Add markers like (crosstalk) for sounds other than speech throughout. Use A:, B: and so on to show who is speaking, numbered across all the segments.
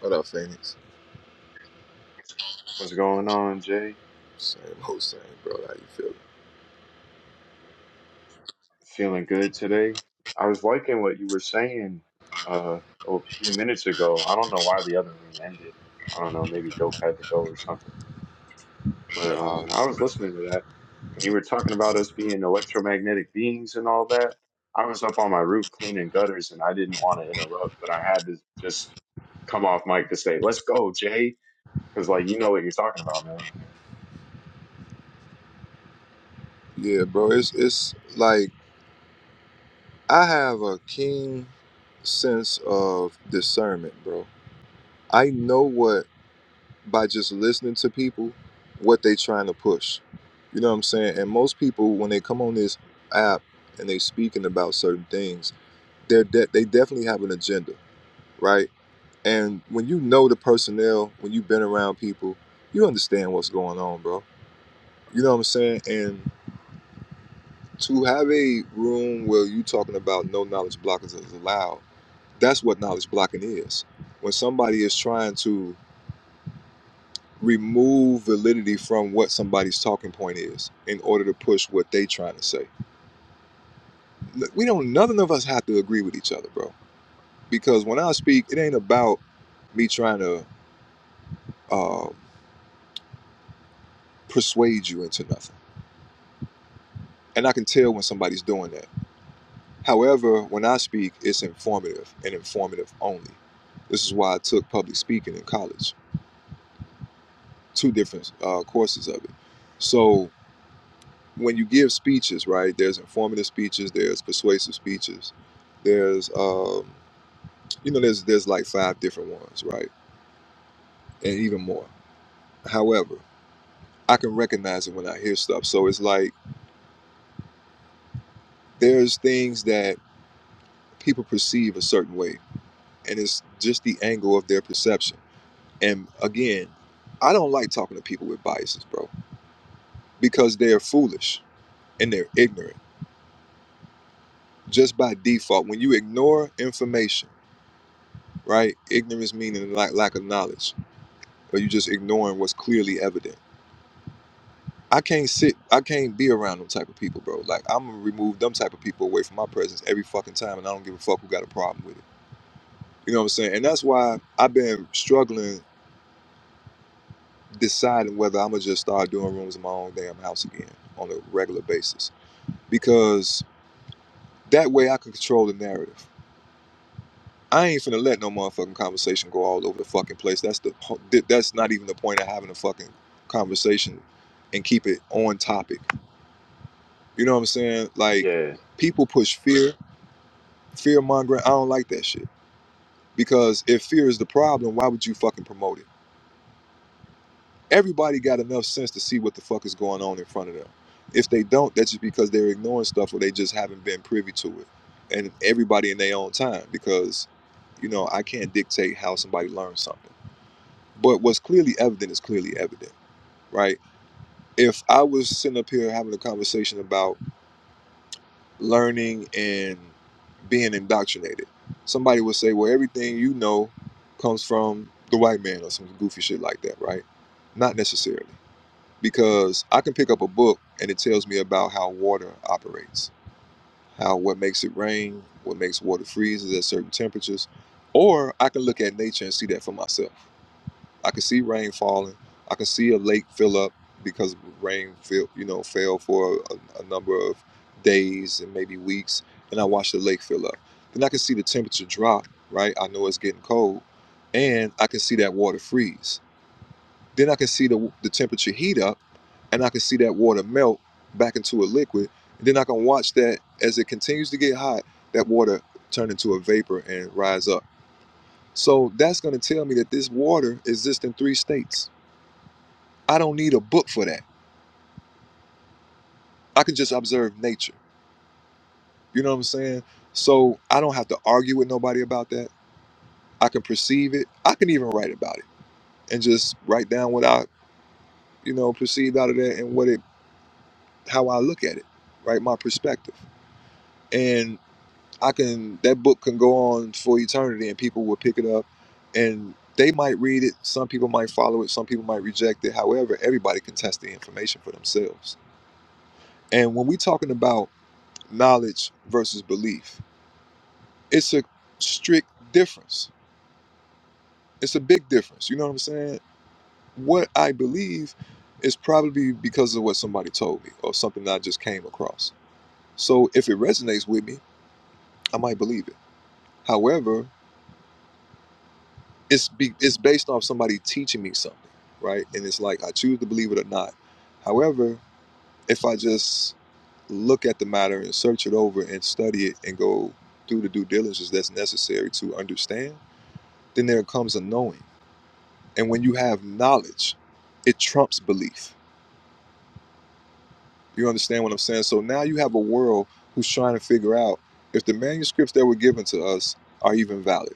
A: What up, Phoenix?
B: What's going on, Jay?
A: Same old same, bro. How you
B: Feeling good today? I was liking what you were saying uh, a few minutes ago. I don't know why the other room ended. I don't know, maybe Dope had to go or something. But
A: feeling? Uh,
B: uh, I was listening to that. When you were talking about us being electromagnetic beings and all that, I was up on my roof cleaning gutters and I didn't want to interrupt, but I had to just come off mic to say, let's go, Jay. Because, like, you know what you're talking about, man.
A: yeah, bro. It's it's like I have a keen sense of discernment, bro. I know what by just listening to people, what they trying to push. You know what I'm saying? And most people, when they come on this app and they speaking about certain things, they're de- they definitely have an agenda, right? And when you know the personnel, when you've been around people, you understand what's going on, bro. You know what I'm saying? And to have a room where you talking about no knowledge blockers is allowed that's what knowledge blocking is when somebody is trying to remove validity from what somebody's talking point is in order to push what they trying to say Look, we don't none of us have to agree with each other bro because when i speak it ain't about me trying to uh, persuade you into nothing and i can tell when somebody's doing that however when i speak it's informative and informative only this is why i took public speaking in college two different uh, courses of it. So when you give speeches, right? There's informative speeches, there's persuasive speeches, there's um, you know, there's there's like five different ones, right? And even more. However, I can recognize it when I hear stuff. So it's like there's things that people perceive a certain way, and it's just the angle of their perception. And again, I don't like talking to people with biases, bro, because they're foolish and they're ignorant just by default when you ignore information right ignorance meaning lack, lack of knowledge or you just ignoring what's clearly evident i can't sit i can't be around them type of people bro like i'm gonna remove them type of people away from my presence every fucking time and i don't give a fuck who got a problem with it you know what i'm saying and that's why i've been struggling deciding whether i'm gonna just start doing rooms in my own damn house again on a regular basis because that way i can control the narrative I ain't finna let no motherfucking conversation go all over the fucking place. That's the that's not even the point of having a fucking conversation and keep it on topic. You know what I'm saying? Like
B: Yeah.
A: people push fear, fear mongering. I don't like that shit because if fear is the problem, why would you fucking promote it? Everybody got enough sense to see what the fuck is going on in front of them. If they don't, that's just because they're ignoring stuff or they just haven't been privy to it. And everybody in their own time because you know, I can't dictate how somebody learns something. But what's clearly evident is clearly evident, right? If I was sitting up here having a conversation about learning and being indoctrinated, somebody would say, well, everything you know comes from the white man or some goofy shit like that, right? Not necessarily, because I can pick up a book and it tells me about how water operates, how what makes it rain, what makes water freeze is at certain temperatures, or I can look at nature and see that for myself. I can see rain falling. I can see a lake fill up because rain fill, you know fell for a, a number of days and maybe weeks, and I watch the lake fill up. Then I can see the temperature drop. Right, I know it's getting cold, and I can see that water freeze. Then I can see the the temperature heat up, and I can see that water melt back into a liquid. And then I can watch that as it continues to get hot, that water turn into a vapor and rise up. So that's going to tell me that this water exists in three states I don't need a book for that. I can just observe nature. You know what I'm saying? So I don't have to argue with nobody about that. I can perceive it. I can even write about it and just write down what I, you know, perceived out of that and what it, how I look at it, right? My perspective. And I can, that book can go on for eternity and people will pick it up and they might read it. Some people might follow it. Some people might reject it. However, everybody can test the information for themselves. And when we talking about knowledge versus belief, It's a strict difference. It's a big difference. You know what I'm saying? What I believe is probably because of what somebody told me or something that I just came across. So if it resonates with me, I might believe it. However, it's be, it's based off somebody teaching me something, right? And it's like I choose to believe it or not. However, if I just look at the matter and search it over and study it and go through the due diligence that's necessary to understand, then there comes a knowing. And when you have knowledge, it trumps belief. You understand what I'm saying? So now you have a world who's trying to figure out if the manuscripts that were given to us are even valid,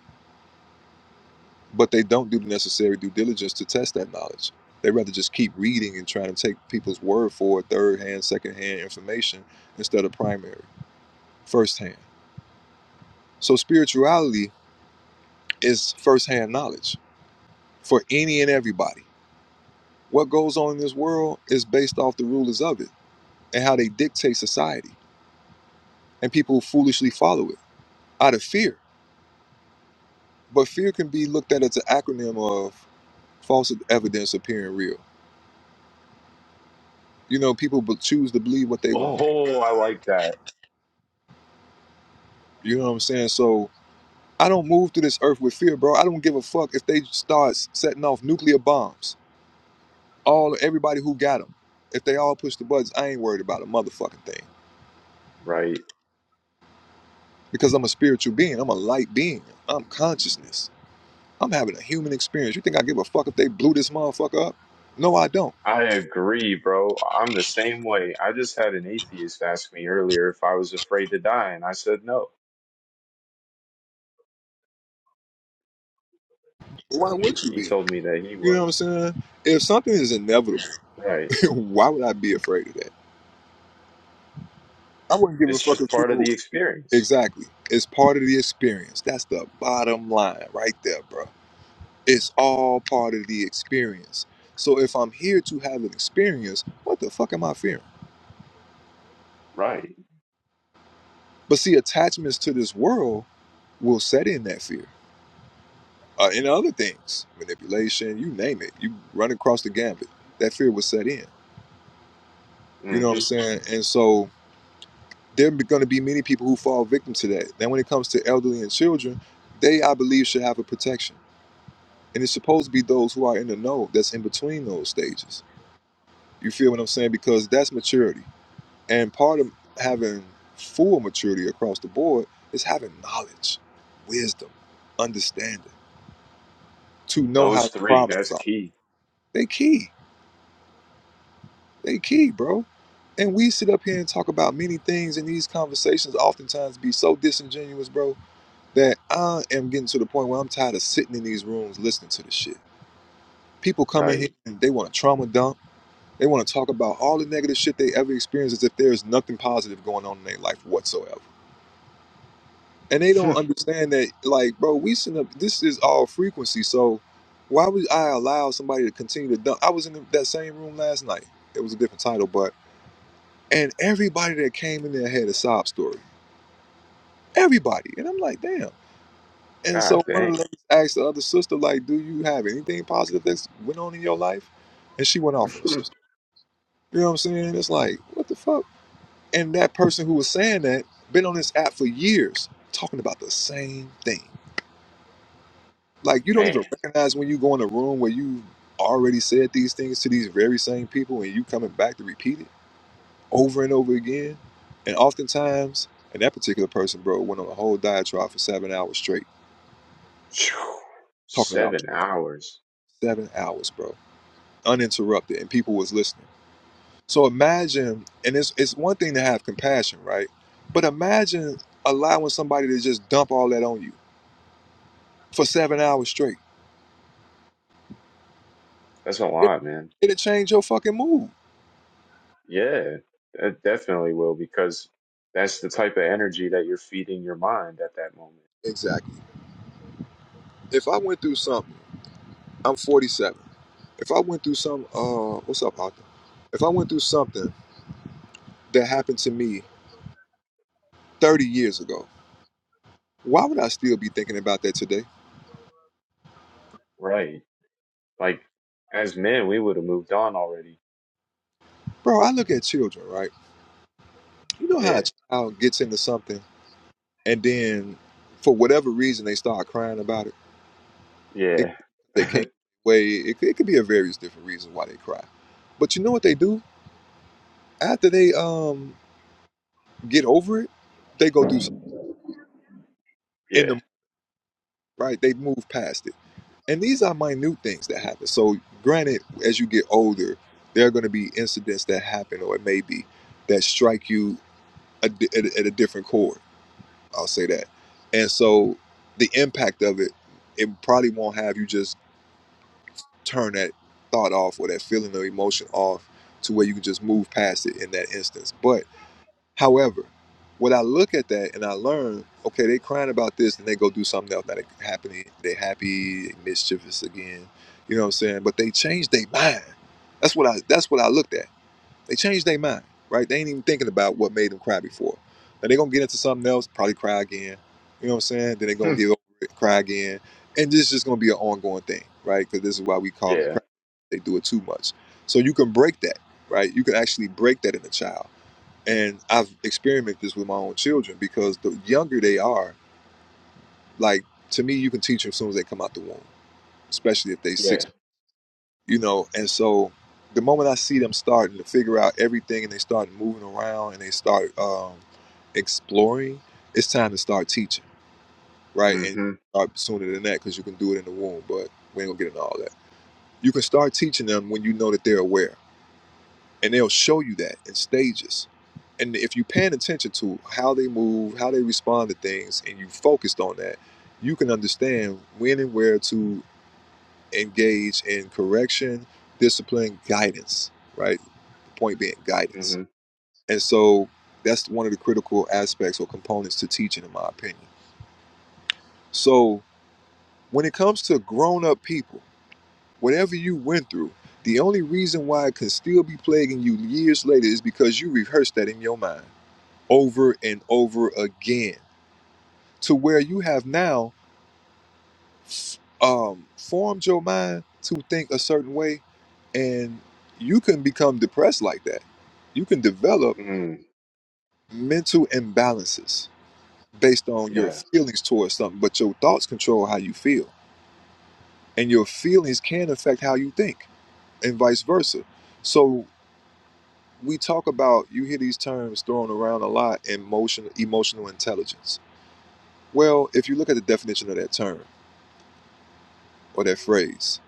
A: but they don't do the necessary due diligence to test that knowledge. They rather just keep reading and trying to take people's word for third hand, second hand information instead of primary, first hand. So spirituality is first hand knowledge for any and everybody. What goes on in this world is based off the rulers of it and how they dictate society and people foolishly follow it out of fear. But fear can be looked at as an acronym of false evidence appearing real. You know, people but choose to believe what they want.
B: Oh, I like that.
A: You know what I'm saying? So I don't move through this earth with fear, bro. I don't give a fuck if they start s- setting off nuclear bombs. All everybody who got them, if they all push the buttons, I ain't worried about a motherfucking thing
B: Right.
A: because I'm a spiritual being. I'm a light being. I'm consciousness. I'm having a human experience. You think I give a fuck if they blew this motherfucker up? No, I don't.
B: I agree, bro. I'm the same way. I just had an atheist ask me earlier if I was afraid to die, and I said no.
A: Why would you
B: He
A: be?
B: told me that he
A: You know what I'm
B: was.
A: saying? If something is inevitable,
B: Right.
A: (laughs) why would I be afraid of that? I wouldn't give a
B: It's
A: fuck if
B: just part of
A: people.
B: the experience.
A: Exactly. It's part of the experience. That's the bottom line right there, bro. It's all part of the experience. So if I'm here to have an experience, what the fuck am I fearing?
B: Right.
A: But see, attachments to this world will set in that fear. Uh, and other things, manipulation, you name it. You run across the gambit. That fear will set in. You know what I'm
B: hmm
A: saying? And so there are going to be many people who fall victim to that. Now, when it comes to elderly and children, they, I believe, should have a protection. And it's supposed to be those who are in the know that's in between those stages. You feel what I'm saying? Because that's maturity. And part of having full maturity across the board is having knowledge, wisdom, understanding, to know how
B: Those
A: the
B: three,
A: problems
B: that's
A: are.
B: key.
A: They key. They key, bro. And we sit up here and talk about many things, and these conversations oftentimes be so disingenuous, bro that I am getting to the point where I'm tired of sitting in these rooms listening to this shit. People come in here
B: Right.
A: and they want to trauma dump. They want to talk about all the negative shit they ever experienced as if there's nothing positive going on in their life whatsoever. And they don't
B: (laughs)
A: understand that, like, bro, we send up, this is all frequency. So why would I allow somebody to continue to dump? I was in that same room last night. It was a different title, but, and everybody that came in there had a sob story. Everybody. And I'm like, damn. And
B: God
A: so one of the
B: dang.
A: ladies asked the other sister, like, do you have anything positive that's went on in your life? And she went off on the
B: (laughs)
A: sister. You know what I'm saying? It's like, what the fuck? And that person who was saying that been on this app for years talking about the same thing. Like you don't
B: man.
A: even recognize when you go in a room where you already said these things to these very same people and you coming back to repeat it over and over again. And oftentimes, and that particular person, bro, went on a whole diatribe for seven hours straight,
B: Phew.
A: talking about
B: Seven hours.
A: seven hours, bro uninterrupted and people was listening. So imagine, and it's it's one thing to have compassion, right? But imagine allowing somebody to just dump all that on you for seven hours straight.
B: That's a
A: It
B: lot, man.
A: it'll change your fucking mood.
B: Yeah, it definitely will because that's the type of energy that you're feeding your mind at that moment.
A: Exactly. If I went through something, I'm 47. If I went through some, uh, what's up, Arthur? If I went through something that happened to me 30 years ago, why would I still be thinking about that today?
B: Right. Like as men, we would have moved on already.
A: Bro, I look at children, right? You know how
B: Yeah,
A: a child gets into something and then for whatever reason they start crying about it. it
B: yeah,
A: they can't way. It, it could be a various different reasons why they cry. But you know what they do after they um get over it, they go do something in the
B: yeah,
A: moment, right. They move past it, and these are minute things that happen. So granted, as you get older, there are going to be incidents that happen, or it may be that strike you a at, a- at a different chord. I'll say that, and so the impact of it, it probably won't have you just turn that thought off or that feeling or emotion off to where you can just move past it in that instance. But however, when I look at that and I learn, okay, they crying about this and they go do something else. Now they happening, they happy, mischievous again. You know what I'm saying? But they changed their mind. That's what I that's what I looked at. They changed their mind, right? They ain't even thinking about what made them cry before. Now they're gonna get into something else, probably cry again. You know what I'm saying? Then they're gonna
B: Hmm.
A: get over it, cry again, and this is just gonna be an ongoing thing, right? Because this is why we call them
B: yeah,
A: cry. They do it too much. So you can break that, right? You can actually break that in a child. And I've experimented this with my own children because the younger they are, like to me, you can teach them as soon as they come out the womb, especially if they six
B: yeah.
A: you know and so the moment i see them starting to figure out everything and they start moving around and they start um, exploring it's time to start teaching right and
B: Mhm,
A: start sooner than that because you can do it in the womb but we ain't gonna get into all that you can start teaching them when you know that they're aware and they'll show you that in stages and if you're paying attention to how they move how they respond to things and you focused on that you can understand when and where to engage in correction discipline guidance right point being guidance.
B: mhm,
A: And so that's one of the critical aspects or components to teaching, in my opinion. So when it comes to grown up people, whatever you went through, the only reason why it can still be plaguing you years later is because you rehearsed that in your mind over and over again to where you have now um, formed your mind to think a certain way and you can become depressed like that. You can develop
B: mhm.
A: mental imbalances based on your
B: Yeah,
A: feelings towards something, but your thoughts control how you feel, and your feelings can affect how you think, and vice versa. So we talk about you hear these terms thrown around a lot: emotional emotional intelligence. Well, if you look at the definition of that term or that phrase,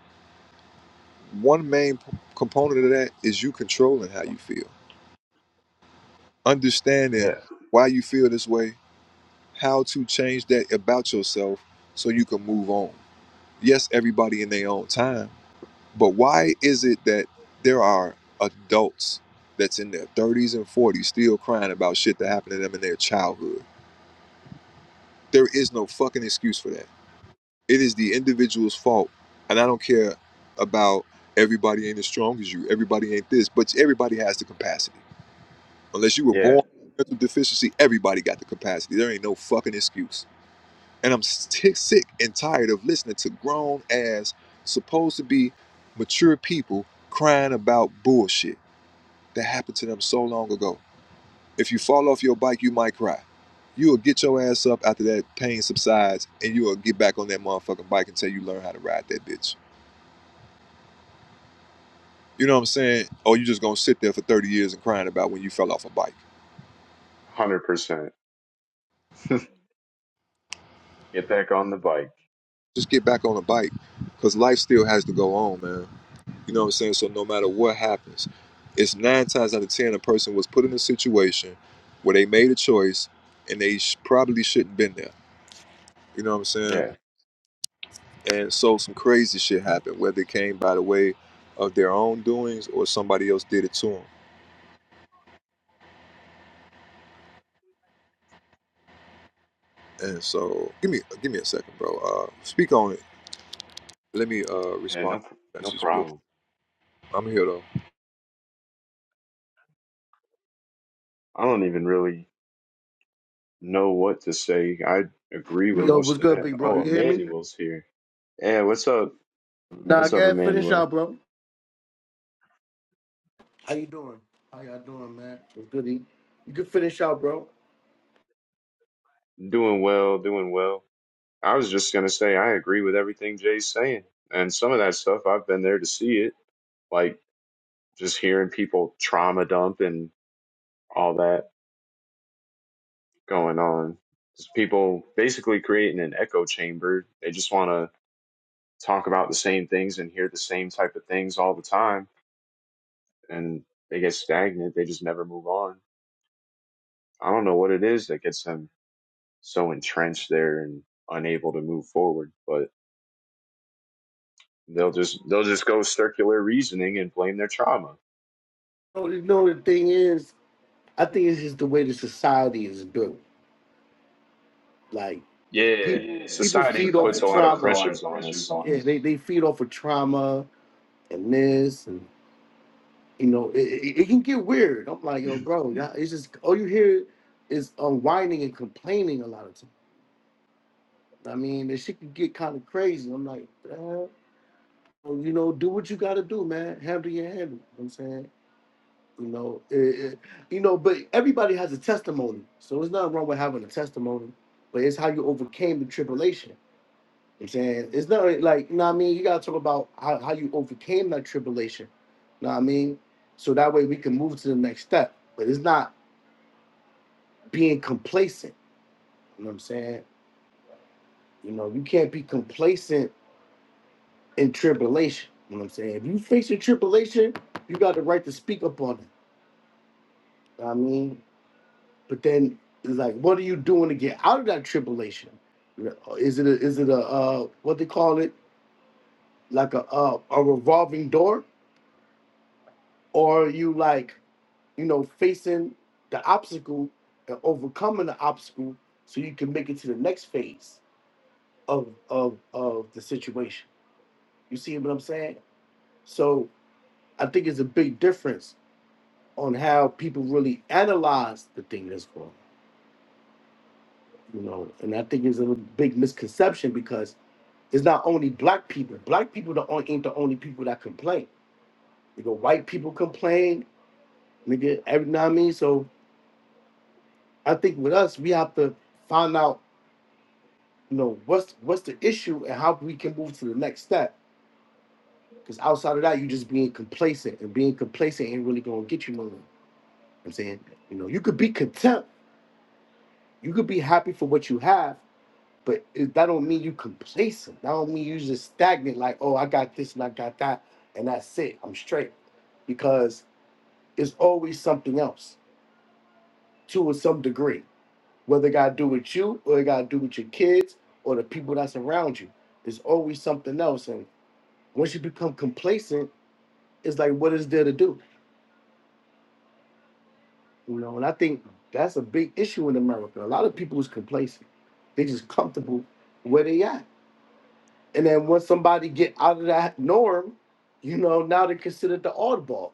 A: one main p- component of that is you controlling how you feel, understanding
B: yeah,
A: why you feel this way, how to change that about yourself so you can move on. Yes, everybody in their own time But why is it that there are adults that's in their 30s and 40s still crying about shit that happened to them in their childhood? There is no fucking excuse for that. It is the individual's fault. And I don't care about everybody ain't as strong as you, everybody ain't this, but everybody has the capacity. Unless you were born
B: yeah.
A: with mental deficiency, everybody got the capacity. There ain't no fucking excuse. And I'm sick, sick and tired of listening to grown ass, supposed to be mature people crying about bullshit. That happened to them so long ago. If you fall off your bike, you might cry. You will get your ass up after that pain subsides, and you will get back on that motherfucking bike until you learn how to ride that bitch. You know what I'm saying? Or you just gonna sit there for 30 years and crying about when you fell off a bike.
B: Hundred percent. (laughs) Get back on the bike.
A: Just get back on a bike, cause life still has to go on, man. You know what I'm saying? So no matter what happens, it's nine times out of ten a person was put in a situation where they made a choice and they sh- probably shouldn't have been there. You know what I'm saying?
B: Yeah,
A: And so some crazy shit happened, whether it came by the way of their own doings or somebody else did it to them. And so, give me give me a second, bro. Uh, speak on it. Let me uh
B: yeah.
A: respond
B: No,
A: to that
B: no
A: just real quick.
B: problem.
A: I'm here though.
B: I don't even really know what to say. I agree with
C: Yo, what's
B: most of
C: good,
B: that.
C: big bro? You
B: Oh,
C: hear me?
B: Emmanuel's here. Yeah, what's up?
C: Nah,
B: What's
C: go
B: up,
C: ahead, finish
B: Emmanuel?
C: out, bro. How you doing? How y'all doing, man? What's good? E? You can finish out, bro.
B: Doing well, doing well. I was just gonna say I agree with everything Jay's saying, and some of that stuff I've been there to see it, like just hearing people trauma dump and all that going on. Just people basically creating an echo chamber. They just want to talk about the same things and hear the same type of things all the time, and they get stagnant. They just never move on. I don't know what it is that gets them so entrenched there and unable to move forward, but they'll just they'll just go circular reasoning and blame their trauma
C: No, you know the thing is, I think it's just the way the society is built. Like
B: Yeah,
C: people, people
B: society
C: feed off
B: puts
C: of
B: a lot of
C: trauma. There's a lot
B: pressures
C: of
B: on
C: pressures
B: us.
C: on Yeah, they, they feed off of trauma and this, and you know, it, it, it can get weird. I'm like, yo, bro, y'all- it's just all you hear is unwinding and complaining a lot of times. I mean, the shit can get kind of crazy. I'm like, Well, you know, do what you got to do, man. Handle your handle. You know what I'm saying, you know, it, it- you know, but everybody has a testimony, so it's nothing wrong with having a testimony, but it's how you overcame the tribulation. You know what I'm saying it's not really, like you know what I mean. You got to talk about how, how you overcame that tribulation. You know what I mean? So that way we can move to the next step. But it's not being complacent. You know what I'm saying? You know, you can't be complacent in tribulation. You know what I'm saying? If you face your tribulation, you got the right to speak up on it. I mean, but then it's like, what are you doing to get out of that tribulation? Is it a, is it a uh, what they call it like a uh, a revolving door, or are you like you know facing the obstacle and overcoming the obstacle so you can make it to the next phase of of of the situation? You see what I'm saying? So I think it's a big difference on how people really analyze the thing that's going. on, You know, and I think it's a big misconception because It's not only black people. Black people the only, ain't the only people that complain. You know, white people complain. Nigga, every now and I mean. So I think with us, we have to find out, you know, what's what's the issue and how we can move to the next step. Because outside of that, you just being complacent, and being complacent ain't really gonna get you nowhere. I'm saying, you know, you could be content, you could be happy for what you have, but it, that don't mean you complacent. That don't mean you just stagnant. Like, oh, I got this and I got that, and that's it. I'm straight because It's always something else to a some degree. Whether it got to do with you or it got to do with your kids or the people that's around you. There's always something else. And once you become complacent, it's like, what is there to do? You know, and I think that's a big issue in America. A lot of people is complacent. They just comfortable where they at. And then once somebody get out of that norm, you know, now they're considered the oddball.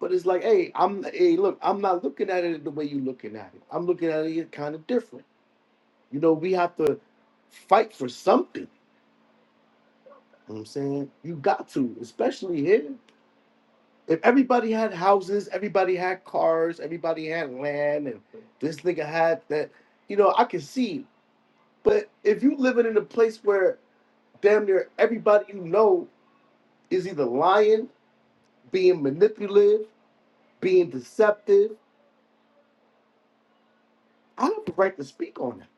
C: But it's like, hey, I'm hey, look, I'm not looking at it the way you're looking at it. I'm looking at it kind of different. You know, we have to fight for something. You know what I'm saying? You got to, especially here. If everybody had houses, everybody had cars, everybody had land, and this nigga had that, you know, I can see. But if you living in a place where damn near everybody you know is either lying, being manipulative, being deceptive, I have the right to speak on that.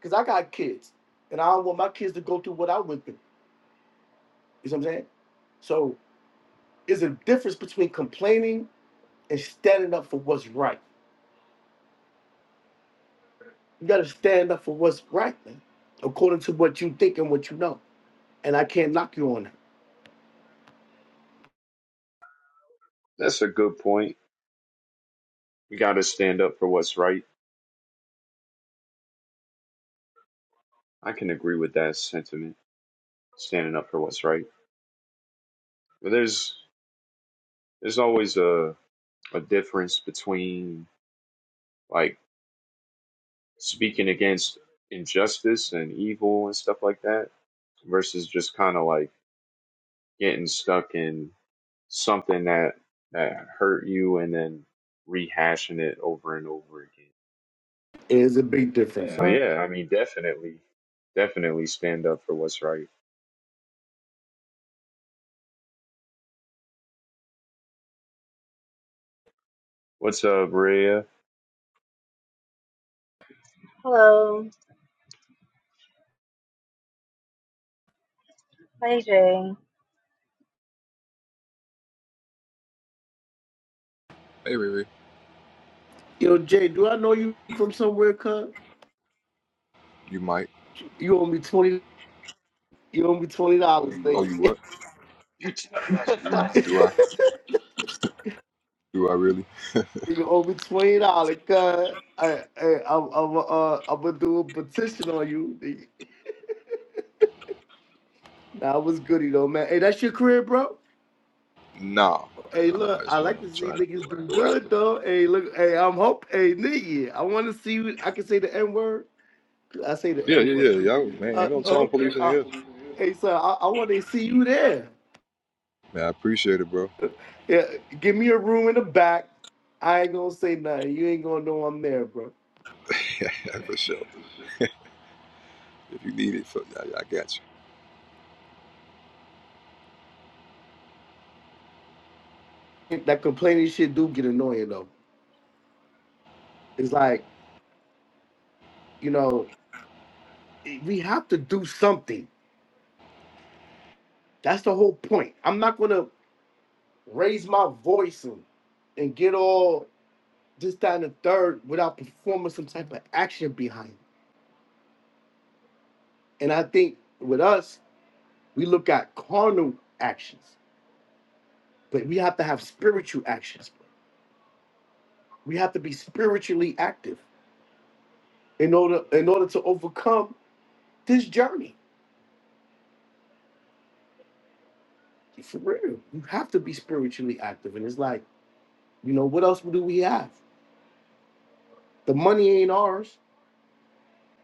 C: Because I got kids. And I don't want my kids to go through what I went through. You know what I'm saying? So. There's a difference between complaining and standing up for what's right. You gotta stand up for what's right, man, according to what you think and what you know. And I can't knock you on that.
B: That's a good point. We got to stand up for what's right. I can agree with that sentiment, standing up for what's right. But there's there's always a a difference between like speaking against injustice and evil and stuff like that versus just kind of like getting stuck in something that that hurt you and then rehashing it over and over again.
C: It's a big difference.
B: But
C: Yeah.
B: yeah, I mean, definitely, definitely stand up for what's right. What's up, Rhea?
D: Hello, hey Jay.
A: Hey, Riri,
C: Yo, Jay, do I know you from somewhere, cuz?
A: you might.
C: You owe me twenty. You owe me twenty dollars,
A: Oh,
C: nigga.
A: you
C: (laughs)
A: what?
B: (laughs)
A: Do I? Do I really?
C: You owe me twenty dollars, cuz. I, I, I'm, I'm, uh, I'm gonna do a petition on you. Nah, I was goody though, man. Hey, that's your career, bro.
A: Nah,
C: Hey,
A: nah, nah.
C: look,
A: It's
C: I
A: one
C: like to
A: I'm
C: see
A: trying to
C: niggas do
A: go after.
C: good though. Hey, look, hey, I'm hope, hey, nigga, I want to see. you- I can say the N word. I say the
A: Yeah,
C: N
A: yeah,
C: word.
A: yeah, y'all. Man,
C: Uh,
A: ain't no tone
C: okay.
A: police in
C: Uh,
A: here.
C: hey, so I, I want to see you there.
A: Man, I appreciate it, bro.
C: Yeah, give me a room in the back. I ain't gonna say nothing. You ain't gonna know I'm there, bro.
A: (laughs) for sure. If you need it, for, I, I got you.
C: That complaining shit do get annoying though. It's like you know we have to do something. That's the whole point. I'm not gonna raise my voice and, and get all this, that, and the third without performing some type of action behind it. And I think with us, we look at carnal actions, but we have to have spiritual actions. We have to be spiritually active in order in order to overcome this journey. For real. You have to be spiritually active. And it's like, you know, what else do we have? The money ain't ours.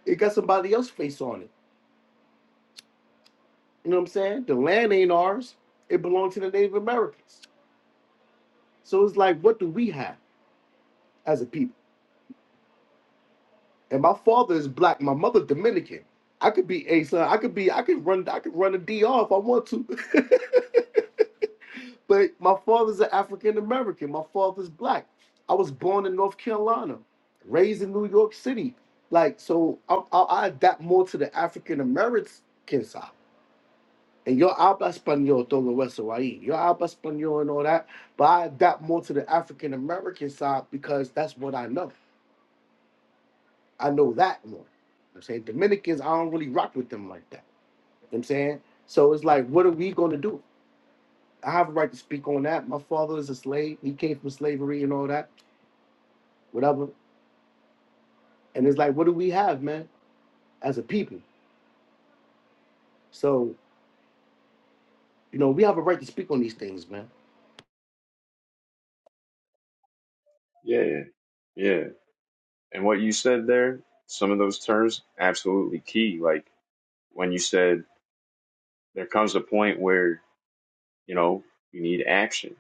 C: It got somebody else's face on it. You know what I'm saying? The land ain't ours. It belongs to the Native Americans. So it's like, what do we have as a people? and my father is black, my mother Dominican. I could be a son. I could be. I could run. I could run a DR if I want to. (laughs) but my father's an African American. My father's black. I was born in North Carolina, raised in New York City. Like so, I, I, I adapt more to the African American side. And yo habla español todo eso ahí. Yo habla español and all that. But I adapt more to the African American side because that's what I know. I know that more. I'm saying Dominicans, I don't really rock with them like that. You know what I'm saying? So it's like, what are we gonna do? I have a right to speak on that. My father is a slave, he came from slavery and all that, whatever. And it's like, what do we have, man, as a people? So, you know, we have a right to speak on these things, man.
B: yeah, yeah. And what you said there, some of those terms, absolutely key. Like when you said there comes a point where, you know, you need action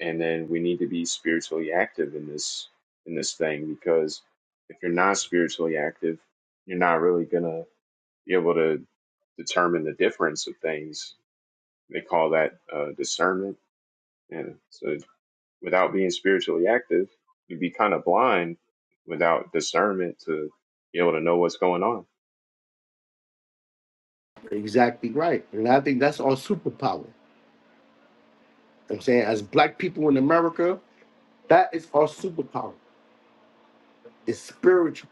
B: and then we need to be spiritually active in this in this thing because if you're not spiritually active, you're not really gonna be able to determine the difference of things. They call that uh, discernment And so without being spiritually active, you'd be kind of blind without discernment to be able to know what's going on.
C: Exactly right. And I think that's our superpower. You know what I'm saying, as black people in America, that is our superpower. It's spiritual.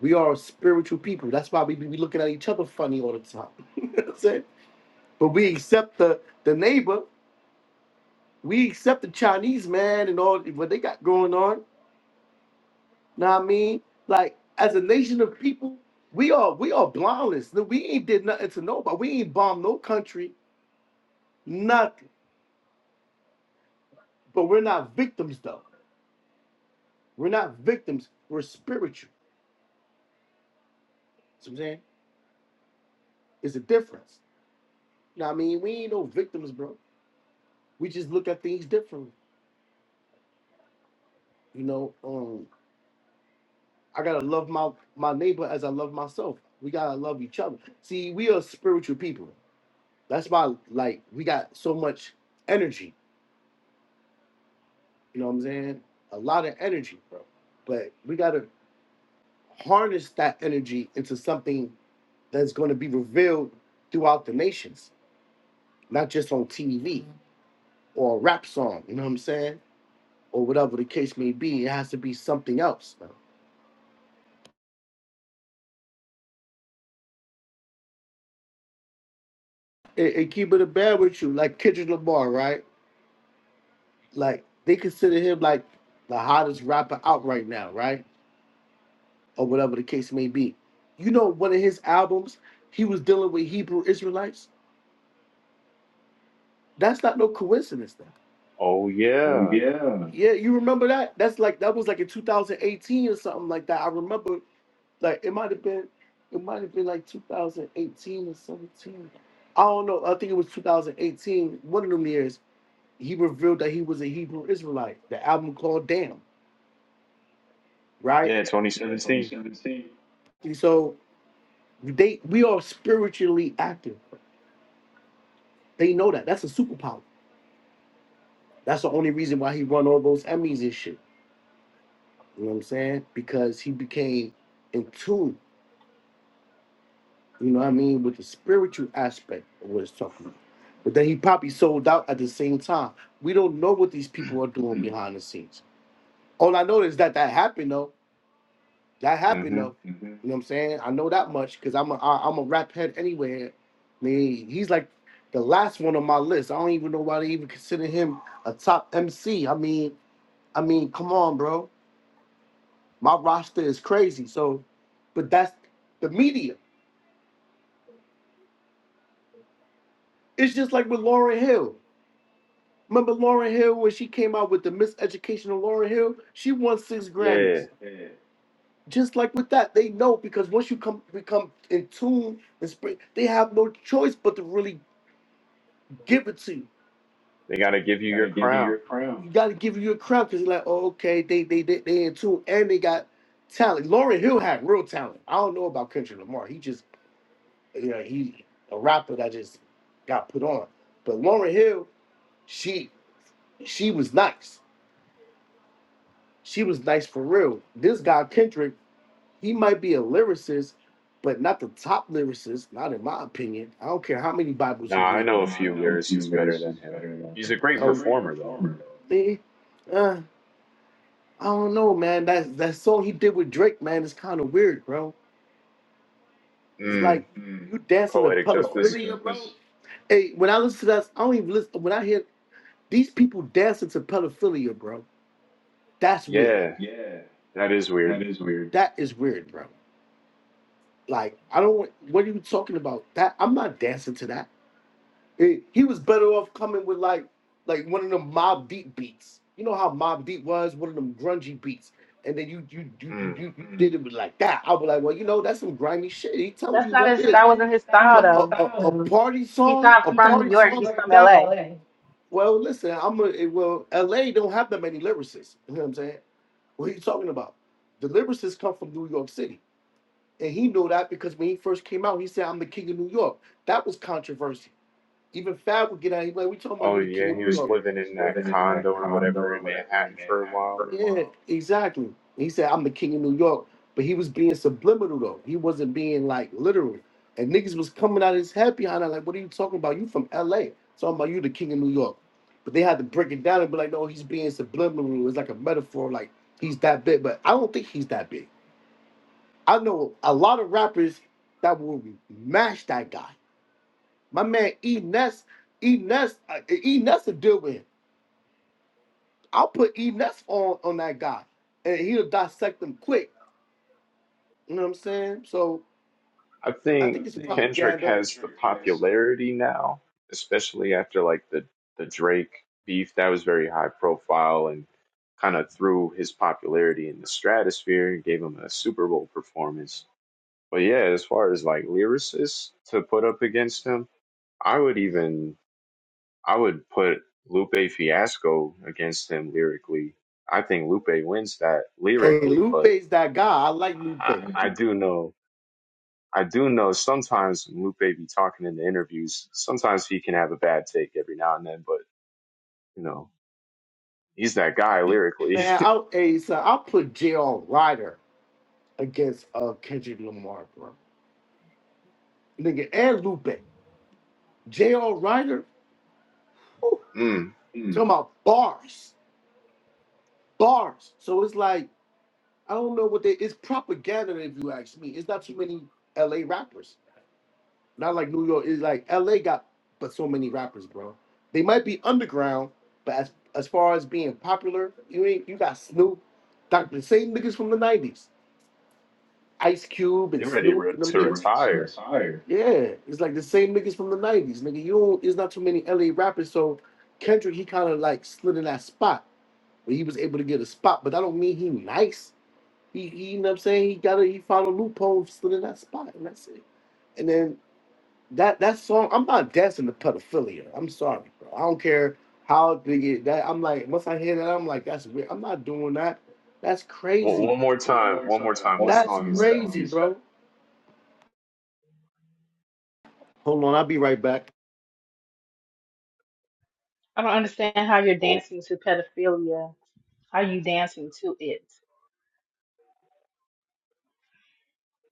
C: We are a spiritual people. That's why we be we looking at each other funny all the time. (laughs) You know what I'm saying? But we accept the the neighbor, we accept the Chinese man and all what they got going on. Know what I mean? Like as a nation of people, we are we are blindless. No, We ain't did nothing to nobody. We ain't bombed no country, nothing. But we're not victims though. We're not victims. We're spiritual. See what I'm saying? It's a difference. You know what I mean? We ain't no victims, bro. We just look at things differently. You know, um, I gotta love my my neighbor as I love myself. We gotta love each other. See, we are spiritual people. That's why, like, we got so much energy. You know what I'm saying? A lot of energy, bro. But we gotta harness that energy into something that's gonna be revealed throughout the nations, not just on TV or a rap song. You know what I'm saying? Or whatever the case may be, it has to be something else. Man. And, and keep it a bad with you, like Kendrick Lamar, right? Like they consider him like the hottest rapper out right now, right? or whatever the case may be. You know, one of his albums, he was dealing with Hebrew Israelites. That's not no coincidence, though.
B: Oh, yeah.
C: Yeah, you remember that? That's like that was like in 2018 or something like that. I remember, like it might have been, it might have been like 2018 or 17. I don't know. I think it was 2018. One of them years, he revealed that he was a Hebrew Israelite. The album called Damn, right?
B: Yeah, 2017.
C: And so they we are spiritually active. They know that. That's a superpower. That's the only reason why he won all those Emmys and shit. You know what I'm saying? Because he became in tune, you know what I mean, with the spiritual aspect of what it's talking about. But then he probably sold out at the same time. We don't know what these people are doing behind the scenes. All I know is that that happened though. That happened
B: hmm
C: though. You know what I'm saying? I know that much because I'm a I, I'm a rap head anyway. I mean, he's like the last one on my list. I don't even know why they even consider him a top MC. I mean, I mean, come on, bro. My roster is crazy. So, but that's the media. It's just like with Lauren Hill. Remember Lauren Hill when she came out with the miseducation of Lauren Hill? She won six
B: Yeah.
C: Grammys. Just like with that, they know because once you come become in tune and spring, they have no choice but to really give it to you.
B: They got to give you your crown.
C: You gotta give you your crown because you're like, oh, okay, they they they they in tune and they got talent. Lauren Hill had real talent. I don't know about Kendrick Lamar. He just. you know, he a rapper that just got put on. But Lauren Hill, she she was nice. She was nice for real. This guy Kendrick, he might be a lyricist, but not the top lyricist, not in my opinion. I don't care how many Bibles
B: Nah,
C: he
B: I
C: read.
B: know a few lyricists better than him. He's a great
C: Oh,
B: performer, though.
C: though. man, uh, I don't know, man. That that song he did with Drake, man, is kind of weird, bro. It's like
B: Mm.
C: you dancing to Oh, hey,
B: Poetic justice.
C: bro. Hey, when I listen to that, I don't even listen. When I hear These people dancing to pedophilia, bro. That's weird.
B: Yeah, that is weird.
C: That is weird, bro. Like, I don't want what are you talking about? That I'm not dancing to that. It- he was better off coming with like like one of them mob deep beats. You know how mob deep was, one of them grungy beats. And then you you you you,
B: Mm.
C: you you did it with like that. I was like, well, you know, that's some grimy shit. He telling
D: That's
C: you
D: not
C: what
D: his.
C: it
D: That
C: is.
D: wasn't his style,
C: But a,
D: though.
C: a, a party
D: He's
C: song,
D: not
C: a
D: from New
C: party
D: York.
C: song
D: He's
C: like
D: from
C: that.
D: LA.
C: Well, listen, I'm a it- well, LA don't have that many lyricists. You know what I'm saying? What are you talking about? Deliverances come from New York City. And he knew that because when he first came out, he said, I'm the king of New York. That was controversy. Even Fab would get out. he like, "We talking about
B: Oh,
C: you, the king
B: yeah,
C: of
B: he
C: New
B: was
C: York." Oh, yeah,
B: living in that condo or whatever in Manhattan for a while
C: Yeah, exactly. He said, "I'm the king of New York," but he was being subliminal though. He wasn't being like literal. And niggas was coming out of his head behind her, like, "What are you talking about? You from L.A. Talking about you, the king of New York." But they had to break it down and be like, "No, he's being subliminal. It's like a metaphor. Like he's that big, but I don't think he's that big. I know a lot of rappers that will mash that guy." My man E Ness, E Ness, uh, E Ness will deal with him. I'll put E Ness on on that guy, and he'll dissect them quick. You know what I'm saying? So
B: I
C: I
B: think
C: think it's
B: Kendrick
C: propaganda.
B: has the popularity now, especially after like the the Drake beef that was very high profile and kind of threw his popularity in the stratosphere, gave him a Super Bowl performance. But yeah, as far as like lyricists to put up against him, I would even I would put Lupe Fiasco against him lyrically. I think Lupe wins that
C: Hey,
B: lyrically, but
C: Lupe's that guy. I like Lupe.
B: I, I do know I do know sometimes Lupe be talking in the interviews. Sometimes he can have a bad take every now and then, but you know he's that guy lyrically.
C: Man, I'll hey, son, I'll put J.R. Ryder against uh Kendrick Lamar, bro. Nigga, and Lupe. J.R. Ryder, whew,
B: (laughs) mm,
C: talking about bars, bars. So it's like. I don't know what they. It's propaganda, if you ask me. It's not too many L.A. rappers. Not like New York. It's like L.A. got, but so many rappers, bro. They might be underground, but as as far as being popular, you ain't. You got Snoop, Doctor, the same niggas from the '90s, Ice Cube
B: they
C: and
B: ready
C: Snoop
B: re-
C: and them
B: to
C: niggas.
B: retire.
C: Yeah, it's like the same niggas from the '90s, nigga. You don't. It's not too many L.A. rappers, so Kendrick he kind of like slid in that spot where he was able to get a spot, but that don't mean he nice he, he you know what I'm saying? He got a he found a loophole slid in that spot, and that's it. And then that that song, I'm not dancing to pedophilia. I'm sorry, bro. I don't care how big it that I'm like, once I hear that, I'm like, that's weird. I'm not doing that. That's
B: Well,
C: crazy.
B: one more
C: One
B: time,
C: more
B: one
C: time.
B: more
C: One
B: time.
C: more
B: What
C: That's
B: song
C: time. That's
B: is that?
C: crazy, fine. bro. Hold on, I'll be right back.
D: I don't understand how you're
B: Oh,
D: dancing to pedophilia. How you dancing to it?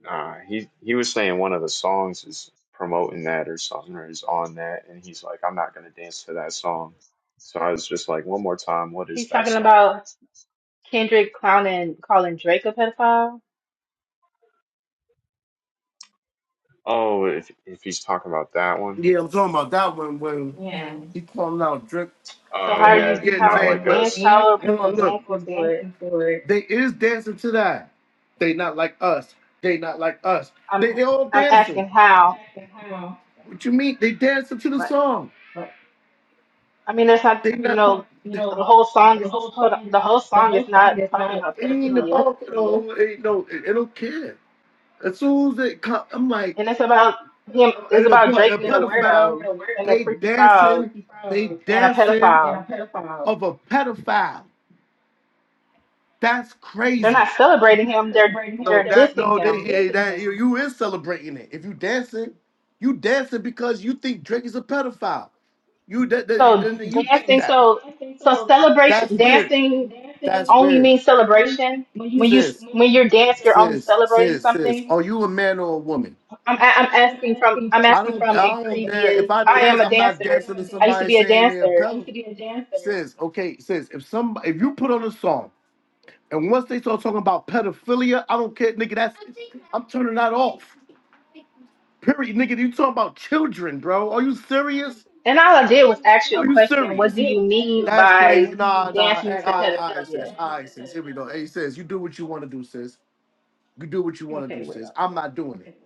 B: nah. He he was saying one of the songs is promoting that or something or is on that, and he's like, I'm not gonna dance to that song. So I was just like, one more time. What is
D: He's
B: that
D: talking
B: song?
D: about Kendrick clowning, calling Drake a pedophile.
B: Oh, if if he's talking about that one.
C: Yeah, I'm talking about that one when yeah.
D: Yeah.
C: he calling out drip.
D: So
B: Oh
C: Oh
D: how are
B: yeah,
D: you?
C: yeah. Yeah, i
D: How is
B: not
D: he
B: like
C: but
D: dance?
B: us.
C: And
D: How are
C: no,
D: people
C: no, look,
D: dancing
C: people
D: to it?
C: dancing for it. They is dancing to that. They not like us. They not like us.
D: I'm.
C: They they all
D: I'm
C: dancing.
D: asking
C: I got
D: how.
C: the how. What you mean? They dancing to the
D: Like,
C: song. But
D: I mean, there's not.
C: they
D: You
C: not.
D: know,
C: You
D: the
C: know,
D: whole song
C: the
D: is.
C: whole
D: hold on,
C: song.
D: The whole
C: The
D: song is
C: whole
D: not
C: song is
D: talking
C: not.
D: about
C: It ain't
D: pedophilia.
C: about it all. It, no, it, it don't care. As soon as it come, I'm like.
D: and it's about him. It's
C: And a, pe-
D: about
C: a
D: Drake being a weirdo
C: pedophile,
D: and a
C: they
D: freaky frog
C: dancing, they
D: and a
C: dancing
D: pedophile.
C: of a pedophile. That's
D: They're
C: crazy.
D: not celebrating him. They're
C: No,
D: they're
C: that
D: dissing
C: no, they
D: him.
C: yeah, that you, you is celebrating it. If you dancing, you dancing because you think Drake is a pedophile. You that, that
D: So
C: then you think
D: dancing.
C: that.
D: So so
C: That's
D: celebration.
C: weird.
D: Dancing
C: That's
D: only
C: weird.
D: means celebration. When you s-
C: sis,
D: when you're dance, you're only
C: sis,
D: celebrating
C: sis, sis.
D: something.
C: Are you a man or a woman?
D: I'm a- I'm
C: I'm, I'm
D: asking from
C: asking
D: I'm
C: from I
D: asking
C: don't, I
D: from a
C: don't dance.
D: previous.
C: If I
D: I am
C: dance,
D: a
C: I'm not
D: dancer.
C: dancing to
D: I used to
C: somebody
D: be a
C: saying they're a I
D: dancer,
C: pedal. a dancer. Sis, okay, sis, if some, if you put on a song and once they start talking about pedophilia, I don't care, nigga. That's, I'm turning that off. Period, nigga. You talking about children, bro? Are you serious?
D: and all I did was ask you a
C: Are you
D: question.
C: serious?
D: What do you mean
C: That's crazy.
D: by
C: Nah, nah.
D: dancing
C: Hey,
D: to
C: all right, practice? all right, sis.
D: pedophilia?
C: And I right, sis. Here we go. no. Hey, sis, you do what you want to do, sis. You do what you want to
D: Okay,
C: do,
D: weirdo.
C: sis. I'm not doing it.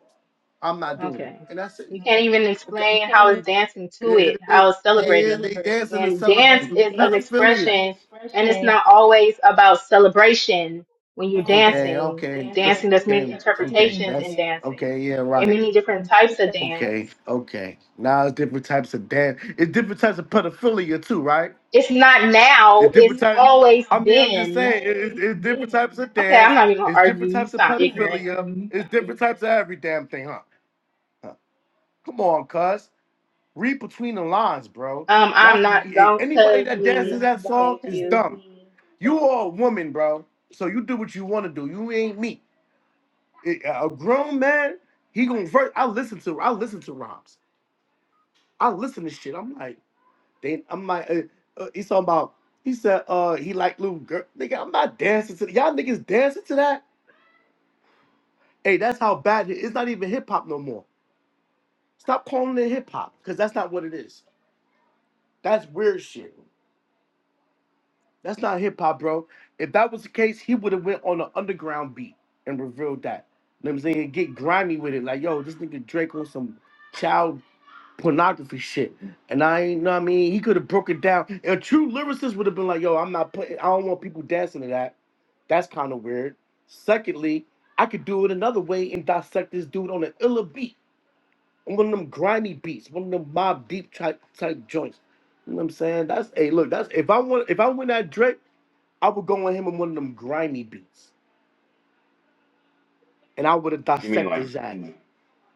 C: I'm not doing it.
D: Okay.
C: And I said,
D: You can't
C: Okay.
D: even
C: okay. You
D: explain
C: can't
D: how it's
C: even
D: dancing
C: It,
D: to it,
C: it,
D: how it's
C: uh, they they
D: celebrating.
C: dancing and
D: And dance
C: celebrating.
D: is an
C: pedophilia.
D: expression, and it's not always about celebration when you're
C: Okay,
D: dancing.
C: okay,
D: Dancing,
C: okay,
D: there's
C: okay.
D: many interpretations
C: That's
D: in dancing
C: okay. Yeah, So right.
D: and many different types of dance.
C: Okay, okay. Now it's different types of dance. It's different types of pedophilia too, right? It's
D: It's not now, it's
C: different type.
D: always
C: I mean, I'm just
D: been.
C: saying, it, it, it's different types of
D: Okay, I'm
C: dance.
D: not even gonna
C: It's
D: argue.
C: different
D: You
C: types of
D: sound ignorant.
C: pedophilia. It's different types of every damn thing, huh? Huh. Come on, cuz. Read between the lines, bro.
D: Um, I'm
C: Y'all,
D: not,
C: eh,
D: don't
C: anybody
D: cuz
C: that dances
D: me.
C: that song
D: Thank
C: is
D: you.
C: dumb. You are a woman, bro. So you do what you want to do. You ain't me. Eh, A grown man, he gonna verse. I listen to, I listen to rhymes. I listen to shit. I'm like, they, I'm like, uh, uh, he's talking about. He said, uh, he like little girl. Nigga, I'm not dancing to y'all niggas dancing to that. Hey, that's how bad it is. It's not even hip hop no more. Stop calling it hip hop, cause that's not what it is. That's weird shit. That's not hip hop, bro. If that was the case, he would have went on an underground beat and revealed that. You know what I'm saying? Get grimy with it. Like, yo, this nigga Drake on some child pornography shit. And I ain't know what I mean. He could have broke it down. And a true lyricist would have been like, yo, I'm not putting I don't want people dancing to that. That's kind of weird. Secondly, I could do it another way and dissect this dude on an illa beat. On one of them grimy beats, one of them mob deep type type joints. You know what I'm saying? That's a look, that's if I want if I win that Drake. I would go on him in one of them grimy beats, and I would have
B: You mean
C: dissected
B: like?
C: his ass. Mhm.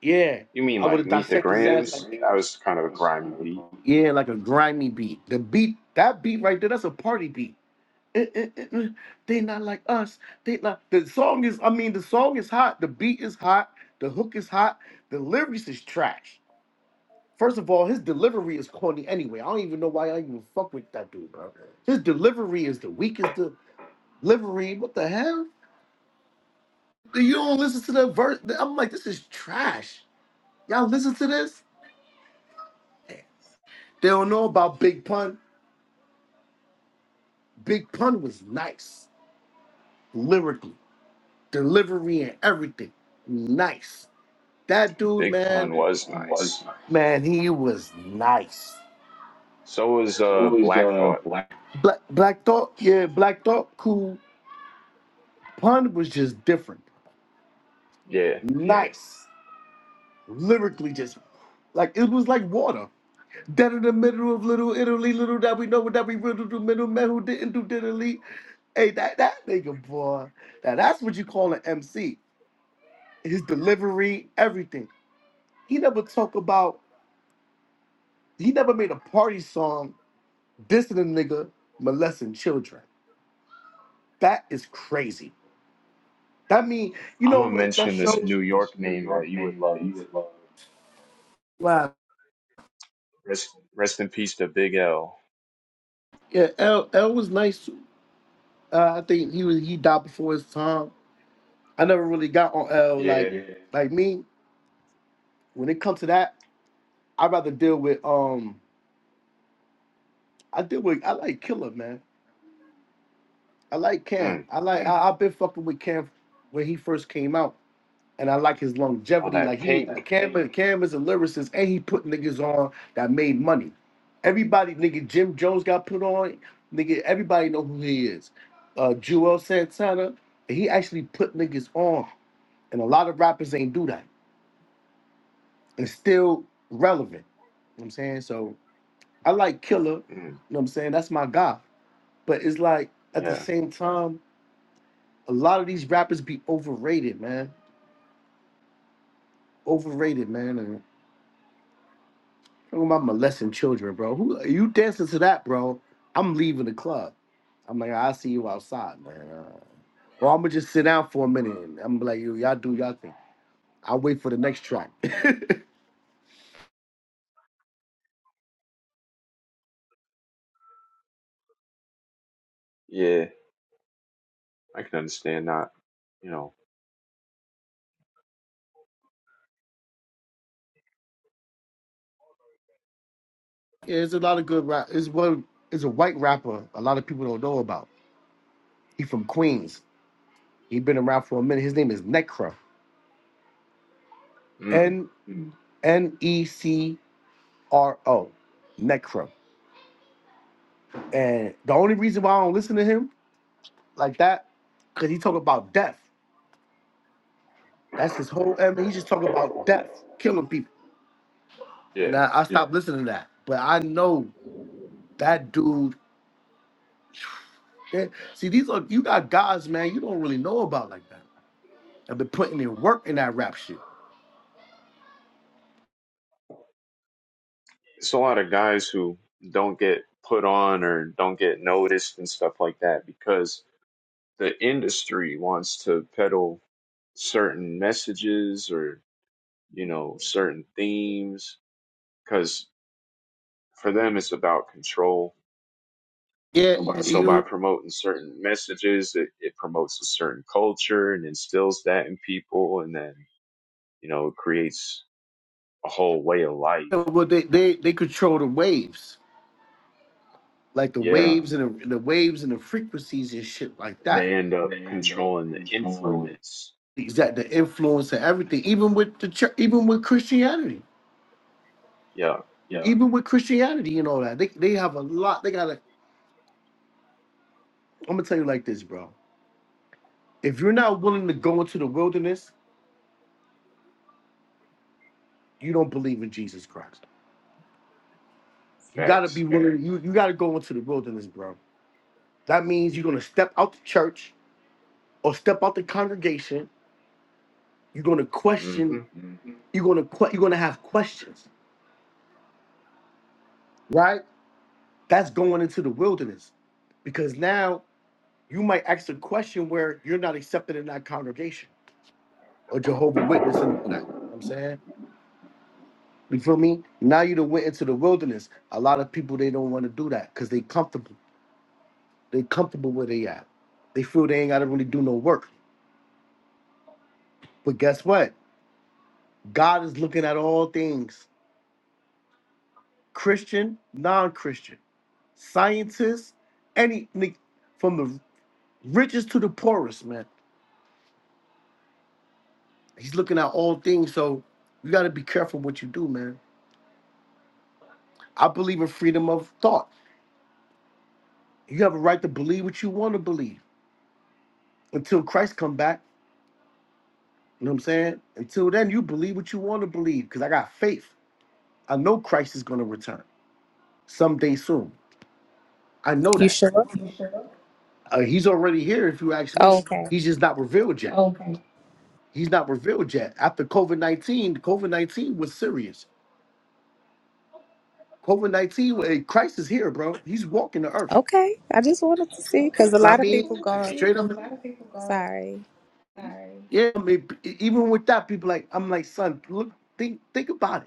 C: Yeah,
B: You mean
C: I would
B: like
C: have
B: Meet the
C: dissected his ass like
B: Grams? That was kind of a grimy beat.
C: yeah, like a grimy beat. The beat, that beat right there, that's a party beat. Eh, eh, eh, eh. They not like us. They not. The song is, I mean, the song is hot. The beat is hot. The hook is hot. The lyrics is trash. First of all, his delivery is corny anyway. I don't even know why I even fuck with that dude, bro. His delivery is the weakest delivery. What the hell? You don't listen to the verse. I'm like, this is trash. Y'all listen to this? They don't know about Big Pun. Big Pun was nice, lyrically, delivery, and everything. Nice. That dude,
B: Big
C: man.
B: Pun
C: Big
B: was
C: Pun was
B: nice.
C: nice. Man, he was nice.
B: So was uh Black Thought.
C: Black, Black Thought, yeah, Black Thought, cool. Pun was just different.
B: Yeah.
C: Nice. Lyrically, just like it was like water. Dead in the middle of Little Italy, little that we know that we riddled the middleman who didn't do diddly. Hey, that that nigga boy. Now that's what you call an MC. His delivery, everything. He never talk about. He never made a party song dissing a nigga molesting children. That is crazy. That mean you
B: I'm
C: know
B: gonna
C: what that
B: mention
C: shows.
B: this New
C: Mention This
B: York
C: New
B: name that
C: York
B: you would
C: name that you
B: love.
C: would love. Wow.
B: Rest rest in peace to Big L.
C: Yeah, L L was nice. Uh, I think he was he died before his time. I never really got on L like
B: Yeah.
C: yeah. like me. When it comes to that, I'd rather deal with um. I deal with I like Killer man. I like Cam.
B: Mm.
C: I like I, I've been fucking with Cam when he first came out, and I like his
B: All
C: longevity. Like
B: that
C: he
B: pink.
C: Cam Cam is a lyricist, and he put niggas on that made money. Everybody, nigga, Jim Jones got put on. Nigga, everybody know who he is. Uh, Jewel Santana, he actually put niggas on, and a lot of rappers ain't do that, and still relevant. You know what I'm saying? So I like Killer.
B: Mm.
C: You know what I'm saying? That's my guy. But it's like at the
B: Yeah.
C: same time. a lot of these rappers be overrated, man. Overrated, man. And talking about molesting children, bro. Who you dancing to that, bro? I'm leaving the club. I'm like, I'll see you outside, man. Uh, or I'm gonna just sit down for a minute. And I'm like, yo, y'all do y'all thing. I'll wait for the next track. (laughs) yeah,
B: Yeah. I can understand that. You know.
C: there's a lot of good rap. It's one. It's a white rapper. A lot of people don't know about. He from Queens. He been around for a minute. His name is Necro.
B: Mm.
C: N N E C R O. Necro. And the only reason why I don't listen to him like that, because he talk about death. That's his whole I mean, he just talk about death, killing people. And
B: Yeah.
C: I, I Yeah. stopped listening to that. But I know that dude. eh, See, these are you got guys, man, you don't really know about like that. I've been putting in work in that rap shit.
B: It's a lot of guys who don't get put on or don't get noticed and stuff like that because the industry wants to peddle certain messages or you know certain themes because for them it's about control
C: Yeah,
B: so by promoting certain messages it, it promotes a certain culture and instills that in people and then you know it creates a whole way of life
C: you know, well, they, they they control the waves, like the Yeah.
B: yeah
C: waves and the, the waves and the frequencies and shit like
B: and
C: that.
B: they end up controlling the influence
C: Exact the influence and everything, even with the church, even with Christianity.
B: yeah
C: even with Christianity and all that, they, they have a lot. They gotta. I'm gonna tell you like this, bro. If you're not willing to go into the wilderness, you don't believe in Jesus Christ. You gotta be
B: facts
C: willing. You you gotta go into the wilderness, bro. That means you're gonna step out the church or step out the congregation. You're gonna
B: hmm
C: question. You're gonna que- you're gonna have questions, right? That's going into the wilderness, because now you might ask a question where you're not accepted in that congregation or Jehovah Witness and all that. You know what I'm saying You feel me? Now you done went into the wilderness. A lot of people they don't want to do that because they comfortable. They comfortable where they at. They feel they ain't gotta really do no work. But guess what? God is looking at all things. Christian, non-Christian, scientists, any ni- from the richest to the poorest, man. He's looking at all things. So you gotta be careful what you do, man. I believe in freedom of thought. You have a right to believe what you want to believe until Christ come back. You know what I'm saying? Until then, you believe what you want to believe because I got faith. I know Christ is going to return someday soon. I know
E: You
C: that.
E: sure?
C: You sure? Uh, he's already here, if you ask me.
E: Oh, okay.
C: He's just not revealed yet. Okay. He's not revealed yet. After COVID 19, COVID 19 was serious. COVID 19, wa- eh, Christ is here, bro. He's walking the earth.
E: Okay. I just wanted to see
C: Okay. Know
E: because a
C: what
E: lot
C: I
E: of
C: mean,
E: people going,
C: straight up. A lot of people go,
E: sorry.
C: sorry. Yeah, I mean, e- even with that, people like, I'm like, son, look, think, think about it.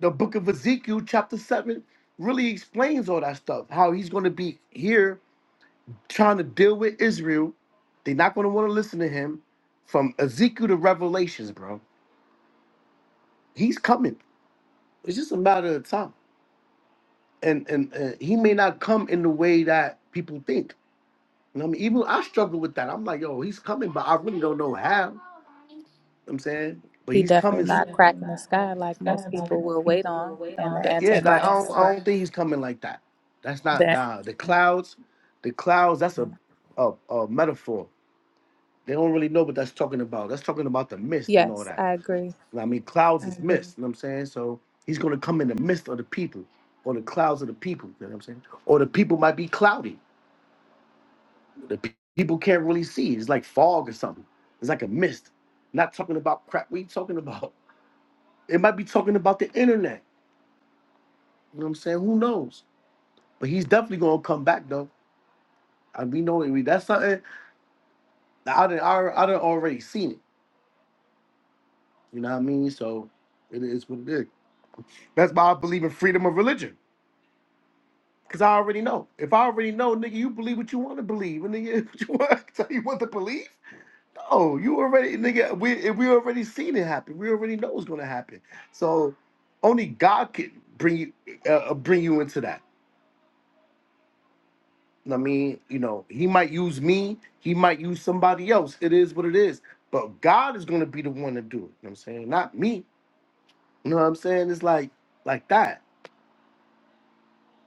C: the book of Ezekiel, chapter 7, really explains all that stuff. How he's going to be here trying to deal with Israel. They're not going to want to listen to him from Ezekiel to Revelations, bro. He's coming. It's just a matter of time. And, and uh, he may not come in the way that people think And I mean, even I struggle with that. I'm like, yo, he's coming, but I really don't know how. You know what I'm saying, but
E: He
C: he's coming
E: definitely
C: He soon.
E: not
C: definitely
E: cracking the
C: not
E: sky
C: cracking the
E: like
C: sky
E: most
C: like
E: people will
C: most
E: wait
C: people will
E: on
C: wait
E: and
C: on
E: the
C: That, yeah, and like I have don't,
E: Antichrist.
C: I right. don't think he's coming like that. That's not
E: That
C: nah. The clouds, the clouds. That's a, a a metaphor. They don't really know what that's talking about. That's talking about the mist and all
E: yes,
C: that.
E: I agree.
C: You know what I mean, clouds is Mhm. mist. You know what I'm saying? So he's gonna come in the midst of the people, or the clouds of the people. You know what I'm saying? Or the people might be cloudy. The pe- people can't really see. It's like fog or something. It's like a mist. Not talking about crap we talking about. (laughs) It might be talking about the internet. You know what I'm saying? Who knows? But he's definitely gonna come back though. And we know it. We- that's something that I done, I, I done already seen it. You know what I mean? So it is what it is. That's why I believe in freedom of religion. Cause I already know. If I already know, nigga, you believe what you want to believe. And nigga, (laughs) what you want, tell you what to believe. Oh, you already, nigga. We eh, we already seen it happen. We already know it's gonna happen. So only God can bring you eh, uh, bring you into that. I mean, you know, He might use me. He might use somebody else. It is what it is. But God is gonna be the one to do it. You know what I'm saying? Not me. You know what I'm saying? It's like like that.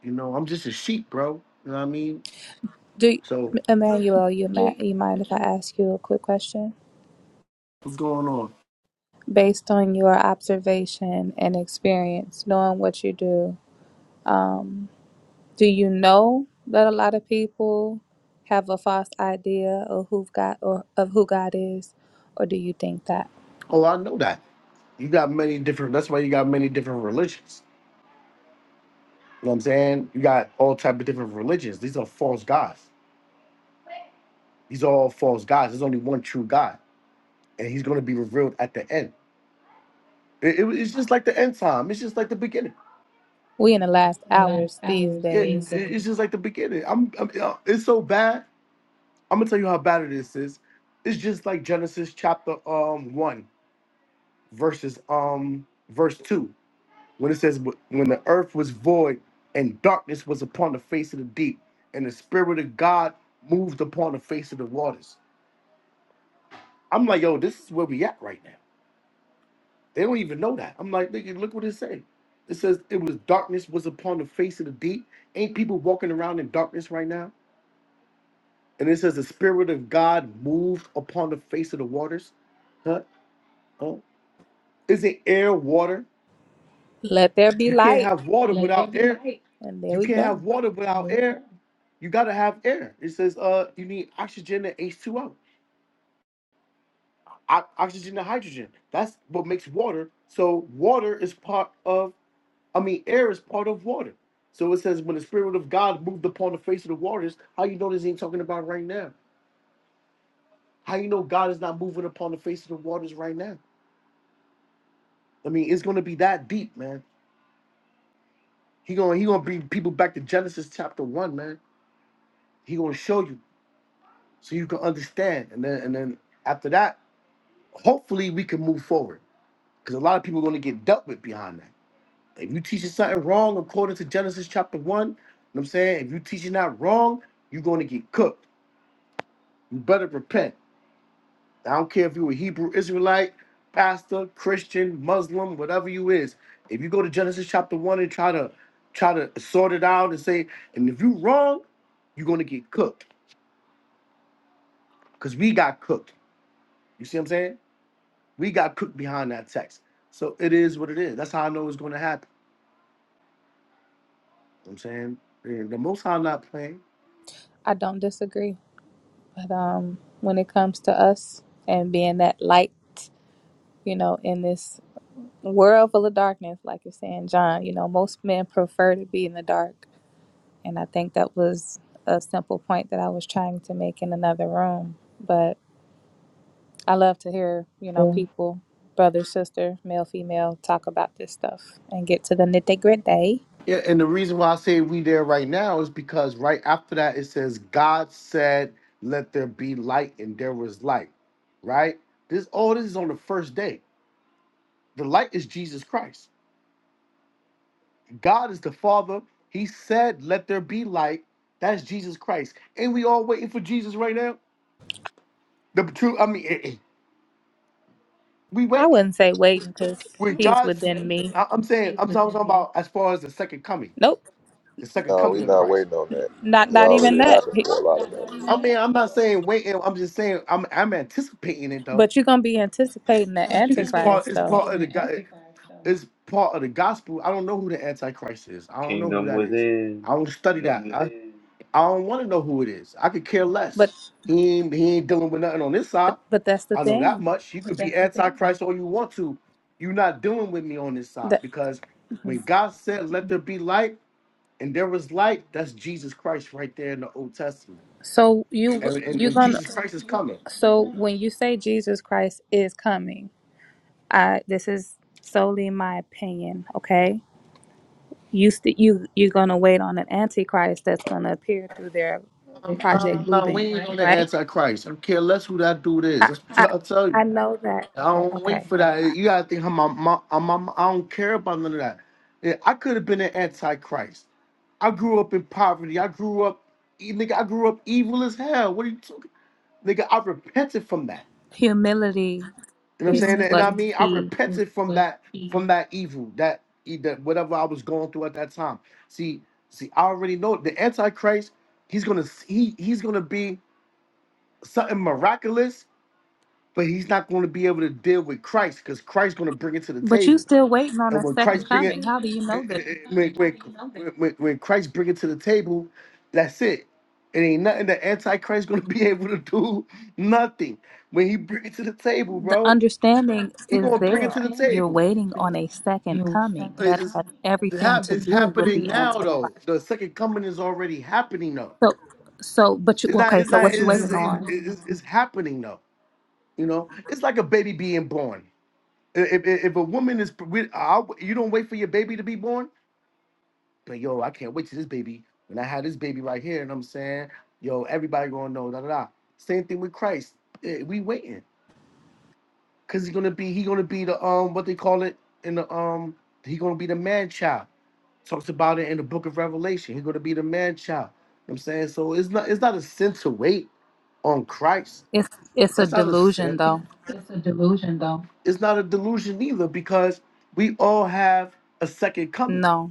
C: You know, I'm just a sheep, bro. You know what I mean?
E: Do
C: So
E: Emmanuel, you ma-
C: Jake,
E: you mind if I
C: what's
E: ask you a quick question?
C: going on?
E: Based on your observation and experience, knowing what you do, um, Do you know that a lot of people have a false idea of who God or of who God is, or do you think that
C: Oh, I know that. You got many different. That's why you got many different religions. You know what I'm saying? You got all type of different religions. These are false gods. These are all false gods. There's only one true God, and He's going to be revealed at the end. It- it- it's just like the end time. It's just like the beginning.
E: we in the last
C: In the last
E: hours these
C: hours, Yeah, it-
E: days?
C: days. it's just like the beginning. I'm, I'm. uh, It's so bad. I'm gonna tell you how bad it is. Sis. It's just like Genesis chapter um one verses um verse two when it says "Wh- when the earth was void and darkness was upon the face of the deep and the spirit of God moved upon the face of the waters. I'm like, yo, this is where we at right now. They don't even know that. I'm like, nigga, look what it said. It says it was darkness was upon the face of the deep. Ain't people walking around in darkness right now? And it says the spirit of God moved upon the face of the waters. Huh? Huh? Is it air, water?
E: Let there be
C: You can't
E: light,
C: have water without air.
E: and there
C: You
E: we
C: can't have
E: go.
C: water without air. You gotta have air. It says uh you need oxygen and H2O. O- O- oxygen and hydrogen. That's what makes water. So water is part of I mean, air is part of water. So it says when the spirit of God moved upon the face of the waters, how you know this ain't talking about right now? How you know God is not moving upon the face of the waters right now? I mean, it's gonna be that deep, man. He gonna he gonna bring people back to Genesis chapter one, man. He gonna show you so you can understand, and then and then after that, hopefully we can move forward because a lot of people are gonna get dealt with behind that. If you teaching something wrong according to Genesis chapter one, you know what I'm saying if you teaching that wrong, you're gonna get cooked. You better repent. I don't care if you a Hebrew Israelite, pastor, Christian, Muslim, whatever you is. If you go to Genesis chapter one and try to try to sort it out and say, and if you wrong, you're gonna get cooked. Cause we got cooked. You see what I'm saying? We got cooked behind that text. So it is what it is. That's how I know it's gonna happen. You know what I'm saying And the most high not playing.
E: I don't disagree, but um, when it comes to us and being that light, you know, in this world full of darkness, like you're saying, John, you know, most men prefer to be in the dark, and I think that was a simple point that I was trying to make in another room, but. I love to hear, you know, people, brother, sister, male, female, talk about this stuff and get to the nitty gritty.
C: Yeah, and the reason why I say we there right now is because right after that it says God said, "Let there be light," and there was light. Right? This all this is on the first day. The light is Jesus Christ. God is the Father. He said, "Let there be light." That's Jesus Christ. And we all waiting for Jesus right now. The true, I mean, eh, eh, we
E: I
C: waiting.
E: wouldn't say waiting because
C: With
E: he's
C: God's,
E: within me.
C: I- I'm saying, I'm talking about as far as the second coming,
E: Nope,
C: the second
A: No, we
C: coming of
A: not
C: Christ.
A: waiting on that.
E: not
A: It
E: not
A: already
E: even that.
A: happened
E: He-
A: for a lot of us.
C: I mean, I'm not saying waiting. I'm just saying I'm I'm anticipating it though.
E: But you're gonna be anticipating the
C: But you it's can be part.
E: Antichrist,
C: It's
E: though.
C: part of the guy. It's part of the gospel. I don't know who the antichrist is. I don't know who
B: kingdom
C: that is.
B: within
C: I don't study that. I, I don't want to know who it is. I could care less.
E: But
C: He ain't, he ain't dealing with nothing on this
E: but
C: side.
E: but that's the
C: I know that
E: thing.
C: much. You could be antichrist all you want to. You're not dealing with me on this side
E: That
C: because when God said, "Let there be light," and there was light, that's Jesus Christ right there in the Old Testament
E: so you
C: and, and,
E: you're
C: and
E: gonna
C: Jesus Christ is coming.
E: so
C: No,
E: when you say Jesus Christ is coming, I this is solely my opinion, okay? you st- you you're gonna wait on an antichrist that's gonna appear through their project
C: Right. no, we
E: Bluebeam,
C: ain't on the
E: right?
C: antichrist. I don't care less who that dude is.
E: I,
C: That's
E: I
C: what I'll tell you.
E: I know that.
C: I don't wait
E: Okay,
C: for
E: never
C: that.
E: mind.
C: You gotta think I'm, I'm, I'm, I'm, I don't care about none of that. Yeah, I could have been an antichrist. I grew up in poverty. I grew up, e- nigga. I grew up evil as hell. What are you talking, nigga? I repented from that.
E: Humility
C: You know what
E: is
C: I'm saying? And
E: what's
C: I mean, I
E: key,
C: repented from that from that evil, that e- that whatever I was going through at that time. See, see, I already know the Antichrist. He's gonna he he's gonna be something miraculous, but he's not gonna be able to deal with Christ because Christ's gonna bring it to the
E: but you
C: table.
E: still waiting on
C: And
E: a
C: when
E: second
C: Christ bring it,
E: coming. How do you
C: eh,
E: know this?
C: eh, eh, when, when, when, when Christ bring it to the table, that's it. It ain't nothing the Antichrist gonna (laughs) be able to do. Nothing when he bring it to the table,
E: The
C: bro.
E: understanding
C: He
E: is
C: gonna bring it to
E: there.
C: the
E: You're
C: table.
E: waiting on a second coming that
C: It's,
E: has
C: it
E: everything
C: hap-
E: to
C: it's
E: do with
C: happening
E: the antichrist.
C: now though. The second coming is already happening though.
E: So so, but you
C: It's not.
E: okay?
C: It's
E: So
C: not.
E: what you
C: It's, it's,
E: waiting
C: it's,
E: on?
C: it's it's happening though. You know, it's like a baby being born. If, if, if a woman is, with- I- you don't wait for your baby to be born. But yo, I can't wait to this baby. When I had this baby right here, and I'm saying, yo, everybody gonna know. Da da da. Same thing with Christ. Eh, We waiting. Cause he gonna be he gonna be the um what they call it in the um he gonna be the man child. Talks about it in the book of Revelation. He gonna be the man child. You know what I'm saying? So it's not it's not a sin to wait on Christ.
E: It's it's a
C: That's not a
E: delusion,
C: sin. It's
E: though.
C: it's a delusion though. It's not a delusion either because we all have a second coming.
E: No.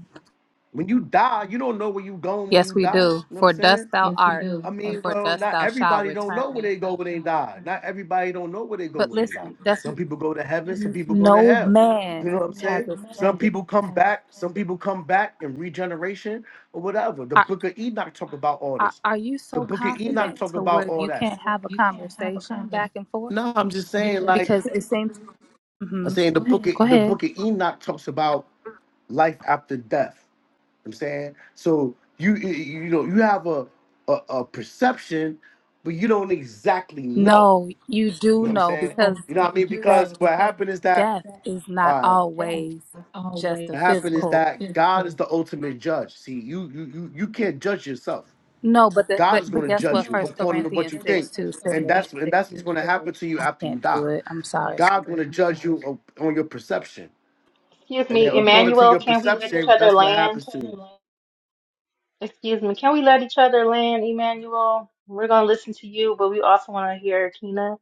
C: When you die, you don't know where you going when
E: Yes,
C: you
E: we
C: die. You know
E: do.
C: what I'm
E: For dust
C: saying?
E: thou
C: Yes, we
E: art,
C: do. I
E: and
C: mean,
E: for
C: well,
E: dust
C: not
E: thou shalt
C: everybody don't
E: return.
C: know where they go when they die. Not everybody don't know where they go
E: But
C: when they die.
E: listen, that's
C: Some
E: what-
C: people go to heaven, some people go to
E: no
C: hell. You
E: man
C: know what I'm
E: has
C: saying? Some
E: ascended.
C: people come back, some people come back in regeneration or whatever. The
E: Are,
C: book of Enoch talk about all
E: are
C: this.
E: are you
C: The
E: so
C: book of Enoch
E: confident
C: talk
E: to
C: about
E: where
C: all
E: you
C: that.
E: can't have a
C: You can't have a
E: conversation
C: conversation.
E: back and forth?
C: No, I'm just saying like
E: Because it seems.
C: I'm
E: hmm
C: saying the book
E: Go
C: of, the
E: ahead.
C: book of Enoch talks about life after death. I'm saying so you you you know you have a a, a perception, but you don't exactly know.
E: No, you
C: You
E: do
C: know what I'm
E: know
C: saying?
E: because
C: Oh, you know what I mean?
E: that
C: Because what happened is that
E: death is not
C: all right.
E: always just a
C: What happened is
E: physical.
C: that God is the ultimate judge. See, you you you you can't judge yourself.
E: No, but the,
C: God
E: but
C: is going
E: but
C: to
E: guess
C: judge
E: what?
C: you No,
E: First
C: according to what
E: Corinthians
C: you think,
E: six two
C: and
E: said,
C: that's and that's what's going to happen to you after you
E: "Can't do
C: die.
E: it." I'm sorry.
C: God going to judge you on on your perception,
D: Excuse
C: and then
D: me,
C: according to
D: Emmanuel,
C: your
D: can we let each
C: perception,
D: other
C: that's what
D: land?
C: happens to you.
D: Excuse me. Can we let each other land, Emmanuel? We're gonna listen to you, but we also want to hear Kina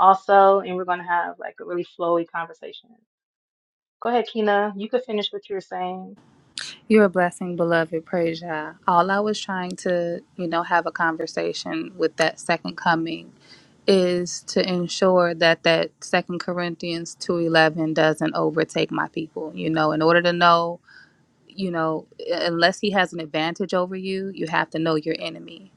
D: also, and we're gonna have like a really flowy conversation. Go ahead, Kina. You could finish what you were saying.
E: You're a blessing, beloved. Praise Yah. All I was trying to, you know, have a conversation with that second coming is to ensure that that second Corinthians 2:11 doesn't overtake my people. You know, in order to know you know, unless he has an advantage over you, you have to know your enemy.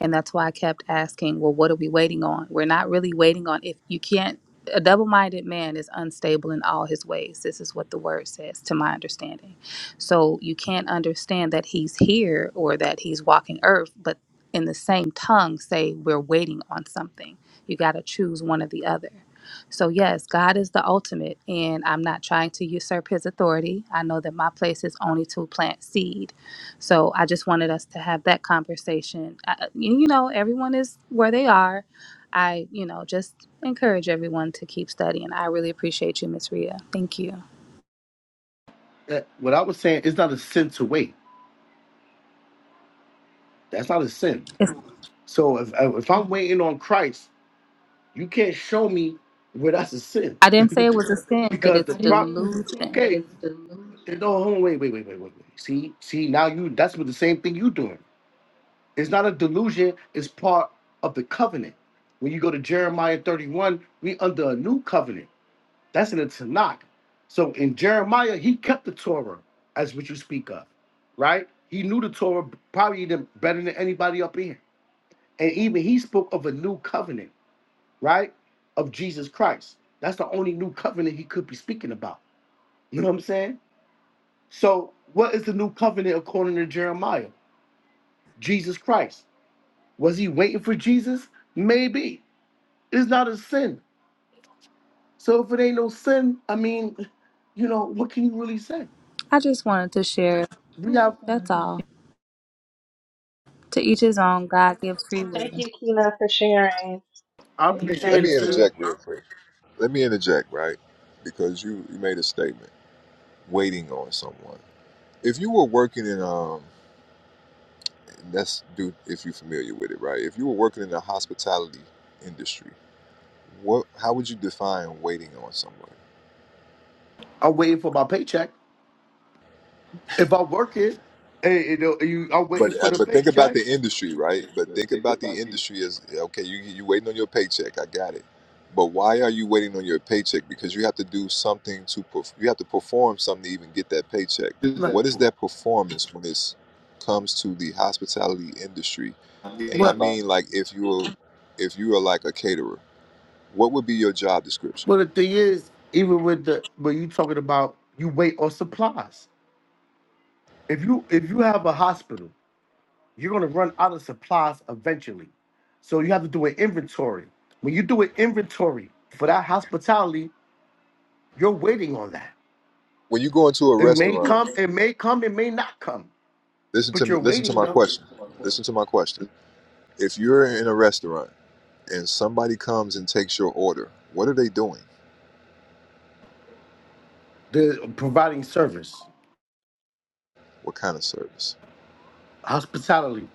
E: And that's why I kept asking, well, what are we waiting on? We're not really waiting on if you can't. A double minded man is unstable in all his ways. This is what the word says, to my understanding. So you can't understand that he's here or that he's walking earth, but in the same tongue say, we're waiting on something. You got to choose one or the other. So, yes, God is the ultimate, and I'm not trying to usurp his authority. I know that my place is only to plant seed. So, I just wanted us to have that conversation. I, uh, you you know, everyone is where they are. I, you know, just encourage everyone to keep studying. I really appreciate you, Miss Rhea. Thank you.
C: that what I was saying it's not a sin to wait. That's not a sin.
E: It's,
C: So if if I'm waiting on Christ, you can't show me where that's a sin
E: I didn't say it was a sin, but
C: because the
E: it's
C: problem.
E: delusion.
C: Okay, no, hold on, wait, wait, wait, wait, wait, wait. See, see, now you that's what the same thing you doing. It's not a delusion. It's part of the covenant. When you go to Jeremiah 31, we under a new covenant. That's in the Tanakh. So in Jeremiah, he kept the Torah as what you speak of, right? He knew the Torah probably the- better than anybody up here. And even he spoke of a new covenant, right? Of Jesus Christ. That's the only new covenant he could be speaking about. You know what I'm saying? So, what is the new covenant according to Jeremiah? Jesus Christ. Was he waiting for Jesus? Maybe. It's not a sin. So, if it ain't no sin, I mean, you know, what can you really say?
E: I just wanted to share.
C: We have.
E: That's all. To each his own. God gives free
D: Thank
E: will.
D: you, Kina, for sharing.
C: I
A: Let
C: appreciate it,
A: me
D: Thank
C: sir.
D: you.
A: interject real quick. Let me interject, right? Because you, you made a statement, waiting on someone. If you were working in um, and that's do if you're familiar with it, right? If you were working in the hospitality industry, what how would you define waiting on someone?
C: I'm waiting for my paycheck. If I'm working, hey, you know, you, I'm waiting
A: But
C: for
A: uh,
C: the
A: but think about
C: paycheck.
A: the industry, right? But think about the industry as okay. You you waiting on your paycheck. I got it. But why are you waiting on your paycheck? Because you have to do something to perf- you have to perform something to even get that paycheck.
C: Like,
A: What is that performance when it comes to the hospitality industry? And I
C: But
A: mean, like if you're if you are like a caterer, what would be your job description?
C: but the thing is, even with the but you talking about you wait on supplies. If you if you have a hospital, you're gonna run out of supplies eventually. So you have to do an inventory. When you do an inventory for that hospitality, you're waiting on that.
A: When you go into a
C: It may
A: restaurant,
C: come, it may come, it may not come.
A: listen to
C: But you're
A: listen to
C: waiting
A: my
C: though.
A: question. Listen to my question. If you're in a restaurant and somebody comes and takes your order, what are they doing?
C: They're providing service,
A: What kind of service?
C: hospitality.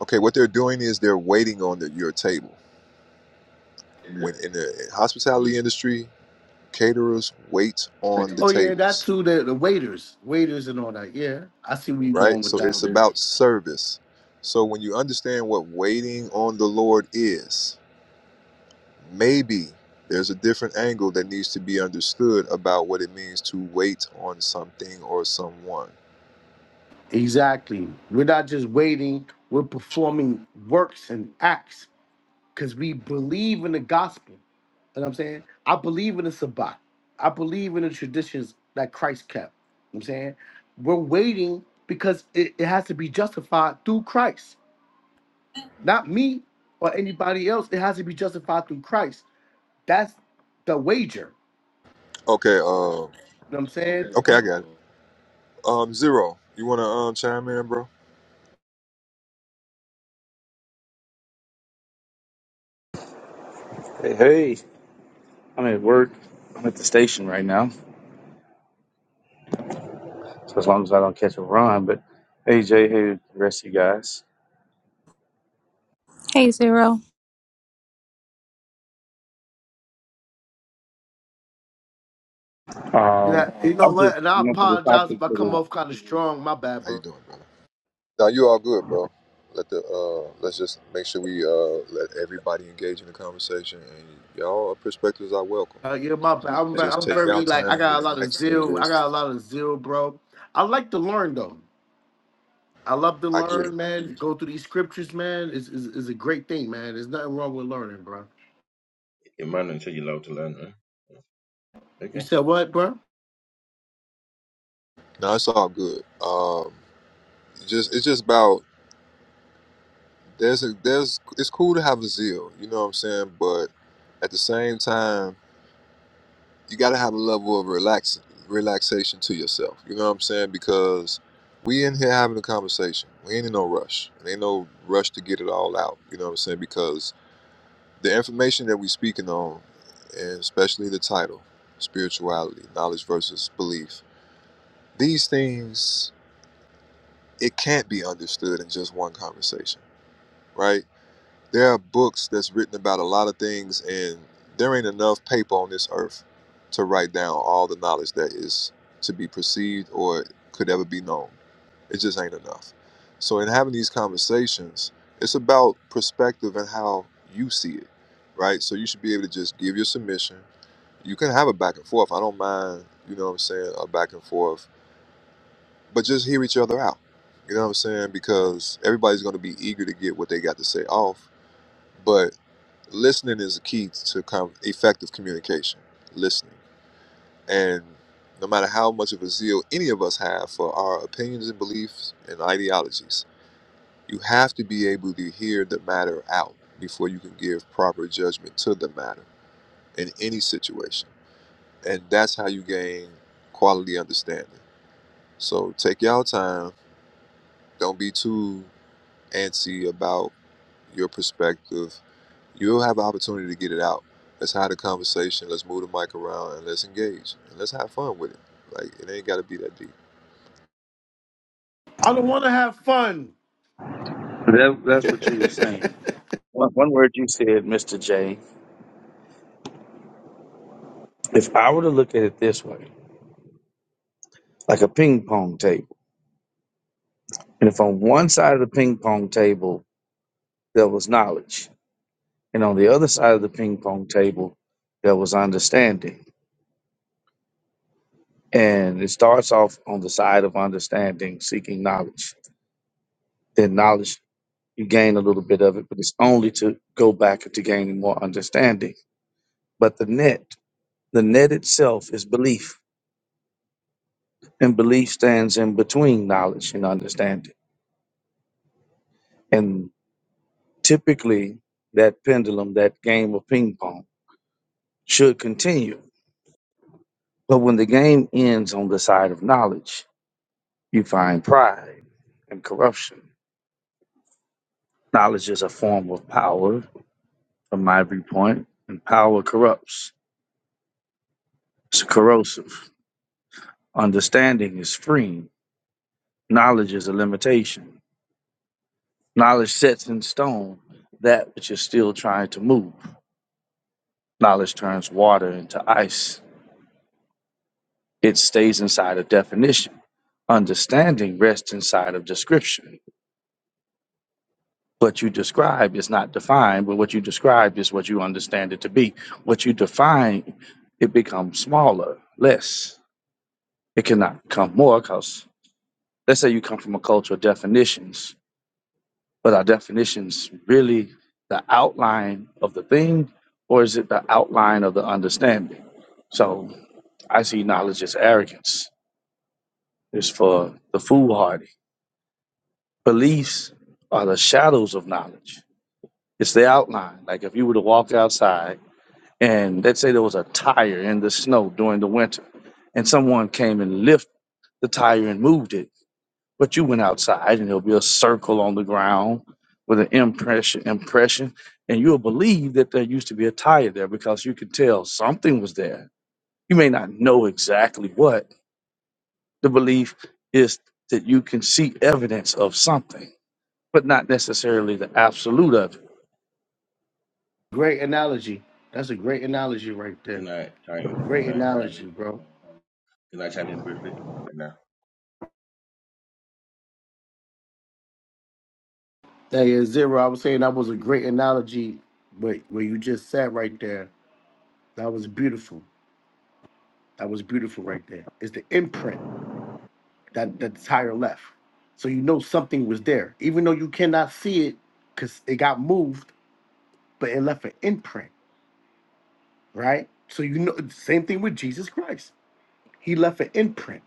A: Okay, what they're doing is they're waiting on the, your table. When in the hospitality industry, caterers wait on the
C: Oh yeah, that
A: tables,
C: too. The, the waiters, waiters and all that. Yeah, I see where you're
A: right?
C: going with
A: So it's
C: that.
A: about service. So when you understand what waiting on the Lord is, maybe there's a different angle that needs to be understood about what it means to wait on something or someone.
C: Exactly. We're not just waiting. We're performing works and acts because we believe in the gospel. You know what I'm saying? I believe in the Sabbath. I believe in the traditions that Christ kept. You know what I'm saying? We're waiting because it, it has to be justified through Christ. not me or anybody else. It has to be justified through Christ. That's the wager.
A: Okay, uh,
C: You know what I'm saying?
A: okay, I got it. Um, zero, you want to um chime in, bro?
F: Hey, hey, I'm at work. I'm at the station right now. So as long as I don't catch a run, but hey, Jay, hey, the rest of you guys.
E: Hey, Zero.
F: Um,
C: And I, you
F: I
C: know
F: was just
C: what? And I
F: going for the
C: apologize
F: topic.
C: if I come off
F: Of
C: kind of strong. My bad,
A: How you
C: bro.
A: doing, brother? Now you all good, bro. Let the uh, let's just make sure we uh, let everybody engage in the conversation, and y'all perspectives are welcome.
C: Uh, yeah, my bad. I'm, ve-
A: Just
C: I'm
A: take your
C: very like I
A: time,
C: got a lot of
A: relax, and
C: zeal. I
A: just
C: got a lot of zeal, bro. I like to learn though. I love to
A: I get it.
C: learn, man. Go through these scriptures, man. Is is is a great thing, man. There's nothing wrong with learning, bro.
G: Your man until you love to learn, huh?
C: You
G: Okay.
C: said what, bro?
A: No, it's all good. Um, just it's just about there's a there's it's cool to have a zeal, you know what I'm saying, but at the same time. you got to have a level of relax relaxation to yourself. You know what I'm saying? Because we in here having a conversation. We ain't in no rush. There ain't no rush to get it all out. You know what I'm saying? Because the information that we speaking on, and especially the title, spirituality, knowledge versus belief, these things it can't be understood in just one conversation, right? There are books that's written about a lot of things, and there ain't enough paper on this earth to write down all the knowledge that is to be perceived or could ever be known. It just ain't enough. So, in having these conversations, it's about perspective and how you see it, right? So, you should be able to just give your submission. You can have a back and forth. I don't mind, you know what I'm saying, a back and forth, but just hear each other out. You know what I'm saying? Because everybody's going to be eager to get what they got to say off. but listening is a key to com- effective communication listening and no matter how much of a zeal any of us have for our opinions and beliefs and ideologies you have to be able to hear the matter out before you can give proper judgment to the matter in any situation and that's how you gain quality understanding so take y'all time don't be too antsy about your perspective, you'll have an opportunity to get it out. Let's have the conversation. Let's move the mic around and let's engage and let's have fun with it. Like it ain't got to be that deep.
C: I don't want to have fun.
F: the, that, that's what you
C: (laughs)
F: were saying. One, one word you said, Mr. J. If I were to look at it this way, like a ping pong table, and if on one side of the ping pong table there was knowledge, and on the other side of the ping pong table there was understanding, and it starts off on the side of understanding, seeking knowledge Then knowledge, you gain a little bit of it, but it's only to go back to gaining more understanding. But the net, the net itself is belief, and belief stands in between knowledge and understanding. And typically, that pendulum, that game of ping pong, should continue. But when the game ends on the side of knowledge, you find pride and corruption. Knowledge is a form of power, from my viewpoint, and power corrupts. It's corrosive. Understanding is free. Knowledge is a limitation. Knowledge sets in stone that which is still trying to move. Knowledge turns water into ice. It stays inside of definition. Understanding rests inside of description. What you describe is not defined, but what you describe is what you understand it to be. What you define, it becomes smaller, less. It cannot become more because, let's say, you come from a culture of definitions But our definitions really the outline of the thing, or is it the outline of the understanding? So I see knowledge as arrogance. It's for the foolhardy. Beliefs are the shadows of knowledge. It's the outline. Like if you were to walk outside and let's say there was a tire in the snow during the winter, and someone came and lifted the tire and moved it But you went outside and there'll be a circle on the ground with an impression impression, and you'll believe that there used to be a tire there because you could tell something was there. You may not know exactly what. The belief is that you can see evidence of something, but not necessarily the absolute of
C: Great analogy. That's a great analogy right there.
G: Can I chime
C: Great
G: can I chime
C: analogy,
G: in?
C: bro.
G: Can I chime in briefly? Okay now.
C: That is zero. I was saying that was a great analogy, but where you just sat right there, that was beautiful. That was beautiful right there. It's the imprint that that's higher left. So you know something was there, even though you cannot see it because it got moved, but it left an imprint, right? So you know, same thing with Jesus Christ. He left an imprint.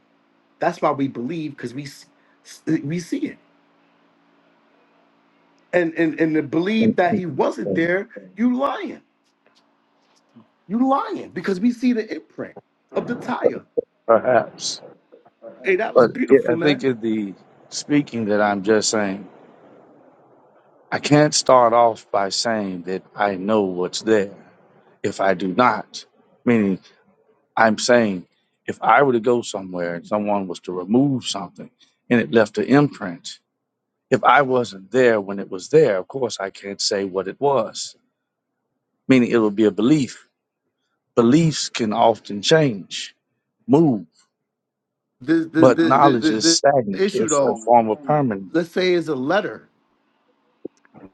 C: That's why we believe because we s- s- we see it, and and and to believe that he wasn't
F: it.
C: there, you lying. You lying because we see the imprint of the tire.
F: Perhaps.
C: Hey, that was
F: But yeah,
C: beautiful,
F: I think
C: man.
F: in the speaking that I'm just saying, I can't start off by saying that I know what's there if I do not. Meaning I'm saying if I were to go somewhere and someone was to remove something and it left an imprint, if I wasn't there when it was there, of course I can't say what it was, meaning it would be a belief. Beliefs can often change, move,
C: The the
F: but
C: the the,
F: knowledge is
C: the, the
F: stagnant.
C: issue
F: It's a
C: though,
F: form of permanence.
C: let's say is a letter,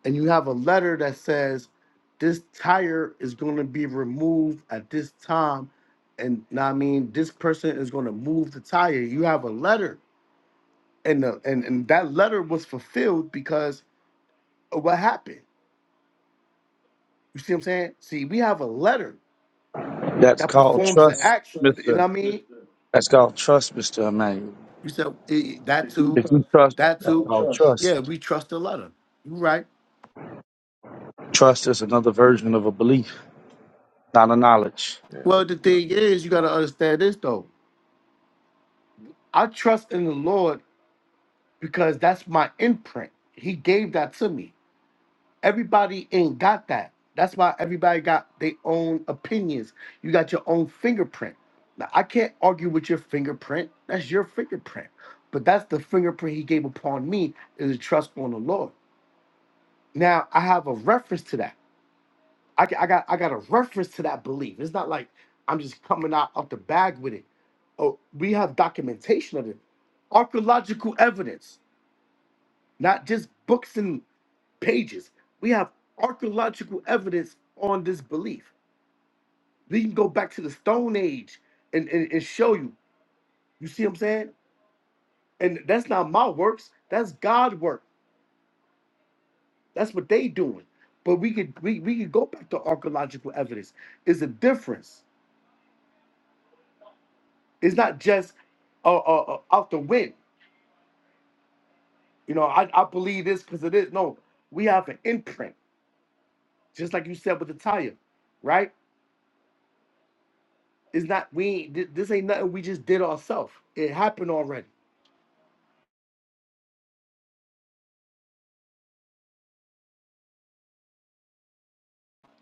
C: and you have a letter that says this tire is going to be removed at this time, and know what I mean this person is going to move the tire. You have a letter, and the and and that letter was fulfilled because of what happened. You see what I'm saying? See, we have a letter
F: That's
C: that
F: called
C: performs the
F: trust,
C: action. You know
F: Mr.
C: what I mean?
F: That's called trust, Mr. Emmanuel.
C: You said eh, that too.
F: If you trust,
C: That
F: that's
C: too.
F: called
C: Trust. Yeah,
F: trust.
C: we trust the letter. You right.
F: Trust is another version of a belief, not a knowledge.
G: Yeah,
C: Well,
G: but
C: the
G: it's not.
C: thing is, you got to understand this though. I trust in the Lord because that's my imprint. He gave that to me. Everybody ain't got that. That's why everybody got their own opinions. You got your own fingerprint. Now I can't argue with your fingerprint. That's your fingerprint. But that's the fingerprint he gave upon me is a trust on the Lord. Now I have a reference to that. I ca- I got I got a reference to that belief. It's not like I'm just coming out of the bag with it. Oh, we have documentation of it, archaeological evidence, not just books and pages. We have archaeological evidence on this belief. We can go back to the Stone Age and, and, and show you. You see what I'm saying? And that's not my works. That's God work. That's what they doing. But we could we, we could go back to archaeological evidence. Is a difference. It's not just uh, uh, uh, out the wind. You know, I, I believe this because it is. No, we have an imprint, just like you said with the tire, right? It's not we. ain't- thi- This ain't nothing we just did ourselves. It happened already.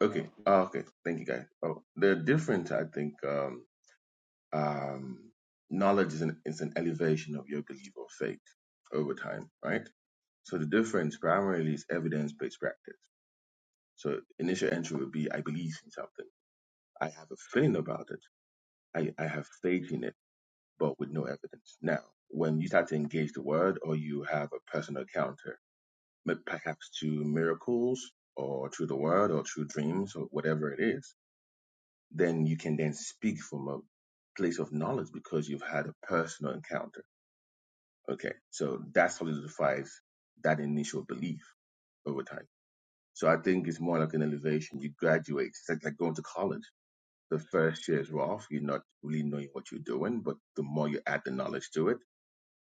G: Okay. Oh, okay. Thank you guys. Oh they're different, I think. Um um knowledge is an is an elevation of your belief or faith over time, right? So the difference primarily is evidence based practice. So initial entry would be I believe in something. I have a feeling about it. I, I have faith in it but with no evidence. Now, when you start to engage the word or you have a personal encounter, perhaps through miracles or through the word or through dreams or whatever it is, then you can then speak from a place of knowledge because you've had a personal encounter. Okay. So that solidifies that initial belief over time. So I think it's more like an elevation. You graduate. It's like, like going to college. The first year is rough. You're not really knowing what you're doing, but the more you add the knowledge to it,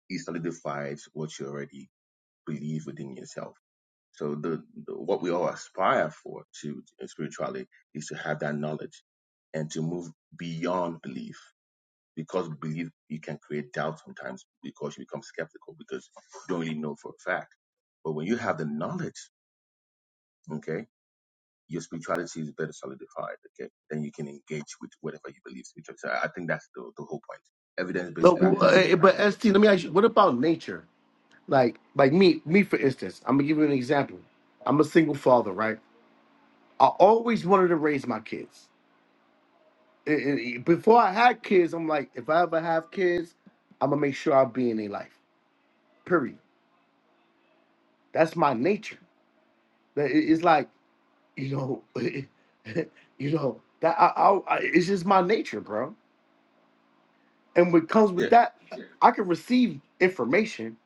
G: it solidifies what you already believe within yourself. So the, the what we all aspire for to spiritually is to have that knowledge and to move beyond belief. Because belief you can create doubt sometimes because you become skeptical because you don't really know for a fact. But when you have the knowledge, okay, your spirituality is better solidified, okay, then you can engage with whatever you believe spiritually. So I think that's the, the whole point. Evidence
C: No,
G: based
C: w- uh,
G: practice.
C: eh, but St. Let me ask you. What about nature? Like, like me, me for instance. I'm gonna give you an example. I'm a single father, right? I always wanted to raise my kids. I- I- before I had kids, I'm like, if I ever have kids, I'm gonna make sure i be in their life. Period. That's my nature. That it- It's like, you know, (laughs) you know that I, I, I it's just my nature, bro. And what comes
G: Yeah,
C: with that, I can receive information,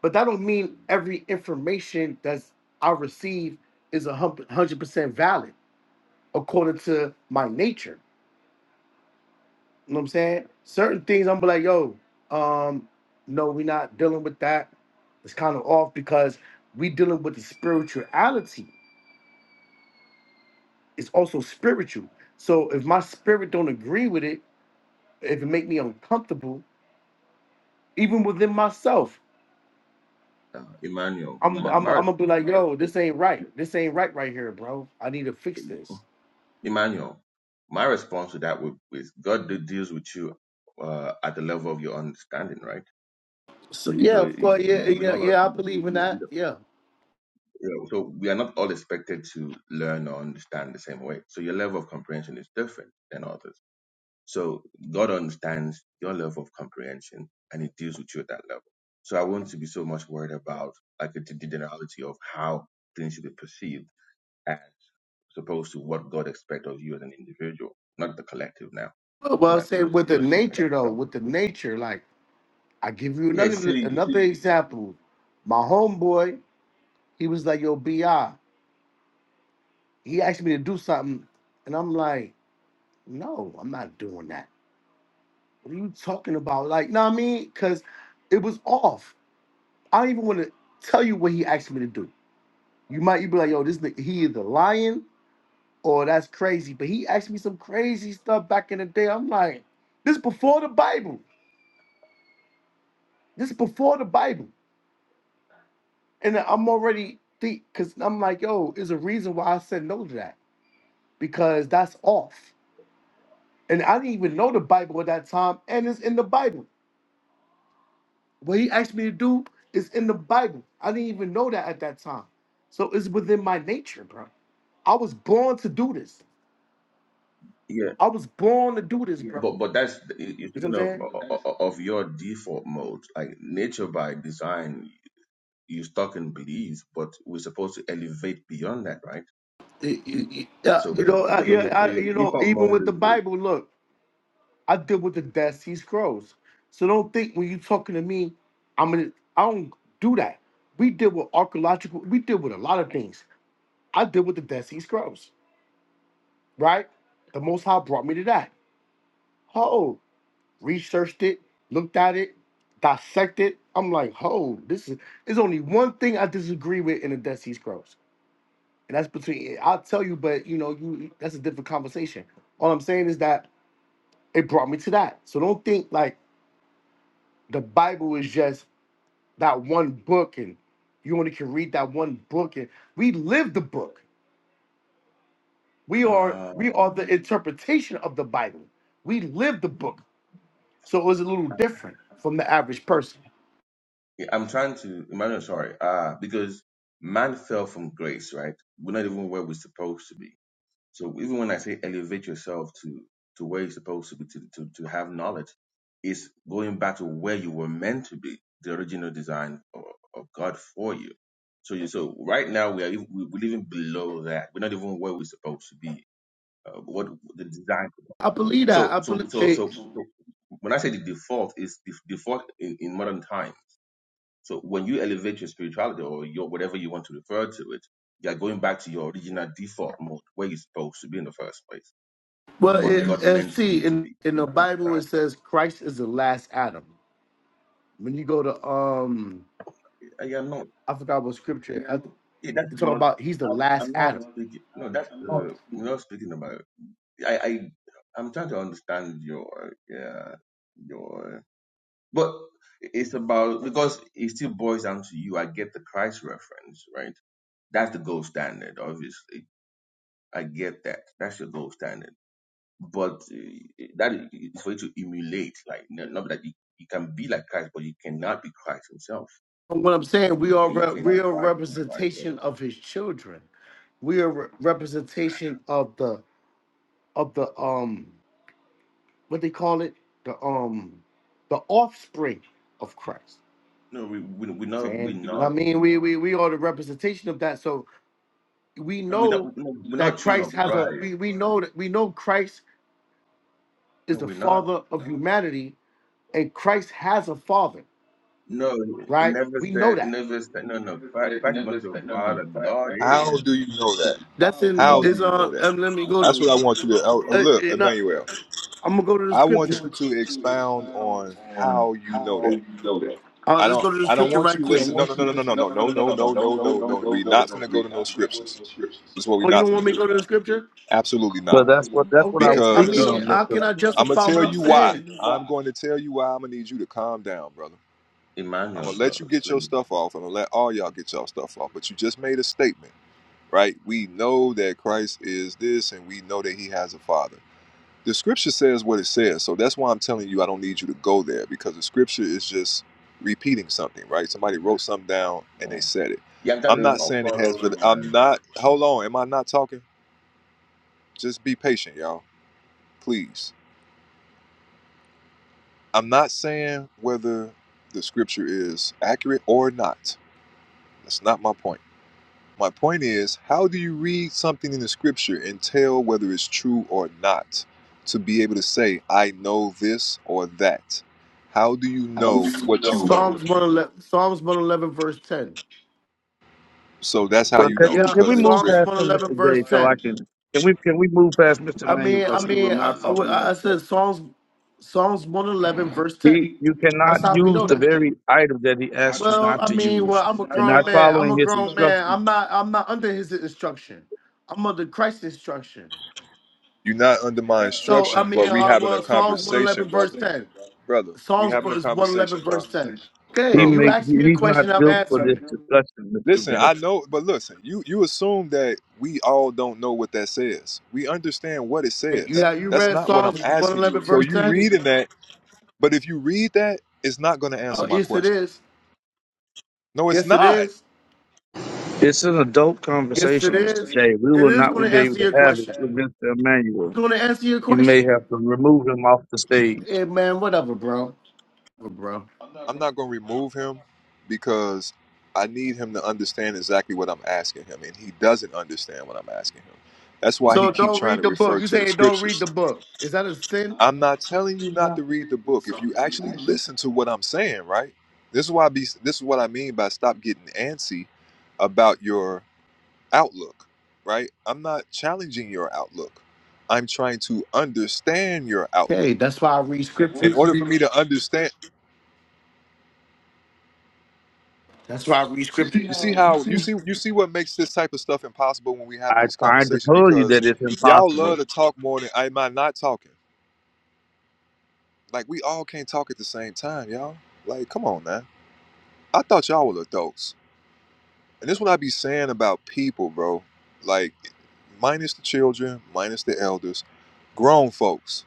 C: but that don't mean every information that's I receive is a hundred percent valid according to my nature. You know what I'm saying? Certain things I'm be like, yo, um, no, we're not dealing with that. It's kind of off because we dealing with the spirituality. It's also spiritual. So if my spirit don't agree with it if it make me uncomfortable, even within myself,
G: uh, Emmanuel,
C: I'm I'm I'm
G: Maris.
C: gonna be like, yo, this ain't right. This ain't right right here, bro. I need to fix this.
G: Emmanuel, my response to that would is God de- deals with you uh, at the level of your understanding, right?
C: So yeah,
G: So
C: of
G: we
C: course, yeah,
G: we're
C: yeah,
G: not all-
C: yeah. I believe in
G: we-
C: that.
G: we-
C: Yeah.
G: you know, so we are not all expected to learn or understand the same way. So your level of comprehension is different than others. So God understands your level of comprehension and He deals with you at that level. So I will not be so much worried about like the generality of how things should be perceived as opposed to what God expects of you as an individual, not the collective now,
C: Well,
G: but
C: I
G: I-
C: say
G: but
C: with the
G: just you as
C: nature though,
G: yourself.
C: with the nature, like I give you
G: Yeah,
C: another
G: see,
C: another example. My homeboy, he was like, yo, bi. He asked me to do something, and I'm like, no, I'm not doing that. What are you talking about? Like, know what I mean? Cause it was off I don't even want to tell you what he asked me to do. You might you be like, yo, this nigga, he either lying or that's crazy. But he asked me some crazy stuff back in the day. I'm like, this before the Bible. This before the Bible. And I'm already think because I'm like, yo, there's a reason why I said no to that. Because that's off. And I didn't even know the Bible at that time. And it's in the Bible. What he asked me to do is in the Bible. I didn't even know that at that time. So it's within my nature, bro. I was born to do this.
G: yeah,
C: I was born to do this, bro.
G: but but that's you're
C: You know what I'm
G: thinking of
C: saying?
G: of of your default mode, like nature by design. You're stuck in belief, but we're supposed to elevate beyond that, right?
C: Y- y- y- uh,
G: So,
C: You
G: but
C: know, I,
G: so your so
C: yeah, I,
G: your
C: you know,
G: default
C: even
G: mode
C: with the
G: is to,
C: Bible, look, I deal with the Dead Sea scrolls. So don't think when you talking to me, I'm gonna, I don't do that. We deal with archaeological, we deal with a lot of things. I deal with the Dead Sea Scrolls, right? The Most High brought me to that. Oh, researched it, looked at it, dissected. I'm like, oh, this is, there's only one thing I disagree with in the Dead Sea Scrolls And that's between I'll tell you, but you know, you that's a different conversation. All I'm saying is that it brought me to that. So don't think like the Bible is just that one book and you only can read that one book and we live the book. We are we
G: um,
C: are the interpretation of the Bible. We live the book. So it was a little different from the average
G: okay,
C: person.
G: yeah, I'm trying to Emmanuel, sorry, uh, because man fell from grace, right? We're not even where we're supposed to be So even when I say elevate yourself to to where you're supposed to be, to, to, to have knowledge, is going back to where you were meant to be, the original design of, of God for you. So you so right now we are even- we- we're living below that. We're not even where we're supposed to be. Uh, what the design.
C: I believe that.
G: So
C: I
G: so
C: believe
G: so so
C: it,
G: so when I say the default is the default in, in modern times so when you elevate your spirituality or your whatever you want to refer to it, you are going back to your original default mode where you're supposed to be in the first place.
C: well
G: What
C: it,
G: God
C: uh,
G: meant for
C: see
G: you to
C: in
G: be.
C: in the Bible it says Christ is the last Adam. When you go to um
G: I am not.
C: I forgot what scripture. I, you
G: Yeah, that's
C: talk
G: not.
C: about he's the
G: I'm
C: last
G: I'm not
C: Adam.
G: speaking. No, that's uh, we're not speaking about. I, I I'm trying to understand your yeah your. But it's about because it still boils down to you. I get the Christ reference, right? That's the gold standard, obviously. I get that. That's your gold standard but uh, that is for you to emulate, like no- not that you, you can be like Christ, but you cannot be Christ himself.
C: But what I'm saying, we are
G: Okay, you
C: re-
G: can
C: we are
G: aspire to be Christ. but-
C: representation of his children. We are re- representation of the of the um what they call it the um the offspring of Christ.
G: No, we, we we're not we're
C: Saying, I
G: not
C: mean, we we we are the representation of that. So we
G: no, we're not
C: know
G: no, we're
C: that
G: not children
C: Christ
G: of
C: has a
G: Christ.
C: we, we know that we know Christ is
G: No,
C: the
G: we're not.
C: father of humanity and Christ has a father.
G: No, it
C: right?
G: never
C: We know
G: said it
C: that.
G: never said no no. Christ Christ is not your father. God
A: How
G: is.
A: do you know that?
C: That's
A: How
G: But
A: do you know
C: on.
A: that?
C: Um, let me
A: That's what I want you to oh, oh, look, Emmanuel.
C: I'm gonna go to the I
A: I want you to expound on how you know that.
C: Uh,
A: I
C: let's
A: don't.
C: go to the
A: I don't want you to
C: do
A: listen. No, no, no, no, no, no, no, no, no, no, no, no. no. We not finna go to no scriptures. That's what we
C: Oh, you
A: not
C: don't want
A: finna do.
C: scripture?
A: Absolutely
F: Well,
A: not.
F: that's what that's what I
C: Okay.
F: was speaking
A: Because.
G: no,
F: on, Mr.
A: I'm gonna tell you why. I'm going to tell you why. I'm gonna need you to calm down, brother. I'm
G: Emmanuel
A: gonna let
G: stuff,
A: you get your
G: please.
A: stuff off, and I'm gonna let all y'all get y'all stuff off. But you just made a statement, right? We know that Christ is this, and we know that He has a Father. The Scripture says what it says, so that's why I'm telling you I don't need you to go there because the Scripture is just repeating something, right? Somebody wrote something down and they
G: Yeah,
A: said it.
G: yeah. I'm trying
A: I'm not
G: to
A: saying it has,
G: follow
A: but
G: him,
A: I'm
G: man.
A: not. Hold on, am I not talking? Just be patient, y'all, please I'm not saying whether the scripture is accurate or not. That's not my point. My point is, how do you read something in the scripture and tell whether it's true or not to be able to say, I know this or that? How do you know what you know?
C: 111, Psalms 111, verse 10.
A: So that's how
F: Well,
A: you
F: can,
A: know
F: can
C: Yeah,
F: can we
A: because it was
F: move
C: Psalms
A: written.
F: past
C: one
F: him,
C: eleven
F: Mr.
C: verse
F: J, so I
C: ten.
F: can? Can we can we move past Mr.
C: I
F: Manuel
C: mean, I
F: because he
C: mean,
F: will not
C: I, I
F: follow you,
C: I
F: Mr.
C: said Psalms, Psalms one eleven verse
F: He,
C: ten.
F: you
C: That's
F: cannot
C: how we
F: use
C: know
F: the
C: that.
F: very item that he asked you
C: Well,
F: not
C: I
F: to
C: mean, well,
F: use.
C: I'm a
F: You're
C: grown
F: not
C: man. I'm
F: following
C: a
F: his
C: grown man.
F: instructions.
C: I'm not. I'm not under his instruction. I'm under Christ's instruction.
A: You're not under my
C: So I
A: instructions,
C: mean,
A: but we
C: uh,
A: having a
C: well, Psalms one
A: conversation,
C: eleven verse
A: brother.
C: ten.
A: Brother, we
C: Psalms
A: having a
C: one
A: conversation,
C: eleven
A: bro.
C: verse ten. Okay,
F: He
A: Bro,
C: you
F: make
C: asked
F: he,
C: me a
F: he's not
C: question. I'm
F: built for
C: answering
F: this
C: it.
F: discussion, Mr.
A: Listen, I
F: J.
A: know, but listen, you you assume that we all don't know what that says. We understand what it
C: Hey,
A: says.
C: you you
A: That's
C: read
A: not what I'm
C: Psalms one
A: asking you.
C: eleven
A: So
C: verse
A: you
C: ten?
A: reading that, but if you read that, it's not going to answer
C: Oh,
A: my
C: yes, it
A: question.
C: is.
A: No, it's
C: Yes, it
A: not.
C: is.
F: It's an adult
C: Yes, it
F: conversation, Mr.
C: is.
F: J. We
C: It
F: will
C: is
F: not
C: going to
F: be able
C: answer
F: to
C: your
F: have it with
C: question.
F: Mr.
C: It's
F: Emmanuel.
C: going to answer your
F: You may
C: question.
F: have to remove him off the stage.
C: Hey, man, whatever, bro. Whatever, bro.
A: I'm not going to remove him because I need him to understand exactly what I'm asking him, and he doesn't understand what I'm asking him. That's why he
C: So
A: keeps
C: don't
A: trying to
C: read the book.
A: refer
C: You
A: to the
C: saying don't
A: scriptures.
C: read the book. Is that a sin?
A: I'm not telling you not to read the book. If
C: So-
A: you actually listen to what I'm saying, right? This is why I be this is what I mean by stop getting antsy about your outlook, right? I'm not challenging your outlook. I'm trying to understand your
C: Okay,
A: outlook.
C: that's why I read
A: In
C: scriptures.
A: order for me to understand,
C: That's why I read scriptures.
A: you see how you see you see what makes this type of stuff impossible when we having
F: I
A: these
F: tried to
A: conversations
F: tell you that
A: because
F: it's
A: y'all
F: impossible.
A: love to talk more than I am I not talking. Like we all can't talk at the same time, y'all. Like, come on, man. I thought y'all were adults. And this what I be saying about people, bro. Like, minus the children, minus the elders, grown folks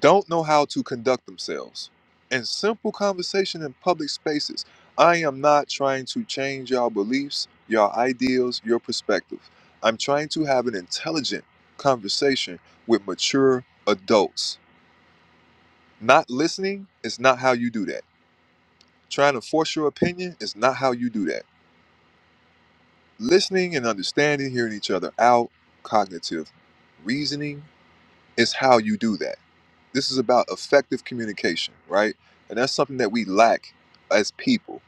A: don't know how to conduct themselves in simple conversation in public spaces. I am not trying to change your beliefs, your ideals, your perspective. I'm trying to have an intelligent conversation with mature adults. Not listening is not how you do that. Trying to force your opinion is not how you do that. Listening and understanding, hearing each other out, cognitive reasoning is how you do that. This is about effective communication, right? And that's something that we lack as people.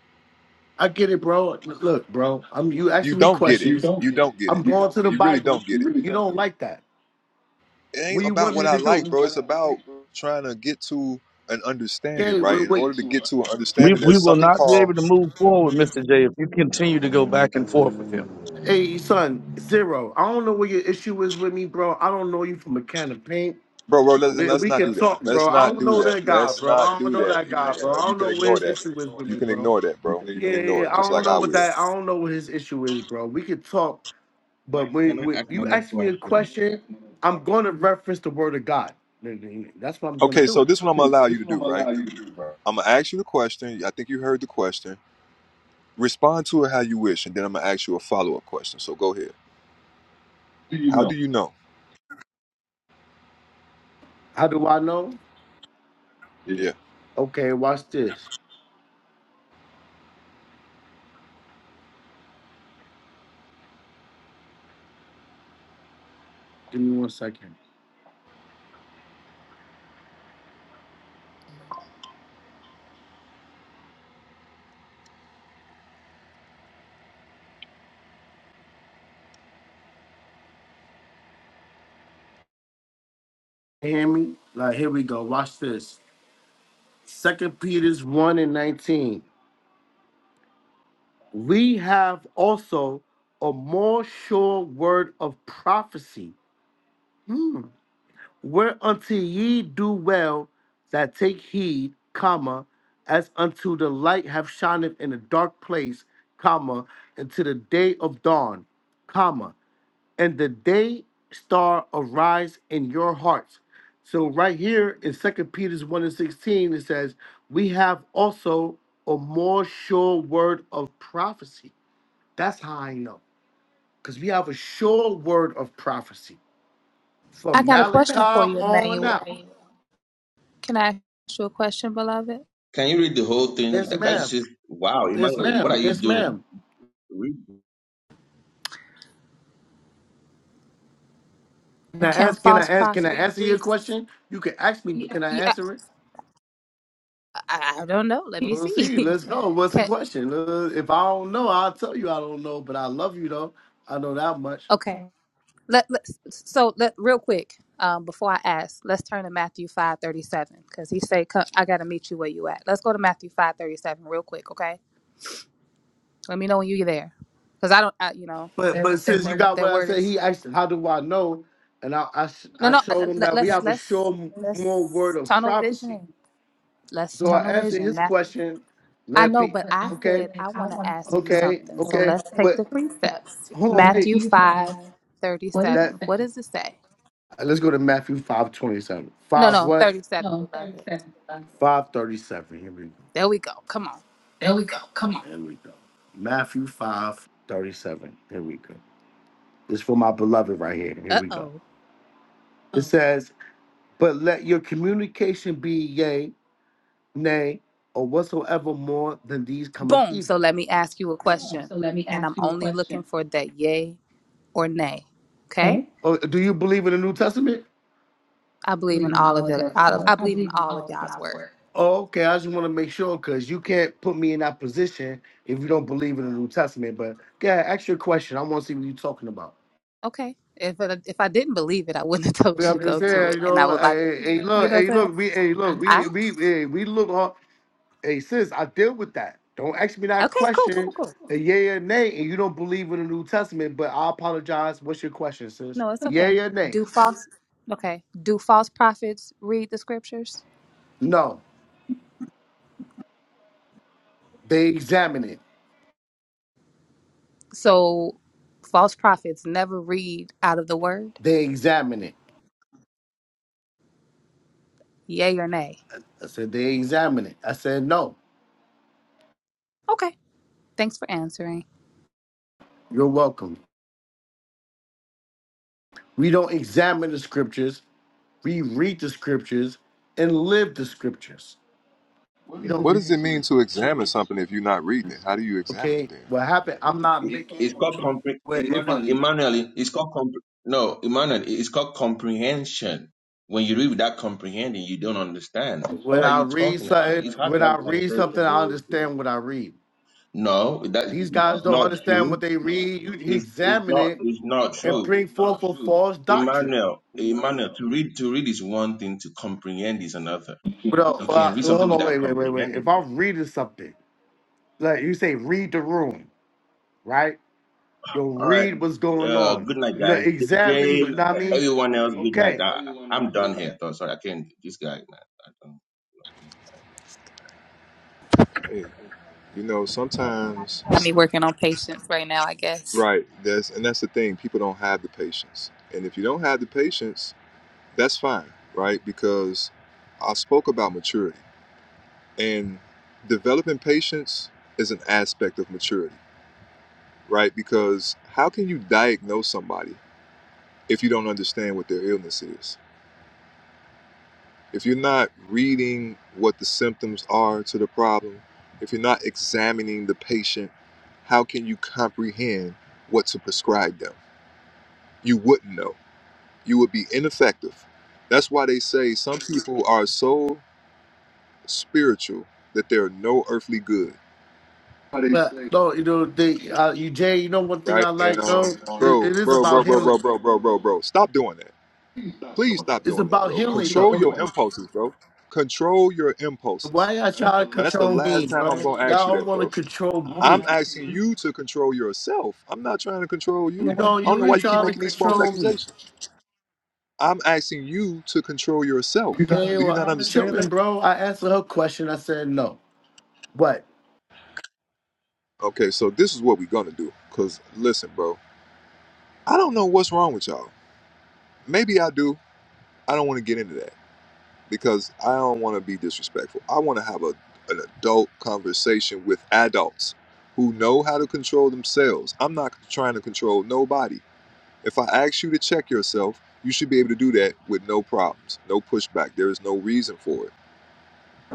C: I get it, bro. Look, bro. I'm you
A: You
C: asking me
A: don't get it.
C: questions.
A: You don't get it.
C: I'm going to the
A: You really
C: Bible.
A: don't get it.
C: You don't like that.
A: It
C: What
A: ain't
C: do you
A: about
C: want
A: what
C: me
A: I
C: to
A: like,
C: do?
A: bro. It's about trying to get to an understanding,
C: Okay,
A: right?
C: wait,
A: In order to
C: wait.
A: get to an
F: We
A: understanding,
F: we
A: there's
F: will
A: something
F: not be able
A: called,
F: to move forward, Mr. J, if you continue to go back and forth with him.
C: Hey, son, zero. I don't know what your issue is with me, bro. I don't know you from a can of paint.
A: bro, bro, let's,
C: we
A: let's
C: we
A: not
C: can
A: do that.
C: talk,
A: Let's
C: bro. I
A: not
C: don't
A: do
C: know
A: that.
C: that guy,
A: Let's
C: bro.
A: not
C: I don't
A: do
C: know
A: that,
C: that guy, bro.
A: Emmanuel.
C: I
A: You
C: don't
A: can
C: know what
A: ignore
C: his
A: that.
C: issue is with
A: You
C: me,
A: can
C: bro.
A: ignore that, bro.
C: Yeah,
A: You can
C: yeah. yeah.
A: ignore it,
C: I
A: just
C: don't
A: like
C: know
A: I
C: what
A: will.
C: that. I don't know what his issue is, bro. We can talk,
G: Can I,
C: but
G: can
C: when,
G: I
C: when
G: ask
C: you
G: another
C: ask me a
G: question?
C: question, I'm going to reference the word of God. That's what I'm going to
A: Okay, so
C: do.
A: this one I'm gonna allow you to do, right? I'm gonna ask you the question. I think you heard the question. Respond to it how you wish, and then I'm gonna ask you a follow up question. So go ahead. How do you know?
C: How do I know?
A: Yeah.
C: Okay, watch this. Give me one second. Hear me? Like here we go. Watch this. Second Peter's one and nineteen. we have also a more sure word of prophecy, hmm, whereunto ye do well that take heed, comma, as unto the light have shineth in a dark place, comma, unto the day of dawn, comma, and the day star arise in your hearts. So right here in Second Peter's 1 and 16, it says, we have also a more sure word of prophecy that's how I know. Because we have a sure word of prophecy
E: I
C: from
E: got a
C: Malachi (laughs)
E: question for you,
C: on
E: Emmanuel.
C: out.
E: Can I ask you a question, beloved?
G: Can you read the whole thing?
C: Yes,
G: That, that's
C: ma'am.
G: just wow,
C: Yes,
G: Emmanuel.
C: ma'am.
G: What are you
C: Yes,
G: doing?
C: ma'am.
G: We,
C: Can I
E: Can
C: ask? Can I
E: false
C: ask? Can I
E: prophets
C: answer
E: re-
C: your question? You can ask me. but Can I
E: Yeah, I,
C: answer it?
E: I don't know. Let me
C: We'll
E: see.
C: see. Let's go.
E: (laughs)
C: What's the
E: Can,
C: question? Uh, If I don't know, I'll tell you I don't know. But I love you though. I know that much.
E: okay. Let, let so let real quick um, before I ask, let's turn to Matthew five thirty seven because he say, "Come- "I got to meet you where you at." Let's go to Matthew five thirty seven real quick, okay? Let me know when you get there because I don't, I, you know,
C: But but since you
E: that wo-
C: got
E: that
C: what I
E: word
C: said,
E: is
C: he asked, "How do I know?" And I I,
E: no,
C: I
E: no. I- I-
C: told him
E: Let,
C: that we
E: let's
C: have a
E: let's
C: sure more word
E: let's
C: of
E: tunnel
C: prophecy.
E: vision. Let's
C: So I
E: tunnel
C: answered
E: vision.
C: his
E: Matthew
C: question.
E: I
C: Let
E: know,
C: be
E: but I said
C: okay.
E: I want to ask you
C: okay.
E: something. So
C: Okay.
E: let's take the
C: What?
E: precepts.
C: Hold on.
E: Matthew
C: Wait.
E: 5 37.
C: that,
E: What does
C: Uh,
E: it say?
C: Let's go to Matthew five twenty seven.
E: No,
C: Five
E: no,
C: what?
E: 37, beloved.
C: Five thirty seven. Here we go.
E: There we go. Come on.
C: There we go. Come on. Here we go. Matthew five thirty seven. Here we go. This for my beloved right here. Here
E: Uh
C: we go.
E: oh.
C: It says, "But let your communication be yea, nay, or whatsoever more than these cometh
E: Boom. So
C: evil."
E: let me ask you a
C: form.
E: question.
C: So let me
E: And I'm
C: ask you a
E: only looking
C: question,
E: for that yay or nay. Okay?
C: okay? Oh, do you believe in the New Testament?
E: I
C: I
E: believe in
C: believe in
E: all
C: all
E: of
C: of
E: it.
C: the,
E: I
C: I,
E: I
C: I
E: believe in
C: believe in
E: all of
C: all of
E: y'all's
C: God's
E: word.
C: word. Oh, okay. I just want to make sure because you can't put me in that position if you don't believe in the New Testament. But yeah, ask your question. I want to see what you're talking about.
E: Okay. If I, if I didn't believe it, I wouldn't (laughs) have told
C: Yeah,
E: you to
C: I'm just
E: go to
C: saying,
E: it.
C: you
E: And I
C: know,
E: would like,
C: hey, hey,
E: you
C: look,
E: know what
C: hey,
E: I'm
C: look, we, hey, look,
E: saying?
C: we, we, hey, we look, on- hey, sis, I deal with that. Don't ask me
E: I,
C: that
E: okay, cool, cool, cool,
C: question,
E: cool.
C: a yay or nay, and you don't believe in the New Testament. But I apologize. What's your question, sis?
E: No, it's
C: Yay
E: okay.
C: or nay?
E: Do false okay. Do false prophets read the scriptures?
C: No, they examine it.
E: So false prophets never read out of the word?
C: They examine it.
E: Yay or nay?
C: I said, they examine it. I said, no,
E: Okay. Thanks for answering.
C: you're welcome. We don't examine the scriptures. We read the scriptures and live the scriptures. We don't
A: What
C: read.
A: does it mean to examine something if you're not reading it? How do you examine it
C: Okay,
A: then?
C: what happened? I'm not
G: it-
C: making.
G: it's called compre-
C: But if I,
G: Emmanuel. It's called compre- no Emmanuel. It's called comprehension. When you read without comprehending, you don't understand.
C: when
G: What are
C: I
G: you
C: read
G: talking about?
C: something,
G: It's hard
C: when
G: to have
C: I
G: a
C: read something,
G: conversation
C: I
G: with you.
C: understand what I read.
G: No, that
C: These guys
G: it's
C: don't
G: not
C: understand what
G: true.
C: they read. You
G: It's it's
C: examine
G: not
C: it
G: it's not
C: and
G: true.
C: bring forth a false doctrine.
G: Emmanuel, Emmanuel, to read to read is one thing. To comprehend is another.
C: But uh,
G: You can
C: uh,
G: read something
C: hold on,
G: without
C: wait, wait, wait, wait. If
G: comprehending it.
C: I'm reading something like you say, read the room, right? You'll
G: All right.
C: read what's going
G: Uh,
C: on.
G: good night,
C: You know,
G: guys. J-
C: examine. You
G: Jay,
C: know what I mean?
G: everyone else, good night.
C: Okay.
G: I, I'm done here. So sorry, I can't. This guy, man. I don't.
A: Hey, you know, sometimes
E: Got me working on patience right now, I guess.
A: right. That's and that's the thing. People don't have the patience, and if you don't have the patience, that's fine, right? Because I spoke about maturity and developing patience is an aspect of maturity right? Because how can you diagnose somebody if you don't understand what their illness is? If you're not reading what the symptoms are to the problem, if you're not examining the patient, how can you comprehend what to prescribe them? You wouldn't know. You would be ineffective. That's why they say some people are so spiritual that they're no earthly good,
C: But no, you know, they, uh, you Jay. You know, one thing
A: right?
C: I
A: And
C: like
A: um,
C: though, it,
A: bro,
C: it is
A: bro, bro,
C: about
A: bro, bro,
C: healing.
A: bro, bro, bro, bro, stop doing that Please stop
C: It's
A: doing that,
C: about
A: bro.
C: healing
A: Control your
C: though.
A: impulses, bro. Control your impulses.
C: Why y'all trying to
A: And that's the
C: control me,
A: last time
C: bro?
A: I'm gonna ask you
C: Y'all
A: that,
C: want to
A: bro.
C: control me.
A: I'm asking you to control yourself. I'm not trying to control you.
C: You know,
A: I don't
C: you
A: know why
C: really
A: you keep
C: trying to
A: making these false
C: control me.
A: accusations. I'm asking you to control yourself.
C: Okay,
A: Do
C: well,
A: you not
C: I'm
A: understand
C: chilling,
A: that?
C: bro. I answered her question. I said no. What?
A: Okay, so this is what we're gonna do. Cause listen, bro, I don't know what's wrong with y'all. Maybe I do. I don't want to get into that. because I don't want to be disrespectful. I want to have a an adult conversation with adults who know how to control themselves. I'm not trying to control nobody. If I ask you to check yourself, you should be able to do that with no problems, no pushback. There is no reason for it.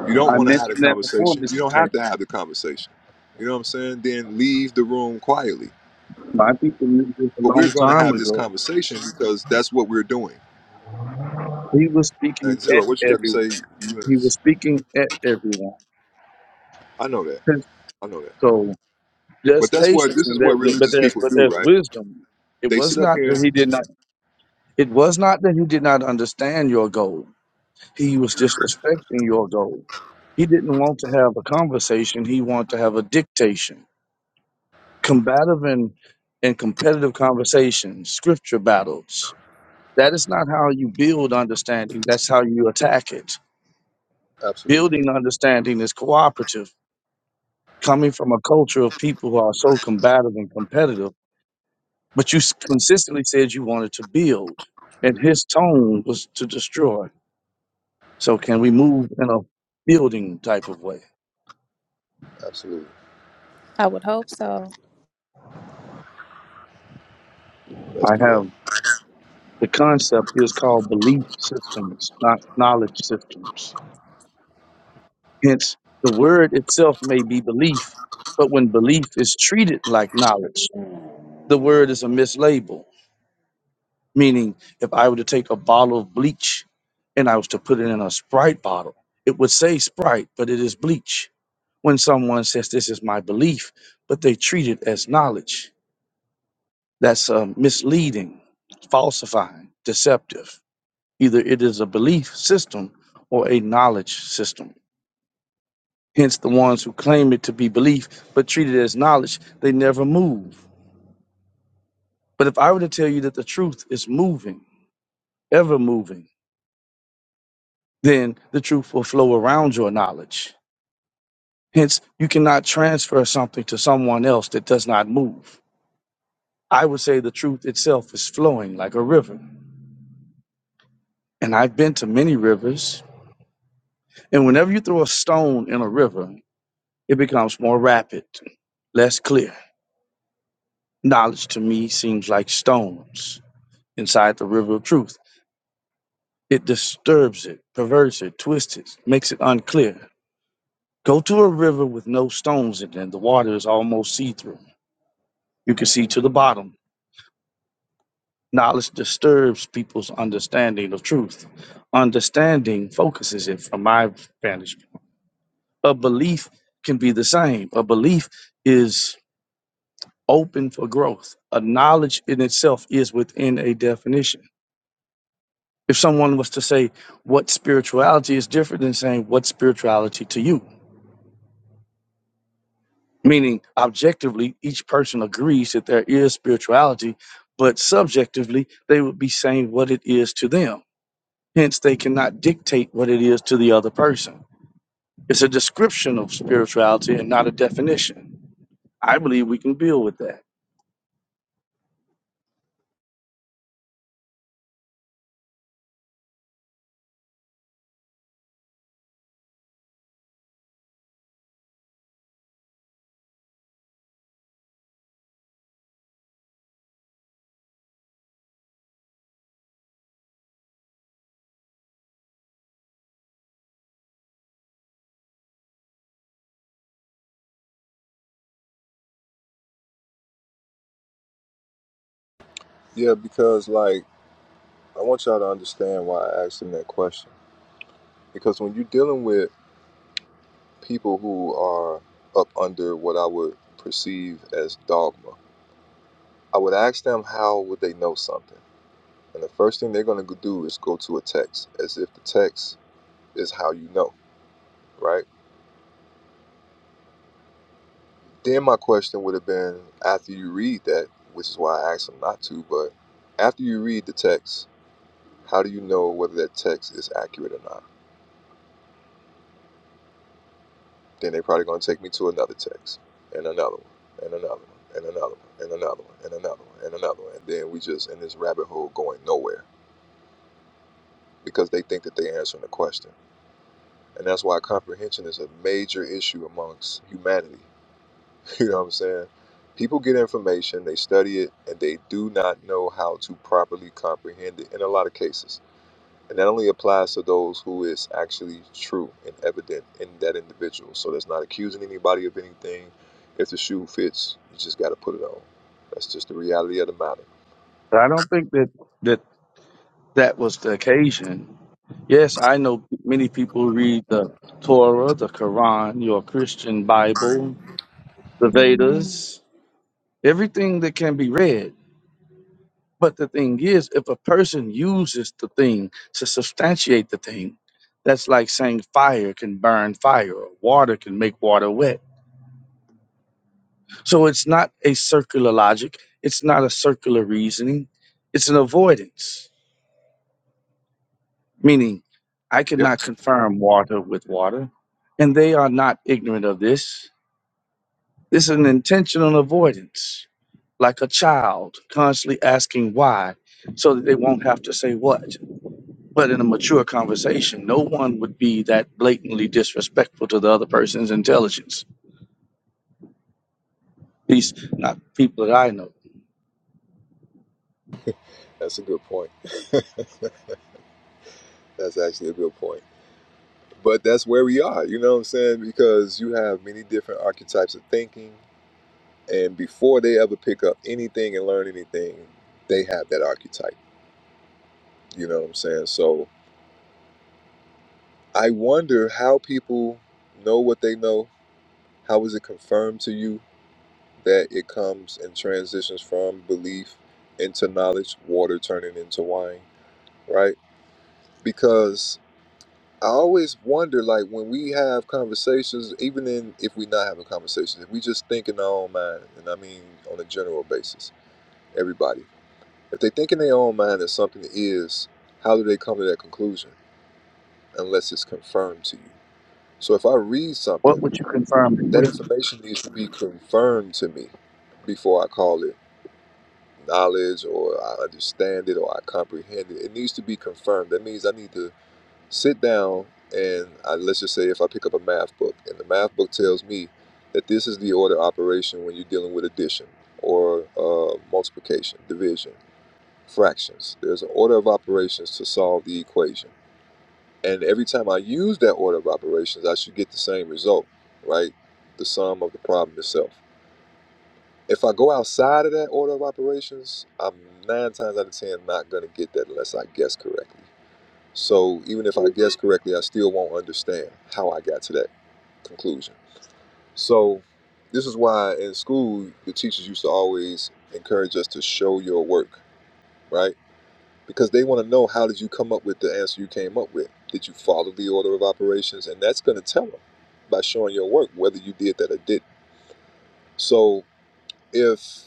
A: You don't
F: I
A: want to have the
F: mentioned that before,
A: conversation. You
F: Mr.
A: don't
F: J.
A: have to have the conversation. You know what I'm saying? Then leave the room quietly.
F: My people knew this a
A: But we're
F: long
A: going to
F: time
A: have this
F: ago.
A: conversation because that's what we're doing.
F: He was
A: Now,
F: speaking
A: Zero,
F: at
A: what you got to
F: everyone.
A: say? You,
F: He was speaking at everyone.
A: I know that. I know that.
F: So there's
A: But that's what
F: patience
A: this
F: in
A: is
F: that,
A: what
F: that- but
A: religious
F: there's
A: people
F: but
A: do,
F: there's
A: right?
F: wisdom. It
A: They sit
F: was
A: up
F: not
A: here.
F: that he did not. It was not that he did not understand your goal. He was disrespecting your goal. He didn't want to have a conversation. He wanted to have a dictation. combative and, and competitive conversations, scripture battles. That is not how you build understanding, that's how you attack it.
A: Absolutely,
F: Building understanding is cooperative, coming from a culture of people who are so combative and competitive, but you s- consistently said you wanted to build, and his tone was to destroy. So, can we move in a building type of way?
A: absolutely.
E: I would hope so.
A: Let's
F: I
A: do that.
F: have the concept is called belief systems, not knowledge systems. Hence, the word itself may be belief, but when belief is treated like knowledge, the word is a mislabel. Meaning, if I were to take a bottle of bleach and I was to put it in a Sprite bottle, it would say Sprite, but it is bleach. When someone says, This is my belief, but they treat it as knowledge, that's uh, misleading, falsifying, deceptive. Either it is a belief system or a knowledge system. Hence, the ones who claim it to be belief but treat it as knowledge, they never move. But if I were to tell you that the truth is moving, ever moving, then the truth will flow around your knowledge. Hence, you cannot transfer something to someone else that does not move. I would say the truth itself is flowing like a river. And I've been to many rivers. And whenever you throw a stone in a river, it becomes more rapid, less clear. Knowledge to me seems like stones inside the river of truth. It disturbs it, perverts it, twists it, makes it unclear. Go to a river with no stones in it, and the water is almost see through. You can see to the bottom. Knowledge disturbs people's understanding of truth. Understanding focuses it from my vantage point. A belief can be the same. A belief is open for growth. A knowledge in itself is within a definition. If someone was to say what spirituality is different than saying what spirituality to you, meaning objectively each person agrees that there is spirituality but subjectively they would be saying what it is to them hence they cannot dictate what it is to the other person it's a description of spirituality and not a definition i believe we can deal with that
A: Yeah, because like I want y'all to understand why I asked them that question. Because when you're dealing with people who are up under what I would perceive as dogma, I would ask them how would they know something, and the first thing they're going to do is go to a text, as if the text is how you know, right? Then my question would have been after you read that, which is why I asked them not to, but after you read the text, how do you know whether that text is accurate or not? Then they're probably going to take me to another text and another one and another one and another one and another one and another one and another one. And then we just in this rabbit hole going nowhere because they think that they're answering the question. And that's why comprehension is a major issue amongst humanity (laughs) You know what I'm saying? People get information, they study it, and they do not know how to properly comprehend it in a lot of cases. And that only applies to those who is actually true and evident in that individual. So that's not accusing anybody of anything. If the shoe fits, you just got to put it on. That's just the reality of the matter.
F: but i don't think that that that was the occasion yes i know many people read the torah the quran your christian bible the vedas everything that can be read But the thing is, if a person uses the thing to substantiate the thing, that's like saying fire can burn fire, or water can make water wet. So it's not a circular logic, it's not a circular reasoning, it's an avoidance, meaning I
A: Yep.
F: cannot confirm water with water, and they are not ignorant of this. This is an intentional avoidance, like a child constantly asking why, so that they won't have to say what. But in a mature conversation, no one would be that blatantly disrespectful to the other person's intelligence. At least not people that I know.
A: That's a good point. (laughs) that's actually a good point. But that's where we are, you know what I'm saying? Because you have many different archetypes of thinking, and before they ever pick up anything and learn anything they have that archetype you know what i'm saying so i wonder how people know what they know how is it confirmed to you that it comes and transitions from belief into knowledge water turning into wine right because i always wonder like when we have conversations even in if we not having conversations if we just think in our own mind and i mean on a general basis everybody If they think in their own mind that something is, how do they come to that conclusion unless it's confirmed to you? So if I read
F: What
A: something,
F: would you confirm it
A: that
F: with?
A: information needs to be confirmed to me before I call it knowledge or I understand it or I comprehend it. It needs to be confirmed. That means I need to sit down and I, let's just say if I pick up a math book and the math book tells me that this is the order operation when you're dealing with addition or uh, multiplication, division fractions. There's an order of operations to solve the equation. And every time I use that order of operations, I should get the same result, right? The sum of the problem itself. If I go outside of that order of operations, I'm nine times out of ten not going to get that unless I guess correctly. So even if I guess correctly, I still won't understand how I got to that conclusion. So this is why in school, the teachers used to always encourage us to show your work, right? because they want to know how did you come up with the answer you came up with did you follow the order of operations and that's going to tell them by showing your work whether you did that or didn't so if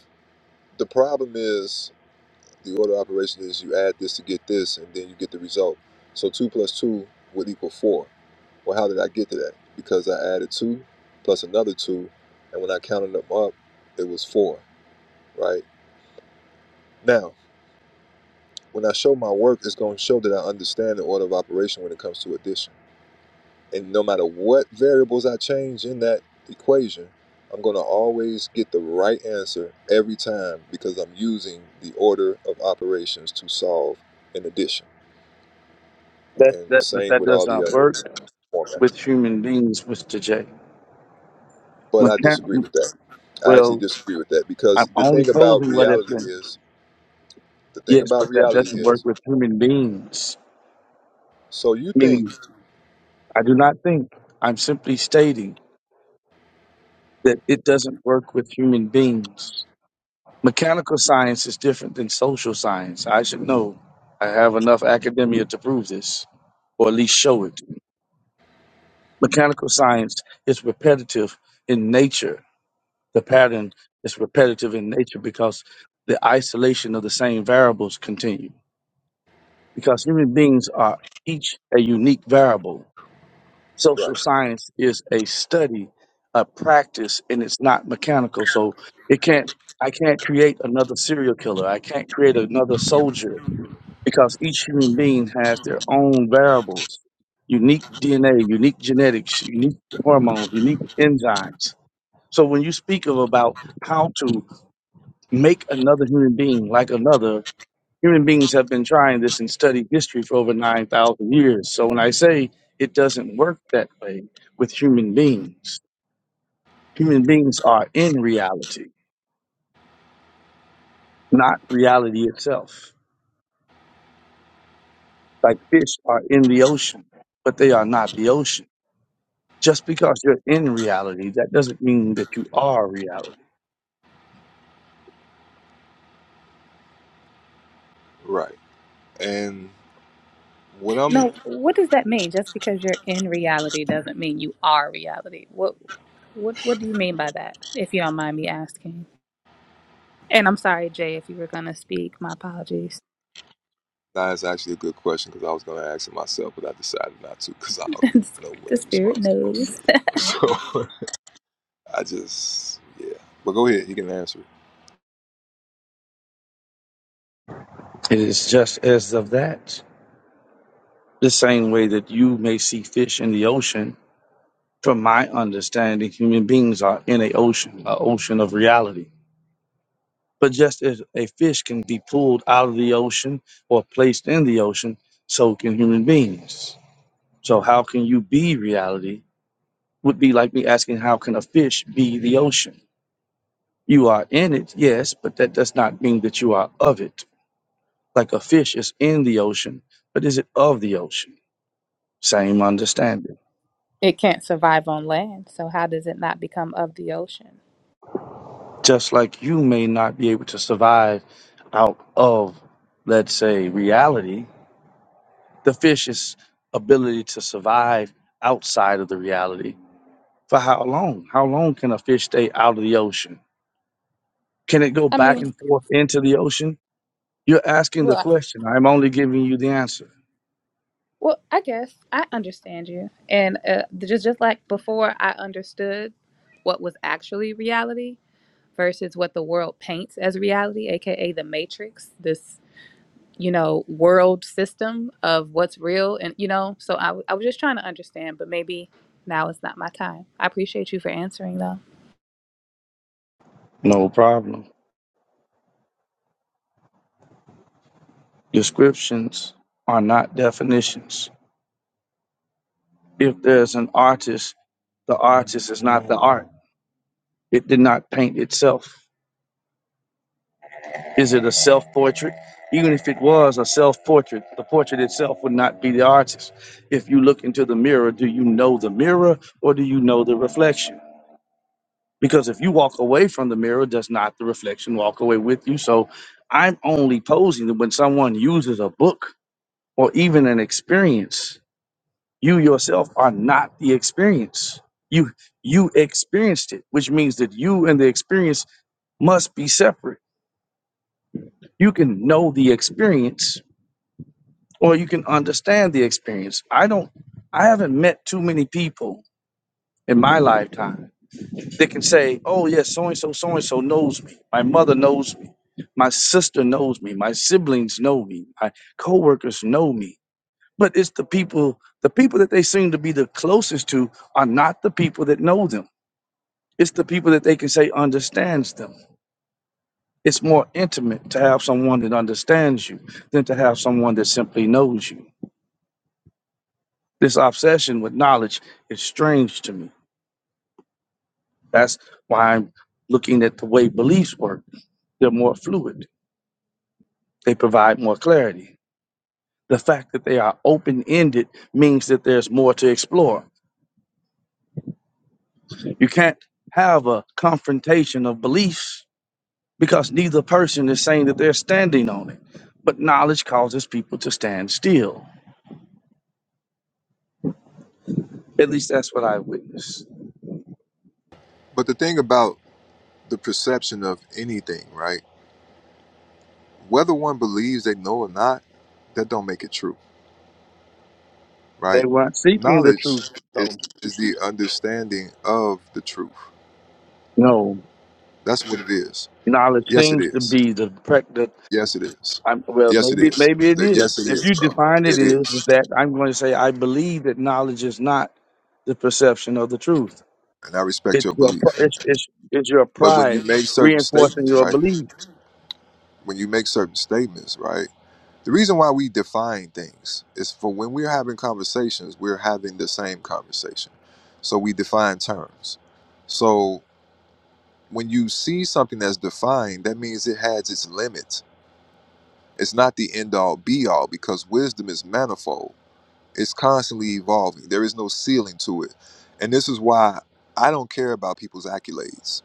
A: the problem is the order of operations is you add this to get this and then you get the result so 2 plus 2 would equal 4 well how did i get to that because i added 2 plus another 2 and when i counted them up it was 4 right now when i show my work it's going to show that i understand the order of operation when it comes to addition And no matter what variables I change in that equation, I'm going to always get the right answer every time because I'm using the order of operations to solve an addition.
F: That
A: And the
F: that but
A: same
F: that
A: with
F: does
A: all the
F: not
A: other
F: work
A: formats.
F: with human beings, Mr. J.
A: But I disagree
F: Mechan-
A: with that. I actually
F: well,
A: disagree with that
F: I'm
A: because the
F: only
A: thing about
F: posing what has
A: reality
F: been
A: is, the thing
F: yes, but
A: about
F: that
A: reality
F: doesn't work
A: is,
F: with human beings.
A: so you think,
F: Meaning I do not think I'm simply stating that it doesn't work with human beings. Mechanical science is different than social science. I should know. I have enough academia to prove this, or at least show it. Mechanical science is repetitive in nature. The pattern is repetitive in nature because the isolation of the same variables continue. Because human beings are each a unique variable. Social
A: right,
F: science is a study, a practice, and it's not mechanical. So it can't I can't create another serial killer. I can't create another soldier because each human being has their own variables, unique DNA, unique genetics, unique hormones, unique enzymes. So when you speak of about how to make another human being like another, human beings have been trying this and studied history for over 9,000 years. So when I say it doesn't work that way with human beings, human beings are in reality, not reality itself. Like fish are in the ocean, but they are not the ocean Just because you're in reality, that doesn't mean that you are reality.
A: right. And what I'm
E: No, what does that mean? Just because you're in reality doesn't mean you are reality. What what what do you mean by that, if you don't mind me asking? And I'm sorry, Jay, if you were gonna speak, my apologies.
A: Nah, That's actually a good question because I was going to ask it myself, but I decided not to because I
E: (laughs)
A: already know what
E: the
A: the
E: spirit
A: response is going to be.
E: knows.
A: So (laughs) I just, yeah. But go ahead, you can answer it.
F: It is just as of that. The same way that you may see fish in the ocean, from my understanding, human beings are in a ocean, an ocean of reality. But just as a fish can be pulled out of the ocean or placed in the ocean, so can human beings. So how can you be reality? Would be like me asking, how can a fish be the ocean? You are in it, yes, but that does not mean that you are of it. Like a fish is in the ocean, but is it of the ocean? Same understanding.
E: It can't survive on land, so how does it not become of the ocean?
F: Just like you may not be able to survive out of, let's say, reality, the fish's ability to survive outside of the reality. For how long? How long can a fish stay out of the ocean? Can it go
E: I
F: back
E: mean,
F: and forth into the ocean? You're asking the
E: well, I-
F: question. I'm only giving you the answer.
E: well, I guess I understand you, and uh, just just like before, I understood what was actually reality versus what the world paints as reality, aka the Matrix. This you know world system of what's real, and you know, so I, w- I was just trying to understand, but maybe now is not my time. I appreciate you for answering, though.
F: No problem. Descriptions are not definitions. if there's an artist, the artist is not the art. It did not paint itself. Is it a self portrait? Even if it was a self portrait, the portrait itself would not be the artist. If you look into the mirror, do you know the mirror or do you know the reflection? Because if you walk away from the mirror, does not the reflection walk away with you? So I'm only posing that when someone uses a book or even an experience You yourself are not the experience. You you experienced it, which means that you and the experience must be separate. You can know the experience or you can understand the experience. I don't I haven't met too many people in my lifetime that can say, "Oh yes, so and so so and so knows me. My mother knows me. My sister knows me. My siblings know me. My coworkers know me." But it's the people the people that they seem to be the closest to are not the people that know them It's the people that they can say understands them. It's more intimate to have someone that understands you than to have someone that simply knows you. This obsession with knowledge is strange to me. That's why I'm looking at the way beliefs work. They're more fluid, they provide more clarity. The fact that they are open ended means that there's more to explore. You can't have a confrontation of beliefs because neither person is saying that they're standing on it. But knowledge causes people to stand still At least that's what I witnessed.
A: But the thing about the perception of anything, right? Whether one believes they know or not, that don't make it true, right?
F: They weren't seeking the truth,
A: Knowledge is
F: so
A: is the understanding of the truth.
F: no
A: That's what it is.
F: knowledge
A: Yes, it
F: seems to
A: is.
F: be the pregnant.
A: Yes, it is.
F: I'm, well,
A: Yes, it
F: maybe
A: is.
F: maybe it
A: The
F: is.
A: yes, it
F: If
A: is,
F: you
A: bro.
F: define it
A: It
F: is
A: is,
F: that, I'm going to say I believe that knowledge is not the perception of the truth.
A: and I respect
F: It's
A: your
F: your
A: belief.
F: pr- it's it's, it's your
A: But when you
F: pride
A: make certain
F: reinforcing
A: statements,
F: your
A: right?
F: belief.
A: When you make certain statements, right? The reason why we define things is for when we're having conversations, we're having the same conversation. So we define terms. So when you see something that's defined, that means it has its limits. It's not the end all be all because wisdom is manifold. It's constantly evolving. There is no ceiling to it. And this is why I don't care about people's accolades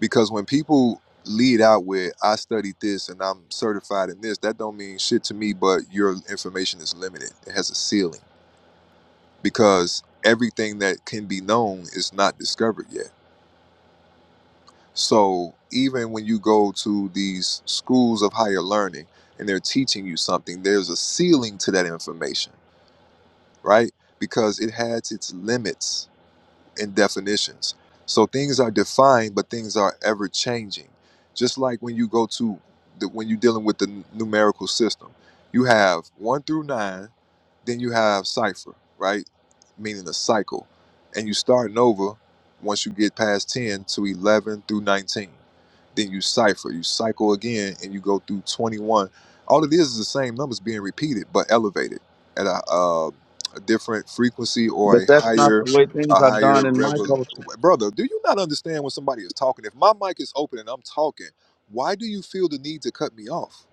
A: because when people lead out with i studied this and i'm certified in this that don't mean shit to me but your information is limited it has a ceiling because everything that can be known is not discovered yet so even when you go to these schools of higher learning and they're teaching you something there's a ceiling to that information right because it has its limits and definitions. So things are defined, but things are ever changing. Just like when you go to the, when you're dealing with the n- numerical system, you have one through nine, then you have cipher, right? Meaning a cycle, and you starting over once you get past ten to eleven through nineteen. Then you cipher, you cycle again, and you go through twenty-one. All it is is the same numbers being repeated, but elevated at a, uh, a different frequency or
F: But
A: a
F: that's not
A: higher
F: the way things
A: a
F: are
A: higher
F: done in my
A: revel
F: culture.
A: brother do you not understand when somebody is talking if my mic is open and i'm talking why do you feel the need to cut me off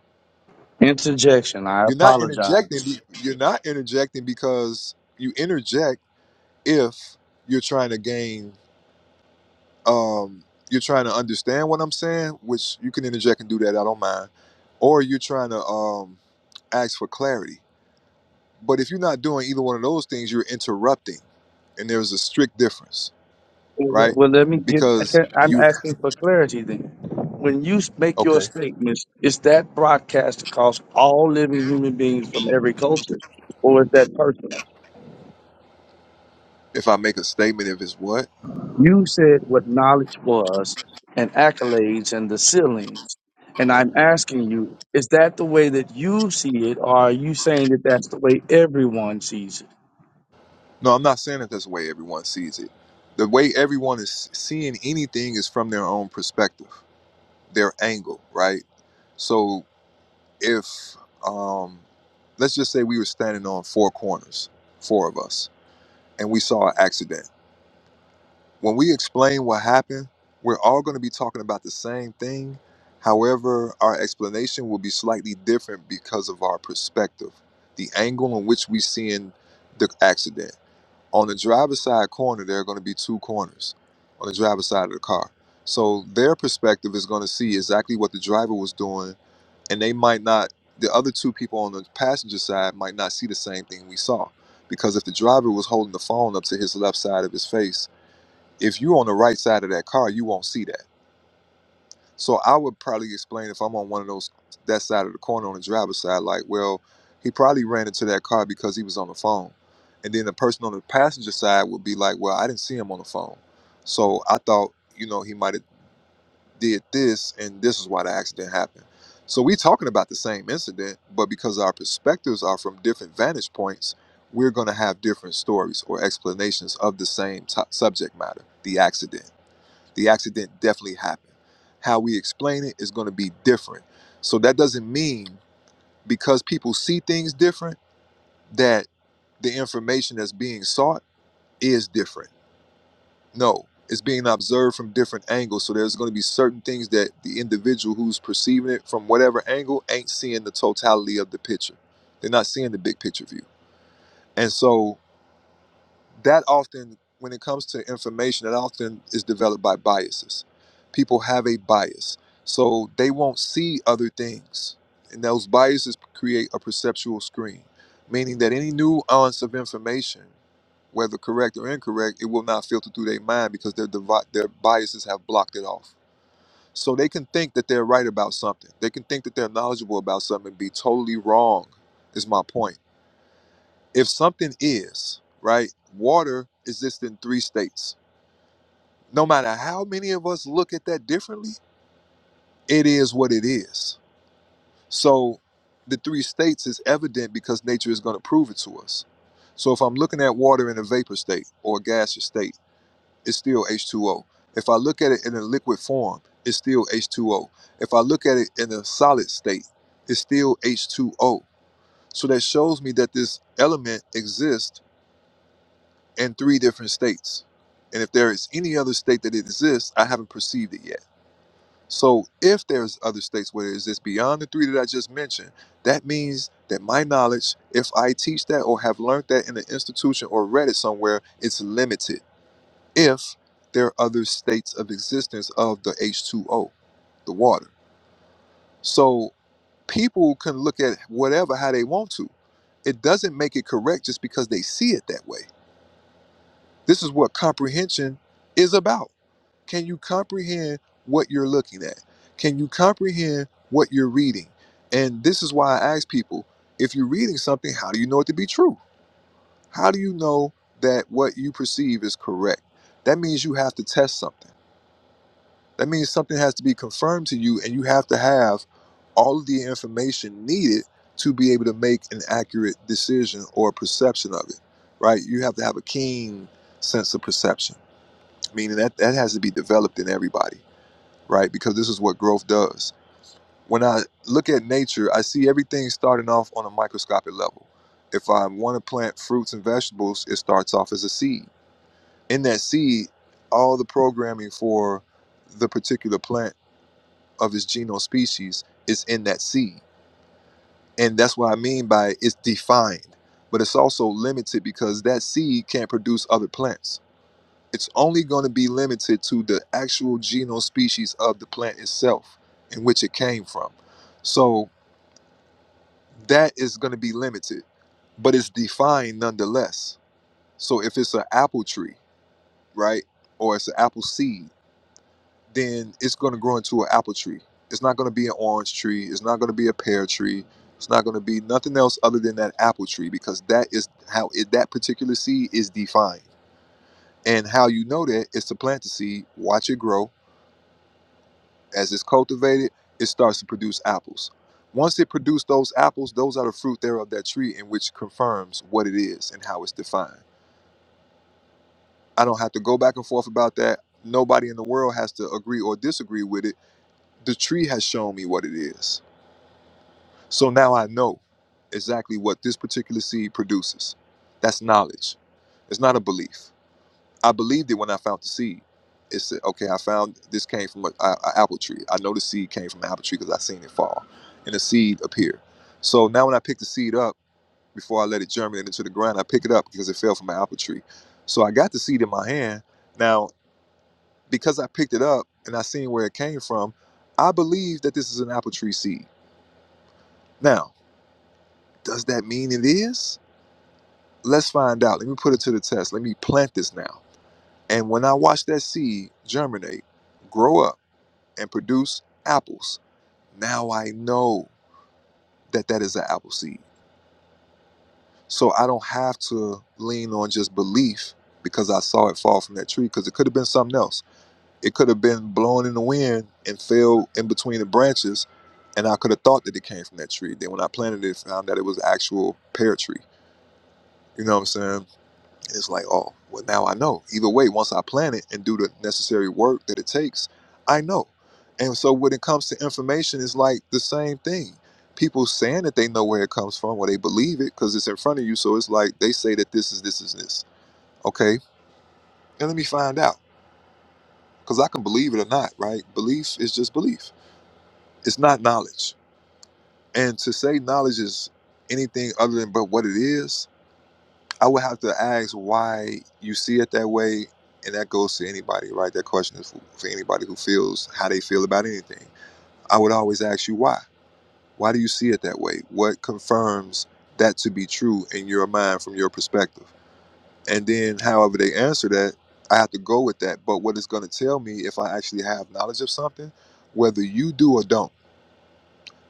F: Interjection. I
A: you're not interjecting
F: apologize.
A: be- you're not interjecting because you interject if you're trying to gain um you're trying to understand what i'm saying which you can interject and do that i don't mind or you're trying to um ask for clarity but if you're not doing either one of those things you're interrupting and there's a strict difference
F: Well,
A: right
F: well, let me get. I
A: because
F: can't, I'm
A: you
F: asking for clarity then. When you s- make
A: okay
F: your statements, is that broadcast across all living human beings from every culture, or is that personal?
A: if I make a statement, if it's what?
F: You said what knowledge was and accolades and the ceilings, and I'm asking you, is that the way that you see it, or are you saying that that's the way everyone sees it?
A: No, I'm not saying that that's the way everyone sees it. The way everyone is seeing anything is from their own perspective, their angle, right? So if, um, let's just say we were standing on four corners, four of us, and we saw an accident. When we explain what happened, we're all going to be talking about the same thing. However, our explanation will be slightly different because of our perspective, the angle in which we seeing the accident On the driver's side corner, there are going to be two corners on the driver's side of the car. So their perspective is going to see exactly what the driver was doing, and they might not, the other two people on the passenger side might not see the same thing we saw. Because if the driver was holding the phone up to his left side of his face, if you're on the right side of that car, you won't see that so I would probably explain if I'm on one of those that side of the corner on the driver's side, like, well, he probably ran into that car because he was on the phone. And then the person on the passenger side would be like, Well, I didn't see him on the phone. So I thought, you know, he might have did this and this is why the accident happened. So we talking about the same incident, but because our perspectives are from different vantage points, we're gonna have different stories or explanations of the same to subject matter, the accident. The accident definitely happened. How we explain it is going to be different. So that doesn't mean because people see things different that the information that's being sought is different. No, it's being observed from different angles. So there's going to be certain things that the individual who's perceiving it from whatever angle ain't seeing the totality of the picture. They're not seeing the big picture view. And so that often when it comes to information that often is developed by biases people have a bias so they won't see other things and those biases create a perceptual screen meaning that any nuance of information whether correct or incorrect it will not filter through their mind because their devi- their biases have blocked it off so they can think that they're right about something they can think that they're knowledgeable about something and be totally wrong is my point if something is right water exists in three states no matter how many of us look at that differently it is what it is so the three states is evident because nature is going to prove it to us so if i'm looking at water in a vapor state or a gaseous state it's still h2o if i look at it in a liquid form it's still h2o if i look at it in a solid state it's still h2o so that shows me that this element exists in three different states. And if there is any other state that it exists, I haven't perceived it yet. So if there's other states where it exists beyond the three that I just mentioned, that means that my knowledge, if I teach that or have learned that in an institution or read it somewhere, it's limited. If there are other states of existence of the H2O, the water. So people can look at whatever how they want to. It doesn't make it correct just because they see it that way. This is what comprehension is about Can you comprehend what you're looking at? Can you comprehend what you're reading? And this is why I ask people if you're reading something, how do you know it to be true? How do you know that what you perceive is correct? That means you have to test something. That means something has to be confirmed to you, and you have to have all of the information needed to be able to make an accurate decision or perception of it, right? You have to have a keen sense of perception, meaning that that has to be developed in everybody right? Because this is what growth does. When I look at nature, I see everything starting off on a microscopic level. If I want to plant fruits and vegetables, it starts off as a seed. In that seed, all the programming for the particular plant of its genome species is in that seed. And that's what I mean by it's defined, but it's also limited because that seed can't produce other plants it's only going to be limited to the actual genome species of the plant itself in which it came from. So that is going to be limited, but it's defined nonetheless. So if it's an apple tree, right, or it's an apple seed, then it's going to grow into an apple tree. It's not going to be an orange tree. It's not going to be a pear tree. It's not going to be nothing else other than that apple tree because that is how it, that particular seed is defined. And how you know that is to plant the seed, watch it grow, As it's cultivated, it starts to produce apples. Once it produces those apples, those are the fruit thereof that tree, in which confirms what it is and how it's defined. I don't have to go back and forth about that. Nobody in the world has to agree or disagree with it. The tree has shown me what it is. So now I know exactly what this particular seed produces. That's knowledge. It's not a belief. I believed it when I found the seed. It said, okay, I found this came from an apple tree. I know the seed came from an apple tree because I seen it fall and the seed appear. So now when I pick the seed up, before I let it germinate into the ground, I pick it up because it fell from an apple tree. So I got the seed in my hand. Now, because I picked it up and I seen where it came from, I believe that this is an apple tree seed. Now, does that mean it is? Let's find out. Let me put it to the test. Let me plant this now. And when I watch that seed germinate, grow up, and produce apples. Now I know that that is an apple seed. So I don't have to lean on just belief because I saw it fall from that tree because it could have been something else. It could have been blown in the wind and fell in between the branches and I could have thought that it came from that tree. Then when I planted it, I found that it was actual pear tree. You know what I'm saying? And it's like, oh, well, now I know. Either way, once I plan it and do the necessary work that it takes, I know. And so when it comes to information, it's like the same thing. People saying that they know where it comes from, or they believe it because it's in front of you. So it's like they say that this is this is this. Okay. And let me find out because I can believe it or not, right? Belief is just belief, it's not knowledge. And to say knowledge is anything other than but what it is, I would have to ask why you see it that way, and that goes to anybody, right? That question is for, for anybody who feels how they feel about anything. I would always ask you why. Why do you see it that way? What confirms that to be true in your mind from your perspective? And then, however they answer that, I have to go with that. But what it's going to tell me if I actually have knowledge of something, whether you do or don't,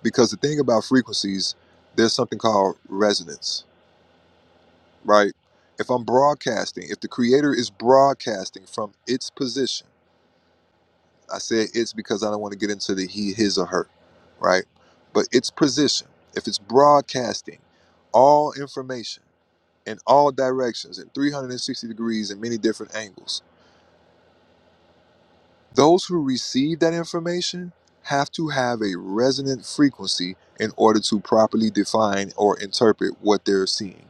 A: because the thing about frequencies, there's something called resonance right? If I'm broadcasting, if the creator is broadcasting from its position, I say it's because I don't want to get into the he, his, or her, right? But its position, if it's broadcasting all information in all directions, in 360 degrees, in many different angles, those who receive that information have to have a resonant frequency in order to properly define or interpret what they're seeing.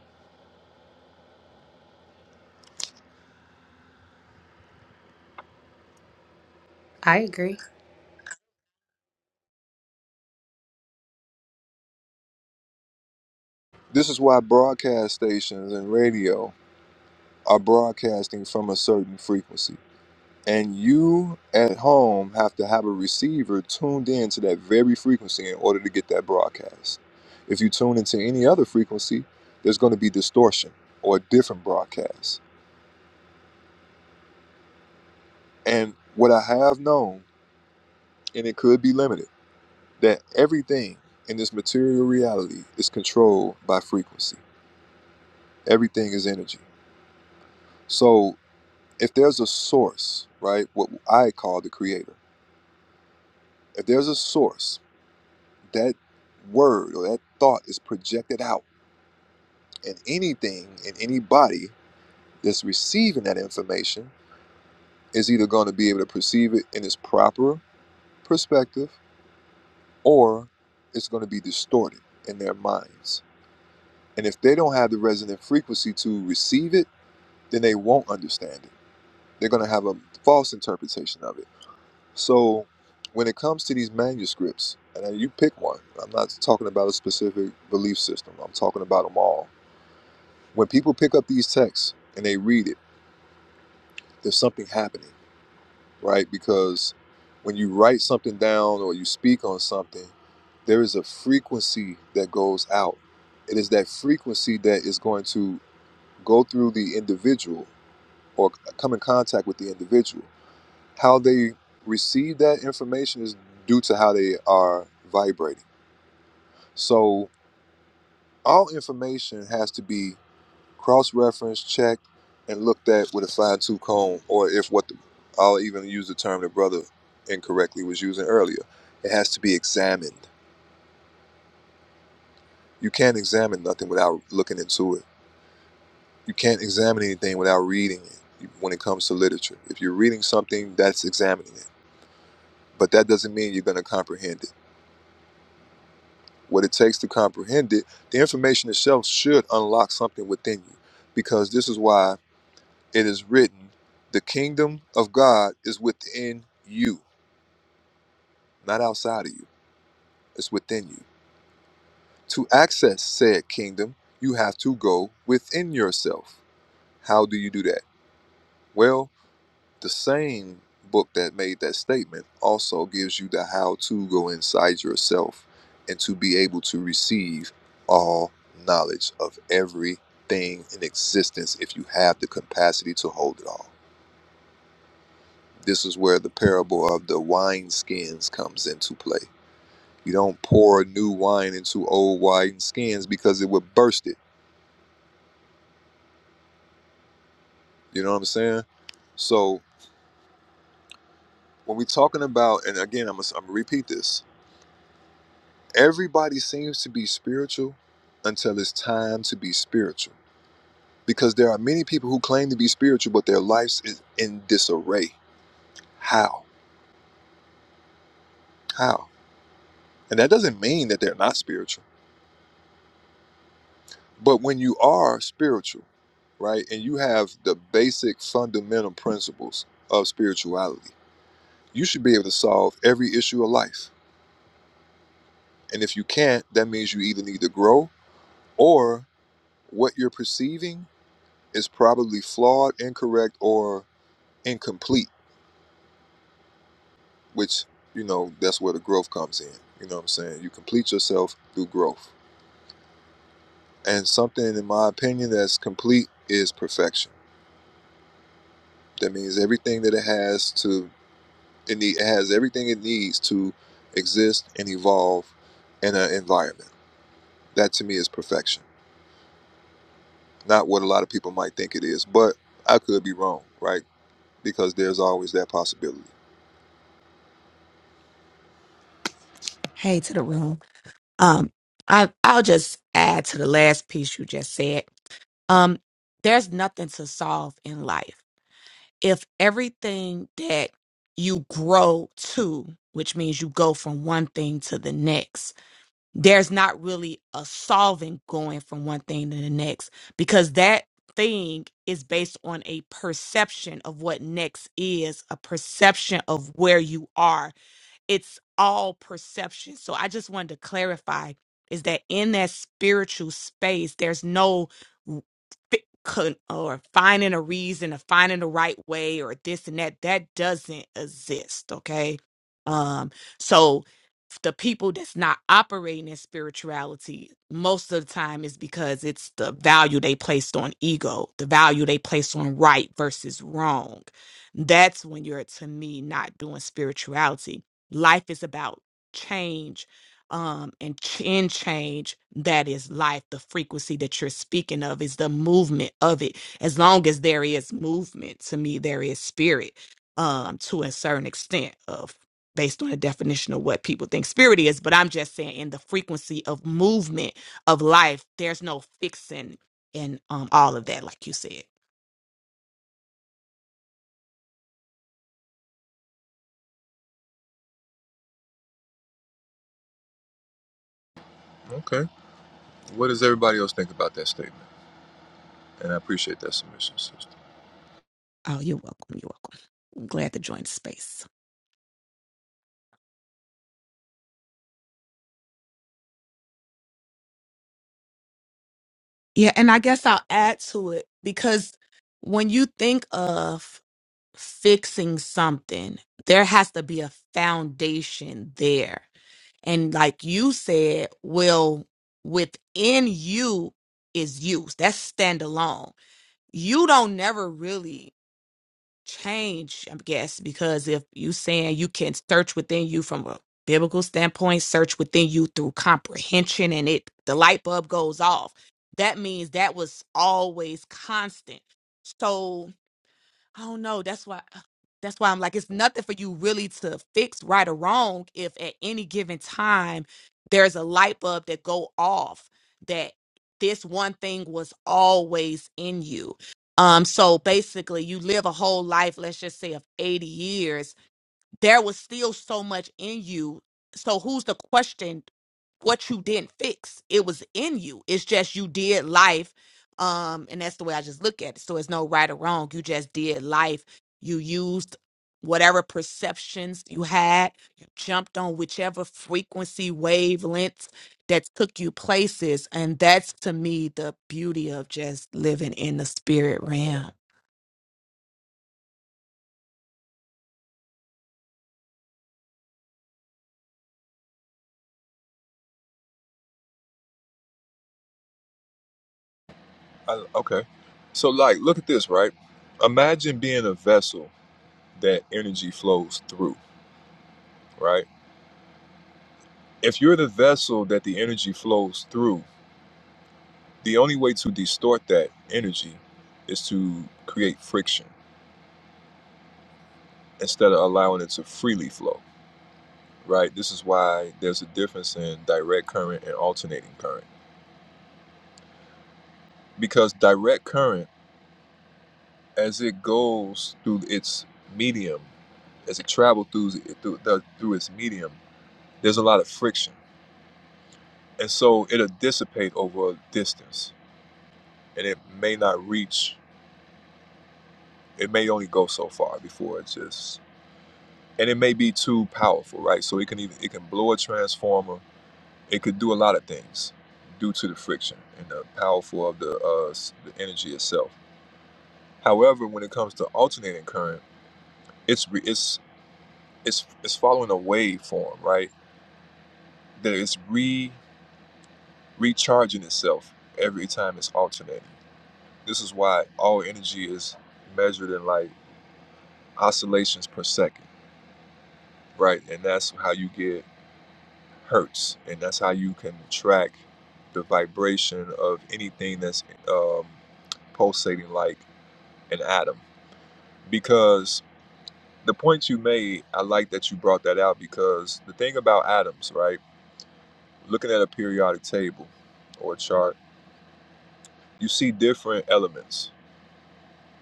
E: I agree.
A: This is why broadcast stations and radio are broadcasting from a certain frequency. And you at home have to have a receiver tuned in to that very frequency in order to get that broadcast. If you tune into any other frequency, there's going to be distortion or a different broadcast. And what I have known, and it could be limited, that everything in this material reality is controlled by frequency. Everything is energy. So if there's a source, right, what I call the creator, if there's a source that word or that thought is projected out. And anything and anybody that's receiving that information is either going to be able to perceive it in its proper perspective or it's going to be distorted in their minds. And if they don't have the resonant frequency to receive it, then they won't understand it. They're going to have a false interpretation of it. So when it comes to these manuscripts, and you pick one, I'm not talking about a specific belief system, I'm talking about them all When people pick up these texts and they read it, there's something happening, right? Because when you write something down or you speak on something, there is a frequency that goes out. It is that frequency that is going to go through the individual or come in contact with the individual. How they receive that information is due to how they are vibrating. So all information has to be cross-referenced, checked, and looked at with a fine-tooth comb, or if what the, I'll even use the term that brother incorrectly was using earlier, it has to be examined. You can't examine nothing without looking into it. You can't examine anything without reading it. When it comes to literature, if you're reading something, that's examining it. But that doesn't mean you're going to comprehend it. What it takes to comprehend it, the information itself should unlock something within you, because this is why It is written, The kingdom of God is within you, not outside of you. It's within you. To access said kingdom, you have to go within yourself. How do you do that? Well, the same book that made that statement also gives you the how to go inside yourself and to be able to receive all knowledge of everything in existence if you have the capacity to hold it all. This is where the parable of the wine skins comes into play. You don't pour new wine into old wine skins because it would burst it. You know what I'm saying? So when we're talking about, and again, I'm gonna, I'm gonna repeat this. Everybody seems to be spiritual until it's time to be spiritual, because there are many people who claim to be spiritual, but their lives is in disarray. How? How? And that doesn't mean that they're not spiritual. But when you are spiritual, right, and you have the basic fundamental principles of spirituality, you should be able to solve every issue of life. And if you can't, that means you either need to grow or what you're perceiving is probably flawed, incorrect, or incomplete, which, you know, that's where the growth comes in. You know what I'm saying? You complete yourself through growth. And something, in my opinion, that's complete is perfection. That means everything that it has to It, need, it has everything it needs to exist and evolve in an environment. That to me is perfection, not what a lot of people might think it is. But I could be wrong, right? Because there's always that possibility.
H: Hey to the room. Um, I I'll just add to the last piece you just said. Um, there's nothing to solve in life. If everything that you grow to, which means you go from one thing to the next, there's not really a solving going from one thing to the next because that thing is based on a perception of what next is, a perception of where you are it's all perception. So I just wanted to clarify is that in that spiritual space, there's no fi- con- or finding a reason or finding the right way or this and that. That doesn't exist. Okay. Um, so the people that's not operating in spirituality most of the time is because it's the value they placed on ego, the value they placed on right versus wrong. That's when you're to me not doing spirituality life is about change um and ch- in change that is life the frequency that you're speaking of is the movement of it as long as there is movement to me there is spirit um to a certain extent of based on the definition of what people think spirit is but i'm just saying in the frequency of movement of life there's no fixing in um all of that like you said
A: Okay. What does everybody else think about that statement? And I appreciate that submission, sister.
H: oh you're welcome you're welcome glad to join the space Yeah, and I guess I'll add to it because when you think of fixing something, there has to be a foundation there. And like you said, well, within you is you. That's standalone. You don't never really change, I guess, because if you saying you can search within you from a biblical standpoint, search within you through comprehension and it the light bulb goes off. That means that was always constant. So I don't know. That's why uh, that's why I'm like it's nothing for you really to fix right or wrong if at any given time there's a light bulb that go off that this one thing was always in you. Um so basically you live a whole life let's just say of 80 years there was still so much in you. So who's to question what you didn't fix? It was in you. It's just you did life. Um, and that's the way I just look at it. So it's no right or wrong. You just did life. You used whatever perceptions you had. You jumped on whichever frequency wavelengths that took you places. And that's to me the beauty of just living in the spirit realm.
A: I, okay. So, like, look at this, right? Imagine being a vessel that energy flows through, right? If you're the vessel that the energy flows through, The only way to distort that energy is to create friction instead of allowing it to freely flow, right? This is why there's a difference in direct current and alternating current. Because direct current, as it goes through its medium, as it travels through, through, through its medium, there's a lot of friction. And so it'll dissipate over a distance and it may not reach, it may only go so far before it just and it may be too powerful, right? So it can even it can blow a transformer. It could do a lot of things due to the friction and the powerful of the uh, s- the energy itself. However, when it comes to alternating current, it's re- it's it's it's following a waveform, right? That it's re recharging itself every time it's alternating. This is why all energy is measured in like oscillations per second, right? And that's how you get hertz, and that's how you can track the vibration of anything that's um, pulsating like an atom. Because the point you made, I like that you brought that out because the thing about atoms, right? Looking at a periodic table or a chart, you see different elements,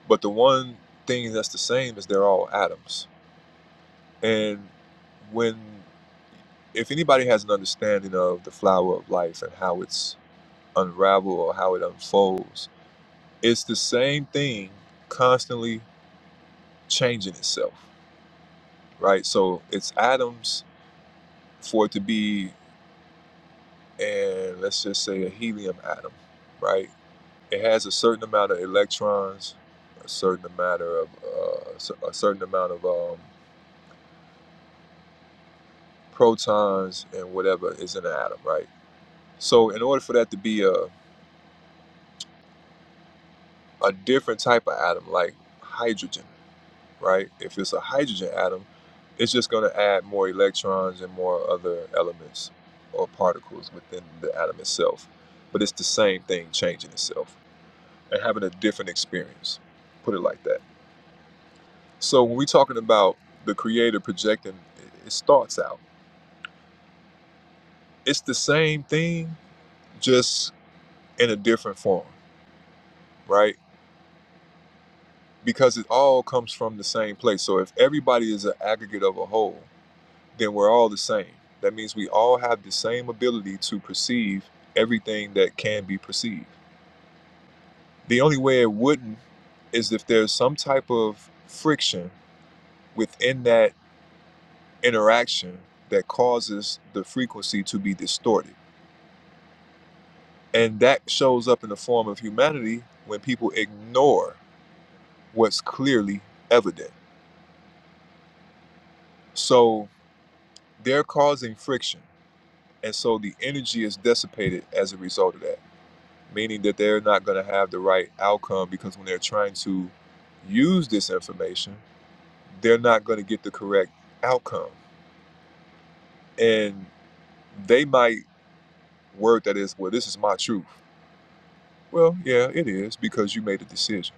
A: but the one thing that's the same is they're all atoms. And when if anybody has an understanding of the flower of life and how it's unraveled or how it unfolds, it's the same thing constantly changing itself, right? So it's atoms for it to be, and let's just say a helium atom, right? It has a certain amount of electrons, a certain amount of uh, s- a certain amount of um, protons, and whatever is in an atom, right? So in order for that to be a a different type of atom, like hydrogen right? If it's a hydrogen atom, it's just going to add more electrons and more other elements or particles within the atom itself. But it's the same thing changing itself and having a different experience. Put it like that. So when we're talking about the creator projecting his thoughts out, it's the same thing, just in a different form, right? Because it all comes from the same place. So if everybody is an aggregate of a whole, then we're all the same. That means we all have the same ability to perceive everything that can be perceived. The only way it wouldn't is if there's some type of friction within that interaction that causes the frequency to be distorted. And that shows up in the form of humanity when people ignore what's clearly evident. So they're causing friction. And so the energy is dissipated as a result of that. meaning that they're not going to have the right outcome because when they're trying to use this information, they're not going to get the correct outcome. And they might word that is, well, this is my truth. Well, yeah, it is because you made a decision.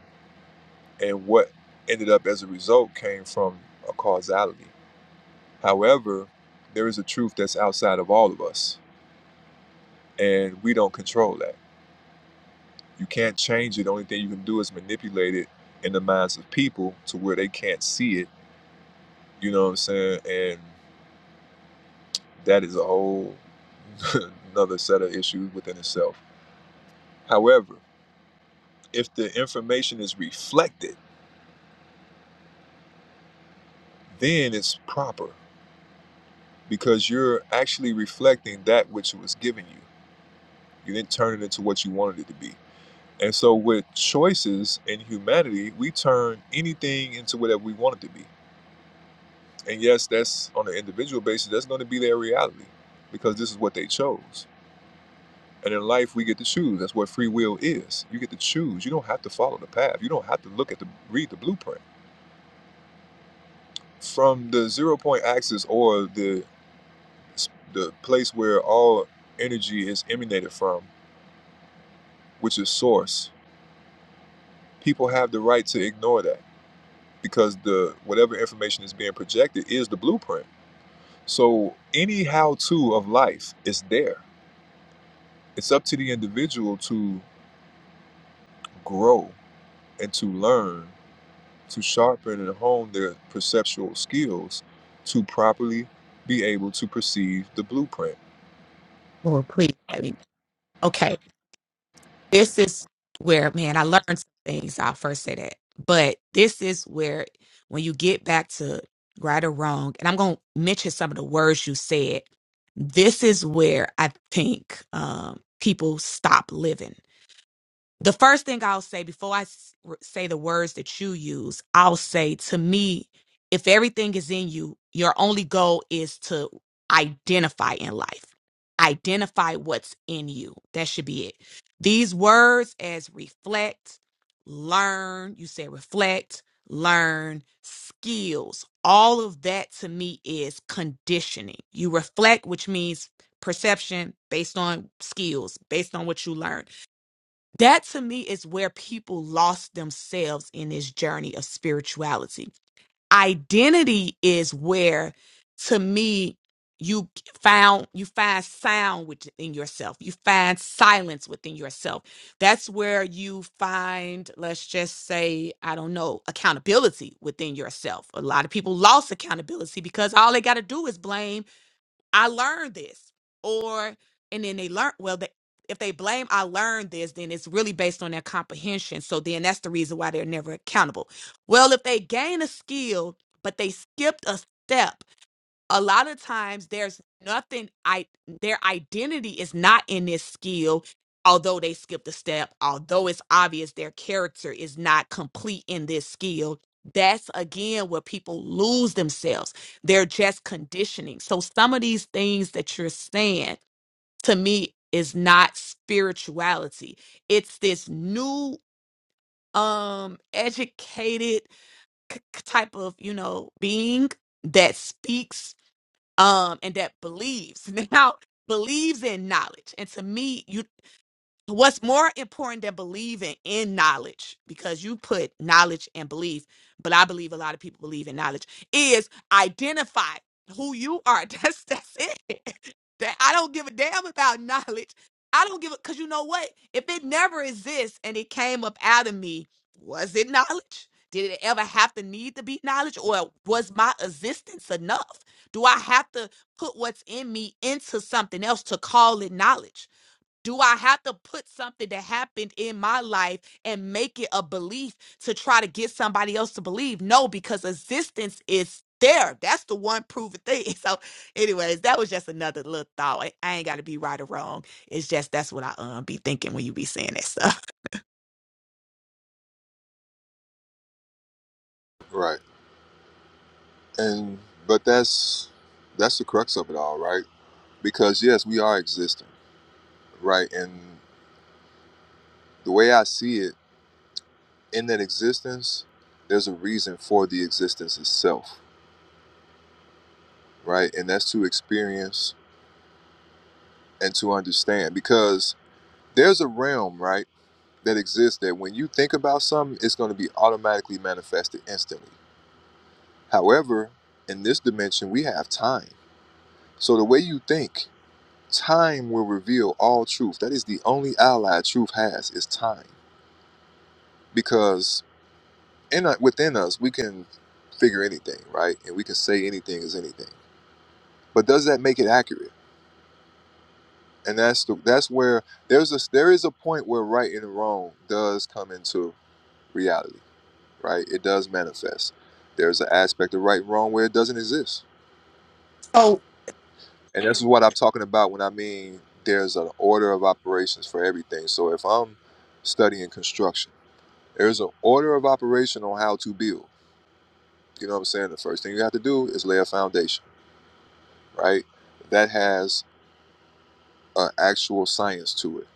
A: And what ended up as a result came from a causality. However, there is a truth that's outside of all of us, and we don't control that. You can't change it. The only thing you can do is manipulate it in the minds of people to where they can't see it You know what I'm saying? And that is a whole (laughs) another set of issues within itself. However, if the information is reflected, then it's proper because you're actually reflecting that which was given you. You didn't turn it into what you wanted it to be. And so, with choices in humanity, we turn anything into whatever we want it to be. And yes, that's on an individual basis, that's going to be their reality because this is what they chose. And in life, we get to choose. That's what free will is. You get to choose. You don't have to follow the path. You don't have to look at the read the blueprint from the zero point axis or the the place where all energy is emanated from, which is source. People have the right to ignore that because the whatever information is being projected is the blueprint. So any how to of life is there. It's up to the individual to grow and to learn to sharpen and hone their perceptual skills to properly be able to perceive the blueprint.
H: Lord, please. let me- Okay. this is where, man, I learned some things. I'll first say that. But this is where, when you get back to right or wrong, and I'm going to mention some of the words you said, this is where I think um, people stop living the first thing I'll say before I s- r- say the words that you use, I'll say to me, if everything is in you, your only goal is to identify in life. Identify what's in you. That should be it. These words as reflect, learn, you said reflect, learn, skills, all of that to me is conditioning. You reflect, which means perception based on skills, based on what you learned that to me is where people lost themselves in this journey of spirituality. Identity is where to me you found you find sound within yourself. You find silence within yourself. That's where you find let's just say I don't know, accountability within yourself. A lot of people lost accountability because all they got to do is blame I learned this. Or, and then they learn, well, they, if they blame I learned this, then it's really based on their comprehension. So then that's the reason why they're never accountable. Well, if they gain a skill, but they skipped a step, a lot of times there's nothing i their identity is not in this skill although they skipped a step although it's obvious their character is not complete in this skill that's again where people lose themselves they're just conditioning so some of these things that you're saying to me is not spirituality it's this new um educated k- k- type of you know being that speaks um, and that believes (laughs) now believes in knowledge. And to me, you what's more important than believing in knowledge because you put knowledge and belief but i believe a lot of people believe in knowledge is identify who you are (laughs) that's that's it that i don't give a damn about knowledge i don't give a because you know what if it never exists and it came up out of me was it knowledge did it ever have to need to be knowledge or was my existence enough do i have to put what's in me into something else to call it knowledge do I have to put something that happened in my life and make it a belief to try to get somebody else to believe? No, because existence is there. That's the one proven thing. (laughs) So, anyways, that was just another little thought. I I ain't got to be right or wrong. It's just that's what I um be thinking when you be saying that stuff. (laughs)
A: Right. And but that's that's the crux of it all, right? Because yes, we are existing, right? And the way I see it, in that existence, there's a reason for the existence itself, right? And that's to experience and to understand because there's a realm, right, that exists that when you think about something, it's going to be automatically manifested instantly. However, in this dimension, we have time. So the way you think, time will reveal all truth. That is the only ally truth has is time, because in within us we can figure anything, right? And we can say anything is anything. But does that make it accurate? And that's the that's where there's a there is a point where right and wrong does come into reality, right? It does manifest. There's an aspect of right and wrong where it doesn't exist
H: So,
A: And this is what I'm talking about when I mean there's an order of operations for everything. So if I'm studying construction, there's an order of operation on how to build. You know what I'm saying? The first thing you have to do is lay a foundation, right? That has an actual science to it.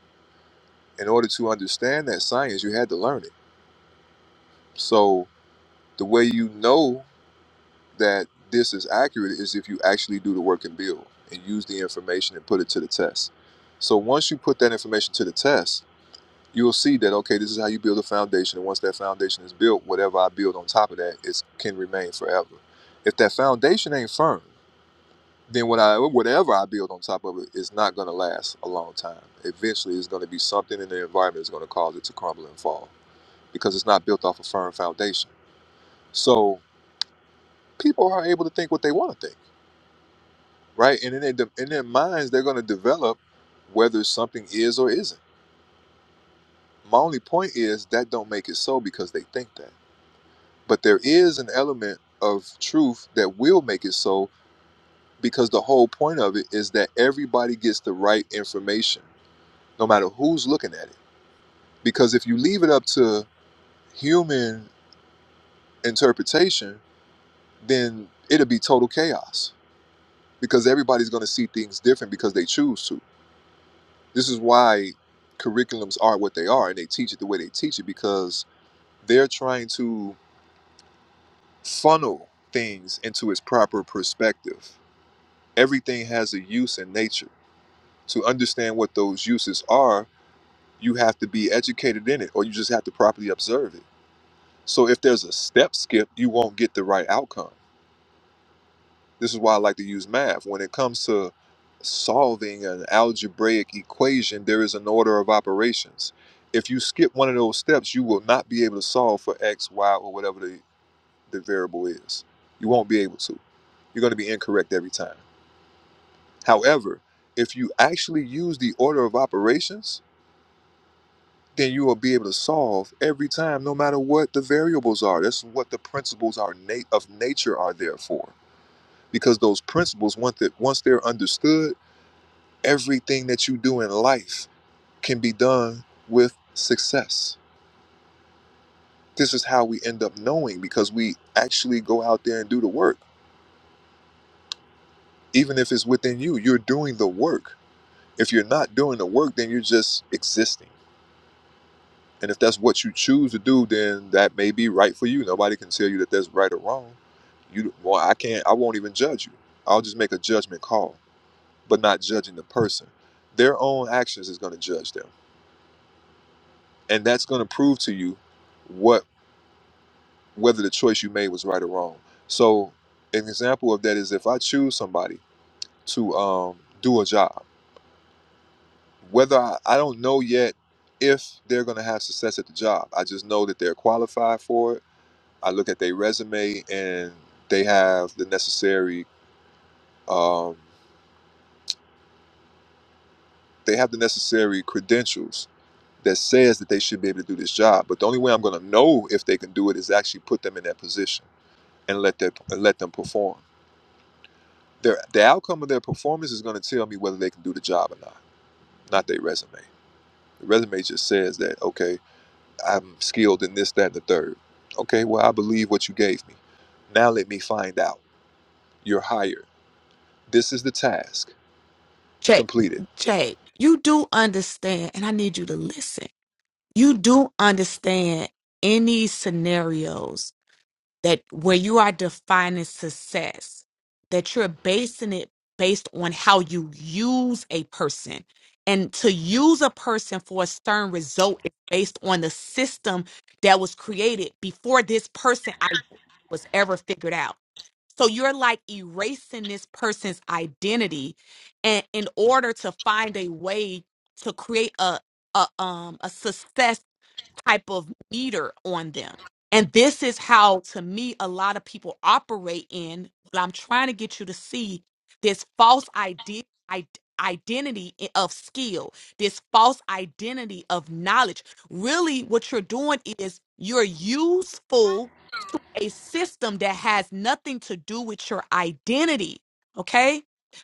A: In order to understand that science, you had to learn it. So the way you know that this is accurate is if you actually do the work and build and use the information and put it to the test. So once you put that information to the test, you'll see that okay this is how you build a foundation and once that foundation is built whatever i build on top of that is can remain forever if that foundation ain't firm then what i whatever i build on top of it is not going to last a long time eventually it's going to be something in the environment that's going to cause it to crumble and fall because it's not built off a firm foundation so people are able to think what they want to think right and in their, de- in their minds they're going to develop whether something is or isn't my only point is that don't make it so because they think that But there is an element of truth that will make it so because the whole point of it is that everybody gets the right information, no matter who's looking at it. Because if you leave it up to human interpretation, then it'll be total chaos because everybody's going to see things different because they choose to. This is why curriculums are what they are and they teach it the way they teach it because they're trying to funnel things into its proper perspective everything has a use in nature. To understand what those uses are, you have to be educated in it, or you just have to properly observe it. So if there's a step skip, you won't get the right outcome. This is why I like to use math. When it comes to solving an algebraic equation, there is an order of operations. If you skip one of those steps, you will not be able to solve for x, y, or whatever the, the variable is. You won't be able to. You're going to be incorrect every time. However, if you actually use the order of operations, then you will be able to solve every time, no matter what the variables are. That's what the principles are na- of nature are there for. Because those principles, once that once they're understood, everything that you do in life can be done with success. This is how we end up knowing because we actually go out there and do the work. Even if it's within you, you're doing the work. If you're not doing the work, then you're just existing And if that's what you choose to do, then that may be right for you. Nobody can tell you that that's right or wrong. You well, I can't I won't even judge you. I'll just make a judgment call, but not judging the person. Their own actions is going to judge them. And that's going to prove to you what whether the choice you made was right or wrong. So, an example of that is if I choose somebody to um, do a job, whether I, I don't know yet if they're going to have success at the job. I just know that they're qualified for it I look at their resume and they have the necessary um, they have the necessary credentials that says that they should be able to do this job. But the only way I'm going to know if they can do it is actually put them in that position and let that and let them perform. Their the outcome of their performance is going to tell me whether they can do the job or not, not their resume. The resume just says that okay, I'm skilled in this, that, and the third. Okay, well I believe what you gave me. Now let me find out. You're hired. This is the task.
H: check,
A: Complete it.
H: Jay, you do understand, and I need you to listen. You do understand any scenarios that where you are defining success, that you're basing it based on how you use a person. And to use a person for a certain result is based on the system that was created before this person I was ever figured out. So you're like erasing this person's identity and in order to find a way to create a a um a success type of meter on them. And this is how, to me, a lot of people operate in what I'm trying to get you to see this false idea. Identity i- of skill, this false identity of knowledge. Really, what you're doing is you're useful a system that has nothing to do with your identity. Okay.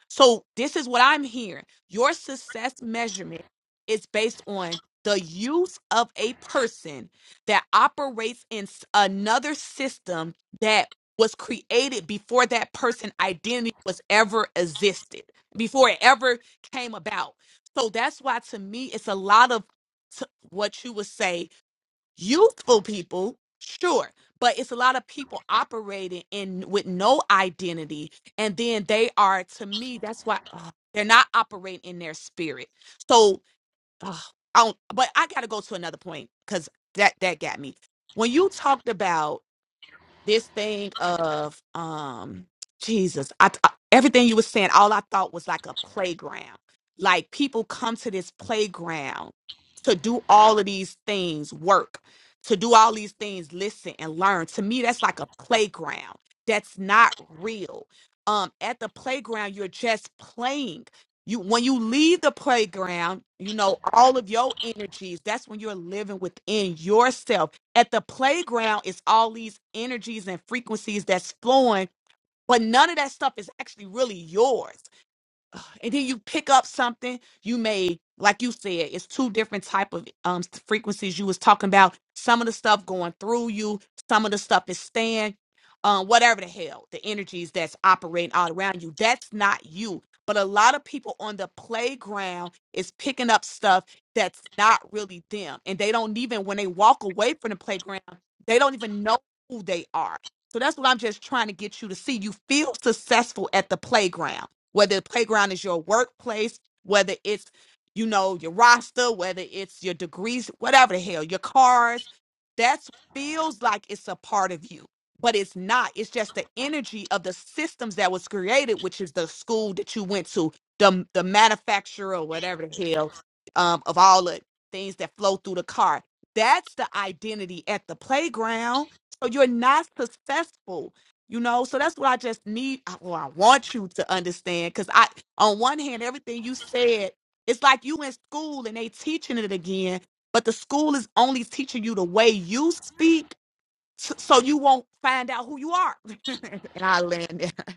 H: So, this is what I'm hearing your success measurement is based on the use of a person that operates in s- another system that was created before that person identity was ever existed before it ever came about so that's why to me it's a lot of t- what you would say youthful people sure but it's a lot of people operating in with no identity and then they are to me that's why ugh, they're not operating in their spirit so ugh, I don't, but i gotta go to another point because that that got me when you talked about this thing of um Jesus, I, I- everything you were saying, all I thought was like a playground. Like people come to this playground to do all of these things, work, to do all these things, listen and learn. To me, that's like a playground. That's not real. Um, at the playground, you're just playing. You when you leave the playground, you know all of your energies. That's when you're living within yourself at the playground it's all these energies and frequencies that's flowing but none of that stuff is actually really yours and then you pick up something you may like you said it's two different type of um frequencies you was talking about some of the stuff going through you some of the stuff is staying um whatever the hell the energies that's operating all around you that's not you but a lot of people on the playground is picking up stuff that's not really them and they don't even when they walk away from the playground they don't even know who they are so that's what i'm just trying to get you to see you feel successful at the playground whether the playground is your workplace, whether it's you know your roster, whether it's your degrees, whatever the hell, your cars. That feels like it's a part of you, but it's not. It's just the energy of the systems that was created, which is the school that you went to, the the manufacturer, or whatever the hell, um, of all the things that flow through the car. That's the identity at the playground. So you're not successful you know, so that's what I just need. I- Well, I want you to understand because I, on one hand, everything you said, it's like you in school and they teaching it again, but the school is only teaching you the way you speak, s- so you won't find out who you are. (laughs) and I land there. (laughs)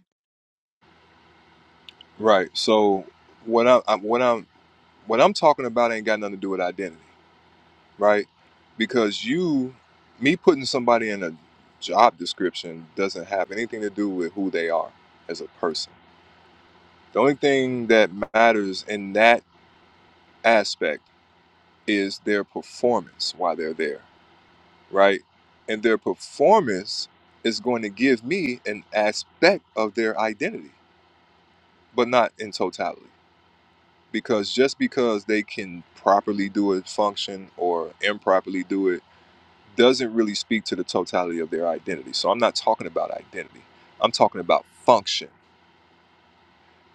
A: Right. So what I, I what I'm what I'm talking about ain't got nothing to do with identity, right? Because you, me putting somebody in a job description doesn't have anything to do with who they are as a person. The only thing that matters in that aspect is their performance while they're there, right? And their performance is going to give me an aspect of their identity, but not in totality. because just because they can properly do a function or improperly do it doesn't really speak to the totality of their identity. So I'm not talking about identity. I'm talking about function.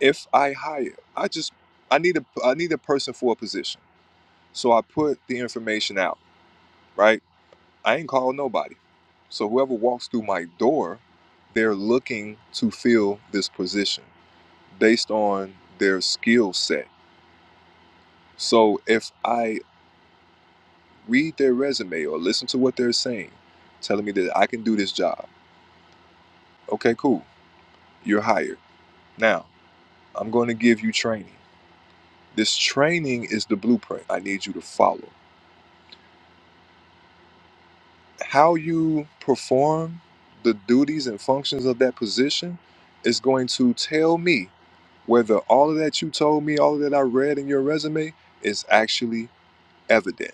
A: If I hire, I just I need a I need a person for a position. So I put the information out, right? I ain't called nobody. So whoever walks through my door, they're looking to fill this position based on their skill set. So if I read their resume or listen to what they're saying, telling me that I can do this job. Okay, cool. You're hired. Now, I'm going to give you training. This training is the blueprint I need you to follow. How you perform the duties and functions of that position is going to tell me whether all of that you told me, all of that I read in your resume is actually evident.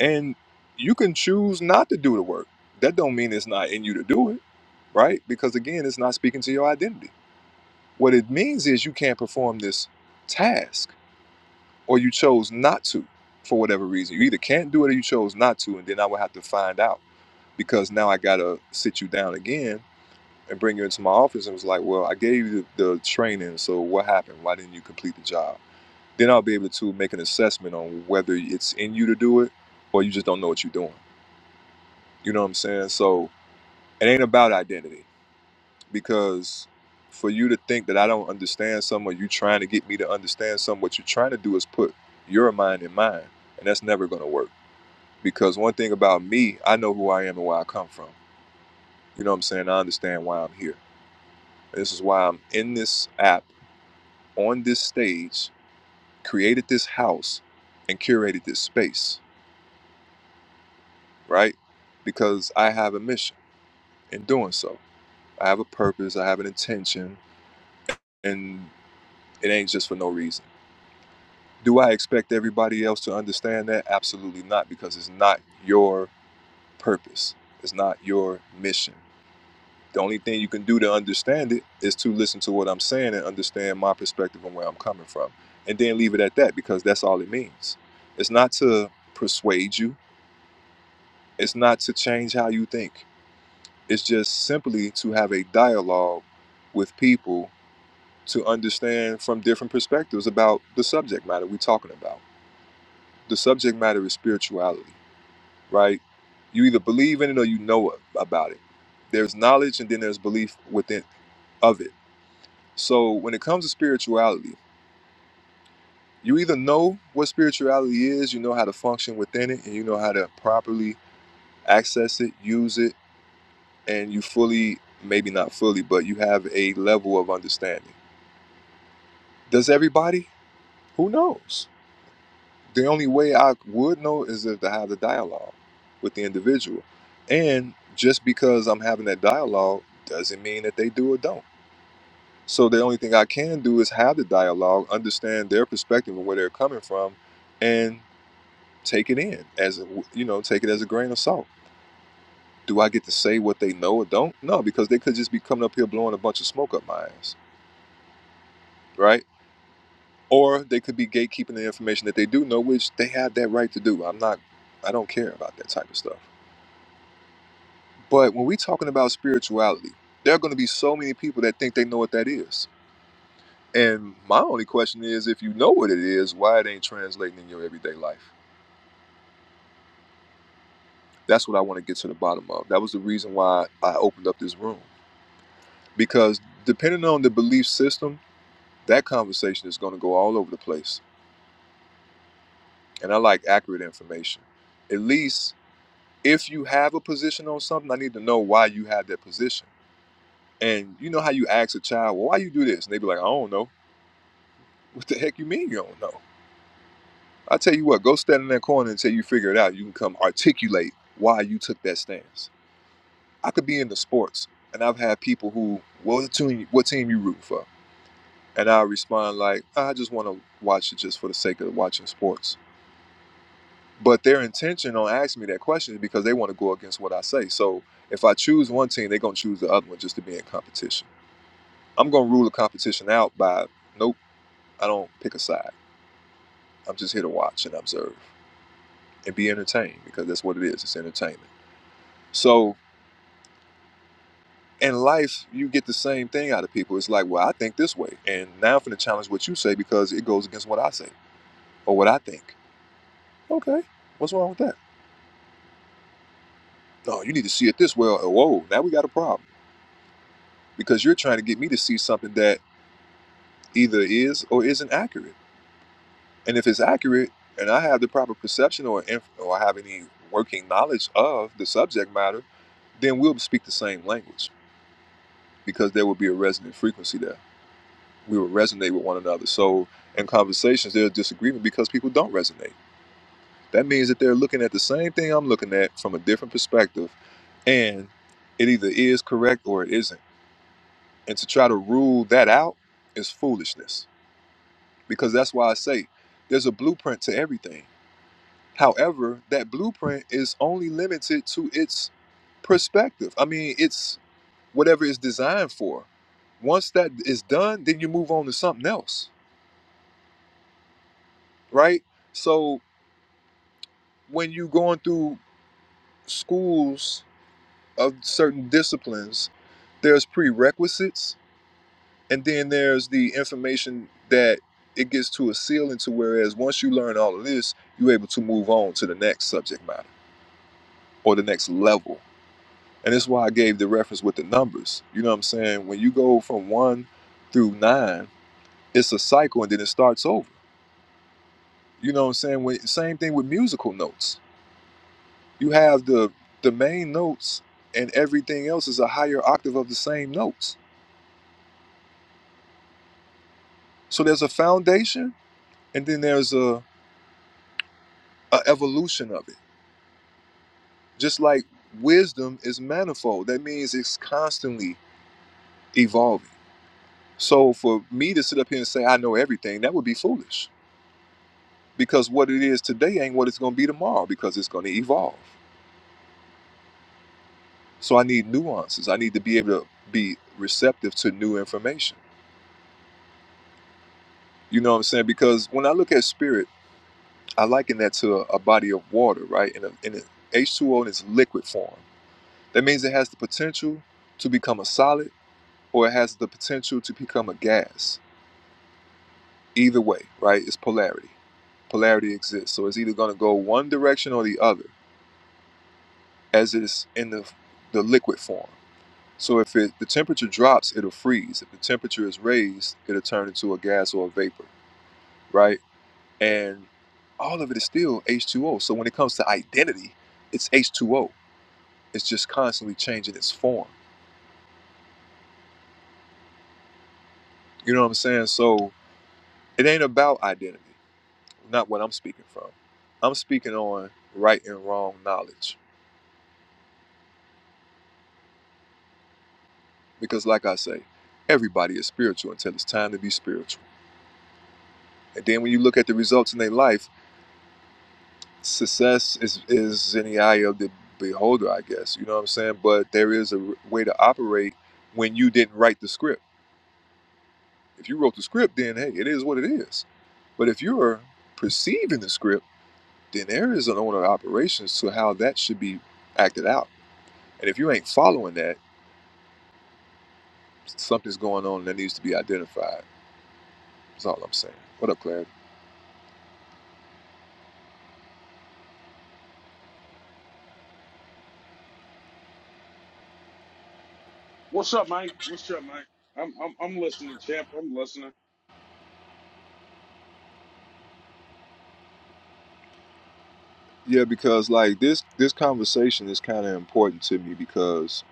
A: and you can choose not to do the work that don't mean it's not in you to do it right because again it's not speaking to your identity what it means is you can't perform this task or you chose not to for whatever reason you either can't do it or you chose not to and then i would have to find out because now i gotta sit you down again and bring you into my office and was like well i gave you the, the training so what happened why didn't you complete the job then i'll be able to make an assessment on whether it's in you to do it or you just don't know what you're doing You know what I'm saying? So it ain't about identity because for you to think that I don't understand something or you trying to get me to understand something, what you're trying to do is put your mind in mine. And that's never going to work because one thing about me, I know who I am and where I come from. You know what I'm saying? I understand why I'm here. This is why I'm in this app, on this stage, created this house, and curated this space, right? Because I have a mission in doing so. I have a purpose, I have an intention, and It ain't just for no reason. Do I expect everybody else to understand that? Absolutely not, because it's not your purpose. It's not your mission. The only thing you can do to understand it is to listen to what I'm saying and understand my perspective and where I'm coming from. And then leave it at that because that's all it means. It's not to persuade you, it's not to change how you think. It's just simply to have a dialogue with people to understand from different perspectives about the subject matter we're talking about the subject matter is spirituality, right? You either believe in it or you know it, about it. There's knowledge and then there's belief within of it. So when it comes to spirituality, you either know what spirituality is, you know how to function within it, and you know how to properly access it, use it, and you fully, maybe not fully, but you have a level of understanding. Does everybody? Who knows? the only way I would know is if to have the dialogue with the individual. And just because I'm having that dialogue doesn't mean that they do or don't. So the only thing I can do is have the dialogue, understand their perspective and where they're coming from, and take it in as a, you know, take it as a grain of salt. Do I get to say what they know or don't? No, because they could just be coming up here blowing a bunch of smoke up my ass, right? Or they could be gatekeeping the information that they do know, which they have that right to do. I'm not, I don't care about that type of stuff. But when we are talking about spirituality, there are going to be so many people that think they know what that is. And my only question is if you know what it is, why it ain't translating in your everyday life? That's what I want to get to the bottom of. That was the reason why I opened up this room. Because depending on the belief system, that conversation is going to go all over the place. And I like accurate information. At least if you have a position on something, I need to know why you have that position. And you know how you ask a child, well, why you do this? And they be like, I don't know. (laughs) What the heck you mean you don't know? I tell you what, go stand in that corner until you figure it out. You can come articulate why you took that stance. I could be in the sports, and I've had people who, well, what team, what team you rooting for? And I respond like, I just want to watch it just for the sake of watching sports. But their intention on asking me that question is because they want to go against what I say. So if I choose one team, they're gonna choose the other one just to be in competition. I'm gonna rule a competition out by, nope, I don't pick a side. I'm just here to watch and observe and be entertained because that's what it is. It's entertainment. So in life, you get the same thing out of people. It's like, well, I think this way, and now I'm gonna challenge what you say because it goes against what I say or what I think. Okay, what's wrong with that? No, you need to see it this way. Or, whoa, now we got a problem because you're trying to get me to see something that either is or isn't accurate. And if it's accurate, and I have the proper perception or inf- or I have any working knowledge of the subject matter, then we'll speak the same language because there will be a resonant frequency there. we would resonate with one another. So in conversations, there's disagreement because people don't resonate. That means that they're looking at the same thing I'm looking at from a different perspective, and it either is correct or it isn't. And to try to rule that out is foolishness because that's why I say there's a blueprint to everything. However, that blueprint is only limited to its perspective. I mean, it's whatever it's designed for. Once that is done, then you move on to something else, right? So when you are going through schools of certain disciplines, there's prerequisites and then there's the information that it gets to a ceiling to whereas once you learn all of this, you're able to move on to the next subject matter or the next level. And that's why I gave the reference with the numbers. You know what I'm saying? When you go from one through nine, it's a cycle and then it starts over. You know what I'm saying? When, same thing with musical notes You have the the main notes and everything else is a higher octave of the same notes. So there's a foundation and then there's a, a evolution of it. Just like wisdom is manifold. That means it's constantly evolving. So for me to sit up here and say I know everything, that would be foolish. Because what it is today ain't what it's gonna be tomorrow because it's gonna evolve. So I need nuances. I need to be able to be receptive to new information. You know what I'm saying? Because when I look at spirit, I liken that to a, a body of water, right? And a, in a, H2O in its liquid form. That means it has the potential to become a solid or it has the potential to become a gas. Either way, right? It's polarity. Polarity exists. So it's either going to go one direction or the other as it is in the, the liquid form. So if it, the temperature drops, it'll freeze. If the temperature is raised, it'll turn into a gas or a vapor, right? And all of it is still H2O. So when it comes to identity, it's H2O It's just constantly changing its form. You know what I'm saying? So it ain't about identity, not what I'm speaking from. I'm speaking on right and wrong knowledge. Because, like I say, everybody is spiritual until it's time to be spiritual. And then when you look at the results in their life, success is, is in the eye of the beholder, I guess. You know what I'm saying? But there is a way to operate when you didn't write the script. If you wrote the script, then hey, it is what it is. But if you're perceiving the script, then there is an owner of operations to how that should be acted out. And if you ain't following that, something's going on that needs to be identified. That's all I'm saying. What up, Claire?
I: What's up, Mike? What's up, Mike? I'm I'm I'm listening, champ. I'm listening.
A: Yeah, because like this this conversation is kind of important to me because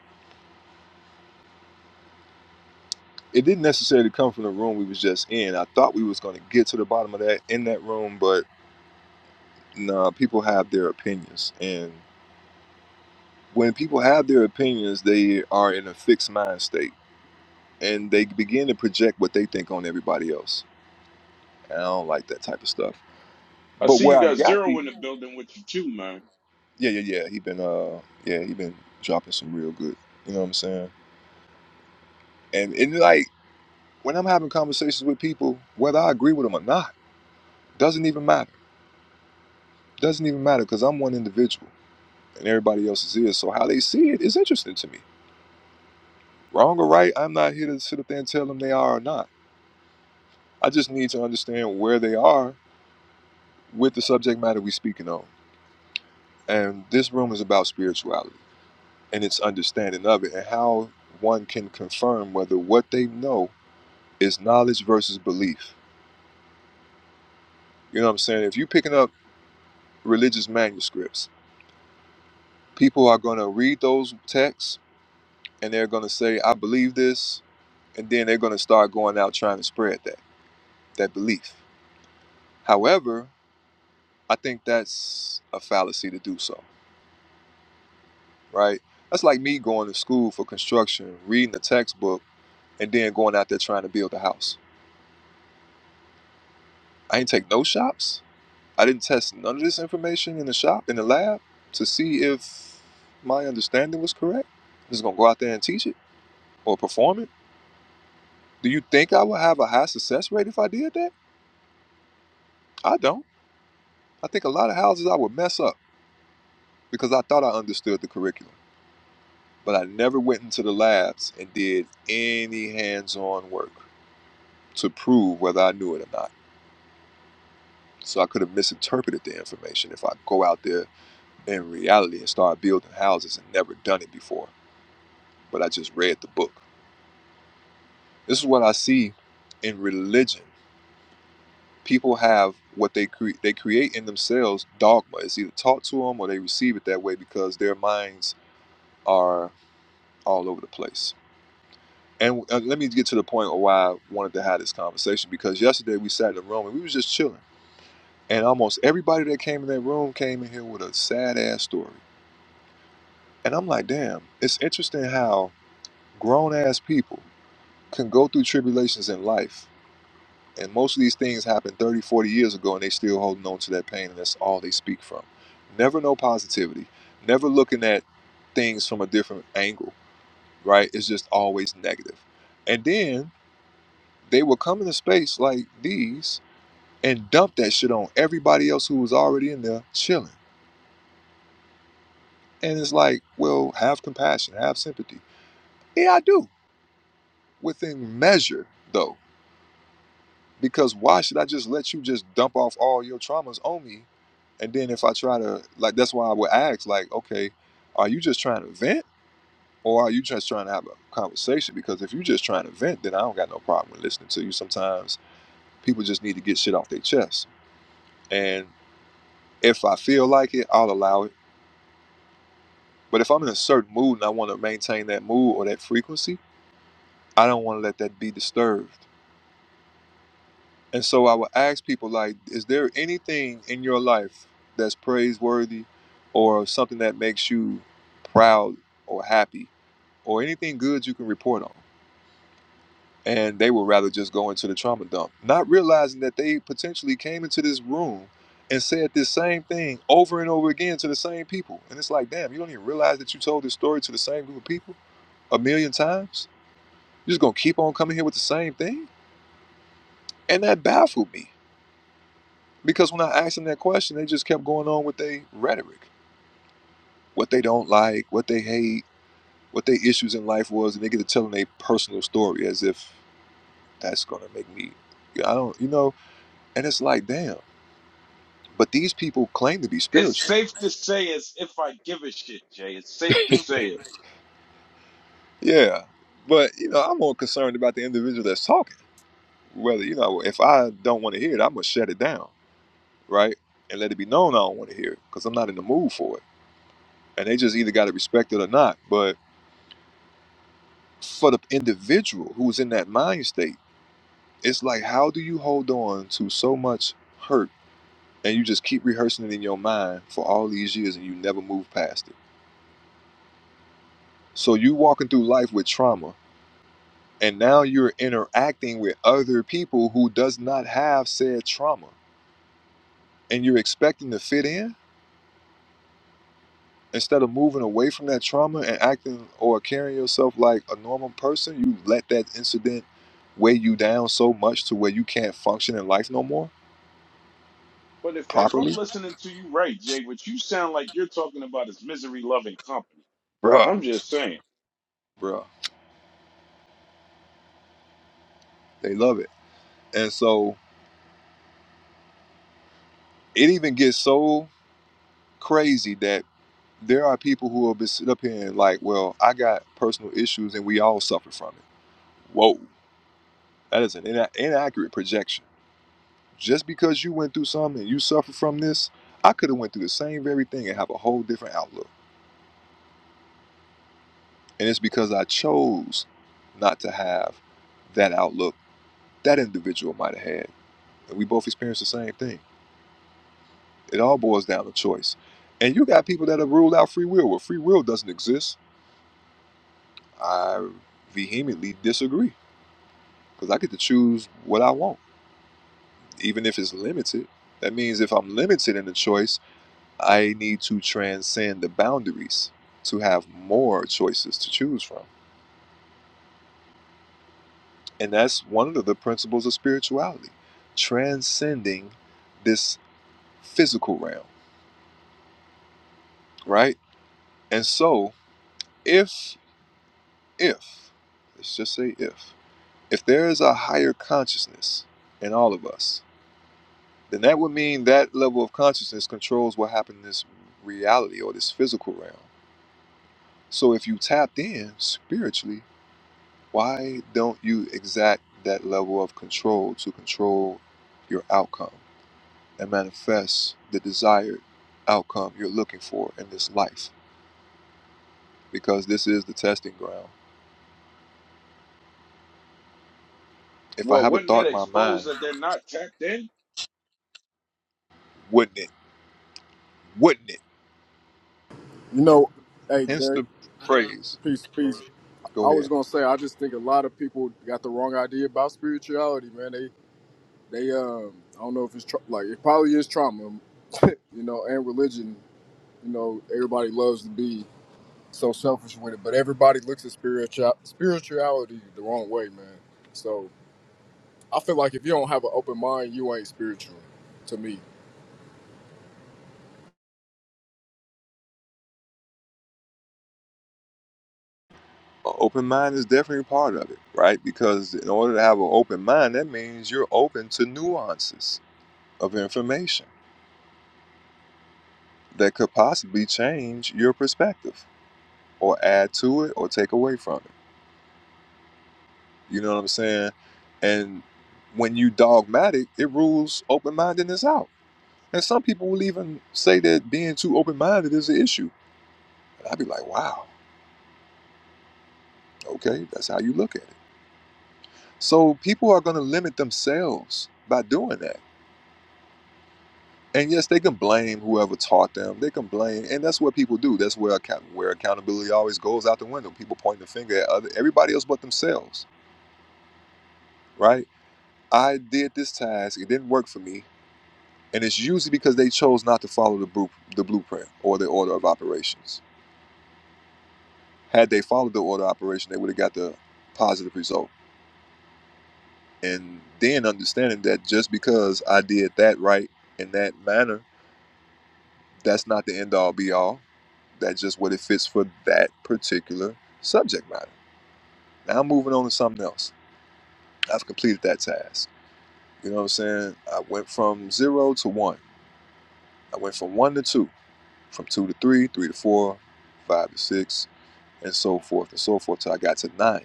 A: it didn't necessarily come from the room we was just in. I thought we was going to get to the bottom of that in that room, but nah, people have their opinions, and when people have their opinions, they are in a fixed mind state, and they begin to project what they think on everybody else. And I don't like that type of stuff.
I: I
A: But
I: see you
A: where I
I: got
A: got
I: zero
A: the
I: in the building with you too, man.
A: yeah, yeah, yeah. He been uh yeah, he been dropping some real good. You know what I'm saying? And and like when I'm having conversations with people, whether I agree with them or not, doesn't even matter. Doesn't even matter because I'm one individual and everybody else is here. So how they see it is interesting to me. Wrong or right, I'm not here to sit up there and tell them they are or not. I just need to understand where they are with the subject matter we speaking on. And this room is about spirituality and its understanding of it and how one can confirm whether what they know Is knowledge versus belief. You know what I'm saying? If you're picking up religious manuscripts, people are going to read those texts and they're going to say, I believe this. And then they're going to start going out trying to spread that, that belief. However, I think that's a fallacy to do so, right? That's like me going to school for construction, reading the textbook, and then going out there trying to build a house. I ain't take no shops. I didn't test none of this information in the shop, in the lab, to see if my understanding was correct. I'm just gonna go out there and teach it or perform it. Do you think I would have a high success rate if I did that? I don't. I think a lot of houses I would mess up because I thought I understood the curriculum, but I never went into the labs and did any hands on work to prove whether I knew it or not. So I could have misinterpreted the information if I go out there in reality and start building houses and never done it before, but I just read the book. This is what I see in religion. People have what they cre- they create in themselves dogma. It's either taught to them or they receive it that way because their minds are all over the place. And uh, let me get to the point of why I wanted to have this conversation because yesterday we sat in the room and we was just chilling, and almost everybody that came in that room came in here with a sad ass story. And I'm like, damn, it's interesting how grown ass people can go through tribulations in life And most of these things happened 30, 40 years ago, and they still holding on to that pain, and that's all they speak from. Never no positivity. Never looking at things from a different angle, right? It's just always negative. And then they will come into space like these and dump that shit on everybody else who was already in there chilling. And it's like, well, have compassion, have sympathy. Yeah, I do. Within measure, though. Because why should I just let you just dump off all your traumas on me? And then if I try to like that's why I would ask, like, okay, are you just trying to vent? Or are you just trying to have a conversation? Because if you're just trying to vent, then I don't got no problem with listening to you. Sometimes people just need to get shit off their chest. And if I feel like it, I'll allow it. But if I'm in a certain mood and I want to maintain that mood or that frequency, I don't want to let that be disturbed. And so I would ask people like, is there anything in your life that's praiseworthy or something that makes you proud or happy or anything good you can report on? And they would rather just go into the trauma dump, not realizing that they potentially came into this room and said this same thing over and over again to the same people. And it's like, damn, you don't even realize that you told this story to the same group of people a million times? You're just gonna keep on coming here with the same thing? And that baffled me Because when I asked them that question, they just kept going on with their rhetoric, what they don't like, what they hate, what their issues in life was, and they get to telling their personal story as if that's gonna make me. yeah, I don't, you know, and it's like, damn. But these people claim to be
I: It's
A: spiritual.
I: safe to say it's if I give a shit, Jay. It's safe to
A: (laughs)
I: say it.
A: Yeah, but you know, I'm more concerned about the individual that's talking. Whether you know, if I don't want to hear it, I'm gonna shut it down, right, and let it be known I don't want to hear it because I'm not in the mood for it. And they just either got to respect it or not. But for the individual who's in that mind state, it's like how do you hold on to so much hurt and you just keep rehearsing it in your mind for all these years and you never move past it. So you walking through life with trauma and now you're interacting with other people who does not have said trauma and you're expecting to fit in instead of moving away from that trauma and acting or carrying yourself like a normal person, you let that incident weigh you down so much to where you can't function in life no more
I: But if if I'm
A: properly
I: listening to you right, Jay, what you sound like you're talking about is misery loving company.
A: bruh,
I: I'm just saying.
A: bruh. They love it. And so it even gets so crazy that there are people who have been sitting up here and like, well, I got personal issues and we all suffer from it. Whoa, that is an ina- inaccurate projection. Just because you went through something and you suffer from this, I could have went through the same very thing and have a whole different outlook. And it's because I chose not to have that outlook that individual might have had. And we both experienced the same thing. It all boils down to choice. And you got people that have ruled out free will. Well, free will doesn't exist. I vehemently disagree because I get to choose what I want, even if it's limited. That means if I'm limited in the choice, I need to transcend the boundaries to have more choices to choose from. And that's one of the principles of spirituality transcending this physical realm, right? And so, if, if, let's just say if, If there is a higher consciousness in all of us, then that would mean that level of consciousness controls what happens in this reality or this physical realm. So if you tapped in spiritually, why don't you exact that level of control to control your outcome and manifest the desired outcome you're looking for in this life? Because this is the testing ground. If I
I: Well,
A: have a
I: wouldn't
A: thought
I: that
A: in my
I: expose
A: mind,
I: that they're not tapped in?
A: wouldn't it? Wouldn't it?
J: You know, hey
A: Hence
J: Derek,
A: the phrase.
J: peace, peace. I
A: Go ahead.
J: was gonna say, I just think a lot of people got the wrong idea about spirituality, man. They, they, um, I don't know if it's tra- like it probably is trauma, you know, and religion. You know, everybody loves to be so selfish with it, but everybody looks at spiritual spirituality the wrong way, man. So I feel like if you don't have an open mind, you ain't spiritual. To me,
A: An open mind is definitely part of it, right? Because in order to have an open mind, that means you're open to nuances of information that could possibly change your perspective or add to it or take away from it. You know what I'm saying? And when you dogmatic, it rules open mindedness out. And some people will even say that being too open minded is an issue. And I'd be like, wow, okay, that's how you look at it. So people are going to limit themselves by doing that And yes, they can blame whoever taught them. They can blame, and that's what people do. That's where account, where accountability always goes out the window. People point the finger at other everybody else but themselves, right? I did this task; it didn't work for me, and it's usually because they chose not to follow the bru- the blueprint or the order of operations. Had they followed the order of operation, they would have got the positive result. And then understanding that just because I did that right in that manner That's not the end all be all. That's just what it fits for that particular subject matter. Now I'm moving on to something else. I've completed that task. You know what I'm saying? I went from zero to one. I went from one to two, from two to three, three to four, five to six, and so forth and so forth till I got to nine,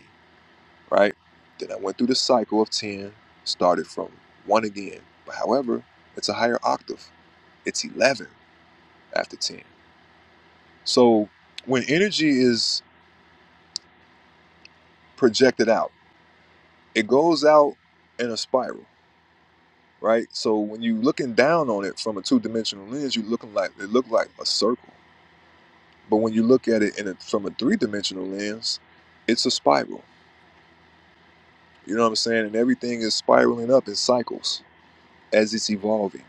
A: right? Then I went through the cycle of 10, started from one again. But however, it's a higher octave. It's 11 after 10. So when energy is projected out, it goes out in a spiral, right? So when you're looking down on it from a two dimensional lens, you're looking like it looked like a circle. But when you look at it in a, from a three dimensional lens, it's a spiral. You know what I'm saying? And everything is spiraling up in cycles as it's evolving.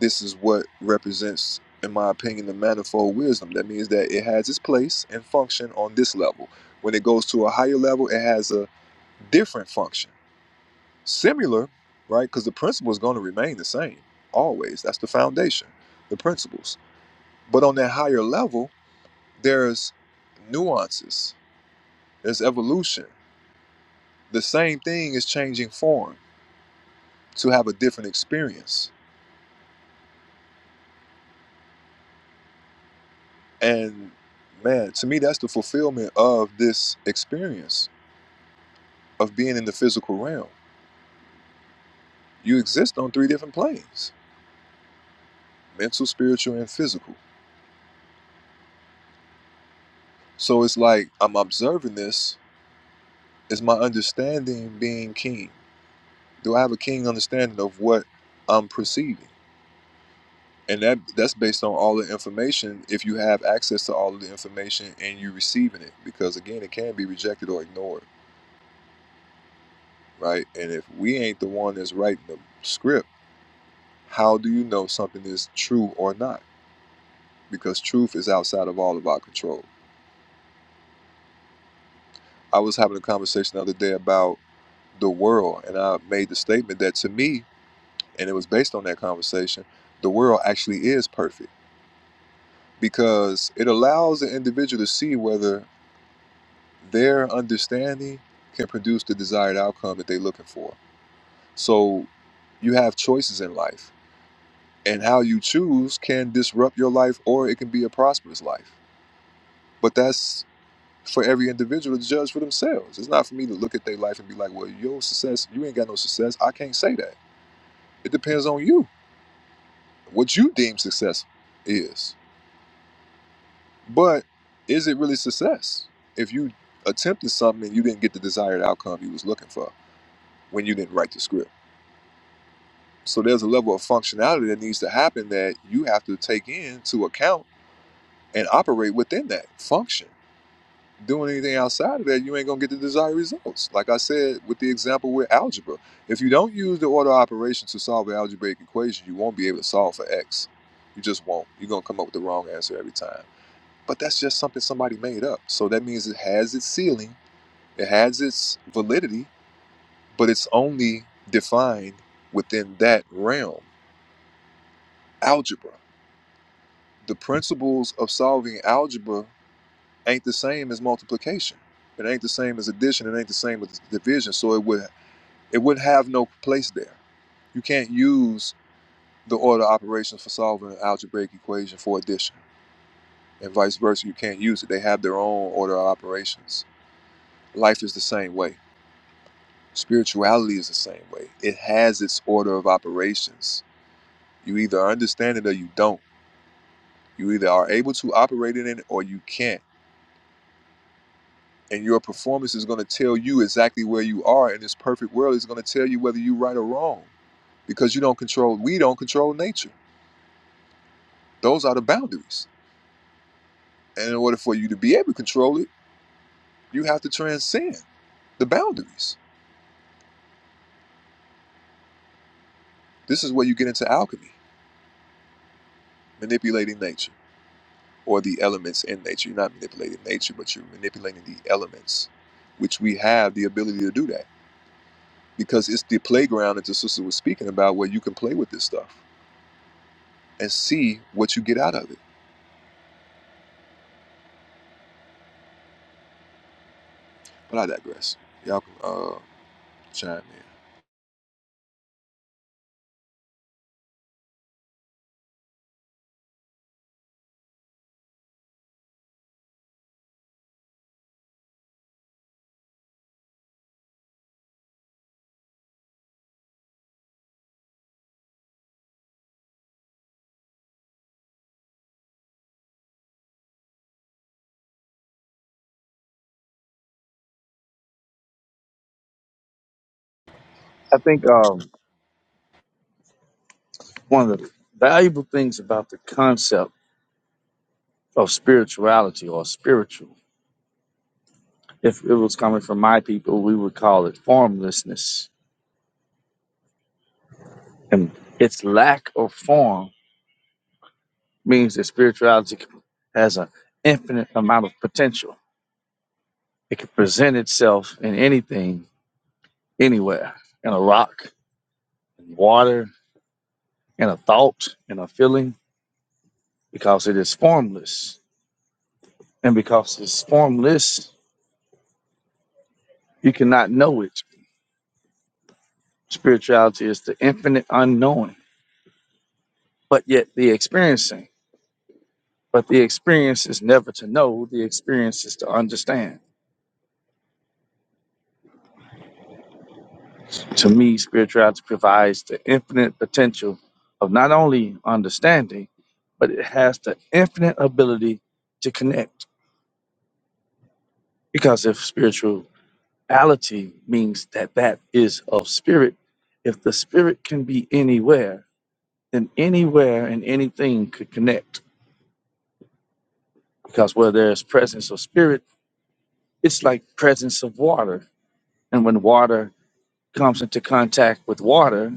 A: This is what represents, in my opinion, the manifold wisdom. That means that it has its place and function on this level. When it goes to a higher level, it has a different function Similar, right? Because the principle is going to remain the same always. That's the foundation, the principles. But on that higher level, there's nuances, there's evolution. The same thing is changing form to have a different experience. And man, to me, that's the fulfillment of this experience of being in the physical realm. You exist on three different planes mental, spiritual, and physical. So it's like I'm observing this, is my understanding being keen? do I have a keen understanding of what I'm perceiving? And that that's based on all the information. If you have access to all of the information and you are receiving it, because again, it can be rejected or ignored, right? And if we ain't the one that's writing the script, how do you know something is true or not? Because truth is outside of all of our control. I was having a conversation the other day about the world, and I made the statement that to me, and it was based on that conversation, the world actually is perfect because it allows the individual to see whether their understanding can produce the desired outcome that they're looking for. So you have choices in life, and how you choose can disrupt your life or it can be a prosperous life. But that's for every individual to judge for themselves. It's not for me to look at their life and be like, well, your success, you ain't got no success. I can't say that. It depends on you, what you deem success is. But is it really success if you attempted something and you didn't get the desired outcome you was looking for when you didn't write the script? So there's a level of functionality that needs to happen that you have to take into account and operate within that function. Doing anything outside of that, you ain't gonna get the desired results. Like I said with the example with algebra, if you don't use the order operation to solve an algebraic equation, you won't be able to solve for x. You just won't. You're gonna come up with the wrong answer every time. But that's just something somebody made up. So that means it has its ceiling, it has its validity, but it's only defined within that realm. Algebra. The principles of solving algebra ain't the same as multiplication. It ain't the same as addition. It ain't the same as division. So it would it would have no place there. You can't use the order operations for solving an algebraic equation for addition, and vice versa. You can't use it. They have their own order of operations. Life is the same way. Spirituality is the same way. It has its order of operations. You either understand it or you don't. You either are able to operate in it or you can't. And your performance is going to tell you exactly where you are in this perfect world. It's going to tell you whether you're right or wrong because you don't control, we don't control nature. Those are the boundaries. And in order for you to be able to control it, you have to transcend the boundaries. This is where you get into alchemy, manipulating nature. or the elements in nature. You're not manipulating nature, but you're manipulating the elements, which we have the ability to do that because it's the playground that the sister was speaking about where you can play with this stuff and see what you get out of it. But I digress. Y'all can uh, chime in.
F: I think um, one of the valuable things about the concept of spirituality or spiritual. If it was coming from my people, we would call it formlessness. And its lack of form means that spirituality has an infinite amount of potential. It can present itself in anything, anywhere, in a rock, in water, in a thought, in a feeling, because it is formless. And because it's formless, you cannot know it. Spirituality is the infinite unknowing, but yet the experiencing. But the experience is never to know, the experience is to understand. To me, spirituality provides the infinite potential of not only understanding, but it has the infinite ability to connect. Because if spirituality means that that is of spirit, if the spirit can be anywhere, then anywhere and anything could connect. Because where there's presence of spirit, it's like presence of water. And when water comes into contact with water,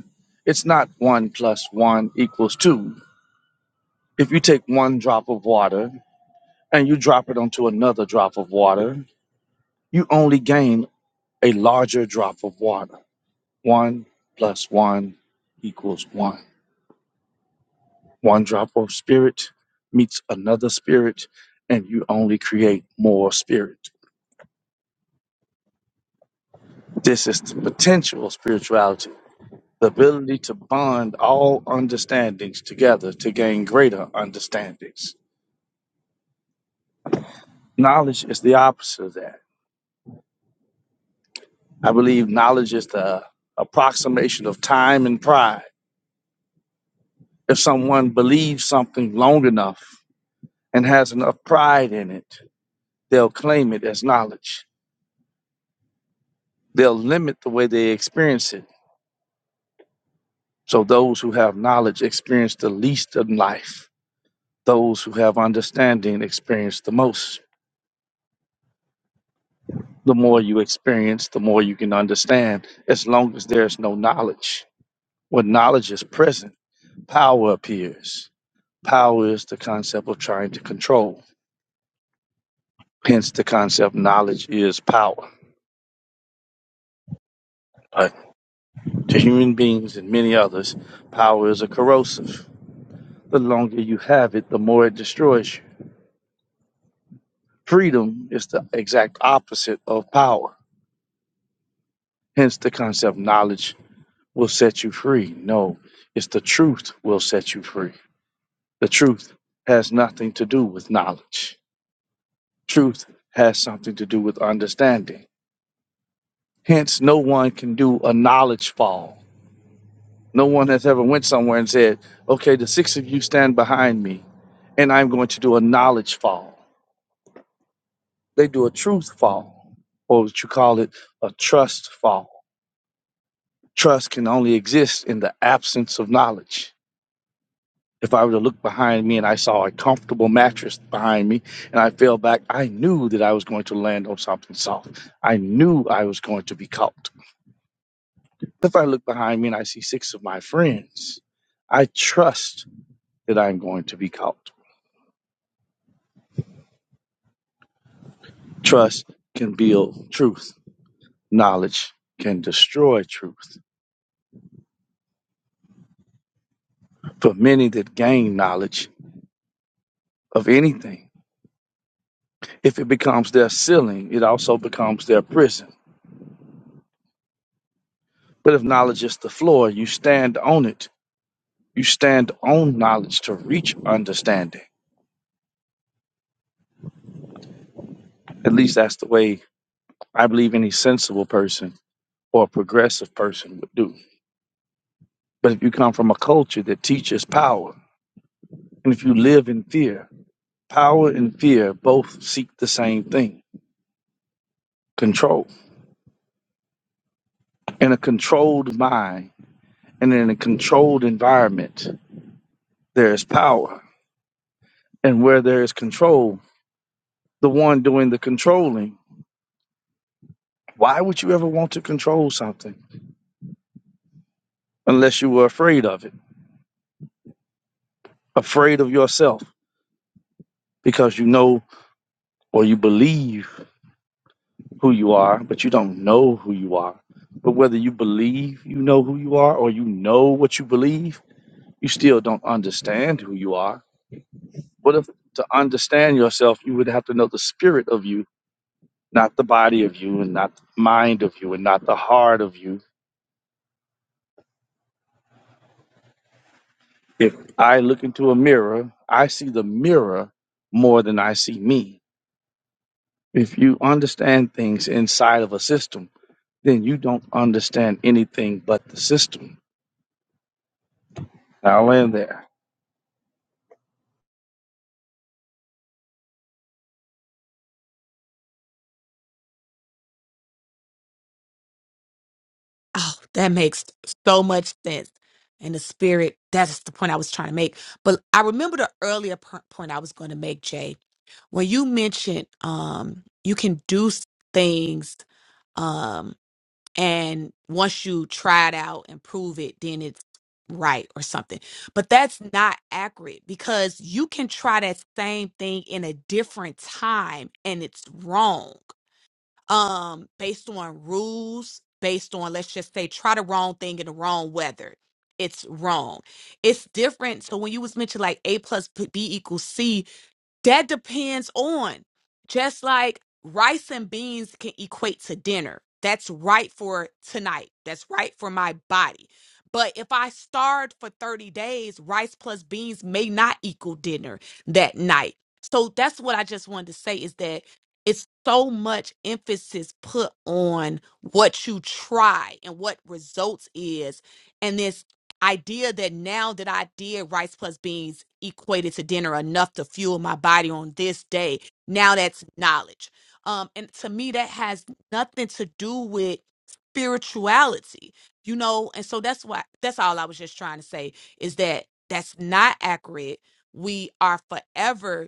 F: it's not one plus one equals two. If you take one drop of water and you drop it onto another drop of water, you only gain a larger drop of water. One plus one equals one. One drop of spirit meets another spirit, and you only create more spirit. This is the potential of spirituality, the ability to bond all understandings together to gain greater understandings Knowledge is the opposite of that. I believe knowledge is the approximation of time and pride. If someone believes something long enough and has enough pride in it, they'll claim it as knowledge. They'll limit the way they experience it. So those who have knowledge experience the least in life. Those who have understanding experience the most. The more you experience, the more you can understand, as long as there's no knowledge. When knowledge is present, power appears Power is the concept of trying to control. Hence, the concept knowledge is power. But to human beings and many others, power is a corrosive. The longer you have it, the more it destroys you. Freedom is the exact opposite of power. Hence, the concept knowledge will set you free. No, it's the truth will set you free. The truth has nothing to do with knowledge, truth has something to do with understanding. Hence, no one can do a knowledge fall No one has ever went somewhere and said, "Okay, the six of you stand behind me, and I'm going to do a knowledge fall." They do a truth fall, or what you call it, a trust fall. Trust can only exist in the absence of knowledge. If I were to look behind me and I saw a comfortable mattress behind me and I fell back, I knew that I was going to land on something soft. I knew I was going to be caught. If I look behind me and I see six of my friends, I trust that I'm going to be caught. Trust can build truth. Knowledge can destroy truth. For many that gain knowledge of anything, if it becomes their ceiling, it also becomes their prison. But if knowledge is the floor, you stand on it. You stand on knowledge to reach understanding. At least that's the way I believe any sensible person or progressive person would do. But if you come from a culture that teaches power, and if you live in fear, power and fear both seek the same thing control In a controlled mind and in a controlled environment, there is power. And where there is control, the one doing the controlling, why would you ever want to control something unless you were afraid of it, afraid of yourself, because you know or you believe who you are, but you don't know who you are. But whether you believe you know who you are or you know what you believe, you still don't understand who you are. What if to understand yourself, you would have to know the spirit of you not the body of you and not the mind of you and not the heart of you. If I look into a mirror, I see the mirror more than I see me. If you understand things inside of a system, then you don't understand anything but the system. I'll land there.
H: Oh, that makes so much sense. And the spirit, that's the point I was trying to make. But I remember the earlier p- point I was going to make, Jay, when you mentioned um, you can do s- things. um, and once you try it out and prove it then it's right or something but that's not accurate because you can try that same thing in a different time and it's wrong um based on rules based on let's just say try the wrong thing in the wrong weather it's wrong it's different so when you was mentioning like a plus b equals c that depends on just like rice and beans can equate to dinner. That's right for tonight. That's right for my body. But if I starved for 30 days, rice plus beans may not equal dinner that night. So that's what I just wanted to say is that it's so much emphasis put on what you try and what results is. and then idea that now that I did rice plus beans equated to dinner enough to fuel my body on this day. Now that's knowledge. Um, and to me, that has nothing to do with spirituality, you know. And so that's why that's all I was just trying to say is that that's not accurate. We are forever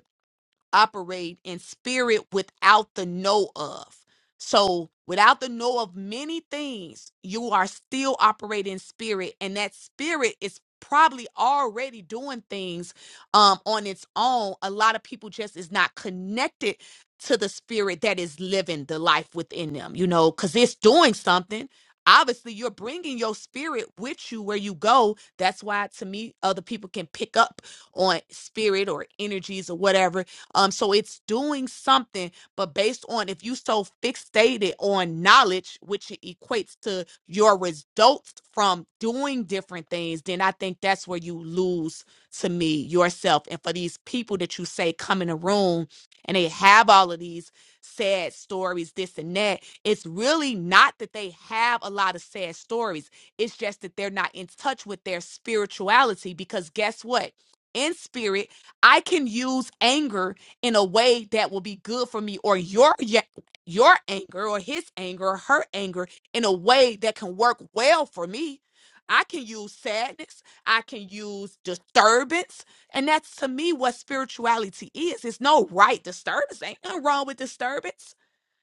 H: operate in spirit without the know of. So, without the know of many things, you are still operating in spirit, and that spirit is probably already doing things um, on its own. A lot of people just is not connected to the spirit that is living the life within them, you know, because it's doing something. Obviously, you're bringing your spirit with you where you go. That's why, to me, other people can pick up on spirit or energies or whatever um, so it's doing something, but based on if you so fixated on knowledge, which it equates to your results from doing different things, then I think that's where you lose to me yourself. And for these people that you say come in a room and they have all of these sad stories, this and that, it's really not that they have a lot of sad stories. It's just that they're not in touch with their spirituality because guess what? In spirit, I can use anger in a way that will be good for me or your ya- your anger or his anger or her anger in a way that can work well for me i can use sadness i can use disturbance and that's to me what spirituality is it's no right disturbance ain't nothing wrong with disturbance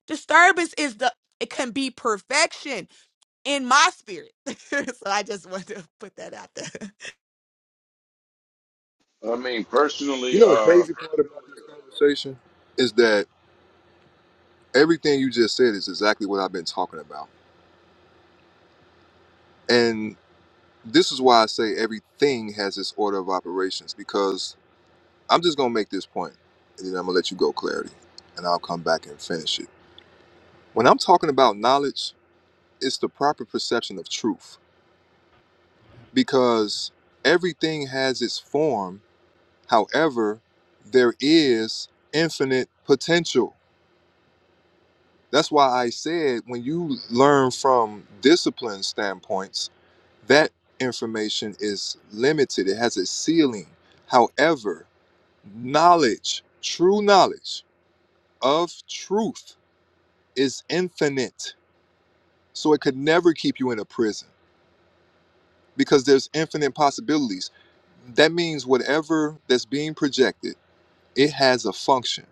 H: disturbance is the it can be perfection in my spirit (laughs) so i just wanted to put that out there
I: I mean,
A: You
I: personally,
A: know the
I: uh
A: crazy part about this conversation is that everything you just said is exactly what I've been talking about. And this is why I say everything has its order of operations because. I'm just gonna make this point, and then I'm gonna let you go, clarity, and I'll come back and finish it. When I'm talking about knowledge, it's the proper perception of truth because everything has its form. However, there is infinite potential. That's why I said when you learn from discipline standpoints, that information is limited. It has a ceiling. However, knowledge, true knowledge of truth is infinite. So it could never keep you in a prison because there's infinite possibilities. That means whatever that's being projected, it has a function,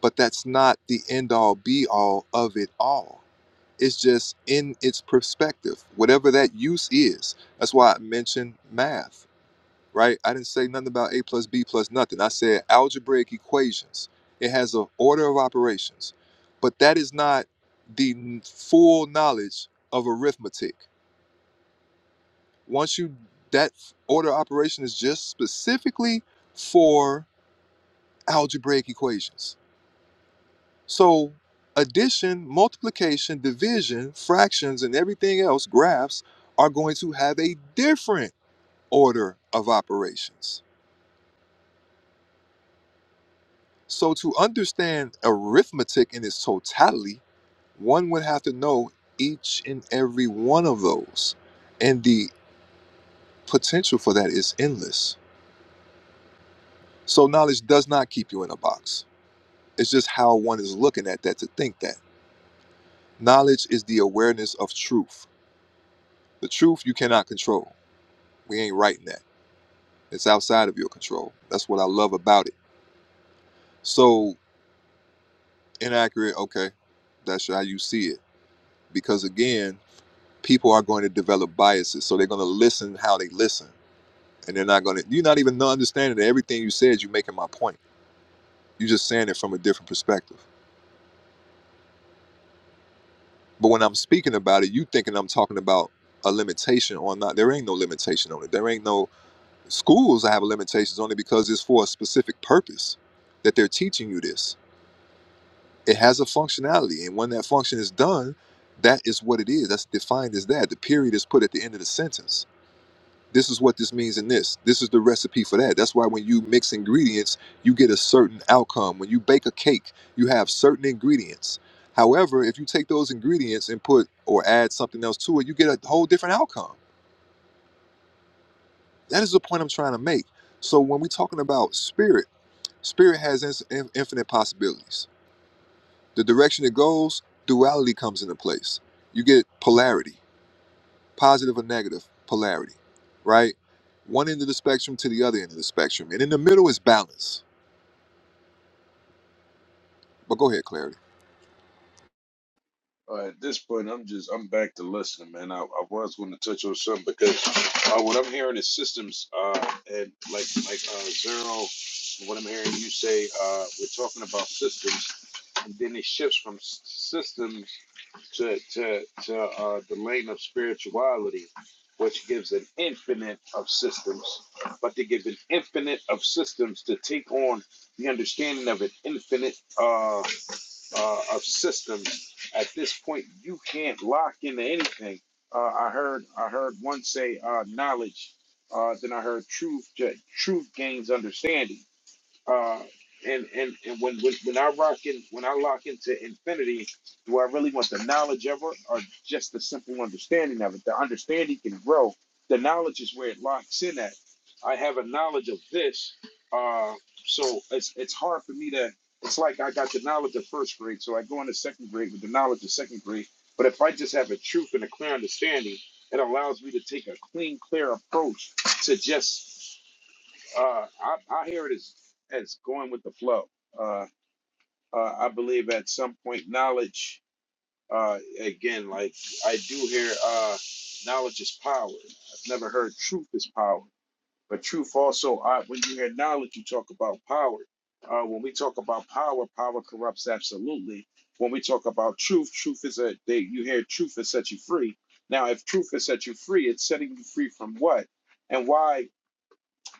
A: but that's not the end all be all of it all. It's just in its perspective, whatever that use is. That's why I mentioned math right? I didn't say nothing about A plus B plus nothing. I said algebraic equations. It has an order of operations, but that is not the n- full knowledge of arithmetic. Once you that order of operation is just specifically for algebraic equations. So addition, multiplication, division, fractions, and everything else, graphs are going to have a different order of operations So to understand arithmetic in its totality, one would have to know each and every one of those. And the potential for that is endless. So knowledge does not keep you in a box. It's just how one is looking at that to think that. Knowledge is the awareness of truth. The truth you cannot control. We ain't writing that. It's outside of your control. That's what I love about it. So inaccurate, okay. That's how you see it. Because again, people are going to develop biases. So they're going to listen how they listen. And they're not going to, you're not even no understanding that everything you said, you're making my point. You're just saying it from a different perspective. But when I'm speaking about it, you thinking I'm talking about a limitation or not. There ain't no limitation on it. There ain't no schools that have limitations on it because it's for a specific purpose that they're teaching you this. It has a functionality. And when that function is done, that is what it is. That's defined as that. The period is put at the end of the sentence this is what this means in this. This is the recipe for that. That's why when you mix ingredients, you get a certain outcome. When you bake a cake, you have certain ingredients. However, if you take those ingredients and put or add something else to it, you get a whole different outcome. That is the point I'm trying to make. So when we're talking about spirit, spirit has in- in- infinite possibilities. The direction it goes, duality comes into place. You get polarity positive or negative polarity, right? One end of the spectrum to the other end of the spectrum. And in the middle is balance. But go ahead, Clarity.
I: Uh, at this point, I'm just I'm back to listening, man. I, I was going to touch on something because uh, what I'm hearing is systems, uh, and like like uh, zero. What I'm hearing you say, uh, we're talking about systems, and then it shifts from s- systems to to to uh, the lane of spirituality, which gives an infinite of systems, but they give an infinite of systems to take on the understanding of an infinite. Uh, uh, of systems. At this point, you can't lock into anything. Uh, I heard I heard one say uh, knowledge. Uh, then I heard truth. Truth gains understanding. Uh, and and and when when, when I rock in, when I lock into infinity, do I really want the knowledge of it, or just the simple understanding of it? The understanding can grow. The knowledge is where it locks in at. I have a knowledge of this, uh, so it's it's hard for me to. It's like I got the knowledge of first grade, so I go into second grade with the knowledge of second grade. But if I just have a truth and a clear understanding, it allows me to take a clean, clear approach to just uh, I, I hear it as as going with the flow. Uh, uh, I believe at some point knowledge. Uh, again, like I do hear, uh, knowledge is power. I've never heard truth is power, but truth also. Uh, when you hear knowledge, you talk about power. Uh, when we talk about power, power corrupts absolutely. When we talk about truth, truth is a. They, you hear truth has set you free. Now, if truth has set you free, it's setting you free from what? And why?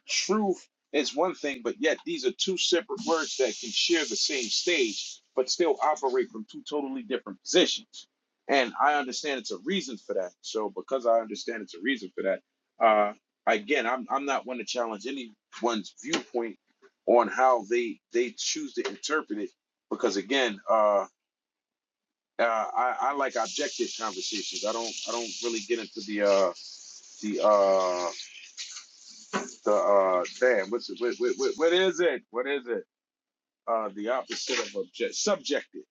I: Truth is one thing, but yet these are two separate words that can share the same stage, but still operate from two totally different positions. And I understand it's a reason for that. So because I understand it's a reason for that, uh, again, I'm I'm not one to challenge anyone's viewpoint on how they they choose to interpret it, because again, uh, uh, I, I like objective conversations. I don't I don't really get into the uh, the uh, the uh damn what's it what, what, what is it what is it uh the opposite of object subjective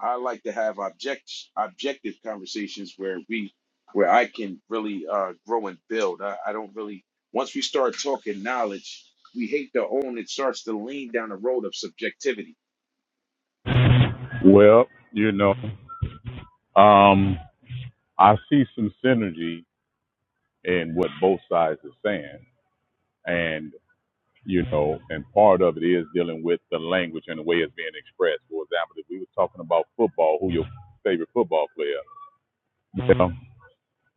I: i like to have object objective conversations where we where i can really uh grow and build i, I don't really once we start talking knowledge we hate to own it starts to lean down the road of subjectivity
K: Well, you know, um, I see some synergy in what both sides are saying, and you know, and part of it is dealing with the language and the way it's being expressed. For example, if we were talking about football, who your favorite football player? You know,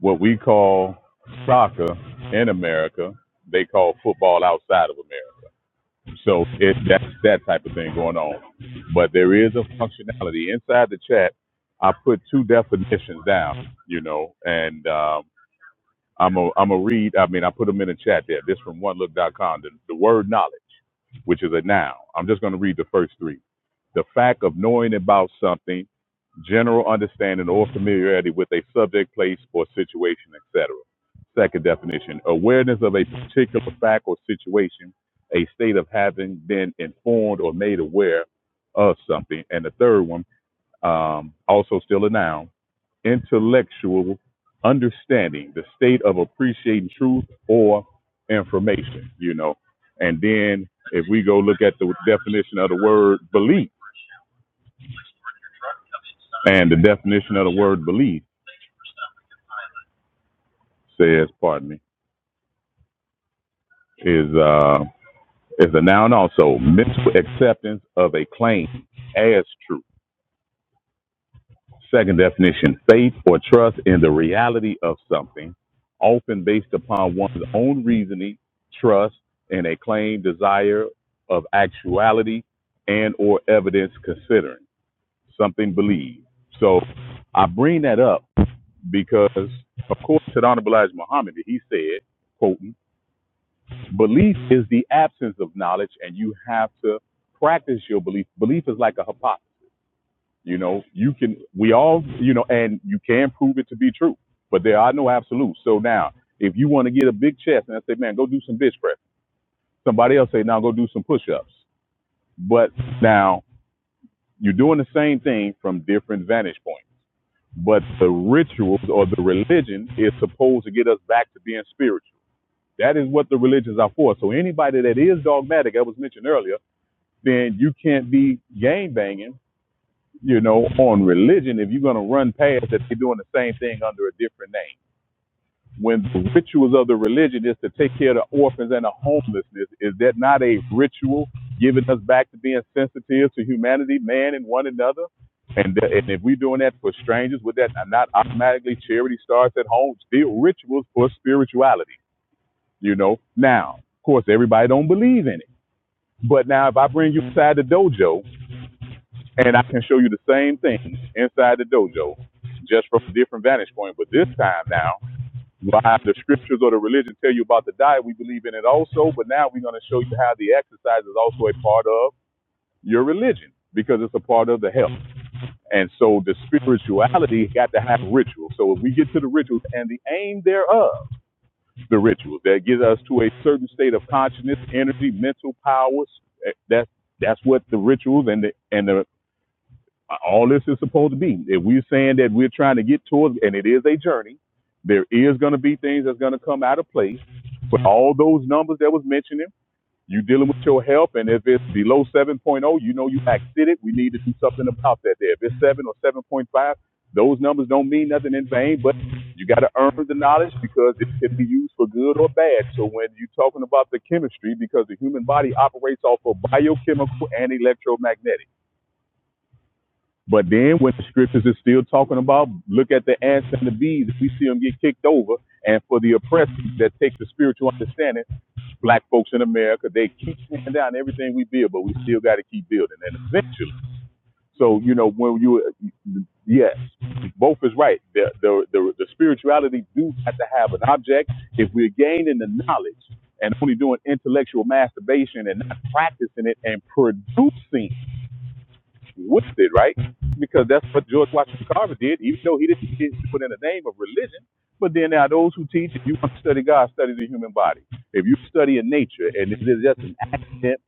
K: what we call soccer in America, they call football outside of America. So it, that's that type of thing going on. But there is a functionality inside the chat. I put two definitions down, you know, and um, I'm a I'm a read. I mean, I put them in the chat there. This from one look dot com. The, the word knowledge, which is a noun. I'm just going to read the first three. The fact of knowing about something general understanding or familiarity with a subject, place, or situation, etc. Second definition, awareness of a particular fact or situation, a state of having been informed or made aware of something. And the third one, um, also still a noun, intellectual understanding, the state of appreciating truth or information, you know. And then if we go look at the definition of the word belief and the definition of the word belief, says, pardon me, is uh, is a noun also mental acceptance of a claim as true. Second definition: faith or trust in the reality of something, often based upon one's own reasoning, trust, and a claim, desire of actuality and or evidence considering something believed. So I bring that up because, of course, said Honorable Elijah Muhammad, he said, quoting, Belief is the absence of knowledge, and you have to practice your belief. Belief is like a hypothesis. You know, you can, we all, you know, and you can prove it to be true, but there are no absolutes. So now, if you want to get a big chest and I say, man, go do some bench press, somebody else say, now go do some push ups. But now you're doing the same thing from different vantage points. But the rituals or the religion is supposed to get us back to being spiritual. That is what the religions are for. So anybody that is dogmatic, I was mentioned earlier, then you can't be gang banging, you know, on religion if you're going to run past that they're doing the same thing under a different name. When the rituals of the religion is to take care of the orphans and the homelessness, is that not a ritual giving us back to being sensitive to humanity, man, and one another? And, uh, and if we're doing that for strangers, would that not automatically charity starts at home? Still rituals for spirituality, you know. Now, of course, everybody don't believe in it. But now, if I bring you inside the dojo and I can show you the same thing inside the dojo, just from a different vantage point. But this time now, by the scriptures or the religion tell you about the diet, we believe in it also. But now we're going to show you how the exercise is also a part of your religion because it's a part of the health. And so the spirituality got to have rituals. So if we get to the rituals and the aim thereof, the rituals that get us to a certain state of consciousness, energy, mental powers, eh, that's that's what the rituals and the and the all this is supposed to be. If we're saying that we're trying to get towards, and it is a journey, there is going to be things that's going to come out of place. But all those numbers that was mentioning, you dealing with your health, and if it's below 7.0, you know you exited. We need to do something about that. There, if it's seven or 7.5, those numbers don't mean nothing in vain. But you got to earn the knowledge because it can be used for good or bad. So when you're talking about the chemistry, because the human body operates off of biochemical and electromagnetic. But then when the scriptures is still talking about, look at the ants and the bees, if we see them get kicked over, and for the oppressed that takes the spiritual understanding, black folks in America, they keep tearing down everything we build, but we still got to keep building. And eventually, so, you know, when you, yes, both is right. The, the, the, the spirituality do have to have an object. If we're gaining the knowledge and only doing intellectual masturbation and not practicing it and producing with it, right? Because that's what George Washington Carver did, even though he didn't he didn't put in the name of religion. But then there are those who teach if you want to study God, study the human body. If you study in nature, and if it's just an accident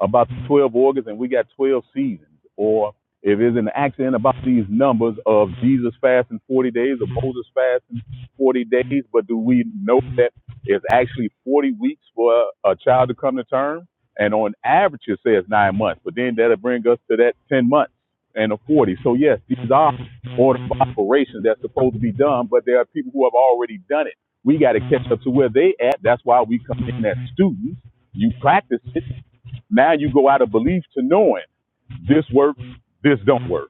K: about the 12 organs and we got 12 seasons, or if it's an accident about these numbers of Jesus fasting 40 days or Moses fasting 40 days, but do we know that it's actually 40 weeks for a child to come to term? and on average it says nine months, but then that'll bring us to that ten months and a forty. So yes, these are order of operations that's supposed to be done, but there are people who have already done it. We got to catch up to where they at. That's why we come in as students. You practice it. Now you go out of belief to knowing this works, this don't work.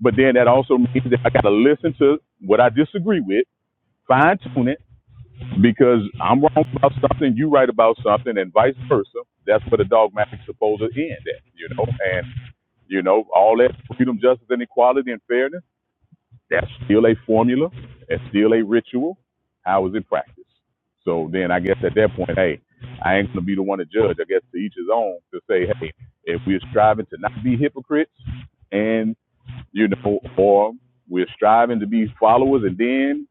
K: But then that also means that I got to listen to what I disagree with, fine tune it, because I'm wrong about something, you right about something, and vice versa. That's where the dogmatic's supposed to end at, you know. And you know, all that freedom, justice, and equality and fairness, that's still a formula, it's still a ritual. How is it practiced? So then I guess at that point, hey, I ain't gonna be the one to judge. I guess to each his own to say, hey, if we're striving to not be hypocrites and you know, or we're striving to be followers and then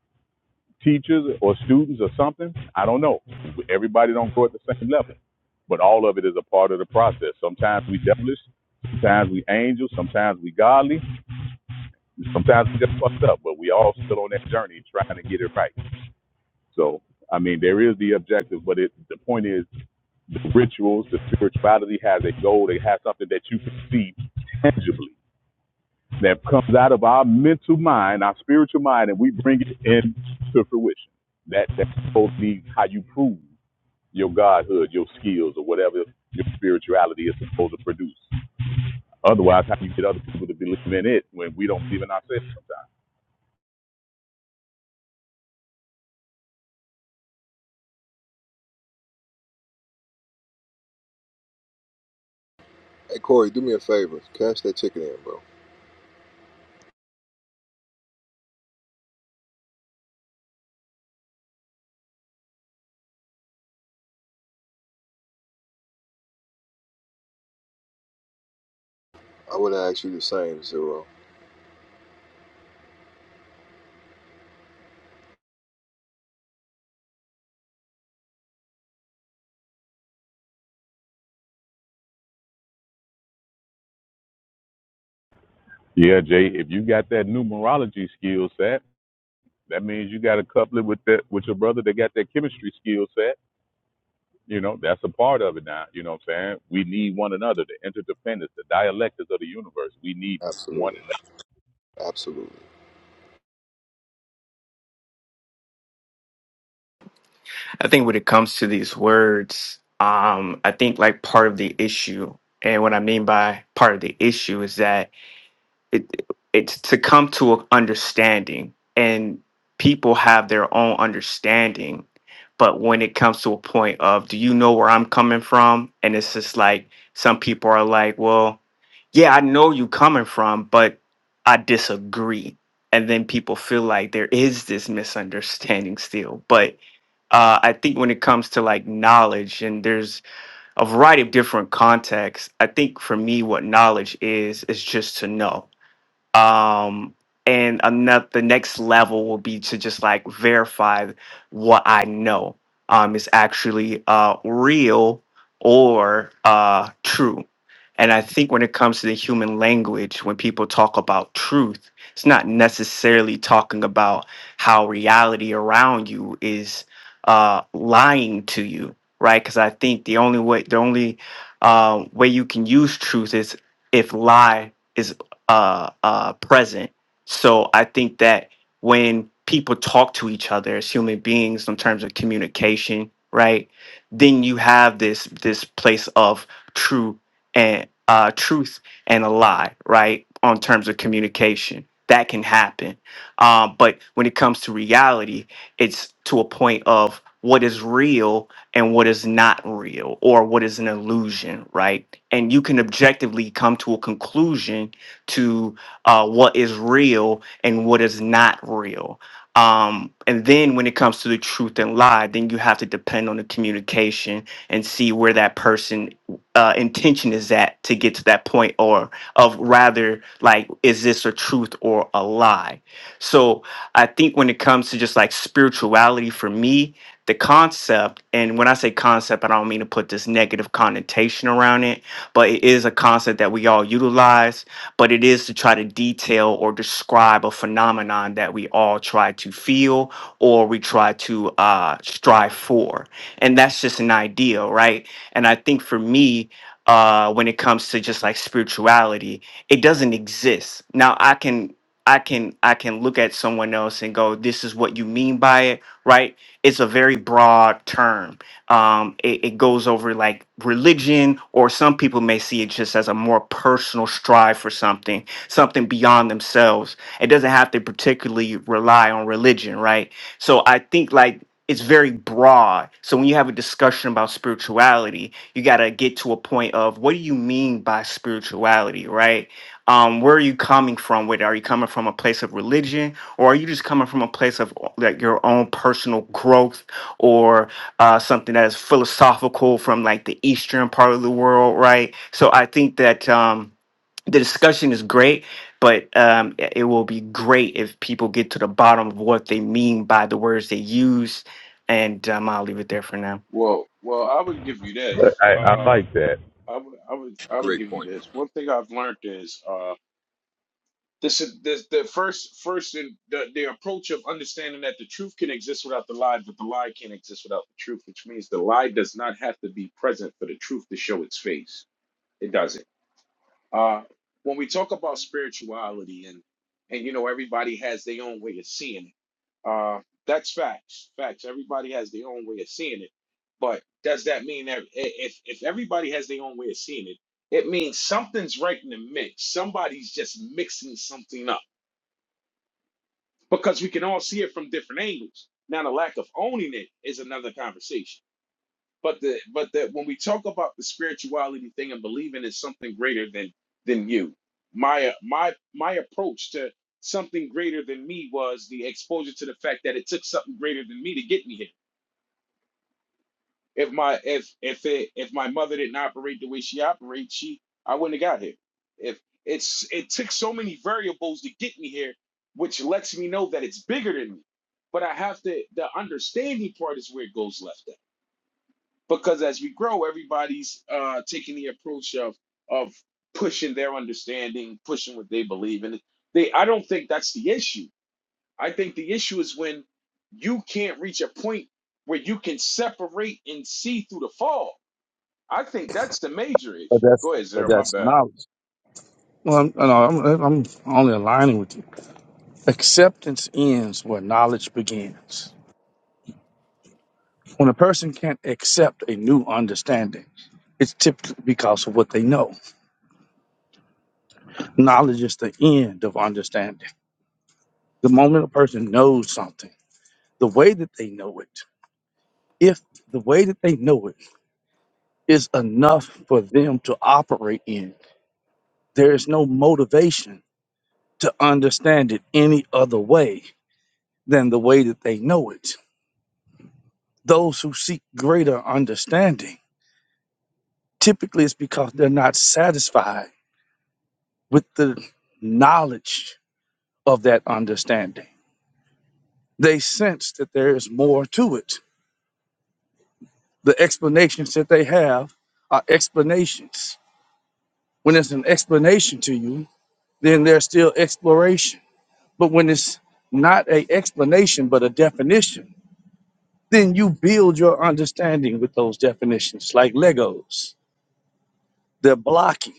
K: teachers or students or something. I don't know. Everybody don't go at the same level, but all of it is a part of the process. Sometimes we devilish, sometimes we angels, sometimes we godly, sometimes we just fucked up. But we all still on that journey trying to get it right. So I mean, there is the objective, but it the point is the rituals, the spirituality has a goal. They have something that you can see tangibly that comes out of our mental mind, our spiritual mind, and we bring it into fruition. That that's supposed to be how you prove your godhood, your skills, or whatever your spirituality is supposed to produce. Otherwise, how do you get other people to believe in it when we don't believe in ourselves sometimes?
A: Hey Corey, do me a favor. Cash that chicken in, bro. I would ask you the same, Zero.
K: Yeah, Jay, if you got that numerology skill set, that means you got to couple it with that with your brother that got that chemistry skill set. You know, that's a part of it now. You know what I'm saying? We need one another, the interdependence, the dialectics of the universe. We need one
A: Absolutely. Absolutely.
L: I think when it comes to these words, um, I think like part of the issue, and what I mean by part of the issue is that it it's to come to an understanding, and people have their own understanding. But when it comes to a point of, do you know where I'm coming from? And it's just like some people are like, well, yeah, I know you coming from, but I disagree. And then people feel like there is this misunderstanding still, but uh, I think when it comes to like knowledge, and there's a variety of different contexts. I think for me, what knowledge is is just to know um and another the next level will be to just like verify what i know um is actually uh real or uh true and i think when it comes to the human language when people talk about truth it's not necessarily talking about how reality around you is uh lying to you right because i think the only way the only uh, way you can use truth is if lie is uh, uh, present. So I think that when people talk to each other as human beings in terms of communication, right, then you have this this place of true and uh, truth and a lie, right, on terms of communication. That can happen, um, but when it comes to reality, it's to a point of what is real and what is not real, or what is an illusion, right? And you can objectively come to a conclusion to uh, what is real and what is not real. Um, and then when it comes to the truth and lie, then you have to depend on the communication and see where that person uh, intention is at to get to that point, or of rather like, is this a truth or a lie? So I think when it comes to just like spirituality for me, the concept, and when I say concept, I don't mean to put this negative connotation around it, but it is a concept that we all utilize but it is to try to detail or describe a phenomenon that we all try to feel or we try to uh, strive for. And that's just an ideal, right? And I think for me, uh, when it comes to just like spirituality, it doesn't exist. Now I can I can I can look at someone else and go, this is what you mean by it, right? It's a very broad term um, it, it goes over like religion, or some people may see it just as a more personal strive for something, something beyond themselves. It doesn't have to particularly rely on religion, right? So I think like it's very broad. So when you have a discussion about spirituality, you got to get to a point of what do you mean by spirituality, right? Um, where are you coming from with it? Are you coming from a place of religion, or are you just coming from a place of like your own personal growth uh, something that is philosophical from like the eastern part of the world, right? So I think that um, the discussion is great, but um, i- it will be great if people get to the bottom of what they mean by the words they use. And um, I'll leave it there for now.
I: well well i would give you this
K: I, I
I: uh
K: like that.
I: I would, I would I would
A: Great
I: give you
A: point.
I: this. One thing I've learned is uh, This is this the first first in the, the approach of understanding that the truth can exist without the lie, but the lie can't exist without the truth, which means the lie does not have to be present for the truth to show its face. It doesn't. Uh, when we talk about spirituality and and you know everybody has their own way of seeing it. Uh, that's facts. Facts. Everybody has their own way of seeing it. But does that mean that i- if if everybody has their own way of seeing it, it means something's right in the mix. Somebody's just mixing something up because we can all see it from different angles. Now, the lack of owning it is another conversation. But the but that when we talk about the spirituality thing and believing is something greater than than you, my my my approach to something greater than me was the exposure to the fact that it took something greater than me to get me here. If my if if it if my mother didn't operate the way she operates, she I wouldn't have got here. If it's it took so many variables to get me here, which lets me know that it's bigger than me. But I have to the understanding part is where it goes left at. Because as we grow, everybody's uh taking the approach of of pushing their understanding, pushing what they believe in. They I don't think that's the issue. I think the issue is when you can't reach a point where you can separate and see through the fog. I think that's the major issue.
F: But that's
I: Go ahead,
F: but
I: Zero. My
F: that's
I: bad.
F: knowledge. Well, I'm, no, I'm, I'm only aligning with you. Acceptance ends where knowledge begins. When a person can't accept a new understanding, it's typically because of what they know Knowledge is the end of understanding. The moment a person knows something, the way that they know it, if the way that they know it is enough for them to operate in, there is no motivation to understand it any other way than the way that they know it. Those who seek greater understanding typically it's because they're not satisfied with the knowledge of that understanding. They sense that there is more to it the explanations that they have are explanations. When it's an explanation to you, then there's still exploration. But when it's not a explanation but a definition, then you build your understanding with those definitions, like Legos. They're blocky.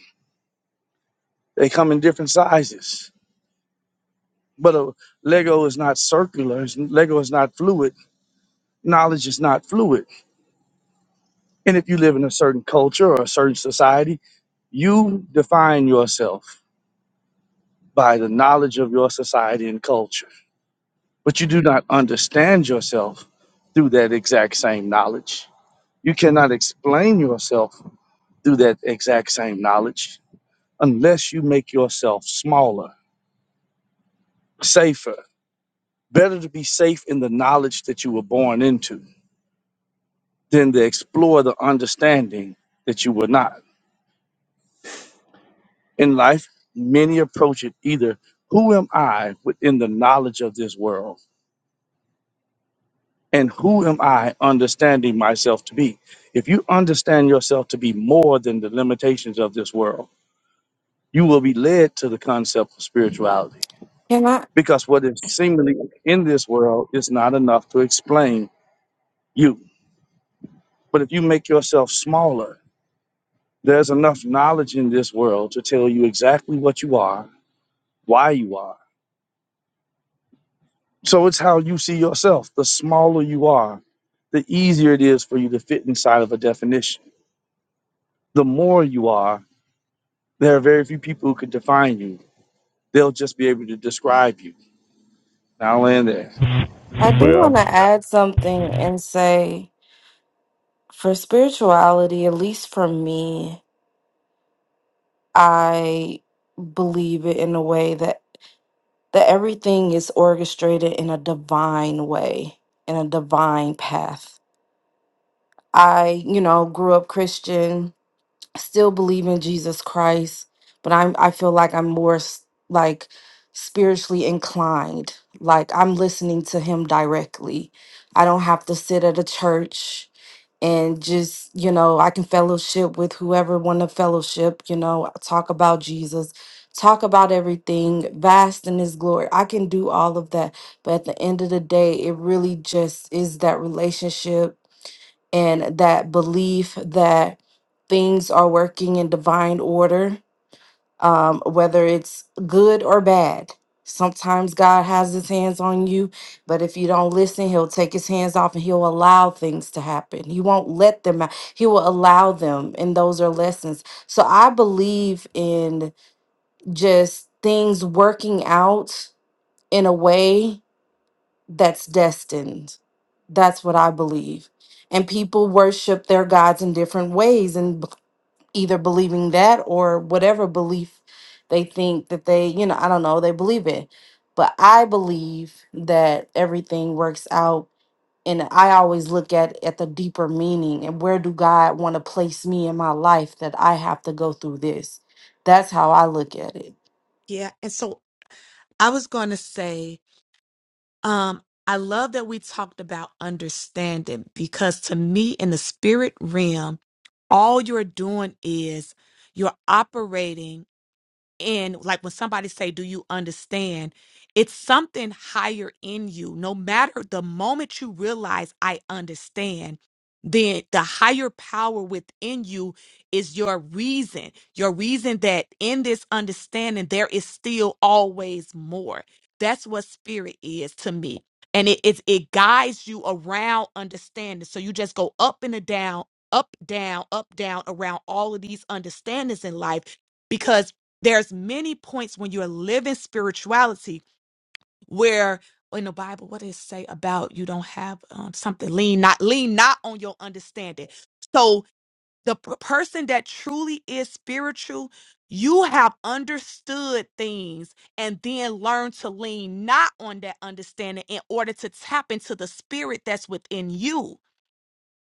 F: They come in different sizes. But a Lego is not circular. it's- Lego is not fluid. Knowledge is not fluid. And if you live in a certain culture or a certain society, you define yourself by the knowledge of your society and culture. But you do not understand yourself through that exact same knowledge. You cannot explain yourself through that exact same knowledge unless you make yourself smaller, safer. Better to be safe in the knowledge that you were born into than to explore the understanding that you were not. In life, many approach it either who am I within the knowledge of this world? and who am I understanding myself to be? If you understand yourself to be more than the limitations of this world, you will be led to the concept of spirituality
M: Can I?
F: because what is seemingly in this world is not enough to explain you. But if you make yourself smaller, there's enough knowledge in this world to tell you exactly what you are, why you are. So it's how you see yourself. The smaller you are, the easier it is for you to fit inside of a definition. The more you are, There are very few people who can define you. They'll just be able to describe you. And I'll land there.
M: I do
K: Well,
M: want to add something and say for spirituality, at least for me, I believe it in a way that that everything is orchestrated in a divine way, in a divine path. I, you know, grew up Christian still believe in Jesus Christ, but I'm I feel like I'm more s- like spiritually inclined. Like I'm listening to him directly. I don't have to sit at a church and just, you know, I can fellowship with whoever want to fellowship, you know, talk about Jesus, talk about everything vast in his glory. I can do all of that, but at the end of the day, it really just is that relationship and that belief that things are working in divine order, um, whether it's good or bad. Sometimes God has his hands on you, but if you don't listen, he'll take his hands off and he'll allow things to happen. He won't let them out, he will allow them. And those are lessons. So I believe in just things working out in a way that's destined. That's what I believe. And people worship their gods in different ways and b- either believing that or whatever belief they think that they, you know, I don't know, they believe it. But I believe that everything works out and I always look at at the deeper meaning and where do God want to place me in my life that I have to go through this. That's how I look at it.
H: (laughs) yeah and so i was going to say Um, I love that we talked about understanding because to me, in the spirit realm, all you're doing is you're operating in like when somebody say do you understand it's something higher in you no matter the moment you realize i understand then the higher power within you is your reason your reason that in this understanding there is still always more that's what spirit is to me and it it, it guides you around understanding so you just go up and a down up down up down around all of these understandings in life because there's many points when you're living spirituality where in the bible what does it say about you don't have um, something lean not lean not on your understanding so the p- person that truly is spiritual you have understood things and then learn to lean not on that understanding in order to tap into the spirit that's within you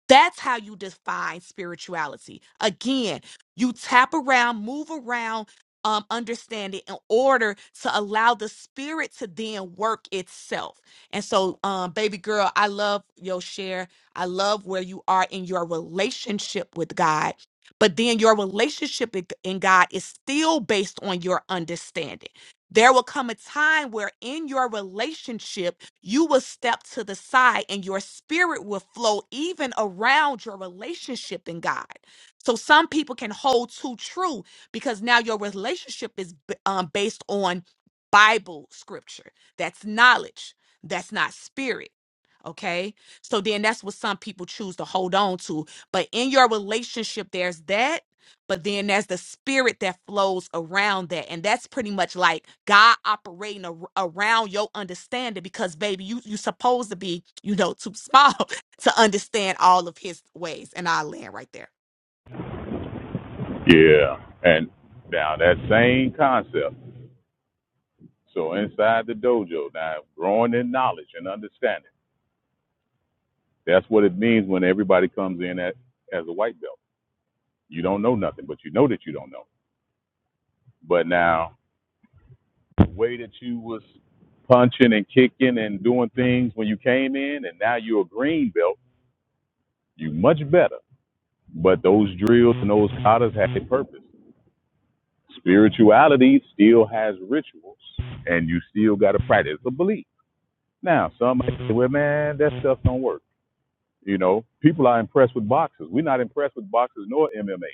H: that's how you define spirituality. Again, you tap around, move around um, understand it in order to allow the spirit to then work itself. And so, um, baby girl, I love your share. I love where you are in your relationship with God. But then your relationship in in God is still based on your understanding. There will come a time where in your relationship, you will step to the side and your spirit will flow even around your relationship in God. So some people can hold too true because now your relationship is b- um, based on Bible scripture. That's knowledge. That's not spirit. Okay. So then that's what some people choose to hold on to. But in your relationship, there's that. But then there's the spirit that flows around that. And that's pretty much like God operating ar- around your understanding because, baby, you, you supposed to be, you know, too small (laughs) to understand all of his ways. And I land right there.
K: yeah. And now that same concept. So inside the dojo, now growing in knowledge and understanding. That's what it means when everybody comes in at, as a white belt. You don't know nothing, but you know that you don't know. But now the way that you was punching and kicking and doing things when you came in, and now you're a green belt, you much better. But those drills and those katas had a purpose. Spirituality still has rituals, and you still got to practice a belief. Now, some might say, well, man, that stuff don't work. You know, people are impressed with boxers. We're not impressed with boxers nor MMA,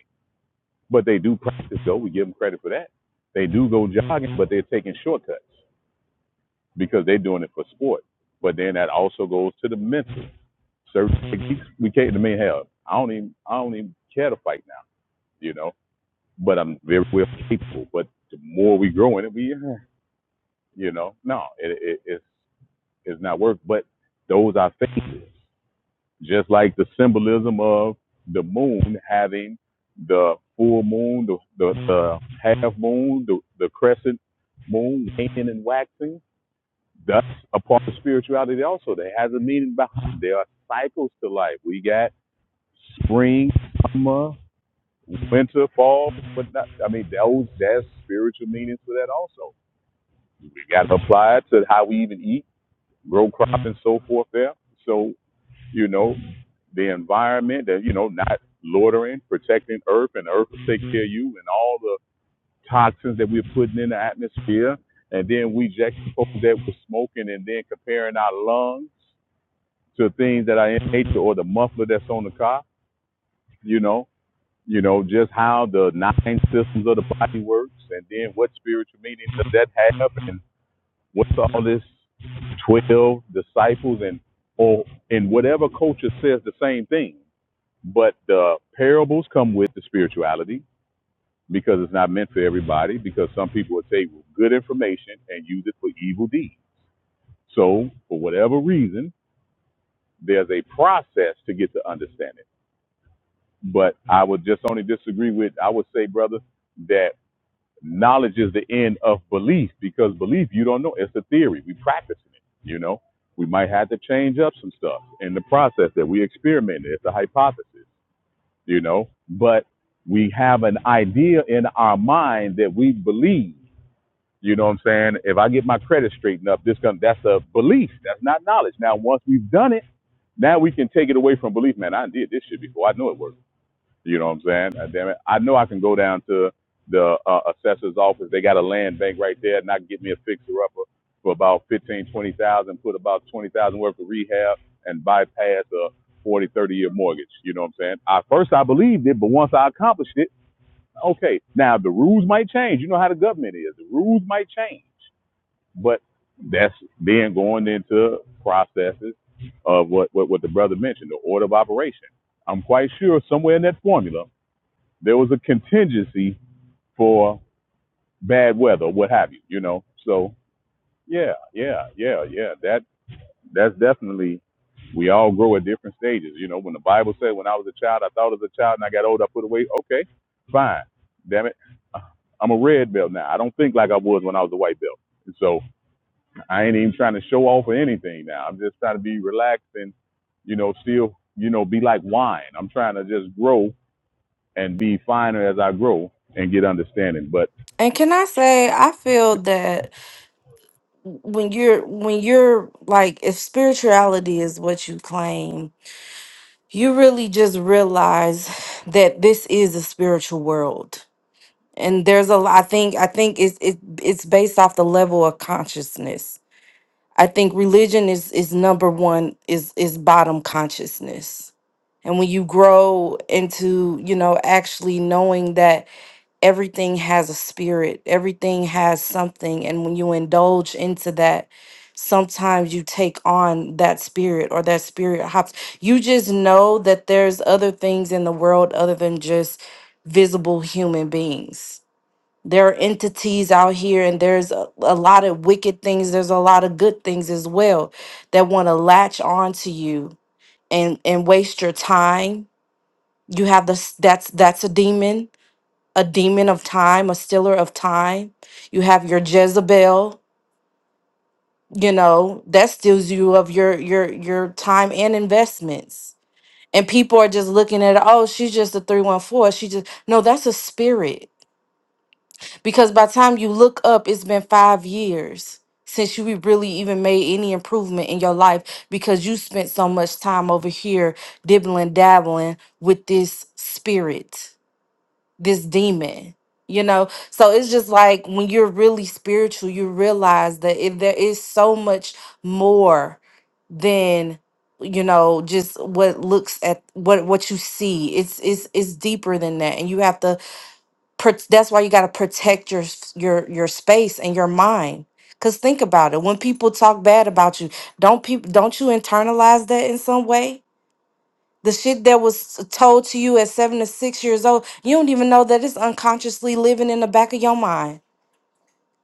K: but they do practice, though. We give them credit for that. They do go jogging, but they're taking shortcuts because they're doing it for sport. But then that also goes to the mental. Certain techniques we can't, I mean, hell, I don't even, I don't even care to fight now, you know, but I'm very well capable. But the more we grow in it, we, You know, no, it, it, it's it's not work. But those are phases, just like the symbolism of the moon having the full moon, the the, the half moon, the, the crescent moon waning and waxing. That's a part of spirituality. Also, that has a meaning behind. it. There are cycles to life. We got spring, summer, winter, fall, but not, I mean, those that's spiritual meanings for that also. We got to apply it to how we even eat grow crop and so forth there. So, you know, the environment that, you know, not loitering, protecting earth and earth will take care of you and all the toxins that we're putting in the atmosphere. And then we juxtapose that with smoking and then comparing our lungs to things that are in nature or the muffler that's on the car, you know, you know, just how the nine systems of the body works and then what spiritual meaning does that have and What's all this 12 disciples and or in whatever culture says the same thing. But the parables come with the spirituality because it's not meant for everybody because some people will take good information and use it for evil deeds. So for whatever reason, there's a process to get to understand it. But I would just only disagree with I would say, brother, that Knowledge is the end of belief because belief you don't know. It's a theory. We practicing it. You know, we might have to change up some stuff in the process that we experimented. It's a hypothesis. You know, but we have an idea in our mind that we believe. You know what I'm saying? If I get my credit straightened up, this gonna that's a belief. That's not knowledge. Now once we've done it, now we can take it away from belief. Man, I did this shit before. I know it worked. You know what I'm saying? God damn it. I know I can go down to the uh, assessor's office. They got a land bank right there, and I can get me a fixer upper for about fifteen, twenty thousand, put about twenty thousand worth of rehab, and bypass a forty, thirty year mortgage. You know what I'm saying? I first I believed it, but once I accomplished it, okay. Now the rules might change. You know how the government is. The rules might change, but that's then going into processes of what, what, what the brother mentioned, the order of operation. I'm quite sure somewhere in that formula there was a contingency for bad weather, what have you, you know. So yeah, yeah, yeah, yeah. That that's definitely we all grow at different stages. You know, when the Bible said when I was a child, I thought as a child and I got old, I put away. Okay, fine. Damn it. uh, I'm a red belt now. I don't think like I was when I was a white belt. And so I ain't even trying to show off or anything now. I'm just trying to be relaxed and, you know, still, you know, be like wine. I'm trying to just grow and be finer as I grow and get understanding. But
M: And can I say I feel that when you're when you're like if spirituality is what you claim you really just realize that this is a spiritual world and there's a lot i think i think it's it, it's based off the level of consciousness i think religion is is number one is is bottom consciousness and when you grow into you know actually knowing that everything has a spirit, everything has something. And when you indulge into that, sometimes you take on that spirit or that spirit hops. You just know that there's other things in the world other than just visible human beings. There are entities out here, and there's a, a lot of wicked things. There's a lot of good things as well that want to latch on to you and and waste your time. You have this. That's that's a demon a demon of time, a stealer of time. You have your Jezebel, you know, that steals you of your your your time and investments. And people are just looking at, oh, she's just a 314. She just no, that's a spirit. Because by the time you look up, it's been five years since you really even made any improvement in your life because you spent so much time over here dibbling dabbling with this spirit. this demon you know so it's just like when you're really spiritual you realize that if there is so much more than you know just what looks at what what you see it's it's it's deeper than that and you have to pr- that's why you got to protect your s- your your space and your mind cuz think about it when people talk bad about you don't people don't you internalize that in some way the shit that was told to you at seven to six years old, you don't even know that it's unconsciously living in the back of your mind.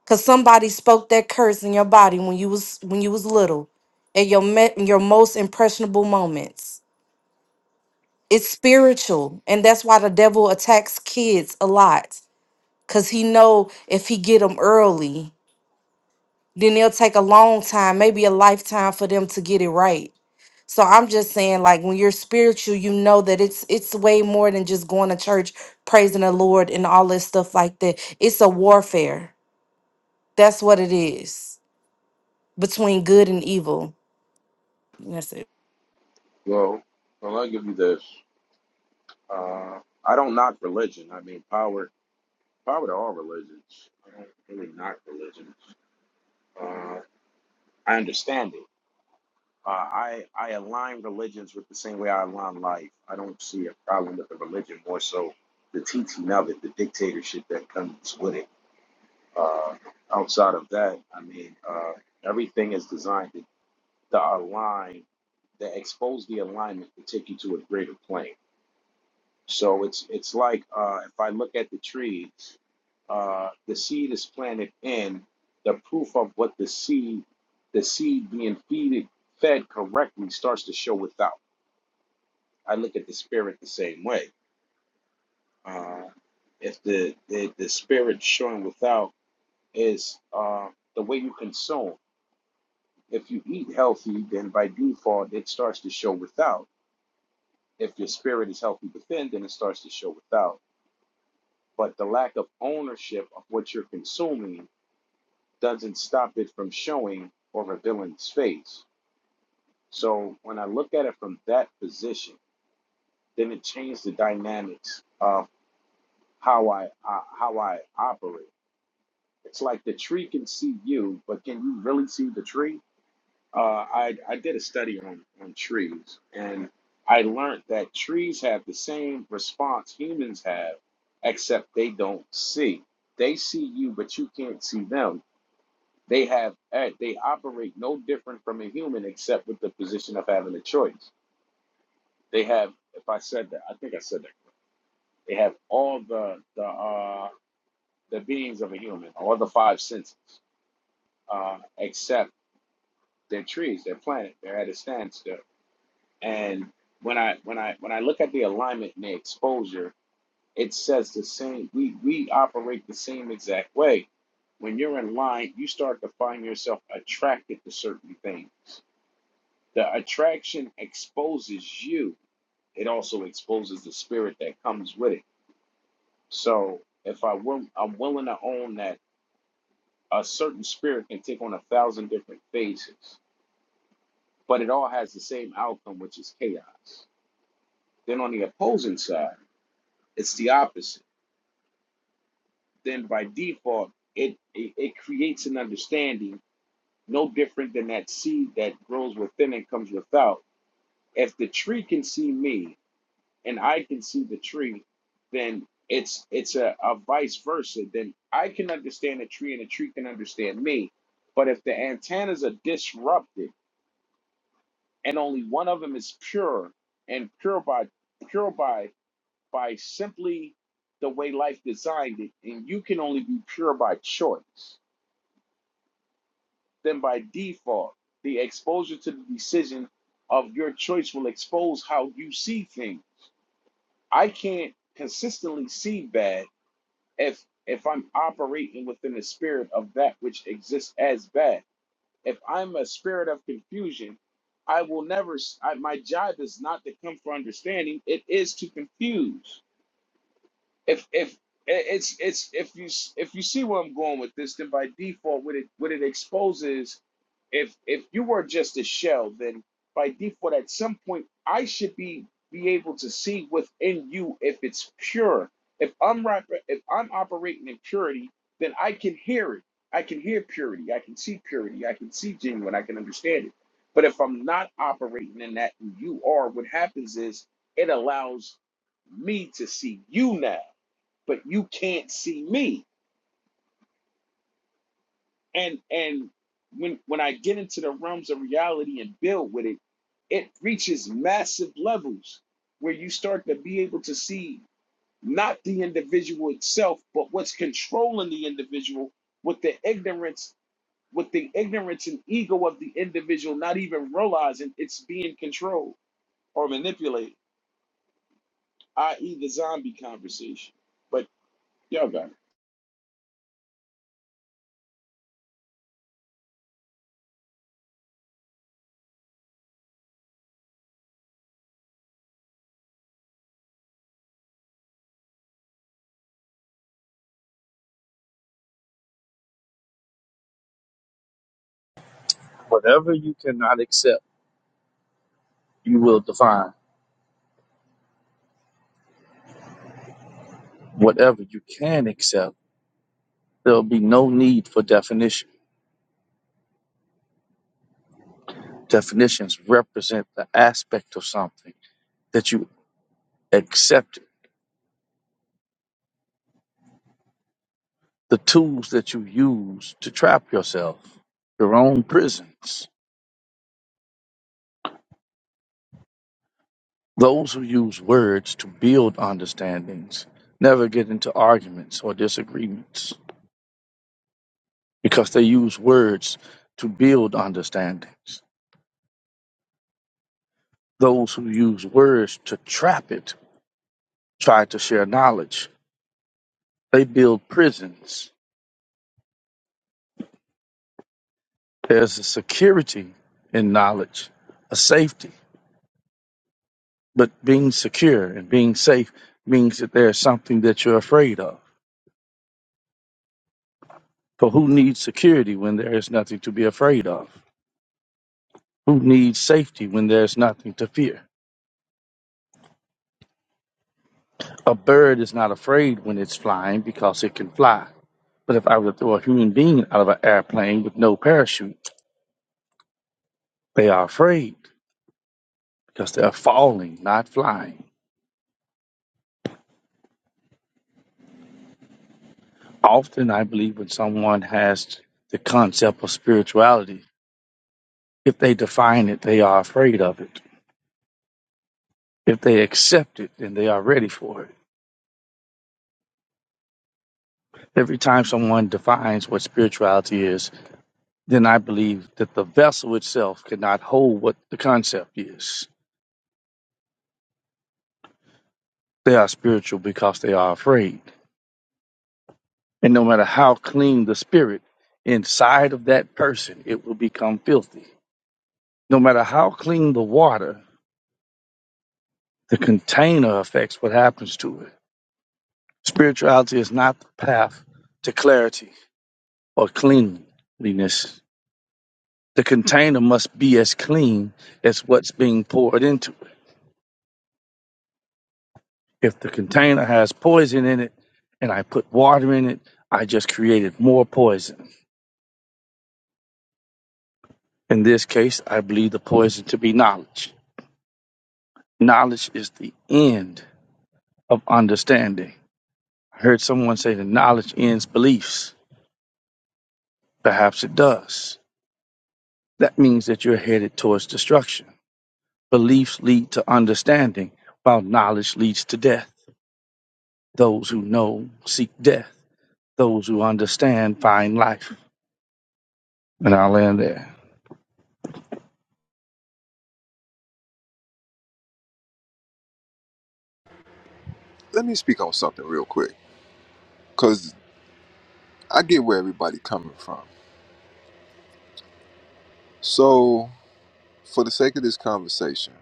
M: Cause somebody spoke that curse in your body when you was when you was little, at your me- your most impressionable moments. It's spiritual, and that's why the devil attacks kids a lot. Cause he know if he get them early, then it'll take a long time, maybe a lifetime, for them to get it right. So I'm just saying, like when you're spiritual, you know that it's it's way more than just going to church, praising the Lord, and all this stuff like that. It's a warfare. That's what it is between good and evil. That's it.
I: Well, well, I'll give you this. Uh, I don't knock religion. I mean, power, power to all religions. I don't really knock religions. Uh, I understand it. Uh, I I align religions with the same way I align life. I don't see a problem with the religion, more so the teaching of it, the dictatorship that comes with it. Uh, outside of that, I mean, uh, everything is designed. to. the align that expose the alignment to take you to a greater plane. So it's it's like uh, if I look at the tree, uh, the seed is planted in the proof of what the seed, the seed being feeded, fed correctly starts to show without. I look at the spirit the same way. Uh, if the, the the spirit showing without is uh, the way you consume. If you eat healthy, then by default it starts to show without If your spirit is healthy within, then it starts to show without. But the lack of ownership of what you're consuming doesn't stop it from showing or revealing its face. So when I look at it from that position, then it changed the dynamics of how I uh, how I operate. It's like the tree can see you, but can you really see the tree? uh, I, I did a study on, on trees and I learned that trees have the same response humans have, except they don't see. They see you, but you can't see them. They have eh, they operate no different from a human except with the position of having a choice. They have, if I said that, I think I said that, they have all the the uh, the beings of a human, all the five senses, uh, except are trees, They're planet. They're at a standstill And when I when I when I look at the alignment and the exposure, it says the same. We we operate the same exact way. When you're in line, you start to find yourself attracted to certain things. The attraction exposes you. It also exposes the spirit that comes with it. So if I will, I'm willing to own that a certain spirit can take on a thousand different faces, but it all has the same outcome, which is chaos. Then on the opposing side, it's the opposite then by default it, it it creates an understanding no different than that seed that grows within and comes without if the tree can see me and i can see the tree then it's it's a, a vice versa then i can understand a tree and a tree can understand me but if the antennas are disrupted and only one of them is pure and pure by pure by by simply the way life designed it and you can only be pure by choice then by default, the exposure to the decision of your choice will expose how you see things. I can't consistently see bad if if I'm operating within the spirit of that which exists as bad. If I'm a spirit of confusion, I will never. s- I, my job is not to come for understanding; it is to confuse if if it's it's if you if you see where I'm going with this, then by default, what it what it exposes, if if you were just a shell, then by default, at some point, I should be be able to see within you if it's pure. If I'm rap- if I'm operating in purity, then I can hear it. I can hear purity. I can see purity. I can see genuine. I can understand it. But if I'm not operating in that, and you are, what happens is it allows me to see you now but you can't see me. And and when when I get into the realms of reality and build with it, it reaches massive levels where you start to be able to see not the individual itself, but what's controlling the individual with the ignorance, with the ignorance and ego of the individual not even realizing it's being controlled or manipulated, i.e. the zombie conversation. But y'all got it.
F: Whatever you cannot accept, you will define. Whatever you can accept, there'll be no need for definition. Definitions represent the aspect of something that you accept, the tools that you use to trap yourself, your own prisons. Those who use words to build understandings never get into arguments or disagreements. because they use words to build understandings. Those who use words to trap it try to share knowledge. They build prisons. There's a security in knowledge, a safety. But being secure and being safe means that there's something that you're afraid of. For who needs security when there is nothing to be afraid of? Who needs safety when there's nothing to fear? A bird is not afraid when it's flying because it can fly. But if I were to throw a human being out of an airplane with no parachute, they are afraid because they are falling, not flying. Often, I believe when someone has the concept of spirituality, if they define it, they are afraid of it. If they accept it, then they are ready for it. Every time someone defines what spirituality is, then I believe that the vessel itself cannot hold what the concept is. They are spiritual because they are afraid And no matter how clean the spirit inside of that person, it will become filthy. No matter how clean the water, the container affects what happens to it. Spirituality is not the path to clarity or cleanliness. The container must be as clean as what's being poured into it. If the container has poison in it and I put water in it, I just created more poison. In this case, I believe the poison to be knowledge. Knowledge is the end of understanding. I heard someone say that knowledge ends beliefs. Perhaps it does. That means that you're headed towards destruction. Beliefs lead to understanding, while knowledge leads to death. Those who know seek death. Those who understand find life. And I'll end there.
A: Let me speak on something real quick because I get where everybody coming from. So, for the sake of this conversation,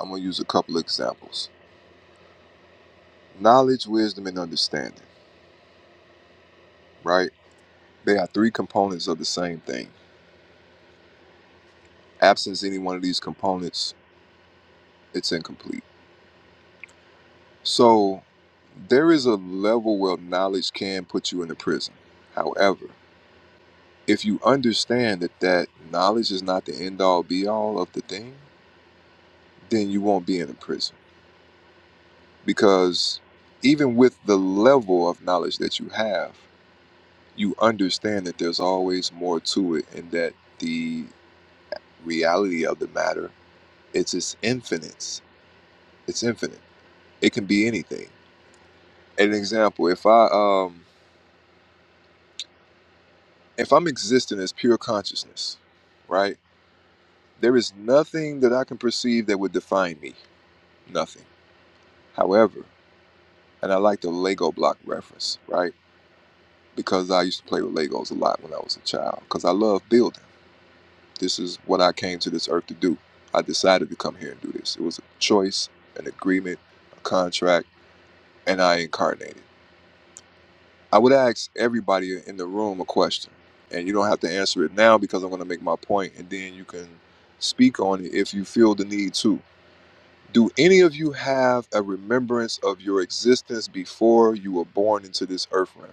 A: I'm going to use a couple of examples. Knowledge, wisdom, and understanding, right? They are three components of the same thing. absence any one of these components, it's incomplete. So there is a level where knowledge can put you in a prison. However, if you understand that that knowledge is not the end all be all of the thing, then you won't be in a prison because even with the level of knowledge that you have, you understand that there's always more to it and that the reality of the matter it's it's infinite. It's infinite. It can be anything. an example if i um if i'm existing as pure consciousness right there is nothing that i can perceive that would define me nothing however and i like the lego block reference right because i used to play with legos a lot when i was a child because i love building this is what i came to this earth to do i decided to come here and do this it was a choice an agreement a contract and i incarnated I would ask everybody in the room a question, and you don't have to answer it now because I'm going to make my point, and then you can speak on it if you feel the need to. Do any of you have a remembrance of your existence before you were born into this earth realm?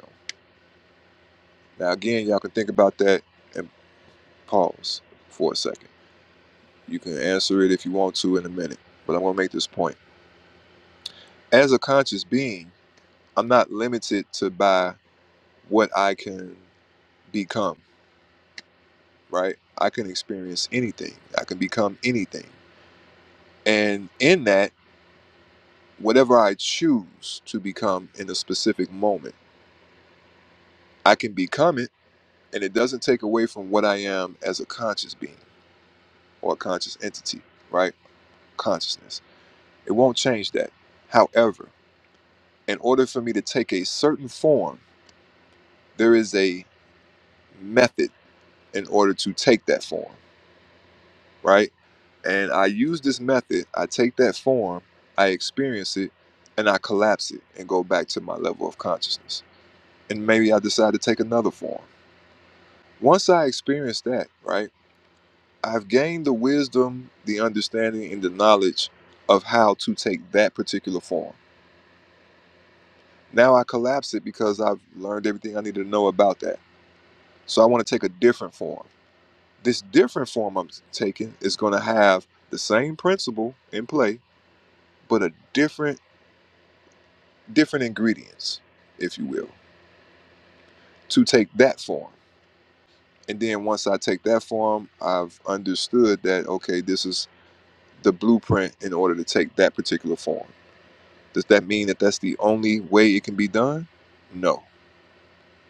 A: Now, again, y'all can think about that and pause for a second. You can answer it if you want to in a minute, but I'm going to make this point. As a conscious being, I'm not limited to by what I can become right? I can experience anything. I can become anything. And in that, whatever I choose to become in a specific moment, I can become it, and it doesn't take away from what I am as a conscious being or a conscious entity, right? Consciousness. It won't change that. However, in order for me to take a certain form, there is a method in order to take that form right? And I use this method. I take that form, I experience it, and I collapse it and go back to my level of consciousness. And maybe I decide to take another form. Once I experience that, right, I've gained the wisdom, the understanding, and the knowledge of how to take that particular form. Now I collapse it because I've learned everything I need to know about that. So I want to take a different form. This different form I'm taking is going to have the same principle in play, but a different different ingredients, if you will, to take that form. And then once I take that form, I've understood that, okay, this is the blueprint in order to take that particular form. Does that mean that that's the only way it can be done? No.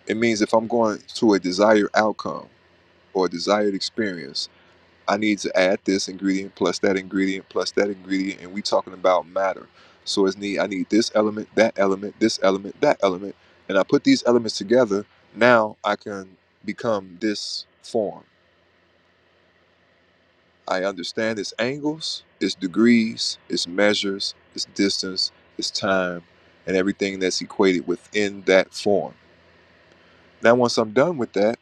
A: It means if I'm going to a desired outcome or a desired experience, I need to add this ingredient plus that ingredient plus that ingredient, and we talking about matter. So it's need I need this element, that element, this element, that element, and I put these elements together. Now I can become this form. I understand its angles, its degrees, its measures, its distance, its time, and everything that's equated within that form. Now, once I'm done with that,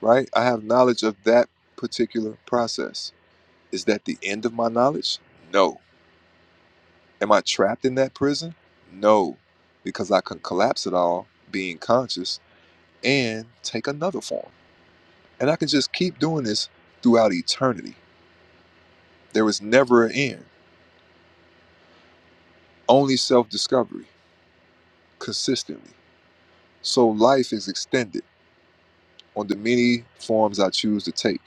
A: right, I have knowledge of that particular process. Is that the end of my knowledge? No Am I trapped in that prison? No, because I can collapse it all, being conscious, and take another form. And I can just keep doing this throughout eternity. There is never an end, only self discovery, consistently. So life is extended on the many forms I choose to take,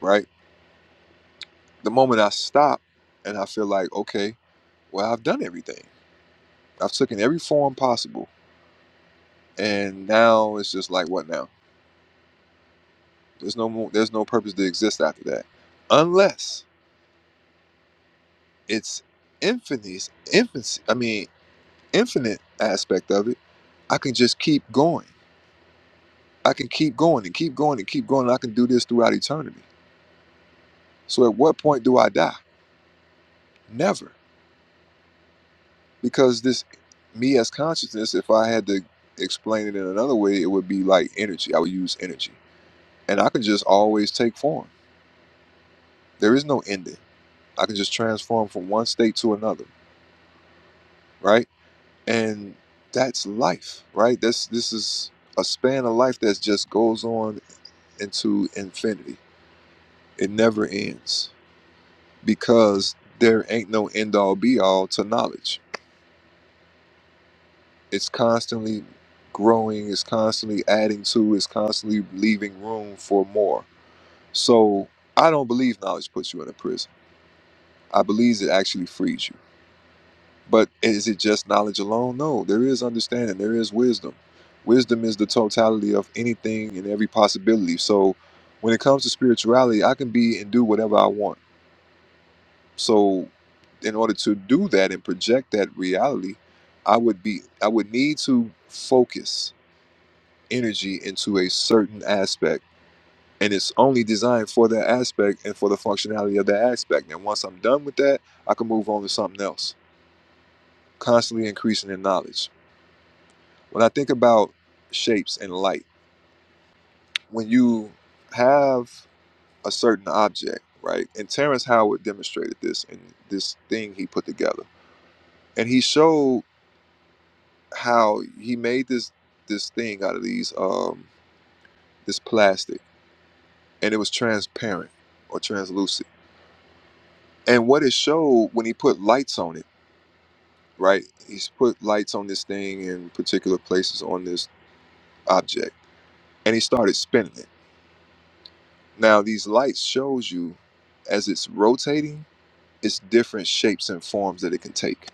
A: right? The moment I stop and I feel like, okay, well, I've done everything, I've taken every form possible. And now it's just like, what now? There's no more, there's no purpose to exist after that, unless it's infinite, infancy. I mean, infinite aspect of it. I can just keep going. I can keep going and keep going and keep going. And I can do this throughout eternity. So, at what point do I die? Never, because this me as consciousness. If I had to explain it in another way, it would be like energy. I would use energy, and I can just always take form. There is no ending. I can just transform from one state to another, right? and that's life right this this is a span of life that just goes on into infinity it never ends because there ain't no end all be all to knowledge it's constantly growing it's constantly adding to it's constantly leaving room for more so i don't believe knowledge puts you in a prison i believe it actually frees you But is it just knowledge alone? No, there is understanding, there is wisdom. Wisdom is the totality of anything and every possibility. So when it comes to spirituality, I can be and do whatever I want. So in order to do that and project that reality, I would be I would need to focus energy into a certain aspect. And it's only designed for that aspect and for the functionality of that aspect. And once I'm done with that, I can move on to something else, constantly increasing in knowledge. when I think about shapes and light, when you have a certain object, right? And Terrence Howard demonstrated this in this thing he put together, and he showed how he made this this thing out of these um this plastic, and it was transparent or translucent. And what it showed when he put lights on it, right? He's put lights on this thing in particular places on this object, and he started spinning it Now these lights shows you as it's rotating, it's different shapes and forms that it can take.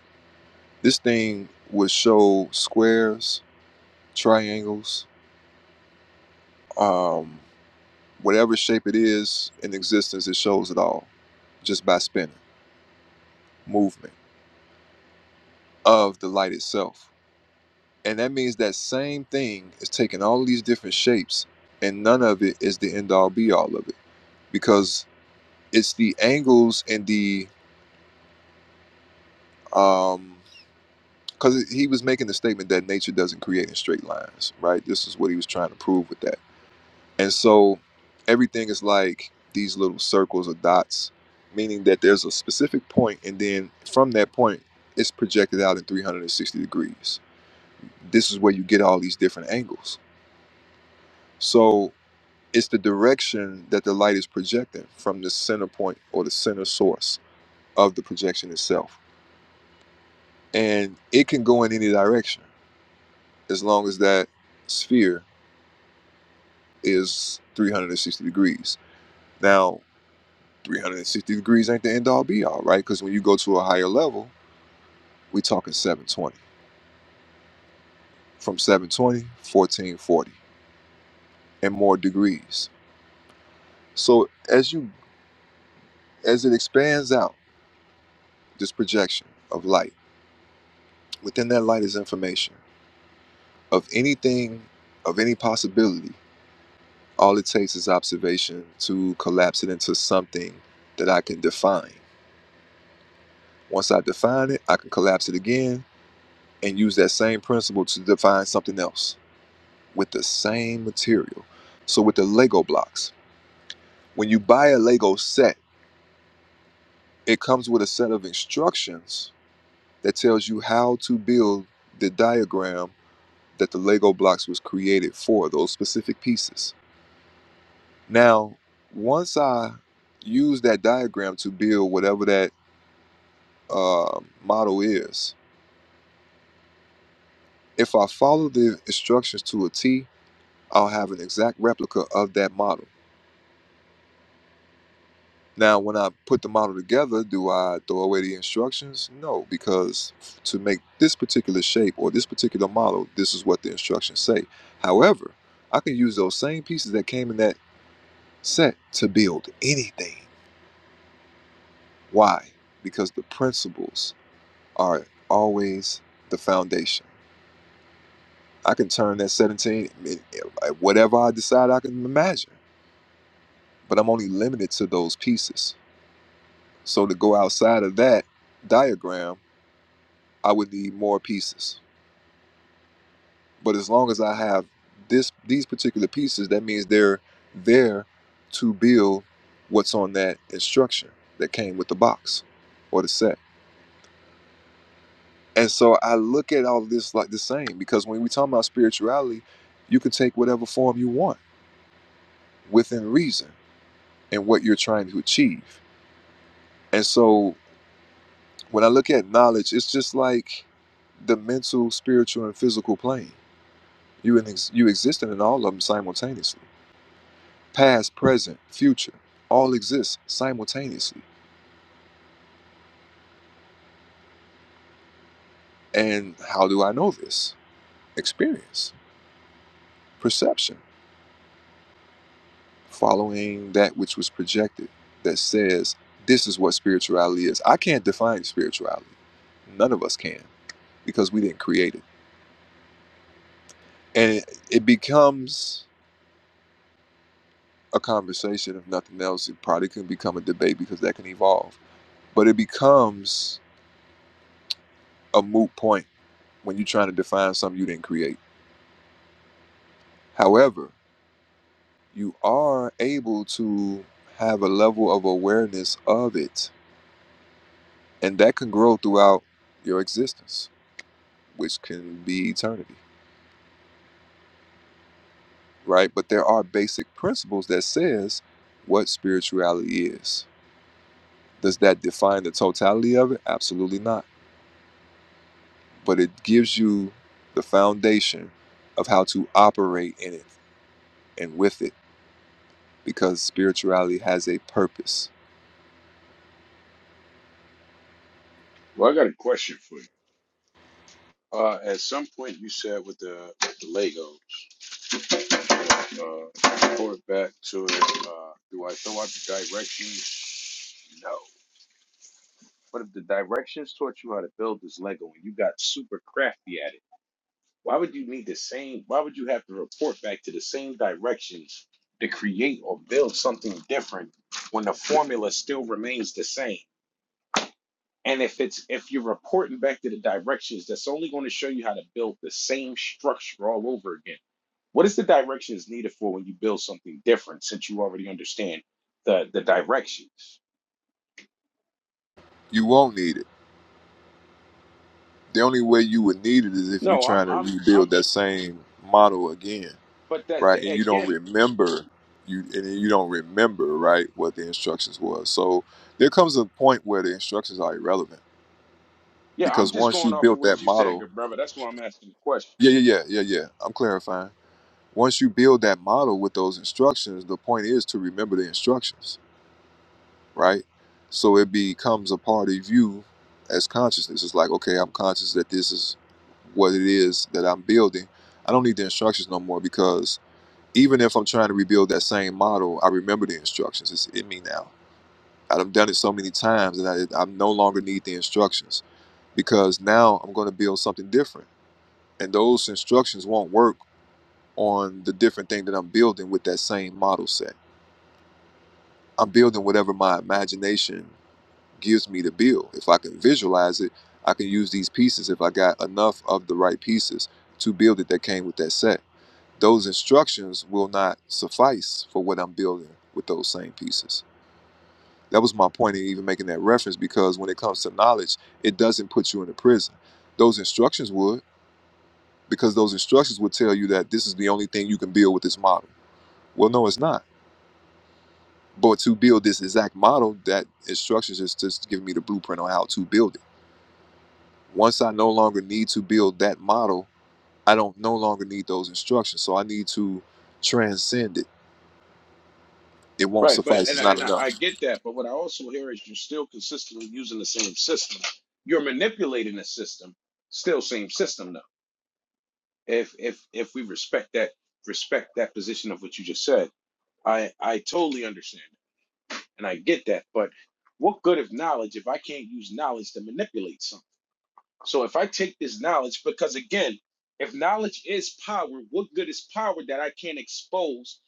A: This thing would show squares, triangles, um, whatever shape it is in existence, it shows it all just by spinning, movement of the light itself. And that means that same thing is taking all these different shapes and none of it is the end all be all of it because it's the angles and the um, because he was making the statement that nature doesn't create in straight lines, right? This is what he was trying to prove with that. And so everything is like these little circles or dots, meaning that there's a specific point, and then from that point, it's projected out in 360 degrees. This is where you get all these different angles. So it's the direction that the light is projecting from the center point or the center source of the projection itself. And it can go in any direction as long as that sphere is 360 degrees. Now, 360 degrees ain't the end all be all, right? Because when you go to a higher level, we are talking 720. From 720, 1440, and more degrees. So as you as it expands out, this projection of light, within that light is information of anything, of any possibility. All it takes is observation to collapse it into something that I can define. Once I define it, I can collapse it again and use that same principle to define something else with the same material. So, with the Lego blocks, when you buy a Lego set, it comes with a set of instructions that tells you how to build the diagram that the Lego blocks was created for, those specific pieces. Now, once I use that diagram to build whatever that uh, model is, if I follow the instructions to a T, I'll have an exact replica of that model Now, when I put the model together, do I throw away the instructions? No, because to make this particular shape or this particular model, this is what the instructions say. However, I can use those same pieces that came in that set to build anything. Why? Because the principles are always the foundation. I can turn that 17, whatever I decide I can imagine, but I'm only limited to those pieces. So to go outside of that diagram, I would need more pieces. But as long as I have this these particular pieces, that means they're there to build what's on that instruction that came with the box or the set. And so I look at all of this like the same because when we talk about spirituality, you can take whatever form you want within reason and what you're trying to achieve. And so when I look at knowledge, it's just like the mental, spiritual, and physical plane. You in ex- you exist in all of them simultaneously Past, present, future, all exist simultaneously. And how do I know this? Experience, perception, following that which was projected that says this is what spirituality is. I can't define spirituality. None of us can because we didn't create it. And it, it becomes a conversation, if nothing else. It probably can become a debate because that can evolve. But it becomes a moot point when you're trying to define something you didn't create. However, you are able to have a level of awareness of it and that can grow throughout your existence which can be eternity right but there are basic principles that says what spirituality is does that define the totality of it absolutely not but it gives you the foundation of how to operate in it and with it because spirituality has a purpose
I: Well, I got a question for you. Uh, at some point, you said with the, with the Legos, uh, report back to it. Uh, do I throw out the directions? No. What if the directions taught you how to build this Lego and you got super crafty at it? Why would you need the same? Why would you have to report back to the same directions to create or build something different when the formula still remains the same? And if it's if you're reporting back to the directions, that's only going to show you how to build the same structure all over again. What is the directions needed for when you build something different since you already understand the the directions?
A: you won't need it the only way you would need it is if you're
I: No, I'm
A: trying to
I: I'm I'm
A: rebuild that same model again,
I: but that the,
A: right? And you don't
I: again,
A: remember you and then you don't remember, right, what the instructions was. So there comes a point where the instructions are irrelevant
I: yeah, I'm
A: because
I: just
A: once
I: going
A: you
I: off of
A: built
I: what
A: that
I: you said,
A: model,
I: good brother. That's why I'm asking the question.
A: yeah, yeah, yeah, yeah, yeah. I'm clarifying. Once you build that model with those instructions, the point is to remember the instructions right? So it becomes a part of you as consciousness. It's like, okay, I'm conscious that this is what it is that I'm building. I don't need the instructions no more because even if I'm trying to rebuild that same model, I remember the instructions. It's in me now. I've done it so many times that I, I no longer need the instructions because now I'm going to build something different. And those instructions won't work on the different thing that I'm building with that same model set. I'm building whatever my imagination gives me to build. If I can visualize it, I can use these pieces if I got enough of the right pieces to build it that came with that set. Those instructions will not suffice for what I'm building with those same pieces. That was my point in even making that reference because when it comes to knowledge, it doesn't put you in a prison. Those instructions would, because those instructions would tell you that this is the only thing you can build with this model. Well, no, it's not. But to build this exact model, that instructions is just giving me the blueprint on how to build it Once I no longer need to build that model, I don't no longer need those instructions. So I need to transcend it. It won't
I: Right, but
A: suffice.
I: and
A: It's
I: I,
A: not
I: and I, I
A: enough.
I: get that, but what I also hear is you're still consistently using the same system. You're manipulating the system, still same system though. if if if we respect that respect that position of what you just said i i totally understand and i get that but what good of knowledge if i can't use knowledge to manipulate something so if i take this knowledge because again if knowledge is power what good is power that i can't expose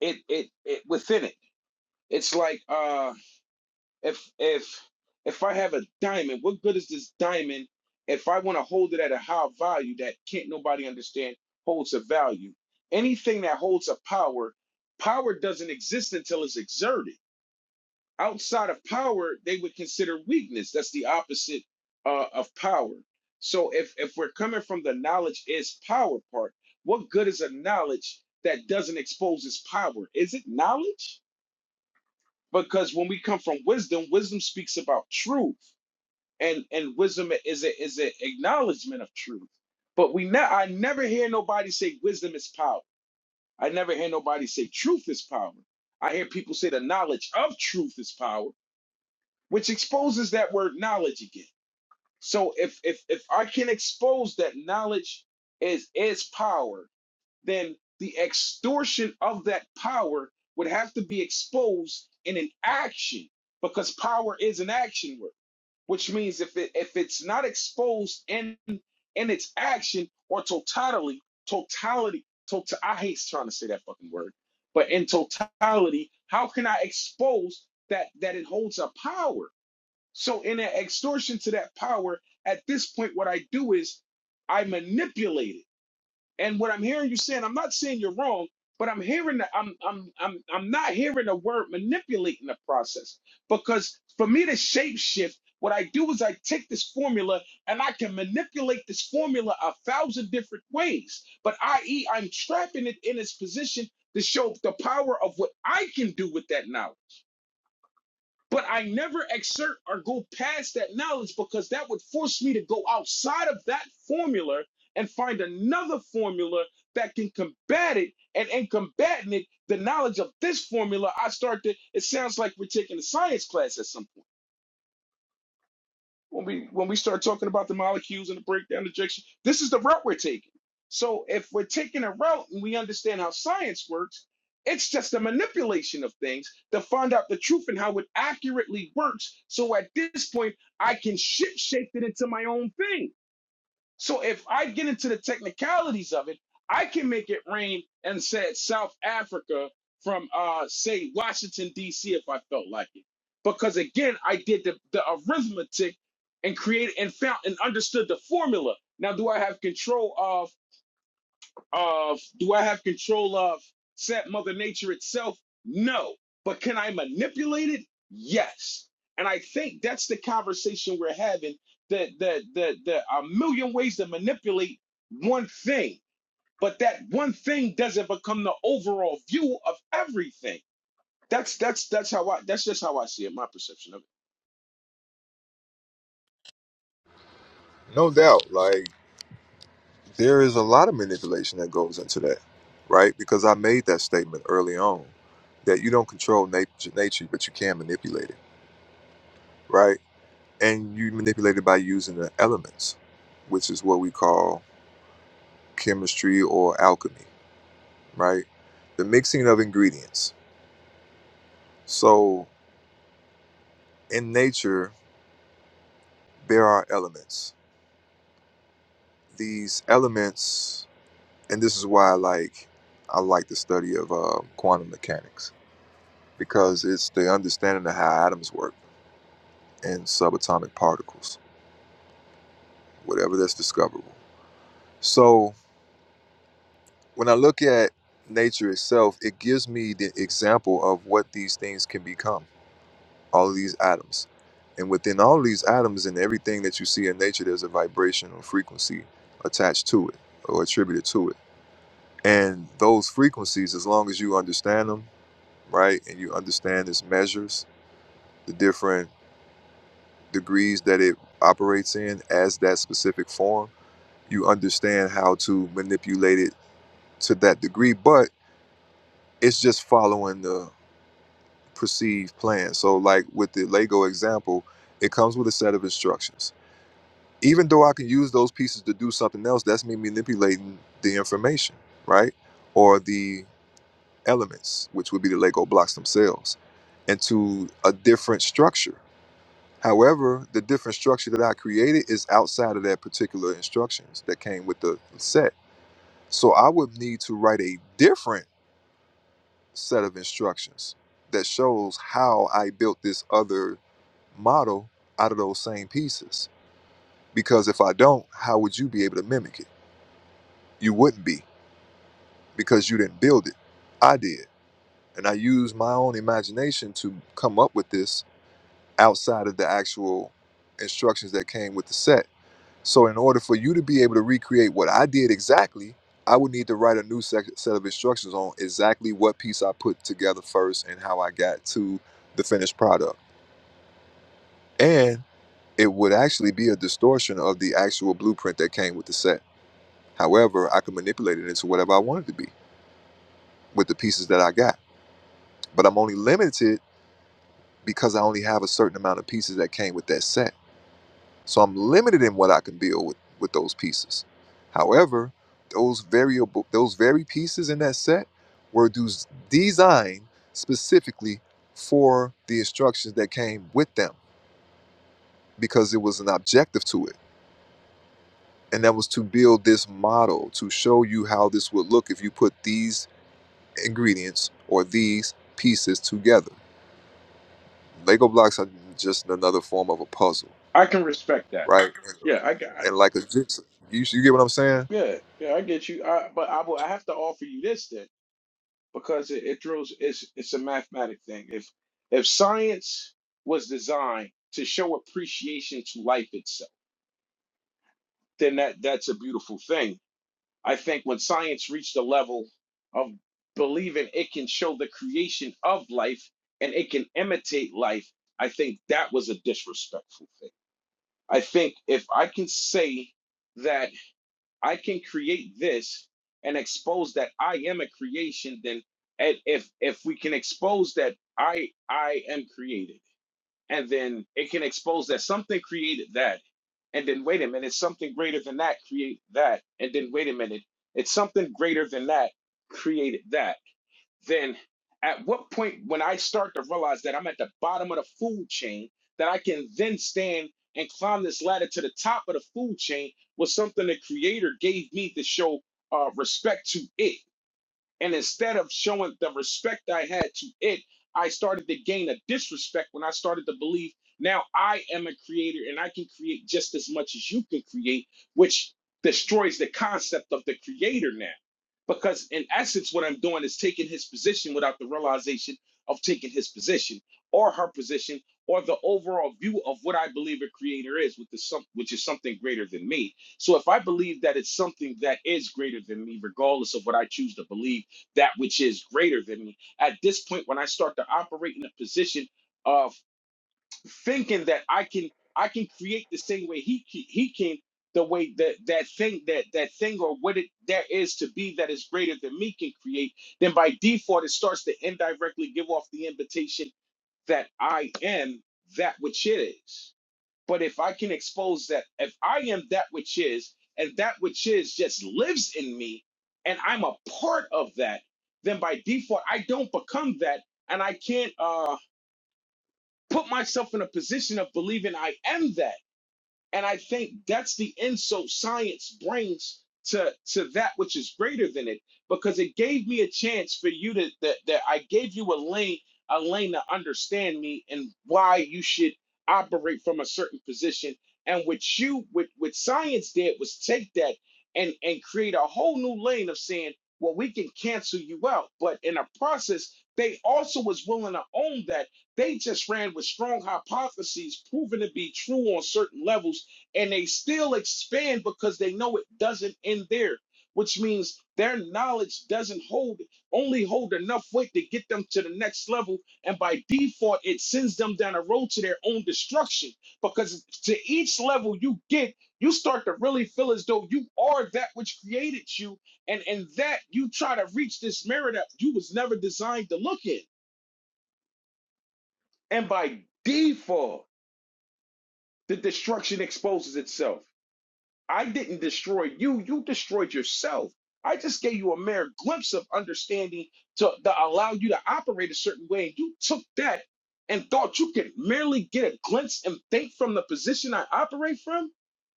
I: it it, it within it it's like uh if if if I have a diamond, what good is this diamond if I want to hold it at a high value that can't nobody understand holds a value? Anything that holds a power, power doesn't exist until it's exerted. Outside of power, they would consider weakness. That's the opposite uh, of power. So if if we're coming from the knowledge is power part, what good is a knowledge that doesn't expose its power? Is it knowledge? because when we come from wisdom wisdom speaks about truth and and wisdom is a is an acknowledgement of truth but we ne- i never hear nobody say wisdom is power i never hear nobody say truth is power i hear people say the knowledge of truth is power which exposes that word knowledge again so if if if i can expose that knowledge is is power then the extortion of that power would have to be exposed in an action because power is an action word, which means if it if it's not exposed in in its action or totality, totality, total I hate trying to say that fucking word, but in totality, how can I expose that that it holds a power? So in an extortion to that power, at this point, what I do is I manipulate it. And what I'm hearing you saying, I'm not saying you're wrong, but I'm hearing that I'm I'm I'm I'm not hearing the word manipulating the process. Because for me to shape shift, what I do is I take this formula and I can manipulate this formula a thousand different ways. But i.e., I'm trapping it in its position to show the power of what I can do with that knowledge. But I never exert or go past that knowledge because that would force me to go outside of that formula and find another formula that can combat it. And in combating it, the knowledge of this formula, I start to, it sounds like we're taking a science class at some point when we when we start talking about the molecules and the breakdown ejection this is the route we're taking so if we're taking a route and we understand how science works it's just a manipulation of things to find out the truth and how it accurately works so at this point i can ship shape it into my own thing so if I get into the technicalities of it, I can make it rain and said South Africa from uh say Washington D.C. if I felt like it, because again I did the, the arithmetic and created and found and understood the formula. Now, do I have control of? of do I have control of set mother nature itself? No. But can I manipulate it? Yes. And I think that's the conversation we're having that that that there are a million ways to manipulate one thing, but that one thing doesn't become the overall view of everything. That's that's that's how I that's just how I see it, my perception of it.
A: No doubt. Like there is a lot of manipulation that goes into that, right? Because I made that statement early on that you don't control nature, nature but you can manipulate it, right? And you manipulate it by using the elements, which is what we call chemistry or alchemy, right? The mixing of ingredients. So in nature, there are elements. These elements, and this is why I like I like the study of uh, quantum mechanics because it's the understanding of how atoms work and subatomic particles, whatever that's discoverable. So when I look at nature itself, it gives me the example of what these things can become, all of these atoms. And within all of these atoms and everything that you see in nature, there's a vibrational frequency attached to it or attributed to it And those frequencies, as long as you understand them, right, and you understand its measures, the different degrees that it operates in as that specific form, you understand how to manipulate it to that degree. But it's just following the perceived plan. So, like with the Lego example, it comes with a set of instructions. Even though I can use those pieces to do something else, that's me manipulating the information, right? Or the elements, which would be the Lego blocks themselves, into a different structure. However, the different structure that I created is outside of that particular instructions that came with the set. So I would need to write a different set of instructions that shows how I built this other model out of those same pieces. Because if I don't, how would you be able to mimic it? You wouldn't be because you didn't build it. I did. And I used my own imagination to come up with this outside of the actual instructions that came with the set. So, in order for you to be able to recreate what I did exactly, I would need to write a new sec- set of instructions on exactly what piece I put together first and how I got to the finished product. And it would actually be a distortion of the actual blueprint that came with the set. However, I could manipulate it into whatever I wanted to be with the pieces that I got. But I'm only limited because I only have a certain amount of pieces that came with that set. So I'm limited in what I can build with, with those pieces. However, those variable those very pieces in that set were dus- designed specifically for the instructions that came with them because it was an objective to it. And that was to build this model to show you how this would look if you put these ingredients or these pieces together. Lego blocks are just another form of a puzzle,
I: I can respect that.
A: right?
I: Yeah, I got
A: And like a jigsaw. You, you get what I'm saying?
I: yeah, yeah, I get you. I, but I will I have to offer you this then because it, it drills it's it's a mathematic thing. If if science was designed to show appreciation to life itself, then that that's a beautiful thing. I think when science reached the level of believing it can show the creation of life and it can imitate life, I think that was a disrespectful thing. I think if I can say that I can create this and expose that I am a creation, then and if if we can expose that I I am created, and then it can expose that something created that, and then wait a minute, something greater than that create that, and then wait a minute, it's something greater than that created that then at what point when I start to realize that I'm at the bottom of the food chain, that I can then stand and climb this ladder to the top of the food chain was something the creator gave me to show uh, respect to it. And instead of showing the respect I had to it, I started to gain a disrespect when I started to believe now I am a creator and I can create just as much as you can create, which destroys the concept of the creator now. Because in essence, what I'm doing is taking his position without the realization of taking his position or her position or the overall view of what I believe a creator is, with the some, which is something greater than me. So if I believe that it's something that is greater than me, regardless of what I choose to believe that which is greater than me. At this point, when I start to operate in a position of thinking that I can I can create the same way he ca- he can, the way that that thing that that thing or what it there is to be that is greater than me can create, then by default it starts to indirectly give off the invitation that I am that which it is. But if I can expose that, if I am that which is, and that which is just lives in me, and I'm a part of that, then by default, I don't become that, and I can't uh, put myself in a position of believing I am that. And I think that's the insult science brings to to that which is greater than it, because it gave me a chance for you to that, that I gave you a lane a lane to understand me and why you should operate from a certain position. And what you what what science did was take that and and create a whole new lane of saying, well, we can cancel you out. But in a process, they also was willing to own that they just ran with strong hypotheses proven to be true on certain levels and they still expand because they know it doesn't end there which means their knowledge doesn't hold only hold enough weight to get them to the next level and by default it sends them down a road to their own destruction because to each level you get you start to really feel as though you are that which created you and and that you try to reach this mirror that you was never designed to look in and by default the destruction exposes itself I didn't destroy you, you destroyed yourself. I just gave you a mere glimpse of understanding to, to allow you to operate a certain way. And you took that and thought you could merely get a glimpse and think from the position I operate from,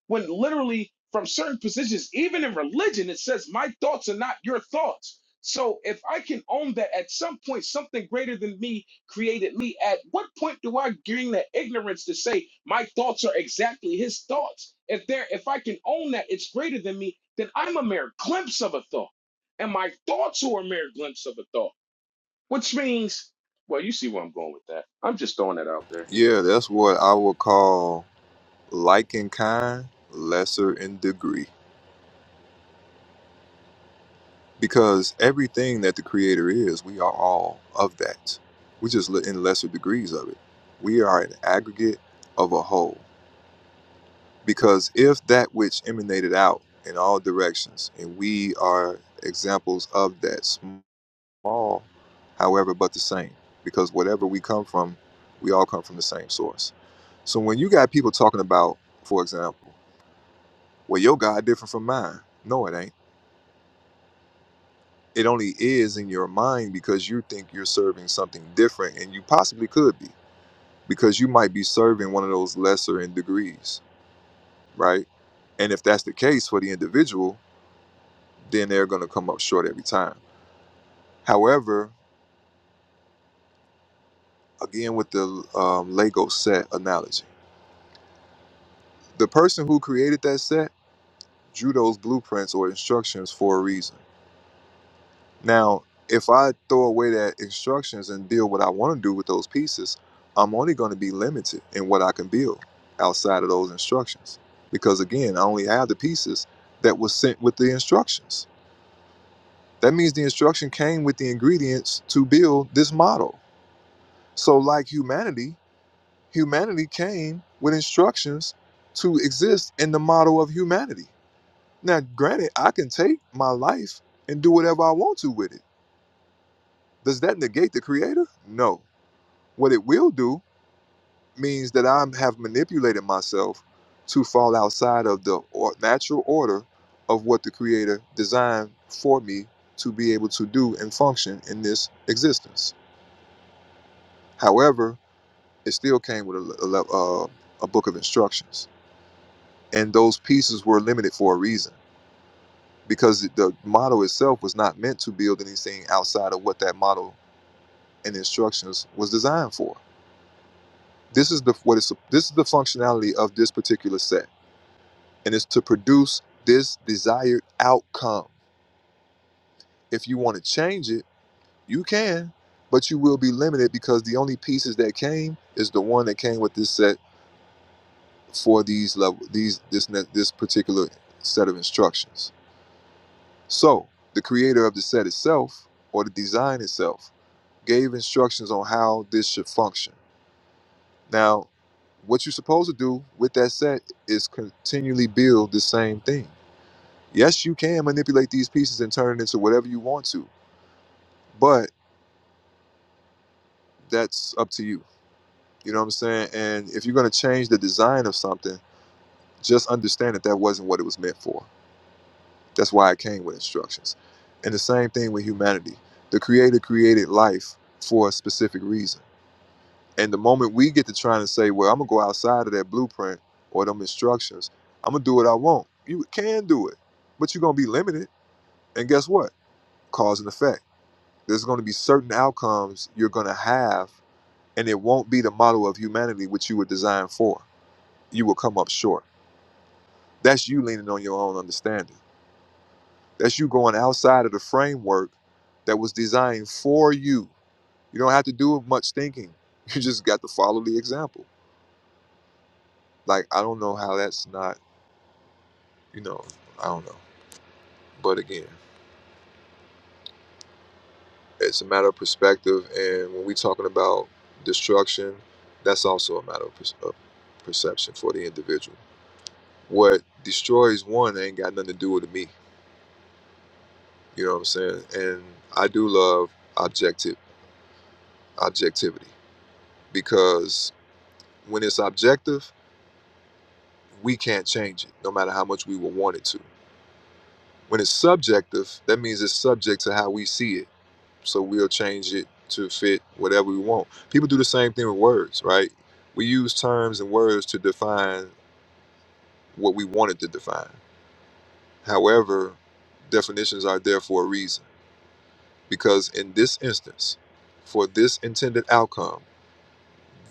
I: when literally from certain positions, even in religion, it says, My thoughts are not your thoughts. So if I can own that at some point, something greater than me created me, at what point do I gain the ignorance to say my thoughts are exactly his thoughts? If there, if I can own that it's greater than me, then I'm a mere glimpse of a thought. And my thoughts are a mere glimpse of a thought. Which means, well, you see where I'm going with that. I'm just throwing that out there.
A: Yeah, that's what I would call like in kind, lesser in degree. Because everything that the Creator is, we are all of that. We're just li- in lesser degrees of it. We are an aggregate of a whole. Because if that which emanated out in all directions, and we are examples of that, small, however, but the same. Because whatever we come from, we all come from the same source. So when you got people talking about, for example, Well, your God different from mine. No, it ain't. It only is in your mind because you think you're serving something different, and you possibly could be because you might be serving one of those lesser in degrees, right? And if that's the case for the individual, then they're going to come up short every time. However, again with the um, Lego set analogy, the person who created that set drew those blueprints or instructions for a reason Now, if I throw away that instructions and build what I want to do with those pieces, I'm only going to be limited in what I can build outside of those instructions. Because again, I only have the pieces that was sent with the instructions. That means the instruction came with the ingredients to build this model. So, like humanity, humanity came with instructions to exist in the model of humanity. Now, granted, I can take my life and do whatever I want to with it. Does that negate the creator? No What it will do means that I have manipulated myself to fall outside of the or- natural order of what the Creator designed for me to be able to do and function in this existence. However, it still came with a, a, le- uh, a book of instructions, and those pieces were limited for a reason because the model itself was not meant to build anything outside of what that model and instructions was designed for. This is the what is this is the functionality of this particular set and it's to produce this desired outcome. If you want to change it, you can, but you will be limited because the only pieces that came is the one that came with this set for these level these this ne- this particular set of instructions. So, the creator of the set itself or the design itself gave instructions on how this should function. Now, what you're supposed to do with that set is continually build the same thing Yes, you can manipulate these pieces and turn it into whatever you want to, but that's up to you. You know what I'm saying? And if you're going to change the design of something, just understand that that wasn't what it was meant for. That's why it came with instructions. And the same thing with humanity. The creator created life for a specific reason. And the moment we get to trying to say, well, I'm going to go outside of that blueprint or them instructions, I'm going to do what I want. You can do it, but you're going to be limited. And guess what? Cause and effect There's going to be certain outcomes you're going to have, and it won't be the model of humanity which you were designed for. You will come up short. That's you leaning on your own understanding. That's you going outside of the framework that was designed for you. You don't have to do much thinking. (laughs) You just got to follow the example. Like, I don't know how that's not, you know, I don't know. But again, it's a matter of perspective. And when we're talking about destruction, that's also a matter of, pers- of perception for the individual. what destroys one ain't got nothing to do with me. You know what I'm saying? And I do love objective objectivity because when it's objective, we can't change it, no matter how much we would want it to. When it's subjective, that means it's subject to how we see it. So we'll change it to fit whatever we want. People do the same thing with words, right? We use terms and words to define what we wanted to define. However, definitions are there for a reason Because in this instance, for this intended outcome,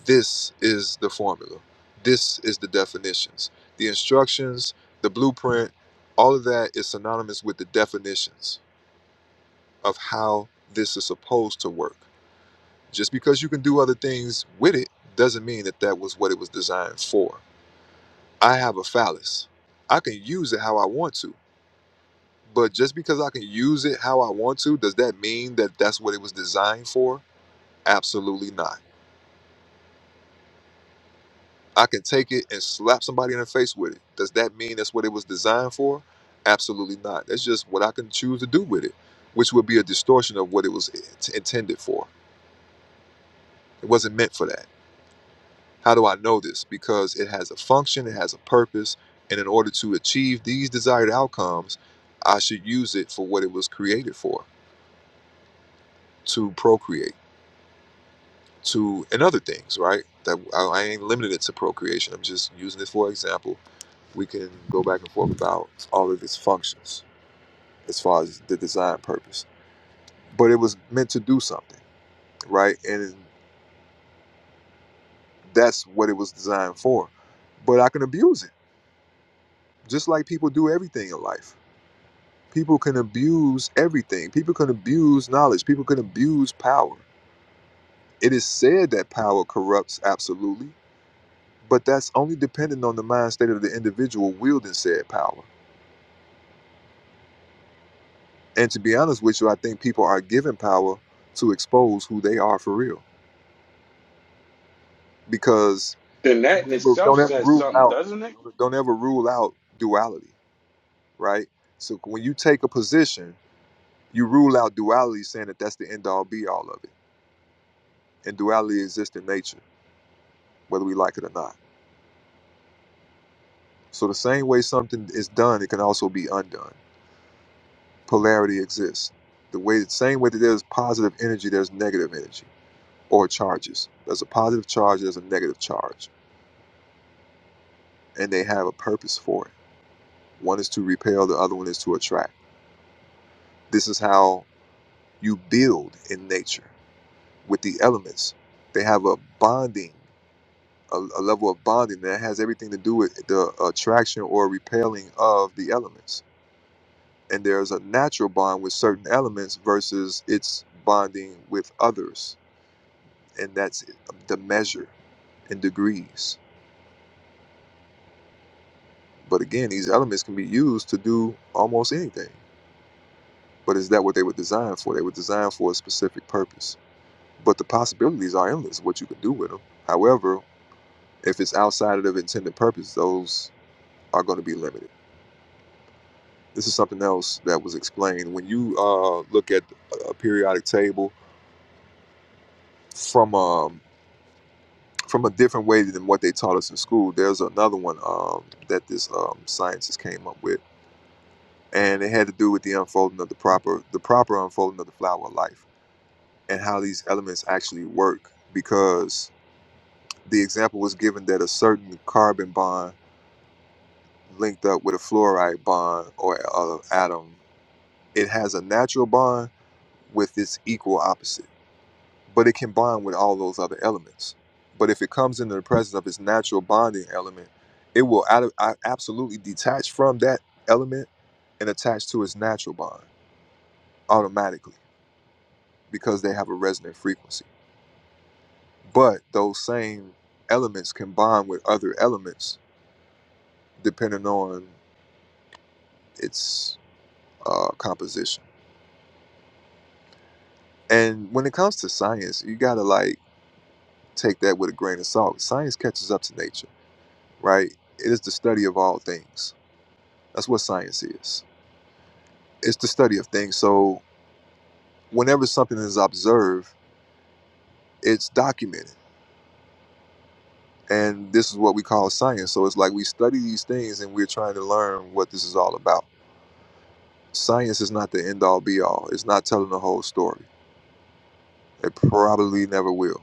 A: this is the formula. This is the definitions. The instructions, the blueprint, all of that is synonymous with the definitions of how this is supposed to work. Just because you can do other things with it doesn't mean that that was what it was designed for. I have a phallus. I can use it how I want to, but just because I can use it how I want to, does that mean that that's what it was designed for? Absolutely not I can take it and slap somebody in the face with it. Does that mean that's what it was designed for? Absolutely not. That's just what I can choose to do with it, which would be a distortion of what it was int- intended for. It wasn't meant for that. How do I know this? Because it has a function, it has a purpose, and in order to achieve these desired outcomes, I should use it for what it was created for to procreate. to and other things, right? That I, I ain't limited it to procreation. I'm just using it for example. We can go back and forth about all of its functions as far as the design purpose, but it was meant to do something, right? And that's what it was designed for. But I can abuse it, just like people do everything in life. People can abuse everything. People can abuse knowledge. People can abuse power. It is said that power corrupts absolutely But that's only dependent on the mind state of the individual wielding said power. And to be honest with you, I think people are given power to expose who they are for real. Because
I: Then that in
A: don't ever,
I: itself
A: don't ever
I: says
A: rule
I: something,
A: out
I: doesn't it?
A: don't ever rule out duality, right? So when you take a position, you rule out duality, saying that that's the end all be all of it. And duality exists in nature, whether we like it or not. So the same way something is done, it can also be undone. polarity exists. The way the same way that there's positive energy, there's negative energy or charges. There's a positive charge, there's a negative charge, and they have a purpose for it. One is to repel, the other one is to attract. This is how you build in nature with the elements. They have a bonding, a, a level of bonding that has everything to do with the attraction or repelling of the elements. And there's a natural bond with certain elements versus its bonding with others and that's the measure in degrees. But again, these elements can be used to do almost anything. But is that what they were designed for? They were designed for a specific purpose. But the possibilities are endless, what you can do with them. However, if it's outside of the intended purpose, those are going to be limited. This is something else that was explained. When you uh, look at a periodic table from um, from a different way than what they taught us in school, there's another one um, that this um, scientist came up with and it had to do with the unfolding of the proper the proper unfolding of the flower of life and how these elements actually work because the example was given that a certain carbon bond linked up with a fluoride bond or a atom it has a natural bond with its equal opposite but it can bond with all those other elements but if it comes into the presence of its natural bonding element it will ad- a- absolutely detach from that element and attach to its natural bond automatically because they have a resonant frequency. But those same elements can bond with other elements depending on its uh, composition. And when it comes to science, you gotta like take that with a grain of salt. Science catches up to nature, right? It is the study of all things. That's what science is. It's the study of things. So whenever something is observed, it's documented. And this is what we call science. So it's like we study these things and we're trying to learn what this is all about Science is not the end all be all. It's not telling the whole story. It probably never will,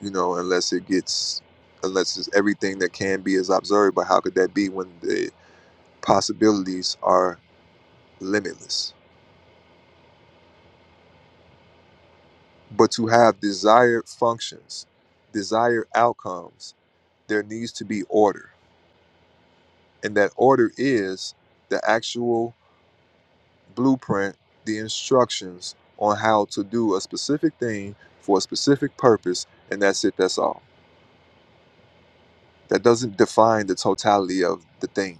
A: you know, unless it gets, unless it's everything that can be is observed. But how could that be when the possibilities are limitless? But to have desired functions, desired outcomes, there needs to be order. And that order is the actual blueprint, the instructions on how to do a specific thing for a specific purpose, and that's it, that's all that doesn't define the totality of the thing.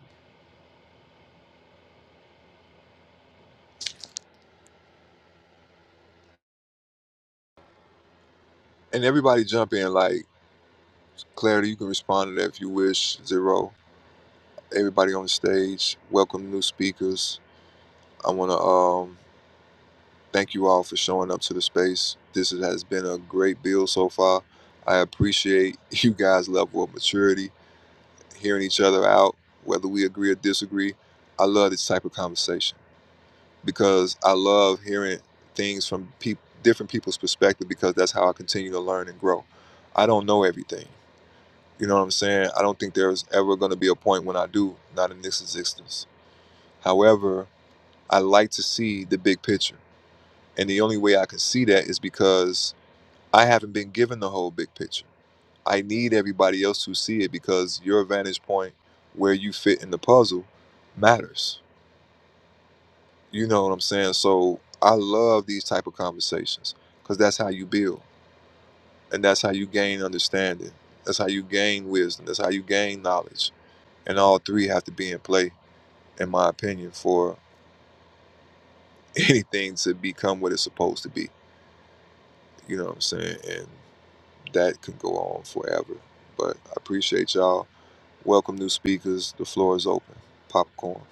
A: And everybody jump in, like Clarity, you can respond to that if you wish. Zero, everybody on the stage, welcome new speakers. I want to um, thank you all for showing up to the space. This has been a great build so far. I appreciate (laughs) you guys' level of maturity, hearing each other out, whether we agree or disagree. I love this type of conversation because I love hearing things from peop different people's perspective because that's how I continue to learn and grow. I don't know everything. You know what I'm saying? I don't think there's ever going to be a point when I do, not in this existence. However, I like to see the big picture. And the only way I can see that is because I haven't been given the whole big picture. I need everybody else to see it because your vantage point, where you fit in the puzzle, matters You know what I'm saying? So I love these type of conversations because that's how you build, and that's how you gain understanding. That's how you gain wisdom. That's how you gain knowledge. And all three have to be in play, in my opinion, for (laughs) anything to become what it's supposed to be. You know what I'm saying? And that can go on forever. But I appreciate y'all. Welcome new speakers. The floor is open. Popcorn.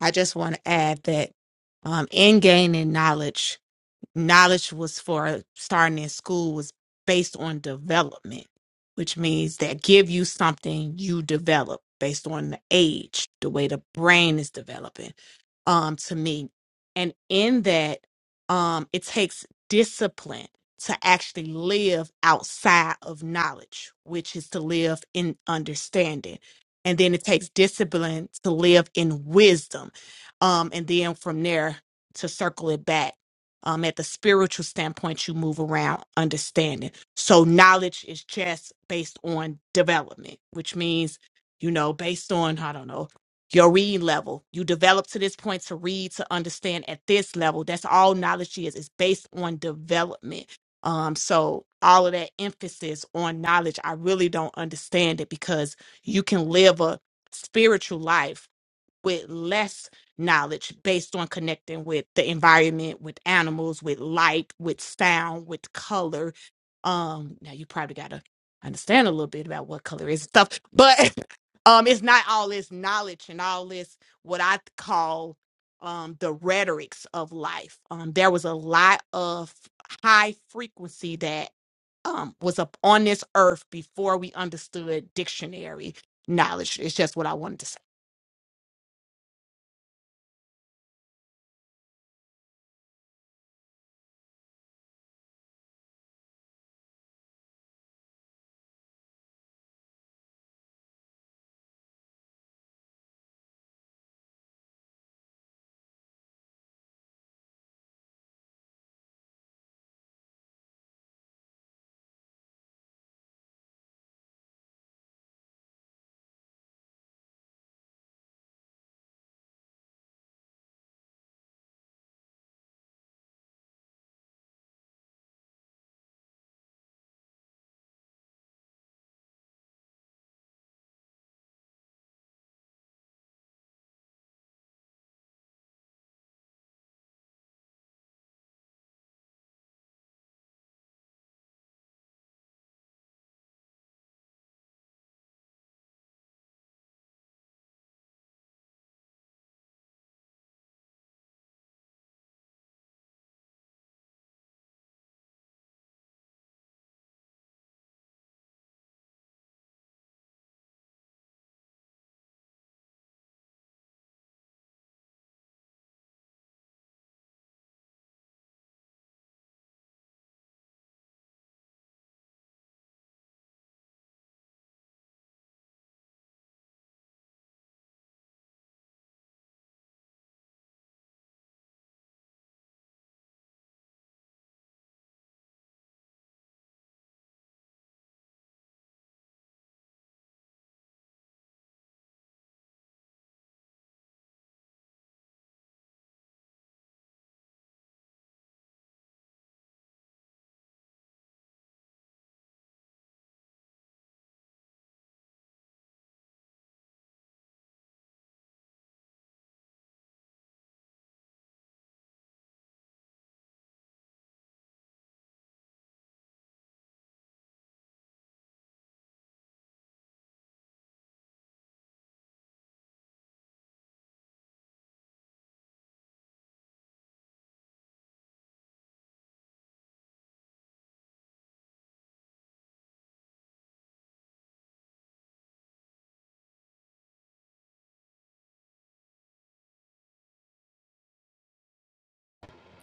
H: I just want to add that um, in gaining knowledge, knowledge was for starting in school was based on development, which means that give you something you develop based on the age, the way the brain is developing um, to me. And in that, um, it takes discipline to actually live outside of knowledge, which is to live in understanding. And then it takes discipline to live in wisdom. Um, and then from there to circle it back. Um, at the spiritual standpoint, you move around understanding. So knowledge is just based on development, which means, you know, based on, I don't know, your reading level. You develop to this point to read, to understand at this level. That's all knowledge is. It's based on development. Um, so all of that emphasis on knowledge, I really don't understand it because you can live a spiritual life with less knowledge based on connecting with the environment, with animals, with light, with sound, with color. Um, now you probably gotta understand a little bit about what color is and stuff, but (laughs) um, it's not all this knowledge and all this what I call um the rhetorics of life. Um, there was a lot of high frequency that um was up on this earth before we understood dictionary knowledge. It's just what I wanted to say.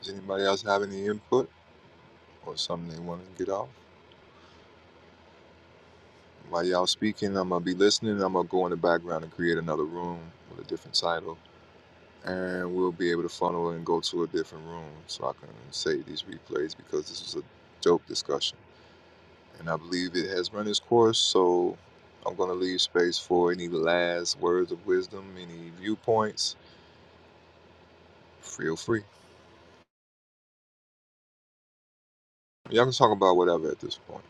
A: Does anybody else have any input or something they want to get off? While y'all speaking, I'm gonna be listening. I'm gonna go in the background and create another room with a different title, and we'll be able to funnel and go to a different room so I can save these replays because this is a dope discussion, and I believe it has run its course. So I'm gonna leave space for any last words of wisdom, any viewpoints. Feel free. Y'all can talk about whatever at this point.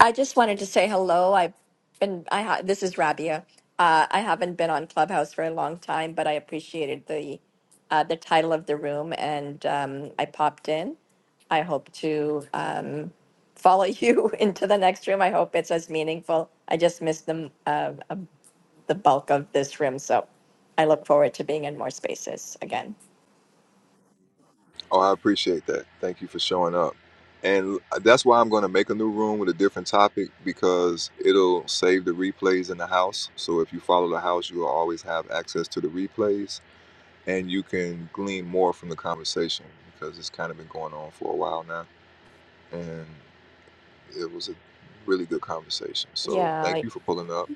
N: I just wanted to say hello. I've been, I ha- this is Rabia. Uh, I haven't been on Clubhouse for a long time, but I appreciated the uh, the title of the room, and um, I popped in. I hope to um, follow (laughs) you into the next room. I hope it's as meaningful. I just missed the uh, uh, um, the bulk of this room, so I look forward to being in more spaces again.
A: Oh, I appreciate that. Thank you for showing up. And that's why I'm going to make a new room with a different topic because it'll save the replays in the house. So if you follow the house, you'll always have access to the replays and you can glean more from the conversation because it's kind of been going on for a while now. And it was a really good conversation. So
N: Yeah,
A: thank you for pulling up.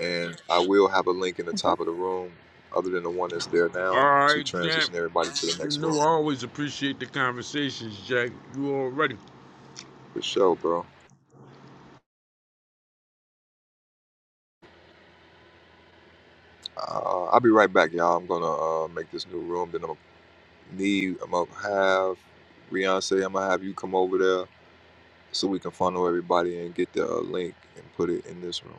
A: And I will have a link in the top of the room, other than the one that's there
I: All
A: now, to
I: right, champ.
A: transition everybody to the
I: You
A: next room.
I: know I always appreciate the conversations, Jack. You already.
A: For sure, bro. Uh, I'll be right back, y'all. I'm gonna uh, make this new room. Then I'm gonna need. I'm gonna have Beyonce. I'm gonna have you come over there so we can funnel everybody and get the uh, link and put it in this room.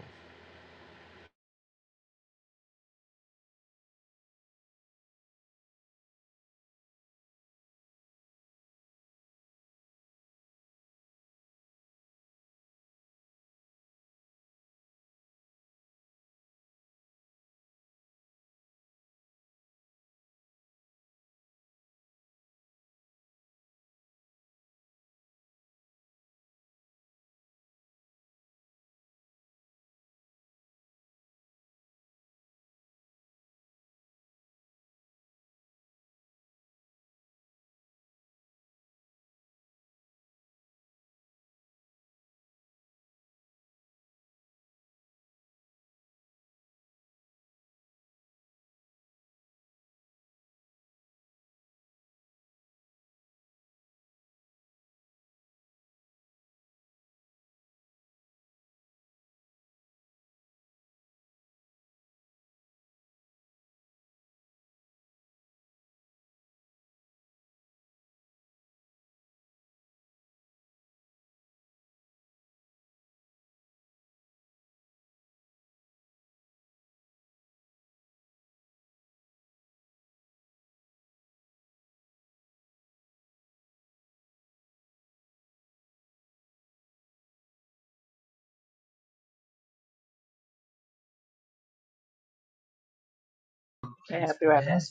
D: Okay, I'll be right back.